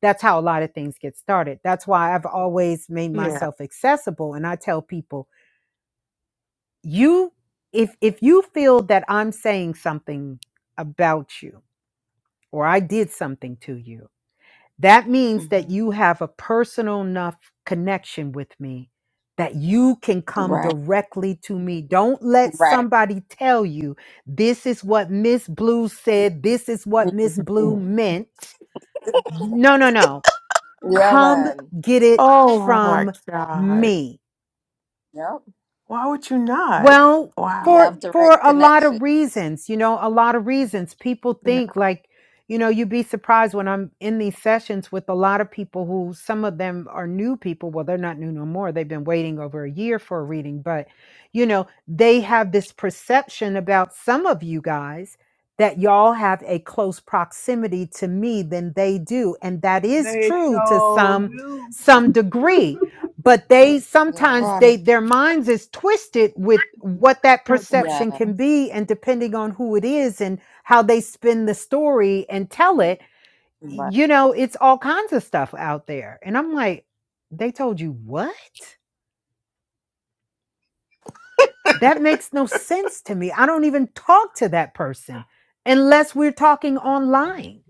Speaker 7: That's how a lot of things get started. That's why I've always made
Speaker 4: Yeah.
Speaker 7: myself accessible. And I tell people, you if if you feel that I'm saying something about you or I did something to you, that means that
Speaker 2: Mm-hmm.
Speaker 7: you have a personal enough connection with me that you can come
Speaker 2: Right.
Speaker 7: directly to me. Don't let
Speaker 2: Right.
Speaker 7: somebody tell you this is what Miss Blue said, this is what Miss Blue
Speaker 2: Mm-hmm.
Speaker 7: meant. No, no, no.
Speaker 2: Yeah,
Speaker 7: Come
Speaker 2: man.
Speaker 7: get it
Speaker 4: Oh my
Speaker 7: from
Speaker 4: God.
Speaker 7: me.
Speaker 2: Yep.
Speaker 4: Why would you not?
Speaker 7: Well,
Speaker 2: You
Speaker 7: for
Speaker 2: have
Speaker 4: Wow.
Speaker 7: for
Speaker 2: direct
Speaker 7: a lot
Speaker 2: connection.
Speaker 7: of reasons, you know, a lot of reasons people
Speaker 4: Yeah.
Speaker 7: think like, you know, you'd be surprised when I'm in these sessions with a lot of people who some of them are new people. Well, they're not new no more. They've been waiting over a year for a reading, but you know, they have this perception about some of you guys that y'all have a close proximity to me than they do, and that is
Speaker 6: They
Speaker 7: true to
Speaker 6: show
Speaker 7: some
Speaker 6: do.
Speaker 7: some degree but they
Speaker 2: Yeah.
Speaker 7: sometimes they
Speaker 4: Right.
Speaker 7: their minds is twisted with what that perception
Speaker 2: Yeah.
Speaker 7: can be and depending on who it is and how they spin the story and tell it
Speaker 2: Right.
Speaker 7: you know it's all kinds of stuff out there and i'm like they told you what that makes no sense to me i don't even talk to that person unless we're talking online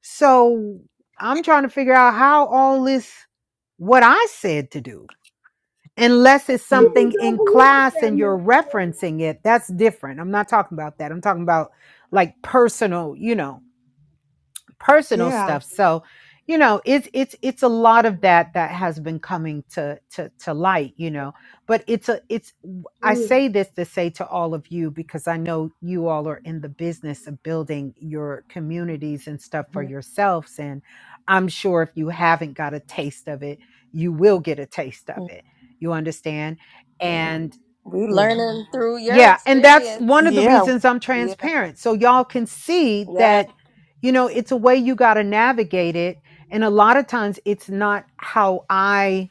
Speaker 7: so i'm trying to figure out how all this what i said to do unless it's
Speaker 6: People
Speaker 7: something
Speaker 6: don't
Speaker 7: in
Speaker 6: believe
Speaker 7: class
Speaker 6: that,
Speaker 7: and you're
Speaker 6: Miss
Speaker 7: referencing
Speaker 6: Blue.
Speaker 7: it that's different i'm not talking about that i'm talking about like personal you know personal
Speaker 4: Yeah.
Speaker 7: stuff. So, you know, it's it's it's a lot of that that has been coming to to to light, you know. But it's a it's I
Speaker 6: Mm,
Speaker 7: say this to say to all of you because I know you all are in the business of building your communities and stuff for
Speaker 2: Mm-hmm.
Speaker 7: yourselves and I'm sure if you haven't got a taste of it, you will get a taste of it. You understand? Mhm. And
Speaker 2: We
Speaker 4: Yeah.
Speaker 2: learning through your
Speaker 7: yeah, and that's one of
Speaker 2: experience.
Speaker 7: the
Speaker 4: Yeah.
Speaker 7: reasons I'm
Speaker 2: Yeah.
Speaker 7: transparent. So y'all can see
Speaker 2: Yeah.
Speaker 7: that, you know, it's a way you got to navigate it. And a lot of times it's not how I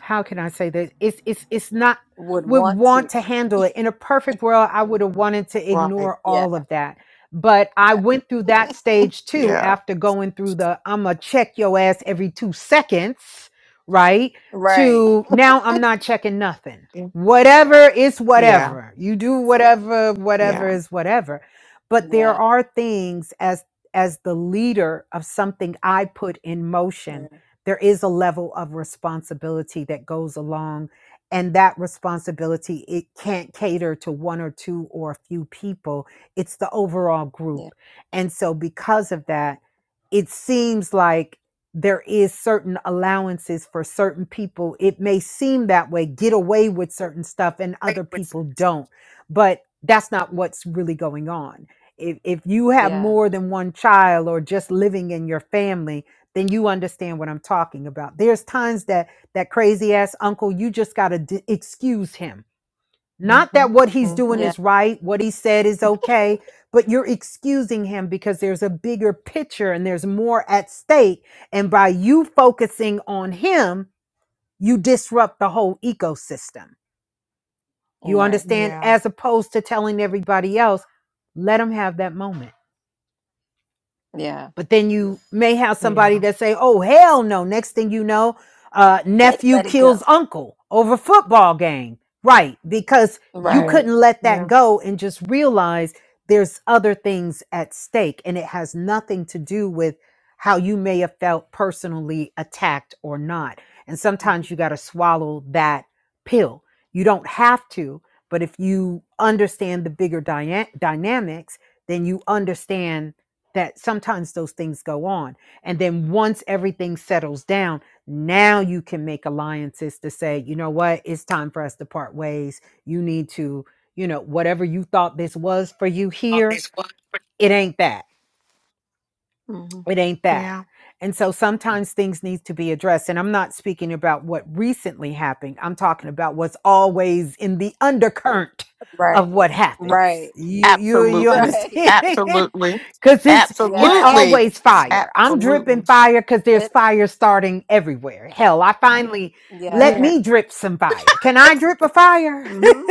Speaker 7: how can I say this? It's it's it's not
Speaker 2: Would
Speaker 7: would
Speaker 2: want to.
Speaker 7: want to handle it. In a perfect world, I would have wanted to
Speaker 4: Right.
Speaker 7: ignore
Speaker 2: Yeah,
Speaker 7: all of that. But I
Speaker 2: yeah.
Speaker 7: went through that stage too
Speaker 4: Yeah.
Speaker 7: after going through the I'ma check your ass every two seconds, right?
Speaker 2: Right.
Speaker 7: To now I'm not checking nothing. Whatever is
Speaker 4: Yeah.
Speaker 7: whatever. You do whatever,
Speaker 4: Yeah.
Speaker 7: whatever is whatever. But there
Speaker 2: Yeah.
Speaker 7: are things as as the leader of something I put in motion
Speaker 2: Yeah.
Speaker 7: there is a level of responsibility that goes along and that responsibility it can't cater to one or two or a few people it's the overall
Speaker 2: Yeah.
Speaker 7: group and so because of that it seems like there is certain allowances for certain people it may seem that way get away with certain stuff and
Speaker 4: played
Speaker 7: other
Speaker 4: with
Speaker 7: people don't but that's not what's really going on if, if you have
Speaker 2: Yeah.
Speaker 7: more than one child or just living in your family then you understand what I'm talking about. There's times that that crazy ass uncle, you just got to d- excuse him. Not
Speaker 4: Mm-hmm.
Speaker 7: that what he's doing
Speaker 4: Mm-hmm.
Speaker 2: Yeah.
Speaker 7: is right, what he said is okay, but you're excusing him because there's a bigger picture and there's more at stake. And by you focusing on him, you disrupt the whole ecosystem. You
Speaker 2: Right.
Speaker 7: understand?
Speaker 4: Yeah.
Speaker 7: As opposed to telling everybody else, let him have that moment
Speaker 2: Yeah.
Speaker 7: but then you may have somebody
Speaker 4: Yeah.
Speaker 7: that say oh hell no next thing you know uh,
Speaker 2: Can't
Speaker 7: nephew
Speaker 2: let it go.
Speaker 7: kills uncle over football game right because you
Speaker 4: Yeah.
Speaker 2: Right.
Speaker 7: couldn't let that
Speaker 4: Yeah.
Speaker 7: go and just realize there's other things at stake and it has nothing to do with how you may have felt personally attacked or not and sometimes you got to swallow that pill you don't have to but if you understand the bigger dyna- dynamics then you understand that sometimes those things go on. And then once everything settles down, now you can make alliances to say, you know what, it's time for us to part ways. You need to, you know, whatever you thought this was for you
Speaker 4: all
Speaker 7: here,
Speaker 4: this work.
Speaker 7: it ain't that.
Speaker 2: Mm-hmm.
Speaker 7: It ain't that.
Speaker 4: Yeah.
Speaker 7: And so sometimes things need to be addressed. And I'm not speaking about what recently happened. I'm talking about what's always in the undercurrent
Speaker 2: Right.
Speaker 7: of what happens.
Speaker 2: Right.
Speaker 7: You you you
Speaker 4: Absolutely.
Speaker 2: Right.
Speaker 7: understand?
Speaker 4: Absolutely.
Speaker 7: Cause it's it's
Speaker 2: Yeah.
Speaker 4: Absolutely.
Speaker 7: always fire. I'm
Speaker 4: Absolutely.
Speaker 7: dripping fire because there's
Speaker 2: It
Speaker 7: fire starting everywhere. Hell, I finally let
Speaker 2: yeah.
Speaker 4: Yeah.
Speaker 7: me drip some fire. Can I drip a fire?
Speaker 2: Mm-hmm.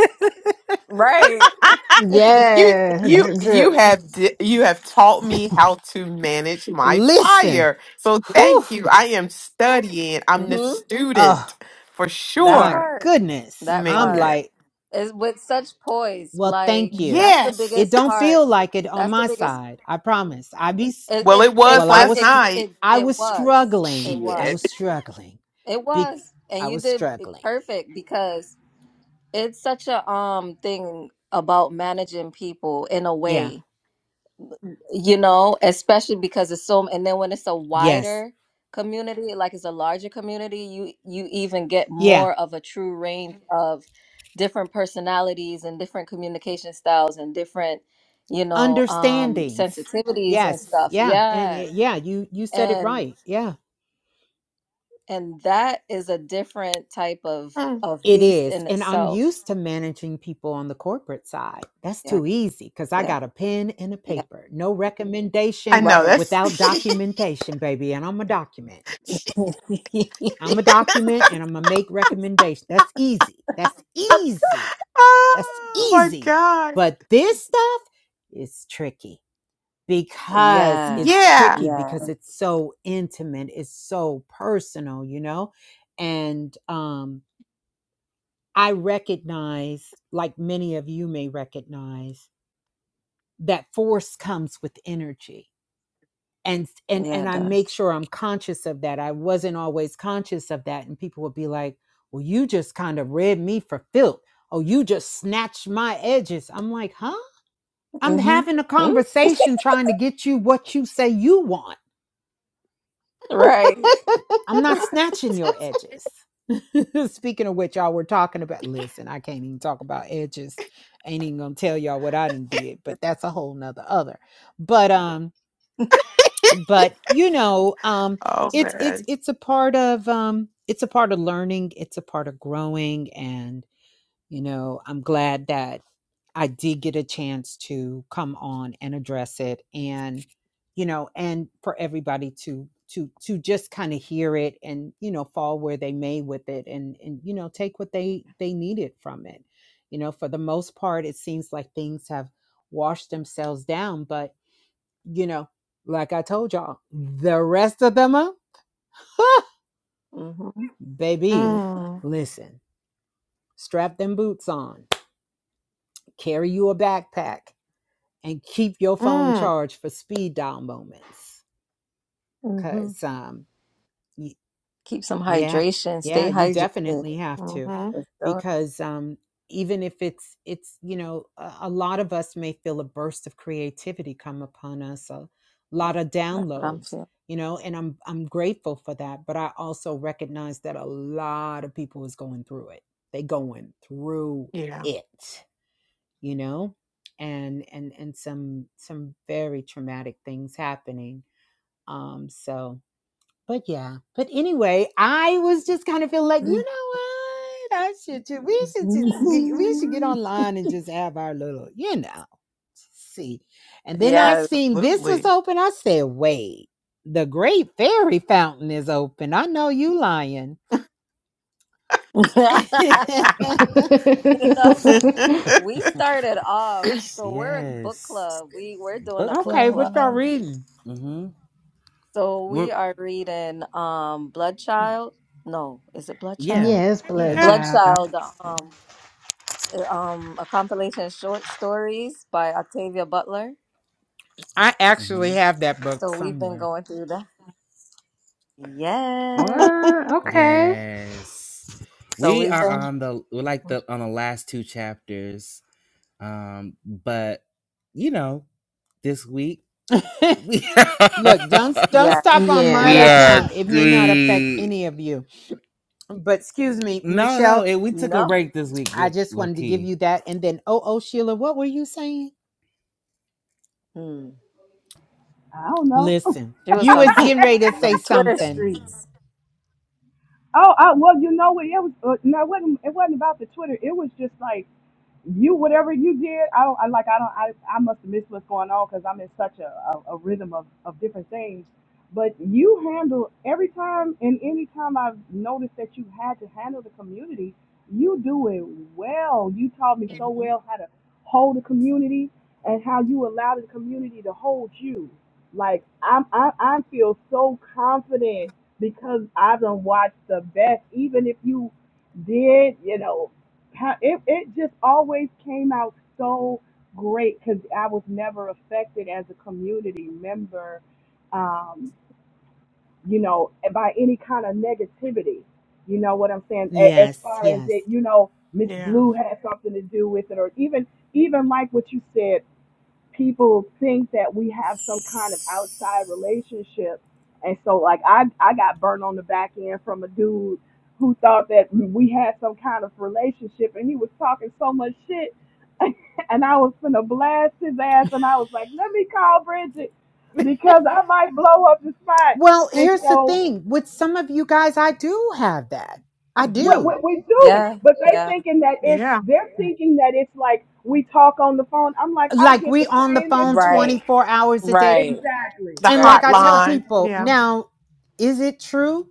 Speaker 2: Right.
Speaker 4: you
Speaker 5: Yeah.
Speaker 4: you
Speaker 5: Drip,
Speaker 4: you
Speaker 5: drip.
Speaker 4: have di- you have taught me how to manage my
Speaker 7: Listen,
Speaker 4: fire. So
Speaker 7: whew,
Speaker 4: thank you. I am studying. I'm the
Speaker 2: Mm-hmm.
Speaker 4: student
Speaker 7: oh
Speaker 4: for
Speaker 2: That
Speaker 7: my
Speaker 4: sure,
Speaker 2: part.
Speaker 7: goodness.
Speaker 2: That
Speaker 7: I'm
Speaker 2: part
Speaker 4: man.
Speaker 7: like,
Speaker 2: is with such poise.
Speaker 7: well, thank
Speaker 2: Like
Speaker 7: you.
Speaker 2: that's the
Speaker 4: Yes.
Speaker 7: It
Speaker 2: biggest
Speaker 7: don't
Speaker 2: part.
Speaker 7: feel like it on
Speaker 2: That's the
Speaker 7: my
Speaker 2: biggest.
Speaker 7: side. I promise. I be s-
Speaker 2: It
Speaker 4: Well,
Speaker 2: it
Speaker 4: it
Speaker 2: it
Speaker 4: was
Speaker 7: well. I
Speaker 2: it
Speaker 4: last
Speaker 7: was
Speaker 2: it
Speaker 7: str-
Speaker 4: night.
Speaker 2: it,
Speaker 7: I
Speaker 2: it
Speaker 7: was
Speaker 2: was.
Speaker 7: struggling.
Speaker 2: It
Speaker 7: I
Speaker 4: Shit.
Speaker 2: was.
Speaker 7: was struggling.
Speaker 2: It
Speaker 7: Be-
Speaker 2: was, and
Speaker 7: I
Speaker 2: you
Speaker 7: was
Speaker 2: did it
Speaker 7: struggling.
Speaker 2: perfect because it's such a um thing about managing people in a
Speaker 7: Yeah.
Speaker 2: way, you know, especially because it's so, and then when it's a
Speaker 7: Yes.
Speaker 2: wider community, like it's a larger community, you you even get
Speaker 7: Yeah.
Speaker 2: more of a true range of different personalities and different communication styles and different, you know, um
Speaker 7: understandings
Speaker 2: sensitivities and
Speaker 7: yes
Speaker 2: stuff.
Speaker 7: yeah and
Speaker 2: Yeah.
Speaker 7: y- yeah you you said it
Speaker 2: And
Speaker 7: right yeah
Speaker 2: and that is a different type of of
Speaker 7: it
Speaker 2: beast
Speaker 7: is
Speaker 2: in
Speaker 7: and i'm
Speaker 2: itself
Speaker 7: used to managing people on the corporate side that's
Speaker 2: yeah,
Speaker 7: too easy because i
Speaker 2: yeah,
Speaker 7: got a pen and a
Speaker 2: yeah.
Speaker 7: paper no
Speaker 4: I
Speaker 7: recommendation
Speaker 4: know
Speaker 2: Right.
Speaker 4: that's.
Speaker 7: without documentation baby and i'm a document i'm a document and i'm gonna make recommendations that's easy that's easy that's
Speaker 4: oh my
Speaker 7: easy
Speaker 4: god!
Speaker 7: but this stuff is tricky because
Speaker 2: yeah,
Speaker 7: it's
Speaker 4: Yeah,
Speaker 7: tricky
Speaker 2: yeah,
Speaker 7: because it's so intimate it's so personal you know and um i recognize like many of you may recognize that force comes with energy and and
Speaker 2: yeah.
Speaker 7: and
Speaker 2: It
Speaker 7: i
Speaker 2: does.
Speaker 7: make sure i'm conscious of that i wasn't always conscious of that and people would be like well you just kind of read me for filth oh you just snatched my edges i'm like huh i'm
Speaker 2: Mm-hmm.
Speaker 7: having a conversation trying to get you what you say you want
Speaker 2: Right.
Speaker 7: I'm not
Speaker 2: right.
Speaker 7: snatching your edges. Speaking of which, y'all were talking about. Listen, I can't even talk about edges. Ain't even gonna tell y'all what I done did, but that's a whole nother other. But um, but you know, um,
Speaker 4: Oh
Speaker 7: it's
Speaker 4: man.
Speaker 7: it's it's a part of um, it's a part of learning. It's a part of growing, and. You know, I'm glad that I did get a chance to come on and address it and you know, and for everybody to to to just kind of hear it and you know fall where they may with it and and you know take what they they needed from it. You know, for the most part it seems like things have washed themselves down, but you know, like I told y'all, the rest of them are
Speaker 2: Mm-hmm.
Speaker 7: baby,
Speaker 4: Mm.
Speaker 7: listen, strap them boots on, carry you a backpack, and keep your phone
Speaker 4: Mm.
Speaker 7: charged for speed dial moments
Speaker 2: Mm-hmm.
Speaker 7: because um y-
Speaker 2: Keep some
Speaker 7: yeah
Speaker 2: hydration.
Speaker 7: yeah
Speaker 2: Stay
Speaker 7: you
Speaker 2: hydrated.
Speaker 7: definitely
Speaker 2: For
Speaker 7: have to
Speaker 4: Mm-hmm.
Speaker 2: sure.
Speaker 7: because um even if it's it's you know a, a lot of us may feel a burst of creativity come upon us a lot of
Speaker 2: That's what I'm
Speaker 7: downloads
Speaker 2: feeling.
Speaker 7: you know and i'm i'm grateful for that but i also recognize that a lot of people is going through it they going through
Speaker 4: Yeah.
Speaker 7: it you know and and and some some very traumatic things happening um so but yeah but anyway i was just kind of feel like you know what i should ju- we should just get, we should get
Speaker 2: Mhm.
Speaker 7: online and just have our little you know see and then i
Speaker 2: Yes.
Speaker 7: seen this was
Speaker 4: Absolutely.
Speaker 7: open i said wait the great fairy fountain is open i know you lying
Speaker 2: you know,
Speaker 4: yeah.
Speaker 2: we started off, so we're a book
Speaker 1: yes.
Speaker 2: club. We we're doing a
Speaker 1: Book
Speaker 2: book
Speaker 7: okay what y'all
Speaker 2: club.
Speaker 1: club.
Speaker 7: reading
Speaker 1: Mm-hmm.
Speaker 2: So
Speaker 1: We're
Speaker 2: we are reading um Bloodchild. No, is it
Speaker 1: yeah.
Speaker 2: Bloodchild?
Speaker 5: yes, blood
Speaker 1: Yeah.
Speaker 5: child.
Speaker 2: Bloodchild, um, um, a compilation of short stories by Octavia Butler.
Speaker 7: i actually
Speaker 1: Mm-hmm.
Speaker 7: have that book
Speaker 2: So we've been
Speaker 7: somewhere
Speaker 2: going through that. Yes.
Speaker 5: What? Okay.
Speaker 1: Yes.
Speaker 2: So
Speaker 1: We
Speaker 2: we've
Speaker 1: are
Speaker 2: been,
Speaker 1: on the we're like the on the last two chapters. Um, but you know, this week. we
Speaker 7: Look, don't don't
Speaker 2: yeah,
Speaker 7: stop on my
Speaker 5: Yeah.
Speaker 1: we
Speaker 2: yeah.
Speaker 1: uh
Speaker 7: account. It may not affect
Speaker 1: we
Speaker 7: any of you. But excuse me,
Speaker 1: no no
Speaker 7: Michelle,
Speaker 1: it, we took a
Speaker 2: No.
Speaker 1: break this week
Speaker 7: I
Speaker 1: look
Speaker 7: just
Speaker 1: low
Speaker 7: wanted to give
Speaker 1: key
Speaker 7: you that. And then oh oh Sheila, what were you saying?
Speaker 2: Hmm.
Speaker 6: I don't know.
Speaker 7: Listen,
Speaker 2: She was
Speaker 7: you
Speaker 2: talking
Speaker 7: was
Speaker 2: about
Speaker 7: getting ready to say
Speaker 2: them Twitter
Speaker 7: something.
Speaker 1: Mm.
Speaker 2: streets.
Speaker 6: Oh, I, well, you know what? It was uh, no, it wasn't, it wasn't about the Twitter. It was just like you whatever you did i don't I, like i don't i, I must have missed what's going on because i'm in such a, a, a rhythm of, of different things but you handle every time and any time i've noticed that you had to handle the community you do it well you taught me so
Speaker 2: hmm
Speaker 6: well how to hold the community and how you allowed the community to hold you like i'm i, I feel so confident because i've done watched the best even if you did you know how it, it just always came out so great because I was never affected as a community member, um, you know, by any kind of negativity. You know what I'm saying? A- As
Speaker 7: Yes,
Speaker 6: far as
Speaker 7: yes.
Speaker 6: it, you know, Miss
Speaker 4: Yeah.
Speaker 6: Blue had something to do with it, or even even like what you said people think that we have some kind of outside relationship. And so like I I got burnt on the back end from a dude who thought that we had some kind of relationship and he was talking so much shit and I was finna blast his ass and I was like, Let me call Bridget because I might blow up the spot
Speaker 7: Well,
Speaker 6: and
Speaker 7: here's the
Speaker 6: so
Speaker 7: thing. With some of you guys, I do have that. I
Speaker 2: hmm
Speaker 6: what,
Speaker 7: do.
Speaker 6: what we do,
Speaker 2: Yeah,
Speaker 6: but they
Speaker 2: yeah.
Speaker 6: thinking that it's
Speaker 4: Yeah.
Speaker 6: they're thinking that it's like we talk on the phone. I'm like, I
Speaker 7: like
Speaker 6: get
Speaker 7: we
Speaker 6: the
Speaker 7: on the
Speaker 6: same
Speaker 7: phone
Speaker 6: as blue.
Speaker 2: Right,
Speaker 7: 24 hours a day
Speaker 2: right,
Speaker 6: Exactly.
Speaker 4: The
Speaker 7: and
Speaker 2: right.
Speaker 7: like i
Speaker 6: I'm
Speaker 7: tell
Speaker 6: like,
Speaker 4: hotline.
Speaker 7: people
Speaker 4: Yeah.
Speaker 7: now is it true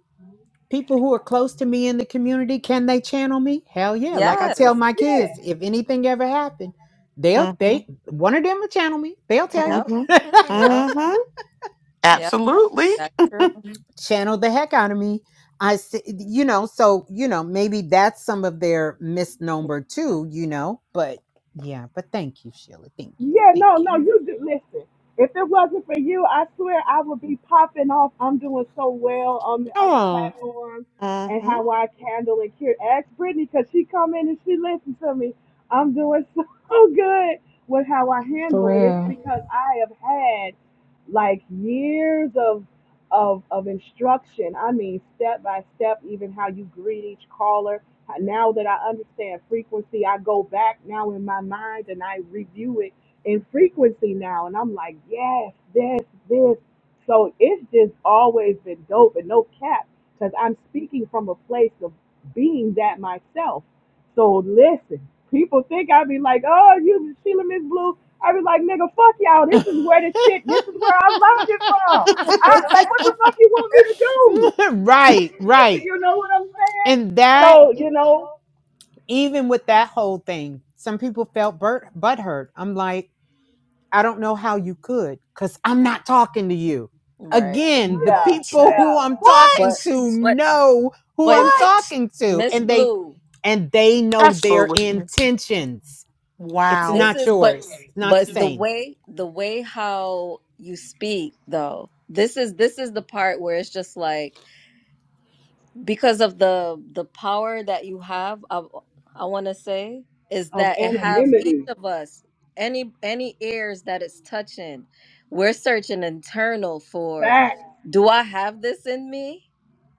Speaker 7: people who are close to me in the community can they channel me hell yeah like i
Speaker 2: Yes.
Speaker 7: tell my
Speaker 6: yeah.
Speaker 7: kids if anything ever happened they'll
Speaker 4: Mm-hmm.
Speaker 7: they one of them will channel me they'll tell you
Speaker 2: Yep,
Speaker 4: Mm-hmm.
Speaker 2: yep,
Speaker 4: Mm-hmm.
Speaker 2: yep.
Speaker 4: Absolutely.
Speaker 2: That's true.
Speaker 7: channel the heck out of me i s- you know so you know maybe that's some of their misnomer too you know but yeah but thank you sheila thank you
Speaker 6: Yeah,
Speaker 7: thank
Speaker 6: no,
Speaker 7: you
Speaker 6: no,
Speaker 2: Yeah.
Speaker 6: you do. Listen, if it wasn't for you, I swear I would be popping off. I'm doing so well on the other
Speaker 7: oh
Speaker 6: platforms and
Speaker 4: Mm-hmm.
Speaker 6: how I handle and cure. Ask Brittany because she come in and she listens to me. I'm doing so good with how I
Speaker 5: For
Speaker 6: handle it. It's
Speaker 5: real.
Speaker 6: because I have had like years of of of instruction. I mean, step by step, even how you greet each caller. Now that I understand frequency, I go back now in my mind and I review it in frequency now. And I'm like, yes, this, this. So it's just always been dope and no cap because I'm speaking from a place of being that myself. So listen, people think I'd be like, oh, you Sheila Miss Blue. I'd be like, nigga, fuck y'all. This is where the shit, this is where I learned it from. I, like, what the fuck you want me to
Speaker 7: right
Speaker 6: do?
Speaker 7: right
Speaker 6: you know what I'm
Speaker 7: And
Speaker 6: saying?
Speaker 7: that,
Speaker 6: So, you know,
Speaker 7: even with that whole thing, some people felt burt, butthurt. I'm like, I don't know how you could, because I'm not talking to you.
Speaker 2: Right,
Speaker 7: Again, the
Speaker 6: yeah,
Speaker 4: What?
Speaker 7: people
Speaker 2: right.
Speaker 7: who
Speaker 6: yeah,
Speaker 7: I'm talking
Speaker 2: But,
Speaker 4: What?
Speaker 7: to
Speaker 2: but,
Speaker 7: know who
Speaker 2: but
Speaker 7: I'm
Speaker 4: What?
Speaker 7: talking to,
Speaker 2: Miss
Speaker 7: and they
Speaker 2: Blue.
Speaker 7: and they know
Speaker 4: That's
Speaker 7: their
Speaker 4: foolishness.
Speaker 7: intentions. It's
Speaker 4: Wow.
Speaker 2: This
Speaker 7: not
Speaker 2: is but
Speaker 7: yours. It's not the
Speaker 2: but the
Speaker 7: same.
Speaker 2: way the way how you speak though. This is this is the part where it's just like because of the the power that you have I, I want to say is
Speaker 6: of
Speaker 2: that it have each
Speaker 6: anonymity.
Speaker 2: of us any any ears that it's touching we're searching internal for do I have this in me?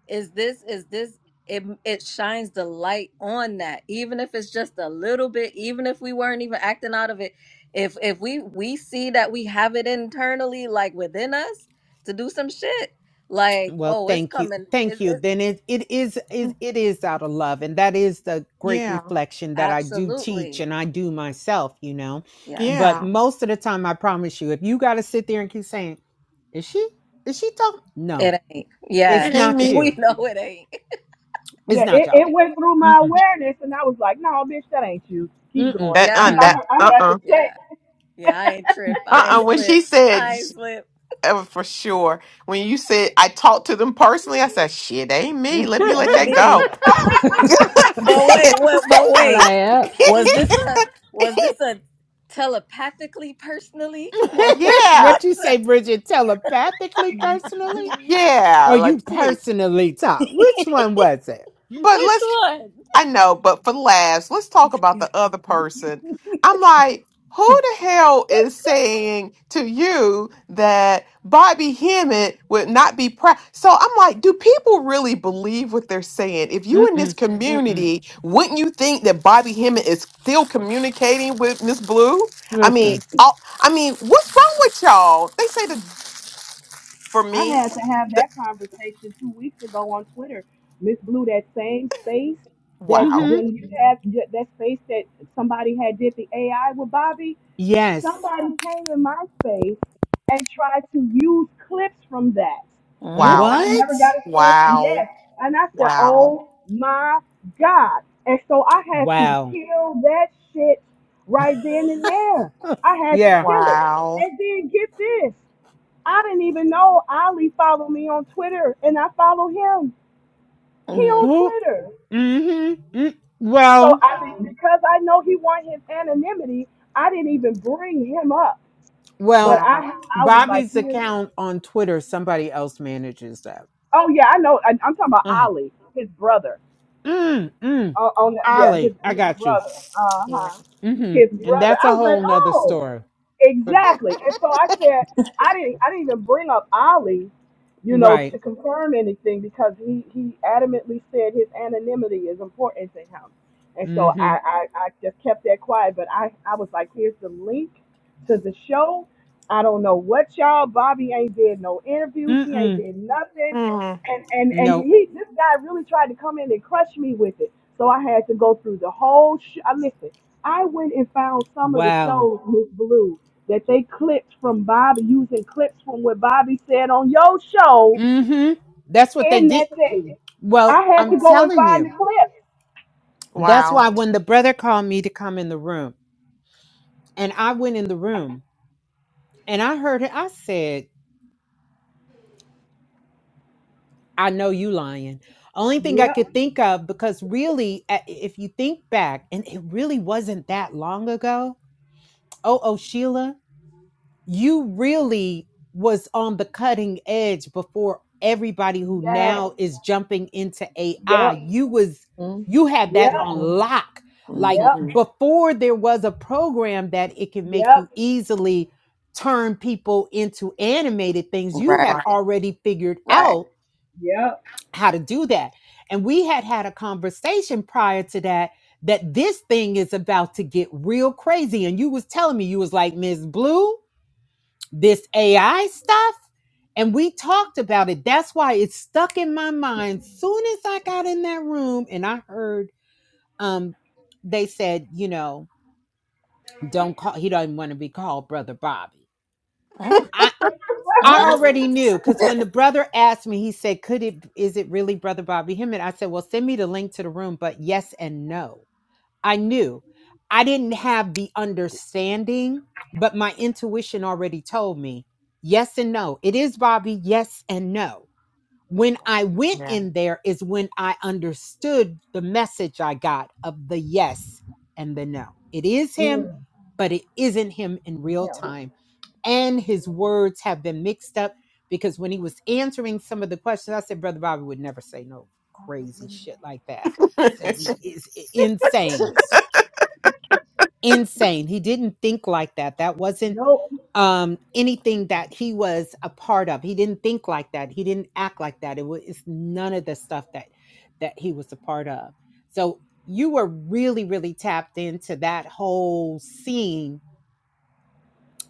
Speaker 2: is this is this it it shines the light on that even if it's just a little bit even if we weren't even acting out of it if if we we see that we have it internally like within us to do some shit like
Speaker 7: Well,
Speaker 2: oh it's
Speaker 7: thank you.
Speaker 2: coming
Speaker 7: Thank
Speaker 2: it's
Speaker 7: you.
Speaker 2: it's-
Speaker 7: Then it, it is is it is out of love. And that is the great
Speaker 4: Yeah.
Speaker 7: reflection that I do teach
Speaker 2: absolutely
Speaker 7: and I do myself, you know.
Speaker 2: yes
Speaker 7: But
Speaker 4: Yeah.
Speaker 7: most of the time I promise you, if you gotta sit there and keep saying, Is she is she talking? No,
Speaker 2: it ain't yeah
Speaker 7: it's
Speaker 4: It ain't
Speaker 7: not
Speaker 4: me.
Speaker 2: we
Speaker 7: you.
Speaker 2: know it ain't
Speaker 6: Yeah,
Speaker 7: It's not
Speaker 6: it,
Speaker 7: y'all.
Speaker 6: it went through my
Speaker 7: Mm-mm.
Speaker 6: awareness, and I was like, "No, bitch, that ain't you." Keep
Speaker 7: Mm-mm.
Speaker 6: going.
Speaker 4: That uh
Speaker 6: You know, I,
Speaker 2: yeah
Speaker 4: that
Speaker 7: Mm-mm.
Speaker 6: I
Speaker 4: uh
Speaker 6: had to
Speaker 4: uh
Speaker 6: check.
Speaker 2: yeah yeah i ain't trip
Speaker 4: uh
Speaker 2: i ain't
Speaker 4: uh. When
Speaker 2: slip
Speaker 4: she said
Speaker 2: i
Speaker 4: sh-
Speaker 2: ain't slip
Speaker 4: uh, for sure, when you said I talked to them personally, I said shit ain't me. Let me let
Speaker 2: that
Speaker 4: that
Speaker 2: be
Speaker 4: go.
Speaker 2: But wait, what? But
Speaker 5: I like,
Speaker 2: wait,
Speaker 5: yep.
Speaker 2: was this a was this a telepathically personally or was
Speaker 4: yeah.
Speaker 7: what you
Speaker 2: it,
Speaker 7: say, Bridget, telepathically, personally?
Speaker 4: Yeah.
Speaker 7: Or you
Speaker 4: Like please.
Speaker 7: personally talk? Which one was it?
Speaker 4: But
Speaker 2: which
Speaker 4: let's
Speaker 2: one?
Speaker 4: I know, but for laughs, let's talk about the other person. I'm like, who the hell is saying to you that Bobby Hemmett would not be proud? So I'm like, do people really believe what they're saying? If you in this
Speaker 7: Mm-mm. Mm-mm.
Speaker 4: community, wouldn't you think that Bobby Hemmett is still communicating with Miss Blue? I mean,
Speaker 7: Listen.
Speaker 4: I, I mean, what's wrong with y'all? They say that for
Speaker 6: I
Speaker 4: me.
Speaker 6: had to have
Speaker 4: The,
Speaker 6: that conversation two weeks ago on Twitter. Miss Blue, that same space that
Speaker 4: wow,
Speaker 7: Mm-hmm.
Speaker 6: when you had that that space that somebody had did the AI with Bobby,
Speaker 7: Yes.
Speaker 6: somebody came in my space and tried to use clips from that. This
Speaker 2: Mm,
Speaker 4: wow,
Speaker 6: I never got
Speaker 7: What?
Speaker 6: a chance to
Speaker 4: wow,
Speaker 6: yes. And I said,
Speaker 4: wow,
Speaker 6: Oh my God. And so I had to
Speaker 7: Wow.
Speaker 6: kill that shit right then and there. I had to
Speaker 7: Yeah.
Speaker 6: kill it.
Speaker 4: wow.
Speaker 6: And then get this. I didn't even know Ali followed me on Twitter, and I follow him. He
Speaker 2: mm,
Speaker 6: on
Speaker 7: Who?
Speaker 6: Twitter.
Speaker 7: Mm-hmm. Mm.
Speaker 6: So
Speaker 7: Well,
Speaker 6: I didn't- because I know he want his anonymity, I didn't even bring him up. But
Speaker 7: well,
Speaker 4: Wow.
Speaker 6: I I was like,
Speaker 7: Bobby's
Speaker 6: here.
Speaker 7: account on Twitter, somebody else manages that.
Speaker 6: Oh yeah, I know. I, I'm talking about
Speaker 7: Uh-huh.
Speaker 6: Ali, his brother.
Speaker 7: Mm, mm.
Speaker 6: on, on the- yeah, his,
Speaker 7: Ollie, I
Speaker 6: his
Speaker 7: got you.
Speaker 6: brother. Uh
Speaker 4: Yeah.
Speaker 6: huh.
Speaker 7: Mm-hmm.
Speaker 6: His
Speaker 7: And
Speaker 6: brother.
Speaker 7: that's
Speaker 6: I
Speaker 7: a
Speaker 6: was like,
Speaker 7: whole nother
Speaker 6: oh,
Speaker 7: story. But
Speaker 6: exactly. And so I said, I didn't, I didn't even bring up Ali, you know,
Speaker 7: right.
Speaker 6: to confirm anything because he he adamantly said his anonymity is important to him. And so
Speaker 7: Mm-hmm.
Speaker 6: I, I, I just kept that quiet, but I, I was like, here's the link to the show. I don't know what y'all. Bobby ain't did no interviews. He ain't
Speaker 7: Mm-mm.
Speaker 6: did nothing
Speaker 4: Mm,
Speaker 6: and and and
Speaker 7: Nope.
Speaker 6: he this guy really tried to come in and crush me with it. So I had to go through the whole. Sh- I listen. I went and found some of the
Speaker 7: Wow.
Speaker 6: shows Miss Blue that they clipped from Bobby using clips from what Bobby said on your show
Speaker 7: Mm-hmm. That's what they
Speaker 6: in
Speaker 7: did.
Speaker 6: that thing.
Speaker 7: Well,
Speaker 6: I had
Speaker 7: I'm
Speaker 6: to go and
Speaker 7: telling
Speaker 6: find the
Speaker 7: you.
Speaker 6: clips.
Speaker 7: That's
Speaker 4: wow.
Speaker 7: why when the brother called me to come in the room, and I went in the room and I heard it. I said, I know you lying. Only thing I
Speaker 6: Yep.
Speaker 7: could think of, because really, a- if you think back, and it really wasn't that long ago. Oh, oh, Sheila. you really was on the cutting edge before everybody who
Speaker 6: Yes.
Speaker 7: now is jumping into
Speaker 6: Yep.
Speaker 7: AI. You was
Speaker 2: mm,
Speaker 7: you had
Speaker 6: Yep.
Speaker 7: that on
Speaker 4: Mhm.
Speaker 7: lock. Like
Speaker 6: Yep.
Speaker 2: mhm.
Speaker 7: before there was a program that it can make
Speaker 6: Yep.
Speaker 7: you easily turn people into animated things, you
Speaker 2: Right,
Speaker 4: Wow.
Speaker 7: had already figured
Speaker 2: right.
Speaker 7: out
Speaker 6: Yep.
Speaker 7: how to do that. And we had had a conversation prior to that that this thing is about to get real crazy and you was telling me you was like Ms. Blue this AI stuff. And we talked about it. That's why it stuck in my mind. Soon as I got in that room and I heard um they said, you know, don't call he doesn't want to be called brother Bobby.
Speaker 2: Mm,
Speaker 7: I I
Speaker 2: mm,
Speaker 7: already knew because when the brother asked me, he said, Could it is it really brother Bobby Him? And I said, Well, send me the link to the room, but yes and no I knew. I didn't have the understanding, but my intuition already told me yes and no. It is Bobby, yes and no. When I went
Speaker 4: Yeah.
Speaker 7: in there is when I understood the message I got of the yes and the no. It is him,
Speaker 6: Mm.
Speaker 7: but it isn't him in real time. And his words have been mixed up because when he was answering some of the questions, I said, Brother Bobby would never say no crazy shit like that. It's it's insane
Speaker 2: just-
Speaker 7: insane. He didn't think like that. That wasn't
Speaker 6: Nope.
Speaker 7: um anything that he was a part of he didn't think like that he didn't act like that it was it's none of the stuff that that he was a part of so you were really really tapped into that whole scene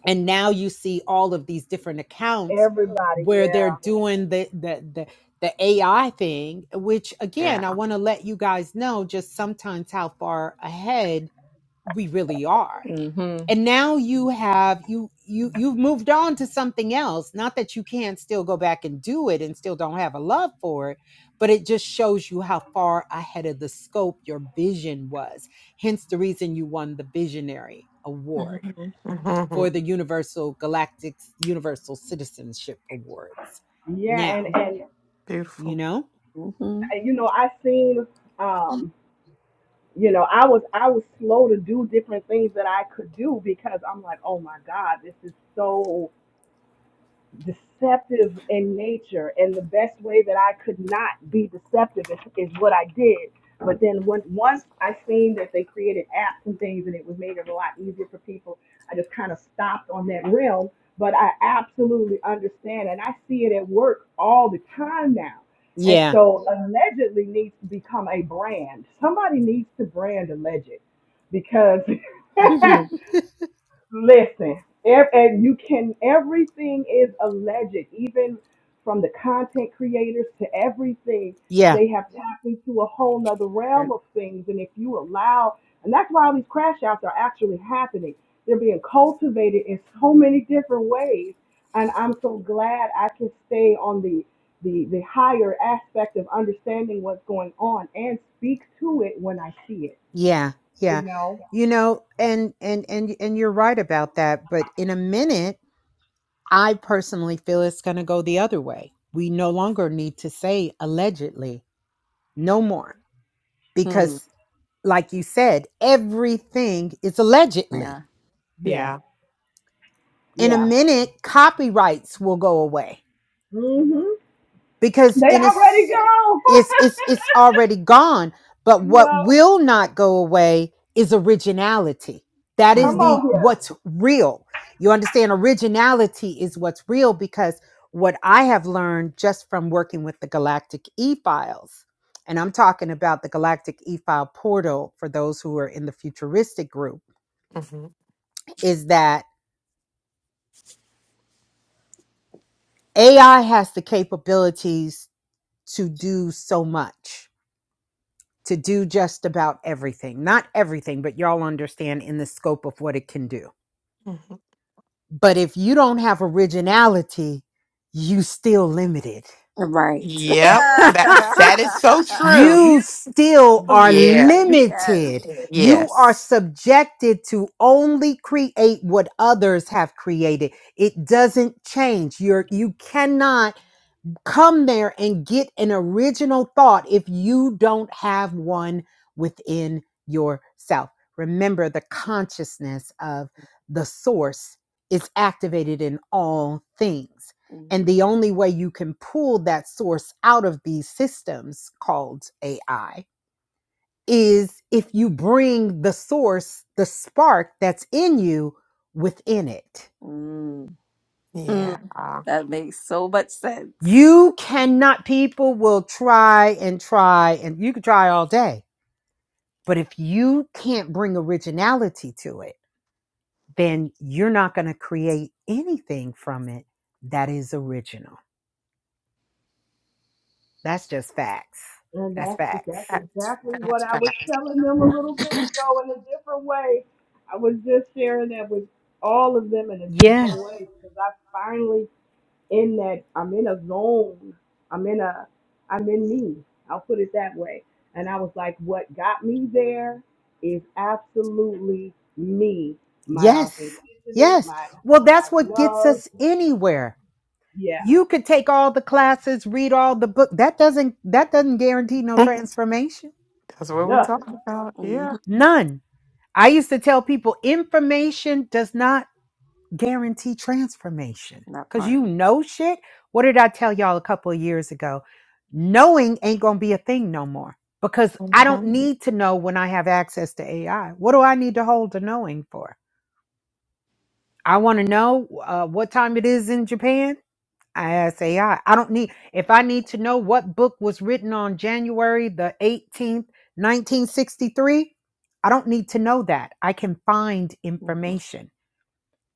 Speaker 7: and now you see all of these different accounts
Speaker 6: Everybody.
Speaker 7: where they're
Speaker 6: Yeah.
Speaker 7: doing the the the, the ai thing which
Speaker 4: Yeah.
Speaker 7: again i want to let you guys know just sometimes how far ahead we really are
Speaker 2: Mhm,
Speaker 7: and now you have you you you've moved on to something else not that you can't still go back and do it and still don't have a love for it but it just shows you how far ahead of the scope your vision was hence the reason you won the visionary award
Speaker 2: mhm,
Speaker 4: hmm
Speaker 7: for the universal galactic universal citizenship awards
Speaker 6: Yeah. And
Speaker 7: now
Speaker 6: and.
Speaker 7: you
Speaker 4: Beautiful.
Speaker 7: know
Speaker 2: mhm,
Speaker 6: you know, I seen, um, you know, I was I was slow to do different things that I could do because I'm like, oh my God, this is so deceptive in nature and the best way that i could not be deceptive is, is what i did but then when, once i seen that they created apps and things and it was made it a lot easier for people i just kind of stopped on that realm but i absolutely understand and i see it at work all the time now and
Speaker 7: yeah
Speaker 6: so allegedly needs to become a brand somebody needs to brand alleged because
Speaker 4: Mhm.
Speaker 6: Listen, ev- and you can, everything is alleged, even from the content creators to everything.
Speaker 7: yeah
Speaker 6: They have tapped into a whole nother
Speaker 4: Yeah.
Speaker 6: realm of things. And if you allow, and that's why all these crash outs are actually happening, they're being cultivated in so many different ways. And I'm so glad I can stay on the, the, the higher aspect of understanding what's going on and speak to it when I see it,
Speaker 7: yeah yeah
Speaker 6: you know?
Speaker 7: you know and and and and you're right about that but in a minute I personally feel it's going to go the other way. We no longer need to say allegedly, no more,
Speaker 2: mm,
Speaker 7: because, like you said, everything is allegedly.
Speaker 2: Yeah,
Speaker 6: Yeah,
Speaker 4: Yeah.
Speaker 7: In a
Speaker 6: yeah.
Speaker 7: minute, copyrights will go away.
Speaker 6: Mm-hmm.
Speaker 7: because
Speaker 6: They
Speaker 7: in a
Speaker 6: already
Speaker 7: s-
Speaker 6: gone.
Speaker 7: it's it's it's already gone but what
Speaker 6: yep.
Speaker 7: will not go away is originality that
Speaker 6: Come
Speaker 7: is
Speaker 4: hmm
Speaker 6: on
Speaker 7: the
Speaker 6: here.
Speaker 7: what's real you understand originality is what's real because what i have learned just from working with the galactic e-files and i'm talking about the galactic e-file portal for those who are in the futuristic group
Speaker 4: hmm
Speaker 7: is that ai has the capabilities to do so much to do just about everything. Not everything, but y'all understand in the scope of what it can do.
Speaker 4: hmm
Speaker 7: But if you don't have originality, you still limited.
Speaker 2: right.
Speaker 4: Yep. That that is so true.
Speaker 7: you still are
Speaker 4: Yeah.
Speaker 2: yes.
Speaker 7: limited. You are
Speaker 4: Yes.
Speaker 7: subjected to only create what others have created. It doesn't change. You're you cannot Come there and get an original thought if you don't have one within yourself. Remember, the consciousness of the source is activated in all things. And
Speaker 2: Mhm,
Speaker 7: the only way you can pull that source out of these systems called AI is if you bring the source, the spark that's in you within it.
Speaker 2: mm, mm.
Speaker 4: Yeah. Uh,
Speaker 2: That makes so much sense.
Speaker 7: You cannot, people will try and try, and you can try all day. But if you can't bring originality to it, then you're not going to create anything from it that is original. That's just facts.
Speaker 6: And
Speaker 7: That's
Speaker 6: that's
Speaker 7: facts.
Speaker 6: that's
Speaker 4: That's
Speaker 6: exactly what
Speaker 4: that's
Speaker 6: I was
Speaker 4: fact.
Speaker 6: telling them a little bit ago in a different way. I was just sharing that with all of them in a different
Speaker 7: Yeah.
Speaker 6: way because I finally in that I'm in a zone. I'm in a I'm in me. I'll put it that way. And I was like, what got me there is absolutely me, my
Speaker 7: Yes.
Speaker 6: authenticity,
Speaker 7: Yes.
Speaker 6: my
Speaker 7: Well,
Speaker 6: what I
Speaker 7: that's what gets
Speaker 6: love.
Speaker 7: us anywhere.
Speaker 6: Yeah.
Speaker 7: You could take all the classes, read all the book. That doesn't that doesn't guarantee no transformation.
Speaker 4: That's what we
Speaker 6: nothing.
Speaker 4: talking about. Yeah.
Speaker 2: Mhm,
Speaker 7: None. I used to tell people information does not guarantee transformation
Speaker 2: That
Speaker 7: because
Speaker 2: part.
Speaker 7: you know shit. What did I tell y'all a couple of years ago? Knowing ain't going to be a thing no more because I don't
Speaker 4: Mm-hmm.
Speaker 7: need to know when I have access to AI. What do I need to hold the knowing for? I want to know uh, what time it is in Japan. I ask AI. I I don't need, if I need to know what book was written on January the 18th, 1963, I don't need to know that. I can find
Speaker 2: Mhm.
Speaker 7: information.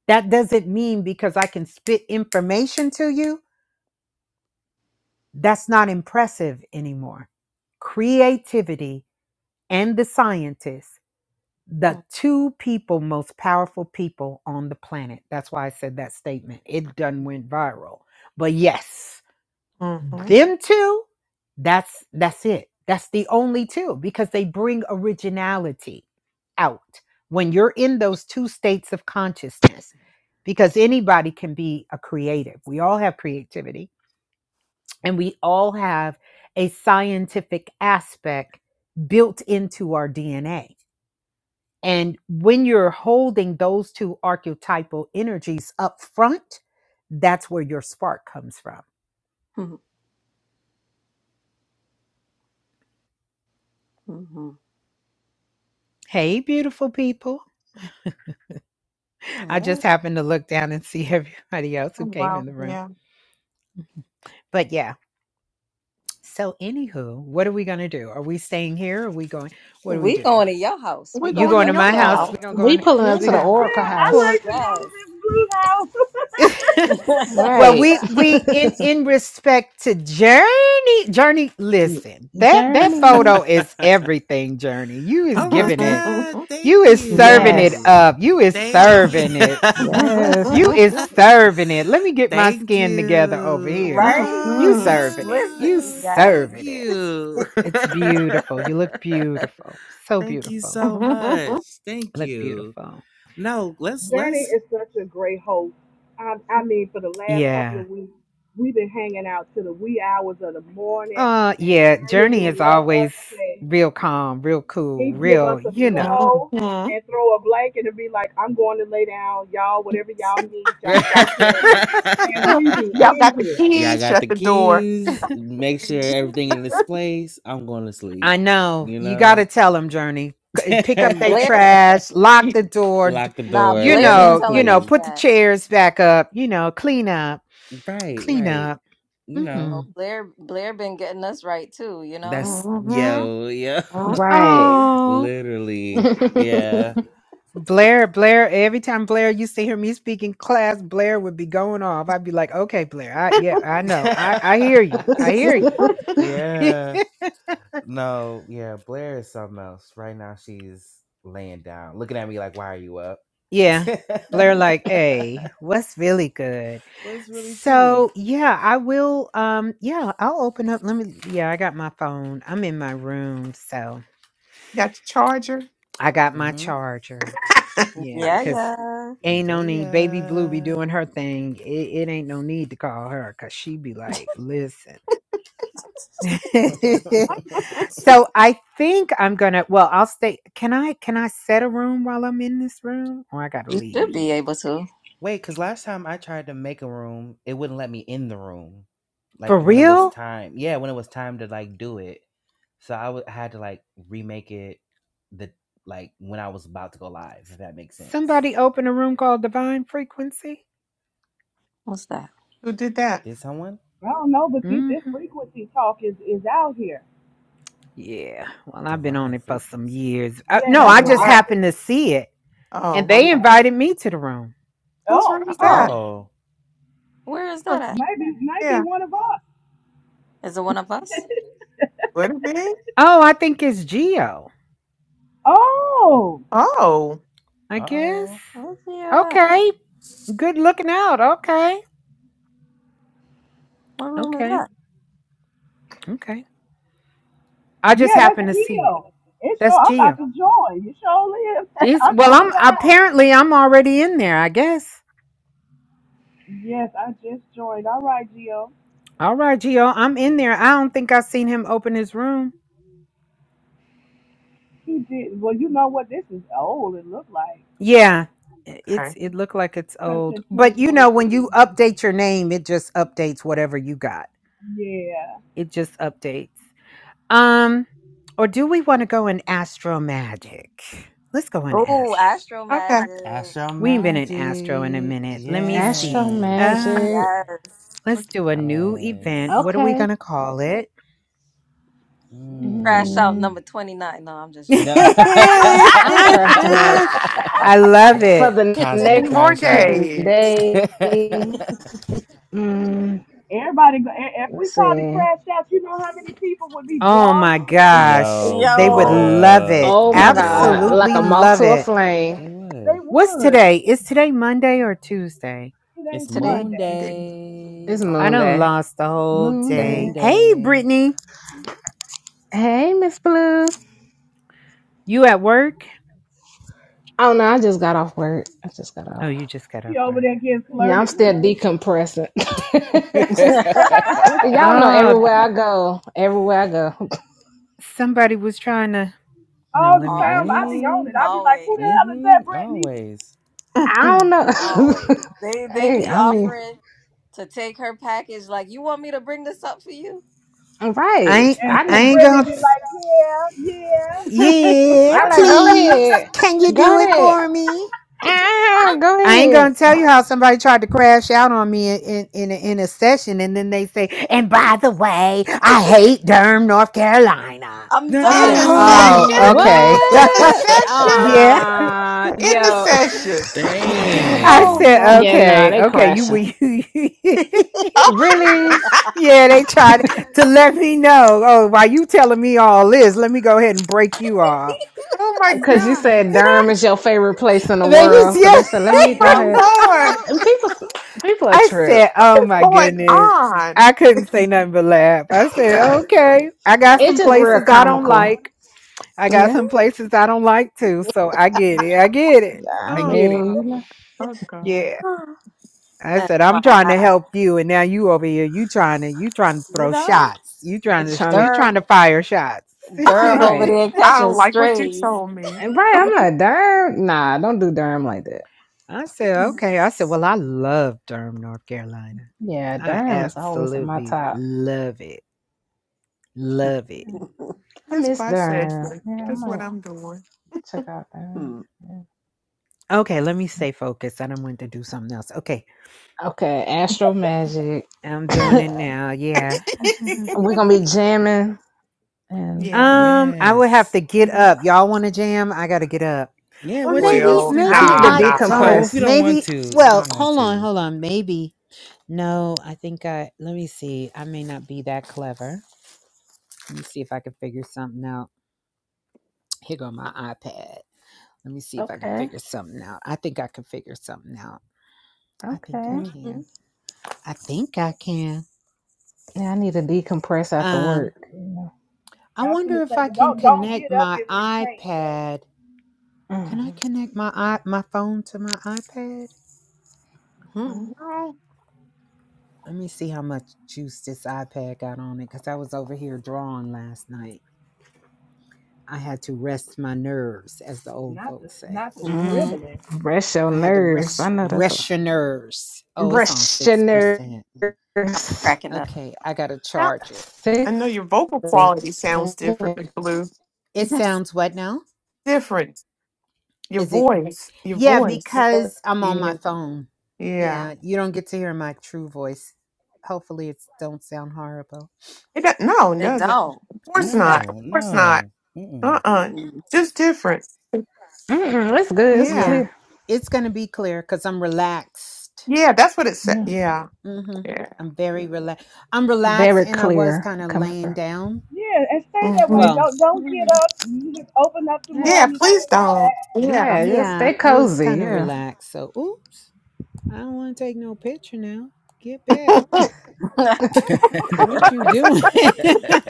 Speaker 7: That doesn't mean because I can spit information to you, that's not impressive anymore. Creativity and the scientists, the two people most powerful people on the planet. That's why I said that statement. It done went viral. But yes.
Speaker 4: Mm-hmm.
Speaker 7: them two that's that's it that's the only two because they bring originality out when you're in those two states of consciousness because anybody can be a creative we all have creativity and we all have a scientific aspect built into our dna and when you're holding those two archetypal energies up front that's where your spark comes from hey beautiful people I
Speaker 2: Yeah.
Speaker 7: just happened to look down and see everybody else who
Speaker 4: Oh,
Speaker 7: came
Speaker 4: wow.
Speaker 7: in the room.
Speaker 4: Yeah.
Speaker 7: But yeah. So anywho, what are we gonna do? Are we staying here? Are we going? What do we
Speaker 2: We
Speaker 7: do?
Speaker 2: going to your house.
Speaker 4: We're
Speaker 2: We
Speaker 7: You
Speaker 2: going to
Speaker 4: going to
Speaker 7: going to
Speaker 2: your
Speaker 4: your
Speaker 7: my house?
Speaker 4: house.
Speaker 2: club.
Speaker 7: We gonna go
Speaker 5: We
Speaker 7: in?
Speaker 5: pulling up
Speaker 7: We
Speaker 5: to
Speaker 7: go-
Speaker 5: the
Speaker 4: Yeah.
Speaker 5: Oracle
Speaker 6: Yeah, I
Speaker 7: pull a
Speaker 5: house.
Speaker 6: like to go to
Speaker 2: Yes.
Speaker 6: Miss Blue House.
Speaker 7: Well,
Speaker 5: Right.
Speaker 7: we we in in respect to Journey. Journey, listen that that
Speaker 5: Journey.
Speaker 7: photo is everything. Journey, you is
Speaker 1: oh my
Speaker 7: giving it.
Speaker 1: god
Speaker 7: You
Speaker 1: thank
Speaker 7: is serving it
Speaker 5: Yes.
Speaker 1: you
Speaker 7: up. You is
Speaker 1: thank you
Speaker 7: serving it. You
Speaker 5: Yes.
Speaker 7: is serving it. Let me get my
Speaker 1: thank
Speaker 7: skin together over
Speaker 1: you
Speaker 7: here.
Speaker 2: right.
Speaker 1: oh
Speaker 7: You
Speaker 4: hmm
Speaker 7: serving it.
Speaker 2: Listen.
Speaker 7: You
Speaker 1: yeah!
Speaker 2: Yes.
Speaker 1: thank
Speaker 7: serving it.
Speaker 1: you
Speaker 7: It's beautiful. You look beautiful. So
Speaker 1: thank you
Speaker 7: beautiful.
Speaker 1: so
Speaker 4: Mm-hmm.
Speaker 1: much thank
Speaker 7: Look
Speaker 1: you
Speaker 7: beautiful.
Speaker 1: no let's
Speaker 6: Journey
Speaker 1: let's
Speaker 6: is such a great host. I, I mean, for the last couple
Speaker 7: Yeah.
Speaker 6: of weeks, we've been hanging out till the wee hours of the morning,
Speaker 7: Uh
Speaker 6: and
Speaker 7: yeah,
Speaker 6: Journey
Speaker 7: Journey
Speaker 6: will
Speaker 7: is
Speaker 6: let us
Speaker 7: always
Speaker 6: say
Speaker 7: real calm, real cool,
Speaker 6: he give us
Speaker 7: real,
Speaker 6: a
Speaker 7: you
Speaker 2: Mhm.
Speaker 7: know.
Speaker 6: pillow and throw a blanket and be like, "I'm going to lay down, y'all. Whatever y'all need, y'all take care of it." And we be
Speaker 4: Y'all
Speaker 6: in
Speaker 4: got the
Speaker 6: here.
Speaker 1: Yeah, I
Speaker 4: keys,
Speaker 1: got the
Speaker 4: shut the door.
Speaker 1: keys. Make sure everything in this place. I'm going to sleep.
Speaker 7: I know.
Speaker 1: You
Speaker 7: You got
Speaker 1: know?
Speaker 7: to tell them, Journey. C- Pick up
Speaker 2: and
Speaker 7: their
Speaker 2: Blair,
Speaker 7: trash, lock the door, d-
Speaker 1: Lock the
Speaker 2: nah,
Speaker 7: you
Speaker 1: door.
Speaker 2: Blair be
Speaker 7: know, you
Speaker 2: telling
Speaker 7: know,
Speaker 2: us
Speaker 1: Exactly.
Speaker 7: put the
Speaker 2: that.
Speaker 7: chairs back up, you know, clean up,
Speaker 1: Right,
Speaker 7: clean
Speaker 1: right.
Speaker 7: up.
Speaker 1: You
Speaker 2: You
Speaker 1: know.
Speaker 2: know,
Speaker 7: Mhm.
Speaker 2: Blair, Blair been getting us right too. You know.
Speaker 1: That's
Speaker 4: Mm-hmm.
Speaker 1: yo, yo.
Speaker 5: Right.
Speaker 2: Yeah.
Speaker 7: Oh.
Speaker 1: Literally. Yeah.
Speaker 7: Blair, Blair, every time Blair used to hear me speak in class, Blair would be going off. I'd be like, okay, Blair, I yeah, I know. I, I hear you. I hear you.
Speaker 1: yeah. No, yeah, Blair is something else. Right now she's laying down, looking at me like, why are you up?
Speaker 7: yeah. Blair like, hey, what's really good?
Speaker 1: What's really tea?
Speaker 7: So yeah, I will um yeah, I'll open up. Let me yeah, I got my phone. I'm in my room, so
Speaker 4: Got the charger.
Speaker 7: I got my
Speaker 1: hmm
Speaker 7: charger. Yeah,
Speaker 2: yeah,
Speaker 7: because
Speaker 2: yeah.
Speaker 7: ain't no need baby blue be
Speaker 1: Yeah.
Speaker 7: doing her thing it, it ain't no need to call her because she be like listen So I think I'm gonna. Well, I'll stay. Can I? Can I set a room while I'm in this room, or I gotta
Speaker 2: You
Speaker 7: leave?
Speaker 2: should be able to.
Speaker 1: Wait, because last time I tried to make a room, it wouldn't let me in the room. Like
Speaker 7: For
Speaker 1: when it was
Speaker 7: real?
Speaker 1: time. Yeah, when it was time to like do it. So I w- had to like remake it the like when I was about to go live, if that makes sense.
Speaker 7: Somebody open a room called Divine Frequency.
Speaker 2: What's that?
Speaker 4: Who did that?
Speaker 1: Did someone?
Speaker 6: I don't know, but see,
Speaker 7: hmm
Speaker 6: this frequency talk is is out here.
Speaker 7: Yeah. Well, I've been on
Speaker 1: Divine
Speaker 7: it for some
Speaker 1: frequency.
Speaker 7: years. Uh,
Speaker 6: Yeah,
Speaker 7: no,
Speaker 6: that's
Speaker 7: I
Speaker 6: what
Speaker 4: Yeah.
Speaker 7: just
Speaker 6: I
Speaker 2: Right.
Speaker 7: happened
Speaker 6: said.
Speaker 7: to see it, and
Speaker 4: Oh,
Speaker 7: they
Speaker 4: okay.
Speaker 6: Yeah.
Speaker 7: invited me to the room.
Speaker 4: Whose
Speaker 6: Oh,
Speaker 4: room is that?
Speaker 2: Oh,
Speaker 1: Oh.
Speaker 2: where is
Speaker 4: Oh,
Speaker 2: that at?
Speaker 6: maybe maybe
Speaker 4: yeah.
Speaker 6: one of us.
Speaker 2: Is it one of us?
Speaker 4: Would it be?
Speaker 7: Oh, I think it's Geo.
Speaker 6: Oh,
Speaker 4: Oh,
Speaker 7: I
Speaker 1: Uh
Speaker 7: guess.
Speaker 1: oh.
Speaker 2: Let's see you at.
Speaker 7: Okay. Good looking out. Okay.
Speaker 2: What room is
Speaker 7: Okay.
Speaker 2: that?
Speaker 7: Okay. I just
Speaker 6: yeah, that's
Speaker 7: happened to see it.
Speaker 6: real. It's sure
Speaker 7: That's
Speaker 6: I'm about
Speaker 7: Geo.
Speaker 6: to join. You sure is.
Speaker 7: It's
Speaker 6: i
Speaker 7: well,
Speaker 6: joined
Speaker 7: I'm
Speaker 6: out.
Speaker 7: apparently I'm already in there, I guess.
Speaker 6: Yes, I just joined. All right, Gio.
Speaker 7: All right, Gio, I'm in there. I don't think I've seen him open his room.
Speaker 6: He did. Well, you know what? This is old. It looked like
Speaker 7: Yeah. i- It's
Speaker 4: okay.
Speaker 7: it looked like it's old.
Speaker 6: Crimson
Speaker 7: But you know, when
Speaker 6: 2023.
Speaker 7: you update your name, it just updates whatever you got.
Speaker 6: Yeah.
Speaker 7: It just updates. Um, or do we want to go in astro magic? Let's go in
Speaker 2: Oh,
Speaker 7: astro.
Speaker 2: Astro
Speaker 4: Okay.
Speaker 2: Magic.
Speaker 1: Astro
Speaker 7: We ain't been in astro in a
Speaker 1: magic.
Speaker 7: minute. Let me
Speaker 5: Astro
Speaker 7: see. Uh
Speaker 1: Yes.
Speaker 5: Magic.
Speaker 2: Yes.
Speaker 7: let's do a new event.
Speaker 1: Yes.
Speaker 7: What are we
Speaker 5: Okay.
Speaker 7: gonna call it?
Speaker 2: Crash out
Speaker 1: Mm.
Speaker 5: Mm,
Speaker 2: number 29. No, I'm just joking.
Speaker 1: No.
Speaker 7: I
Speaker 5: I'm cracking up
Speaker 7: love
Speaker 5: for
Speaker 7: it.
Speaker 5: the
Speaker 1: Cosmic
Speaker 4: In
Speaker 5: next
Speaker 4: more
Speaker 1: crash out.
Speaker 5: 10
Speaker 4: days.
Speaker 5: days. Mm,
Speaker 6: Everybody, go, i- if we
Speaker 5: let's
Speaker 6: called it
Speaker 5: see.
Speaker 6: crash outs, you know how many people would be
Speaker 7: Oh
Speaker 6: drawn
Speaker 7: my
Speaker 6: to that room?
Speaker 7: gosh.
Speaker 1: Yo,
Speaker 7: They
Speaker 1: for
Speaker 7: would
Speaker 2: Yo,
Speaker 7: love
Speaker 1: real.
Speaker 7: it.
Speaker 5: Oh
Speaker 1: They
Speaker 5: my
Speaker 6: Oh
Speaker 5: God.
Speaker 1: would.
Speaker 5: Like
Speaker 7: Absolutely
Speaker 5: a moth
Speaker 7: love
Speaker 5: to a
Speaker 6: my
Speaker 7: it.
Speaker 6: God,
Speaker 5: flame.
Speaker 1: They
Speaker 6: they
Speaker 1: would.
Speaker 7: What's
Speaker 6: would.
Speaker 7: today? Is today Monday or Tuesday?
Speaker 6: Today's
Speaker 1: It's
Speaker 2: today.
Speaker 1: moon
Speaker 6: Monday.
Speaker 4: Monday.
Speaker 5: It's
Speaker 1: day.
Speaker 7: I
Speaker 5: moon
Speaker 7: done
Speaker 5: day.
Speaker 7: lost the whole
Speaker 5: Moon
Speaker 1: Moon
Speaker 7: day.
Speaker 5: day.
Speaker 7: Hey,
Speaker 1: day.
Speaker 7: Brittany,
Speaker 5: Hey, Miss Blue.
Speaker 7: you at work?
Speaker 5: Oh no, I just got off work. I just got off.
Speaker 7: Oh, you just got
Speaker 6: She
Speaker 7: off
Speaker 6: over
Speaker 7: work.
Speaker 6: there getting
Speaker 5: Yeah, I'm
Speaker 6: flirted
Speaker 5: still
Speaker 6: with.
Speaker 5: decompressing. Y'all know
Speaker 7: Oh,
Speaker 5: everywhere I go, everywhere I go,
Speaker 7: somebody was trying to. No,
Speaker 6: all the
Speaker 7: let me.
Speaker 6: time. I
Speaker 2: always.
Speaker 6: be on it.
Speaker 1: mm,
Speaker 6: I be like, who
Speaker 2: Always.
Speaker 6: the hell is
Speaker 1: mm-hmm.
Speaker 6: that, Brittany?
Speaker 1: Always.
Speaker 5: I don't know.
Speaker 2: Always. They they
Speaker 5: hey,
Speaker 2: be
Speaker 5: I mean,
Speaker 2: offering to take her package like, "You want me to bring this up for you?"
Speaker 7: I
Speaker 5: right?
Speaker 7: ain't,
Speaker 6: And
Speaker 5: I
Speaker 7: I
Speaker 6: and
Speaker 7: ain't
Speaker 6: Brittany
Speaker 7: gonna.
Speaker 6: be like, yeah, yeah.
Speaker 7: Yeah,
Speaker 5: I like go
Speaker 7: please.
Speaker 5: ahead,
Speaker 7: Can you do
Speaker 5: go
Speaker 7: it
Speaker 5: ahead,
Speaker 7: for me?
Speaker 5: ah, go
Speaker 7: I ain't
Speaker 5: ahead.
Speaker 7: gonna tell you how somebody tried to crash out on me in in, in, a, in a session, and then they say, "And by the way, I hate Durham, North Carolina."
Speaker 2: I'm
Speaker 7: I
Speaker 4: In
Speaker 2: done.
Speaker 7: said,
Speaker 4: the
Speaker 7: "Oh,
Speaker 1: no,
Speaker 4: session,
Speaker 5: what?
Speaker 1: no.
Speaker 7: okay,
Speaker 4: in the session,
Speaker 7: yeah."
Speaker 5: Ah,
Speaker 4: in the
Speaker 5: yo,
Speaker 4: session.
Speaker 7: I
Speaker 4: Oh
Speaker 1: Dang.
Speaker 7: said,
Speaker 5: yeah,
Speaker 4: Lord.
Speaker 5: nah,
Speaker 7: "Okay,
Speaker 5: they
Speaker 7: okay." You were,
Speaker 5: crashing.
Speaker 7: you, you-
Speaker 4: Oh,
Speaker 5: Really?
Speaker 7: yeah. They tried to let me know. Oh, while you telling me all this, let me go ahead and break you off,
Speaker 4: oh my
Speaker 5: Because you
Speaker 4: God.
Speaker 5: said Durham is your favorite place in the
Speaker 7: babies.
Speaker 5: world,
Speaker 2: Oh,
Speaker 5: so
Speaker 7: Yeah,
Speaker 5: they said, let
Speaker 4: Oh
Speaker 5: me go
Speaker 4: my
Speaker 2: I'm
Speaker 5: ahead.
Speaker 2: cracking
Speaker 4: Lord.
Speaker 5: And people, people are
Speaker 7: I
Speaker 5: true.
Speaker 7: said, "Oh
Speaker 4: What is
Speaker 7: my
Speaker 4: going
Speaker 2: up.
Speaker 7: goodness."
Speaker 4: on?
Speaker 7: I couldn't say nothing but laugh. I said,
Speaker 2: That's,
Speaker 7: "Okay, I got
Speaker 2: that's
Speaker 5: It's
Speaker 7: some
Speaker 5: just real
Speaker 7: places I
Speaker 2: hilarious.
Speaker 7: don't
Speaker 5: comical.
Speaker 7: like. I got
Speaker 5: Yeah,
Speaker 7: some places I don't like too, so I get it. I get it.
Speaker 5: I
Speaker 7: I
Speaker 4: Oh
Speaker 7: get it."
Speaker 5: mean, you
Speaker 4: God.
Speaker 5: know,
Speaker 4: Oh God.
Speaker 7: Yeah. I
Speaker 2: and
Speaker 7: said,
Speaker 2: why?
Speaker 7: "I'm trying
Speaker 2: I,
Speaker 7: to help you and now you over here, you trying to you trying to
Speaker 2: You
Speaker 7: throw
Speaker 2: know?
Speaker 7: shots. You
Speaker 5: I'm
Speaker 7: trying
Speaker 5: trying
Speaker 7: to you
Speaker 5: to
Speaker 2: Durham
Speaker 7: trying to fire shots."
Speaker 2: Durham over
Speaker 5: Right.
Speaker 2: there
Speaker 4: I
Speaker 2: catching
Speaker 4: don't like what you
Speaker 2: strays.
Speaker 4: told me.
Speaker 5: And right, I'm like, Durham? Nah, don't do Durham like that.
Speaker 7: I said, "Okay." I said, "Well, I love Durham, North Carolina.
Speaker 5: Yeah,
Speaker 7: I
Speaker 5: Durham is always in my
Speaker 7: absolutely
Speaker 5: top.
Speaker 7: love it. Love it."
Speaker 5: I
Speaker 4: This
Speaker 5: miss
Speaker 4: my
Speaker 5: Durham.
Speaker 4: session.
Speaker 5: Yeah, I
Speaker 4: This what
Speaker 5: might
Speaker 4: I'm doing.
Speaker 5: check out Durham.
Speaker 2: hmm
Speaker 5: Yeah.
Speaker 7: Okay, let me stay focused. I don't want to do something else. Okay,
Speaker 5: Okay, Astro Magic.
Speaker 7: I'm doing it
Speaker 4: Yeah.
Speaker 7: now. Yeah.
Speaker 5: We're gonna be jamming and
Speaker 4: yeah. we-
Speaker 7: um, I would have
Speaker 1: Yes.
Speaker 7: to get up. Y'all want to jam? I gotta get up.
Speaker 1: Yeah,
Speaker 7: Or
Speaker 1: what you
Speaker 7: maybe,
Speaker 4: Well,
Speaker 1: listening
Speaker 5: I
Speaker 7: maybe
Speaker 5: need to
Speaker 4: nah,
Speaker 1: to?
Speaker 7: I
Speaker 4: nah,
Speaker 1: Oh, well,
Speaker 7: don't.
Speaker 1: if you
Speaker 5: decompress.
Speaker 1: don't want
Speaker 7: Maybe.
Speaker 1: to, if you
Speaker 4: nah.
Speaker 7: Well,
Speaker 1: don't want
Speaker 7: hold on,
Speaker 1: to,
Speaker 7: hold on. Maybe. No, I think I. Let me see. I may not be that clever. Let me see if I can figure something out. Here go my iPad. Let me see if I can
Speaker 5: Okay.
Speaker 7: figure something out. I think I can figure something out. I think
Speaker 5: Okay.
Speaker 7: I
Speaker 2: Mm-hmm.
Speaker 7: can. I think I can.
Speaker 5: Yeah, I need to decompress after
Speaker 7: Um,
Speaker 5: work. You
Speaker 7: I
Speaker 6: And I was gonna
Speaker 7: wonder if
Speaker 6: say,
Speaker 7: I
Speaker 6: but
Speaker 7: can
Speaker 6: don't don't
Speaker 7: connect
Speaker 6: get up
Speaker 7: my
Speaker 6: if you can't. bro.
Speaker 7: iPad
Speaker 5: Mm,
Speaker 7: Can I connect my i my phone to my iPad?
Speaker 2: Mm-hmm.
Speaker 4: Well,
Speaker 7: Let me see how much juice this iPad got on it because I was over here drawing last night. I had to rest my nerves, as the old
Speaker 6: Not the
Speaker 7: folks say.
Speaker 6: not the
Speaker 2: hmm
Speaker 5: mm.
Speaker 6: scribbling.
Speaker 5: Rest your
Speaker 7: I had to
Speaker 5: nerves. I
Speaker 7: rest
Speaker 5: know that's a
Speaker 7: rest your nerves. Oh, it's on
Speaker 5: rest your
Speaker 7: six percent.
Speaker 5: nerves.
Speaker 2: Cracking up.
Speaker 7: Okay, I gotta
Speaker 4: sound-
Speaker 7: charge it.
Speaker 4: I know
Speaker 5: six.
Speaker 4: your vocal quality sounds different, Miss Blue.
Speaker 7: It
Speaker 4: That's
Speaker 7: sounds what now?
Speaker 4: different. Your
Speaker 7: Is it?
Speaker 4: voice, your
Speaker 7: Yeah,
Speaker 4: voice.
Speaker 7: because I'm on
Speaker 4: Yeah,
Speaker 7: my phone.
Speaker 4: yeah.
Speaker 7: Yeah, you don't get to hear my true voice. Hopefully, it don't sound horrible.
Speaker 4: It does, no, it
Speaker 2: It
Speaker 4: doesn't.
Speaker 2: don't.
Speaker 4: Of course not. Of
Speaker 1: no,
Speaker 4: course not.
Speaker 1: no.
Speaker 4: Uh
Speaker 1: Mm-mm.
Speaker 4: uh
Speaker 2: Mm-mm.
Speaker 4: Just different.
Speaker 5: Mm-mm, it's good. It's
Speaker 4: Yeah,
Speaker 7: Yeah,
Speaker 5: clear.
Speaker 7: it's going to be clear because I'm relaxed.
Speaker 4: yeah. That's what it said.
Speaker 5: Yeah.
Speaker 4: Yeah,
Speaker 7: hmm
Speaker 4: yeah.
Speaker 7: I'm very relaxed. I'm relaxed,
Speaker 5: Very
Speaker 7: and I was
Speaker 5: clear
Speaker 7: kind of
Speaker 5: coming through.
Speaker 7: laying down.
Speaker 6: Yeah, and stay that
Speaker 4: Mm-hmm.
Speaker 6: way.
Speaker 7: Well,
Speaker 6: Don't don't get up. You just open up the
Speaker 5: Yeah.
Speaker 4: Yeah,
Speaker 6: room and stay
Speaker 4: please don't.
Speaker 6: relaxed.
Speaker 4: Yeah.
Speaker 5: Yeah. Just
Speaker 7: yeah,
Speaker 5: stay
Speaker 7: I was
Speaker 5: cozy.
Speaker 7: kind of
Speaker 5: Yeah.
Speaker 7: relaxed. So, oops, I don't want to take no picture now. Get back.
Speaker 4: right.
Speaker 7: What you doing?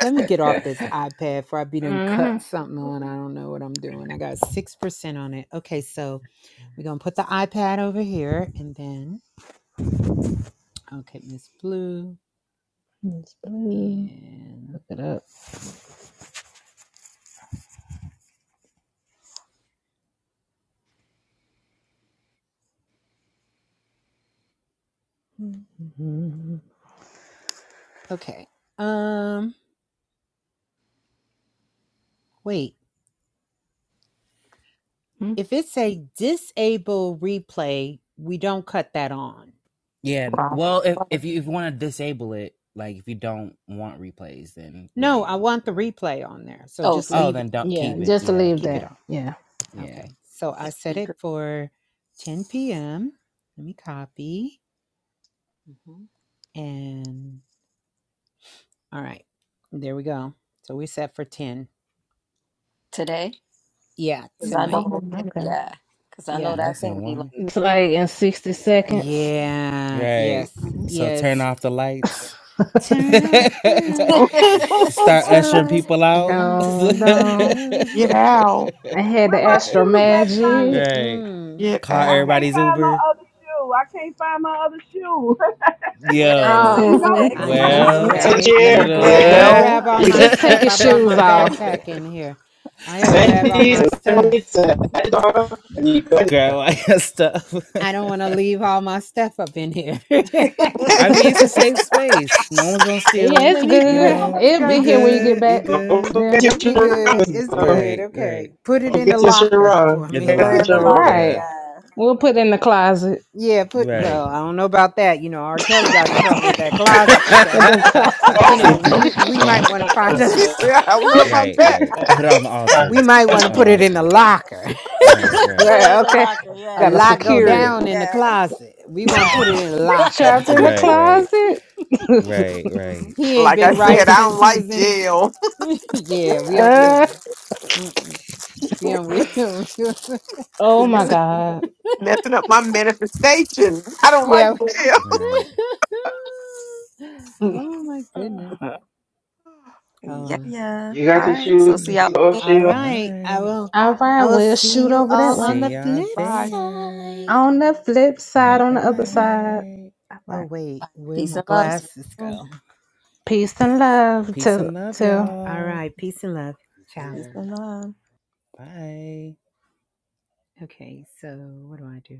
Speaker 7: Let me get
Speaker 5: mm
Speaker 7: off this iPad before I be done
Speaker 5: hmm
Speaker 7: cut something on. I don't know what I'm doing. I got six percent on it. Okay, so we're gonna put the iPad over here, and then I'll get Miss Blue
Speaker 5: It's blue.
Speaker 7: and.
Speaker 5: Look it up. mm Mhm.
Speaker 7: Okay. Um wait.
Speaker 5: mm
Speaker 7: If it's a disable replay, we don't cut that on.
Speaker 1: yeah,
Speaker 4: Like,
Speaker 1: well, if if you, if you want to disable it, like if you don't want replays, then yeah,
Speaker 7: No,
Speaker 1: you
Speaker 7: I
Speaker 1: don't put
Speaker 7: want
Speaker 1: them
Speaker 7: the
Speaker 1: on.
Speaker 7: replay on there. So
Speaker 2: oh,
Speaker 7: just
Speaker 2: so
Speaker 1: Oh,
Speaker 7: leave
Speaker 1: then
Speaker 7: it,
Speaker 1: don't
Speaker 5: Yeah.
Speaker 1: keep it.
Speaker 5: Just to
Speaker 1: Yeah,
Speaker 5: leave
Speaker 7: keep it
Speaker 5: that.
Speaker 1: yeah,
Speaker 7: on.
Speaker 5: Yeah.
Speaker 1: yeah.
Speaker 7: Okay. So I set it for 10 p.m. Let me copy.
Speaker 2: Mm-hmm.
Speaker 7: And all right. There we go. So we set for 10.
Speaker 2: today?
Speaker 7: Yeah,
Speaker 2: Because I
Speaker 4: one
Speaker 7: tonight.
Speaker 4: more
Speaker 2: know,
Speaker 4: minute.
Speaker 5: Okay.
Speaker 2: yeah. Because I know
Speaker 7: Yeah.
Speaker 2: that
Speaker 1: That's
Speaker 2: thing
Speaker 1: in
Speaker 2: be like,
Speaker 1: woman,
Speaker 5: It's like in 60 seconds.
Speaker 7: Yeah.
Speaker 1: right?
Speaker 7: Yes.
Speaker 2: Mhm.
Speaker 1: So turn
Speaker 7: Yes.
Speaker 1: off the lights.
Speaker 7: Turn out the
Speaker 5: I
Speaker 1: Start
Speaker 7: lights
Speaker 5: still
Speaker 1: ushering
Speaker 5: like,
Speaker 1: people
Speaker 7: and
Speaker 1: out.
Speaker 7: light a
Speaker 5: don't,
Speaker 7: candle.
Speaker 4: Get out.
Speaker 5: I had
Speaker 6: Where
Speaker 5: the
Speaker 6: my
Speaker 5: Astro
Speaker 6: shoes at,
Speaker 7: Mm,
Speaker 5: Magic.
Speaker 6: Johnny?
Speaker 1: right.
Speaker 7: mm.
Speaker 4: Get
Speaker 1: Call
Speaker 6: I
Speaker 4: out.
Speaker 6: can't
Speaker 1: everybody's
Speaker 6: find my
Speaker 1: Uber.
Speaker 6: other shoe. I can't find my other shoe.
Speaker 2: where the
Speaker 5: Uh,
Speaker 1: Yo.
Speaker 6: you
Speaker 2: exit, where the
Speaker 4: well.
Speaker 6: know.
Speaker 7: I
Speaker 2: exit music
Speaker 7: know,
Speaker 1: Well,
Speaker 8: It's a
Speaker 2: at?
Speaker 7: right? Let
Speaker 1: you
Speaker 7: me
Speaker 8: chair. There
Speaker 7: grab
Speaker 8: you
Speaker 7: let
Speaker 8: go.
Speaker 7: me
Speaker 1: know
Speaker 4: oh
Speaker 7: grab
Speaker 8: There
Speaker 1: what?
Speaker 7: all
Speaker 8: you go.
Speaker 7: my
Speaker 5: just take
Speaker 7: stuff.
Speaker 5: your
Speaker 7: I
Speaker 8: There
Speaker 7: brought
Speaker 8: you
Speaker 5: shoes
Speaker 7: my
Speaker 8: go.
Speaker 5: off.
Speaker 7: backpack in here. I gotta grab all
Speaker 8: Sandy's
Speaker 7: my stuff.
Speaker 8: lemonade at dog. And you go.
Speaker 1: Grab all your stuff.
Speaker 7: I don't wanna leave all my stuff up in here.
Speaker 1: I mean, it's a safe space. No one's gonna
Speaker 5: Yeah,
Speaker 1: steal.
Speaker 5: it's
Speaker 7: let me
Speaker 1: You
Speaker 5: good.
Speaker 7: grab
Speaker 4: my
Speaker 1: know,
Speaker 5: It'll
Speaker 1: you
Speaker 5: be
Speaker 7: let
Speaker 5: here
Speaker 4: God.
Speaker 7: me
Speaker 5: when you
Speaker 7: grab
Speaker 5: get
Speaker 1: good. You
Speaker 5: back.
Speaker 8: Don't
Speaker 1: good.
Speaker 8: forget
Speaker 5: Yeah.
Speaker 8: your
Speaker 7: it'll be
Speaker 2: hmm
Speaker 7: good.
Speaker 8: Shiraz,
Speaker 7: It's
Speaker 8: dog.
Speaker 7: good.
Speaker 1: Right.
Speaker 7: Okay.
Speaker 1: Right.
Speaker 7: Put
Speaker 8: Don't
Speaker 7: it in the
Speaker 8: forget your
Speaker 7: locker
Speaker 8: Shiraz.
Speaker 7: for
Speaker 1: In the
Speaker 8: Don't
Speaker 7: me.
Speaker 8: forget
Speaker 2: Put it
Speaker 8: your
Speaker 2: in the
Speaker 1: locker.
Speaker 2: locker,
Speaker 8: Shiraz.
Speaker 1: Yeah.
Speaker 5: Right.
Speaker 2: yeah.
Speaker 5: We'll put it in the closet.
Speaker 7: yeah, put
Speaker 1: Right.
Speaker 7: well, I don't know about that. You know, R. Kelly got in trouble with that closet
Speaker 5: In
Speaker 7: stuff.
Speaker 5: them closets.
Speaker 7: You
Speaker 8: Oh,
Speaker 7: know,
Speaker 8: no.
Speaker 7: you we
Speaker 8: No.
Speaker 7: might want to find
Speaker 8: Uh-uh.
Speaker 4: She
Speaker 7: a
Speaker 8: Uh-uh.
Speaker 4: said, I don't know about
Speaker 1: Right,
Speaker 4: that.
Speaker 1: right. Put it on the
Speaker 8: Uh-uh.
Speaker 7: we
Speaker 1: altar.
Speaker 7: might want to
Speaker 1: On the
Speaker 7: put it in the
Speaker 1: altar.
Speaker 7: locker.
Speaker 1: Right, right.
Speaker 2: Put it
Speaker 5: right,
Speaker 2: in the
Speaker 5: okay.
Speaker 2: locker,
Speaker 7: A
Speaker 2: yeah.
Speaker 5: Gotta
Speaker 2: It's
Speaker 7: lot
Speaker 2: safe.
Speaker 7: go
Speaker 5: secure it.
Speaker 1: Mm-hmm.
Speaker 7: down in the
Speaker 2: yeah.
Speaker 7: closet. We won't put
Speaker 2: Yeah.
Speaker 7: it in a locker.
Speaker 5: Trapped in the
Speaker 1: Right, right.
Speaker 5: closet?
Speaker 1: Right, right.
Speaker 7: he ain't
Speaker 4: Like I
Speaker 7: been
Speaker 4: said,
Speaker 7: right
Speaker 4: I don't
Speaker 7: since he
Speaker 4: like
Speaker 7: was in.
Speaker 4: jail.
Speaker 7: yeah, we don't. We
Speaker 5: Uh
Speaker 7: don't. mm-mm. We don't. We don't. we- don't-
Speaker 5: oh my
Speaker 4: messing,
Speaker 7: we-
Speaker 5: god.
Speaker 4: messing up my manifestation. I don't
Speaker 7: yeah.
Speaker 4: like jail.
Speaker 7: we-
Speaker 1: Right.
Speaker 2: Mhm.
Speaker 7: oh my goodness.
Speaker 2: yeah,
Speaker 7: Um.
Speaker 2: yeah.
Speaker 8: You got
Speaker 2: All
Speaker 8: your
Speaker 2: right. So
Speaker 8: shoes
Speaker 2: see y'all.
Speaker 8: off,
Speaker 7: All
Speaker 8: Sheila?
Speaker 1: All
Speaker 7: right. I
Speaker 1: right.
Speaker 7: will.
Speaker 5: All
Speaker 4: Bye.
Speaker 5: right,
Speaker 7: I will
Speaker 5: we'll
Speaker 7: see
Speaker 5: shoot
Speaker 7: you
Speaker 5: over
Speaker 7: all
Speaker 5: that way.
Speaker 7: on the
Speaker 1: See y'all
Speaker 7: flip
Speaker 4: Bye.
Speaker 1: there.
Speaker 7: side.
Speaker 5: On the flip
Speaker 1: All
Speaker 5: side, on the other side.
Speaker 1: right.
Speaker 5: All
Speaker 7: Oh
Speaker 5: right.
Speaker 7: wait, where
Speaker 2: Peace
Speaker 7: my
Speaker 2: and love. See
Speaker 7: glasses
Speaker 2: y'all soon.
Speaker 7: go?
Speaker 5: Peace and love
Speaker 1: Peace
Speaker 5: to
Speaker 1: and love,
Speaker 5: to
Speaker 7: All
Speaker 1: y'all.
Speaker 7: right. Peace and love. Ciao.
Speaker 2: Peace and love.
Speaker 1: Bye.
Speaker 7: Okay. So what do I do?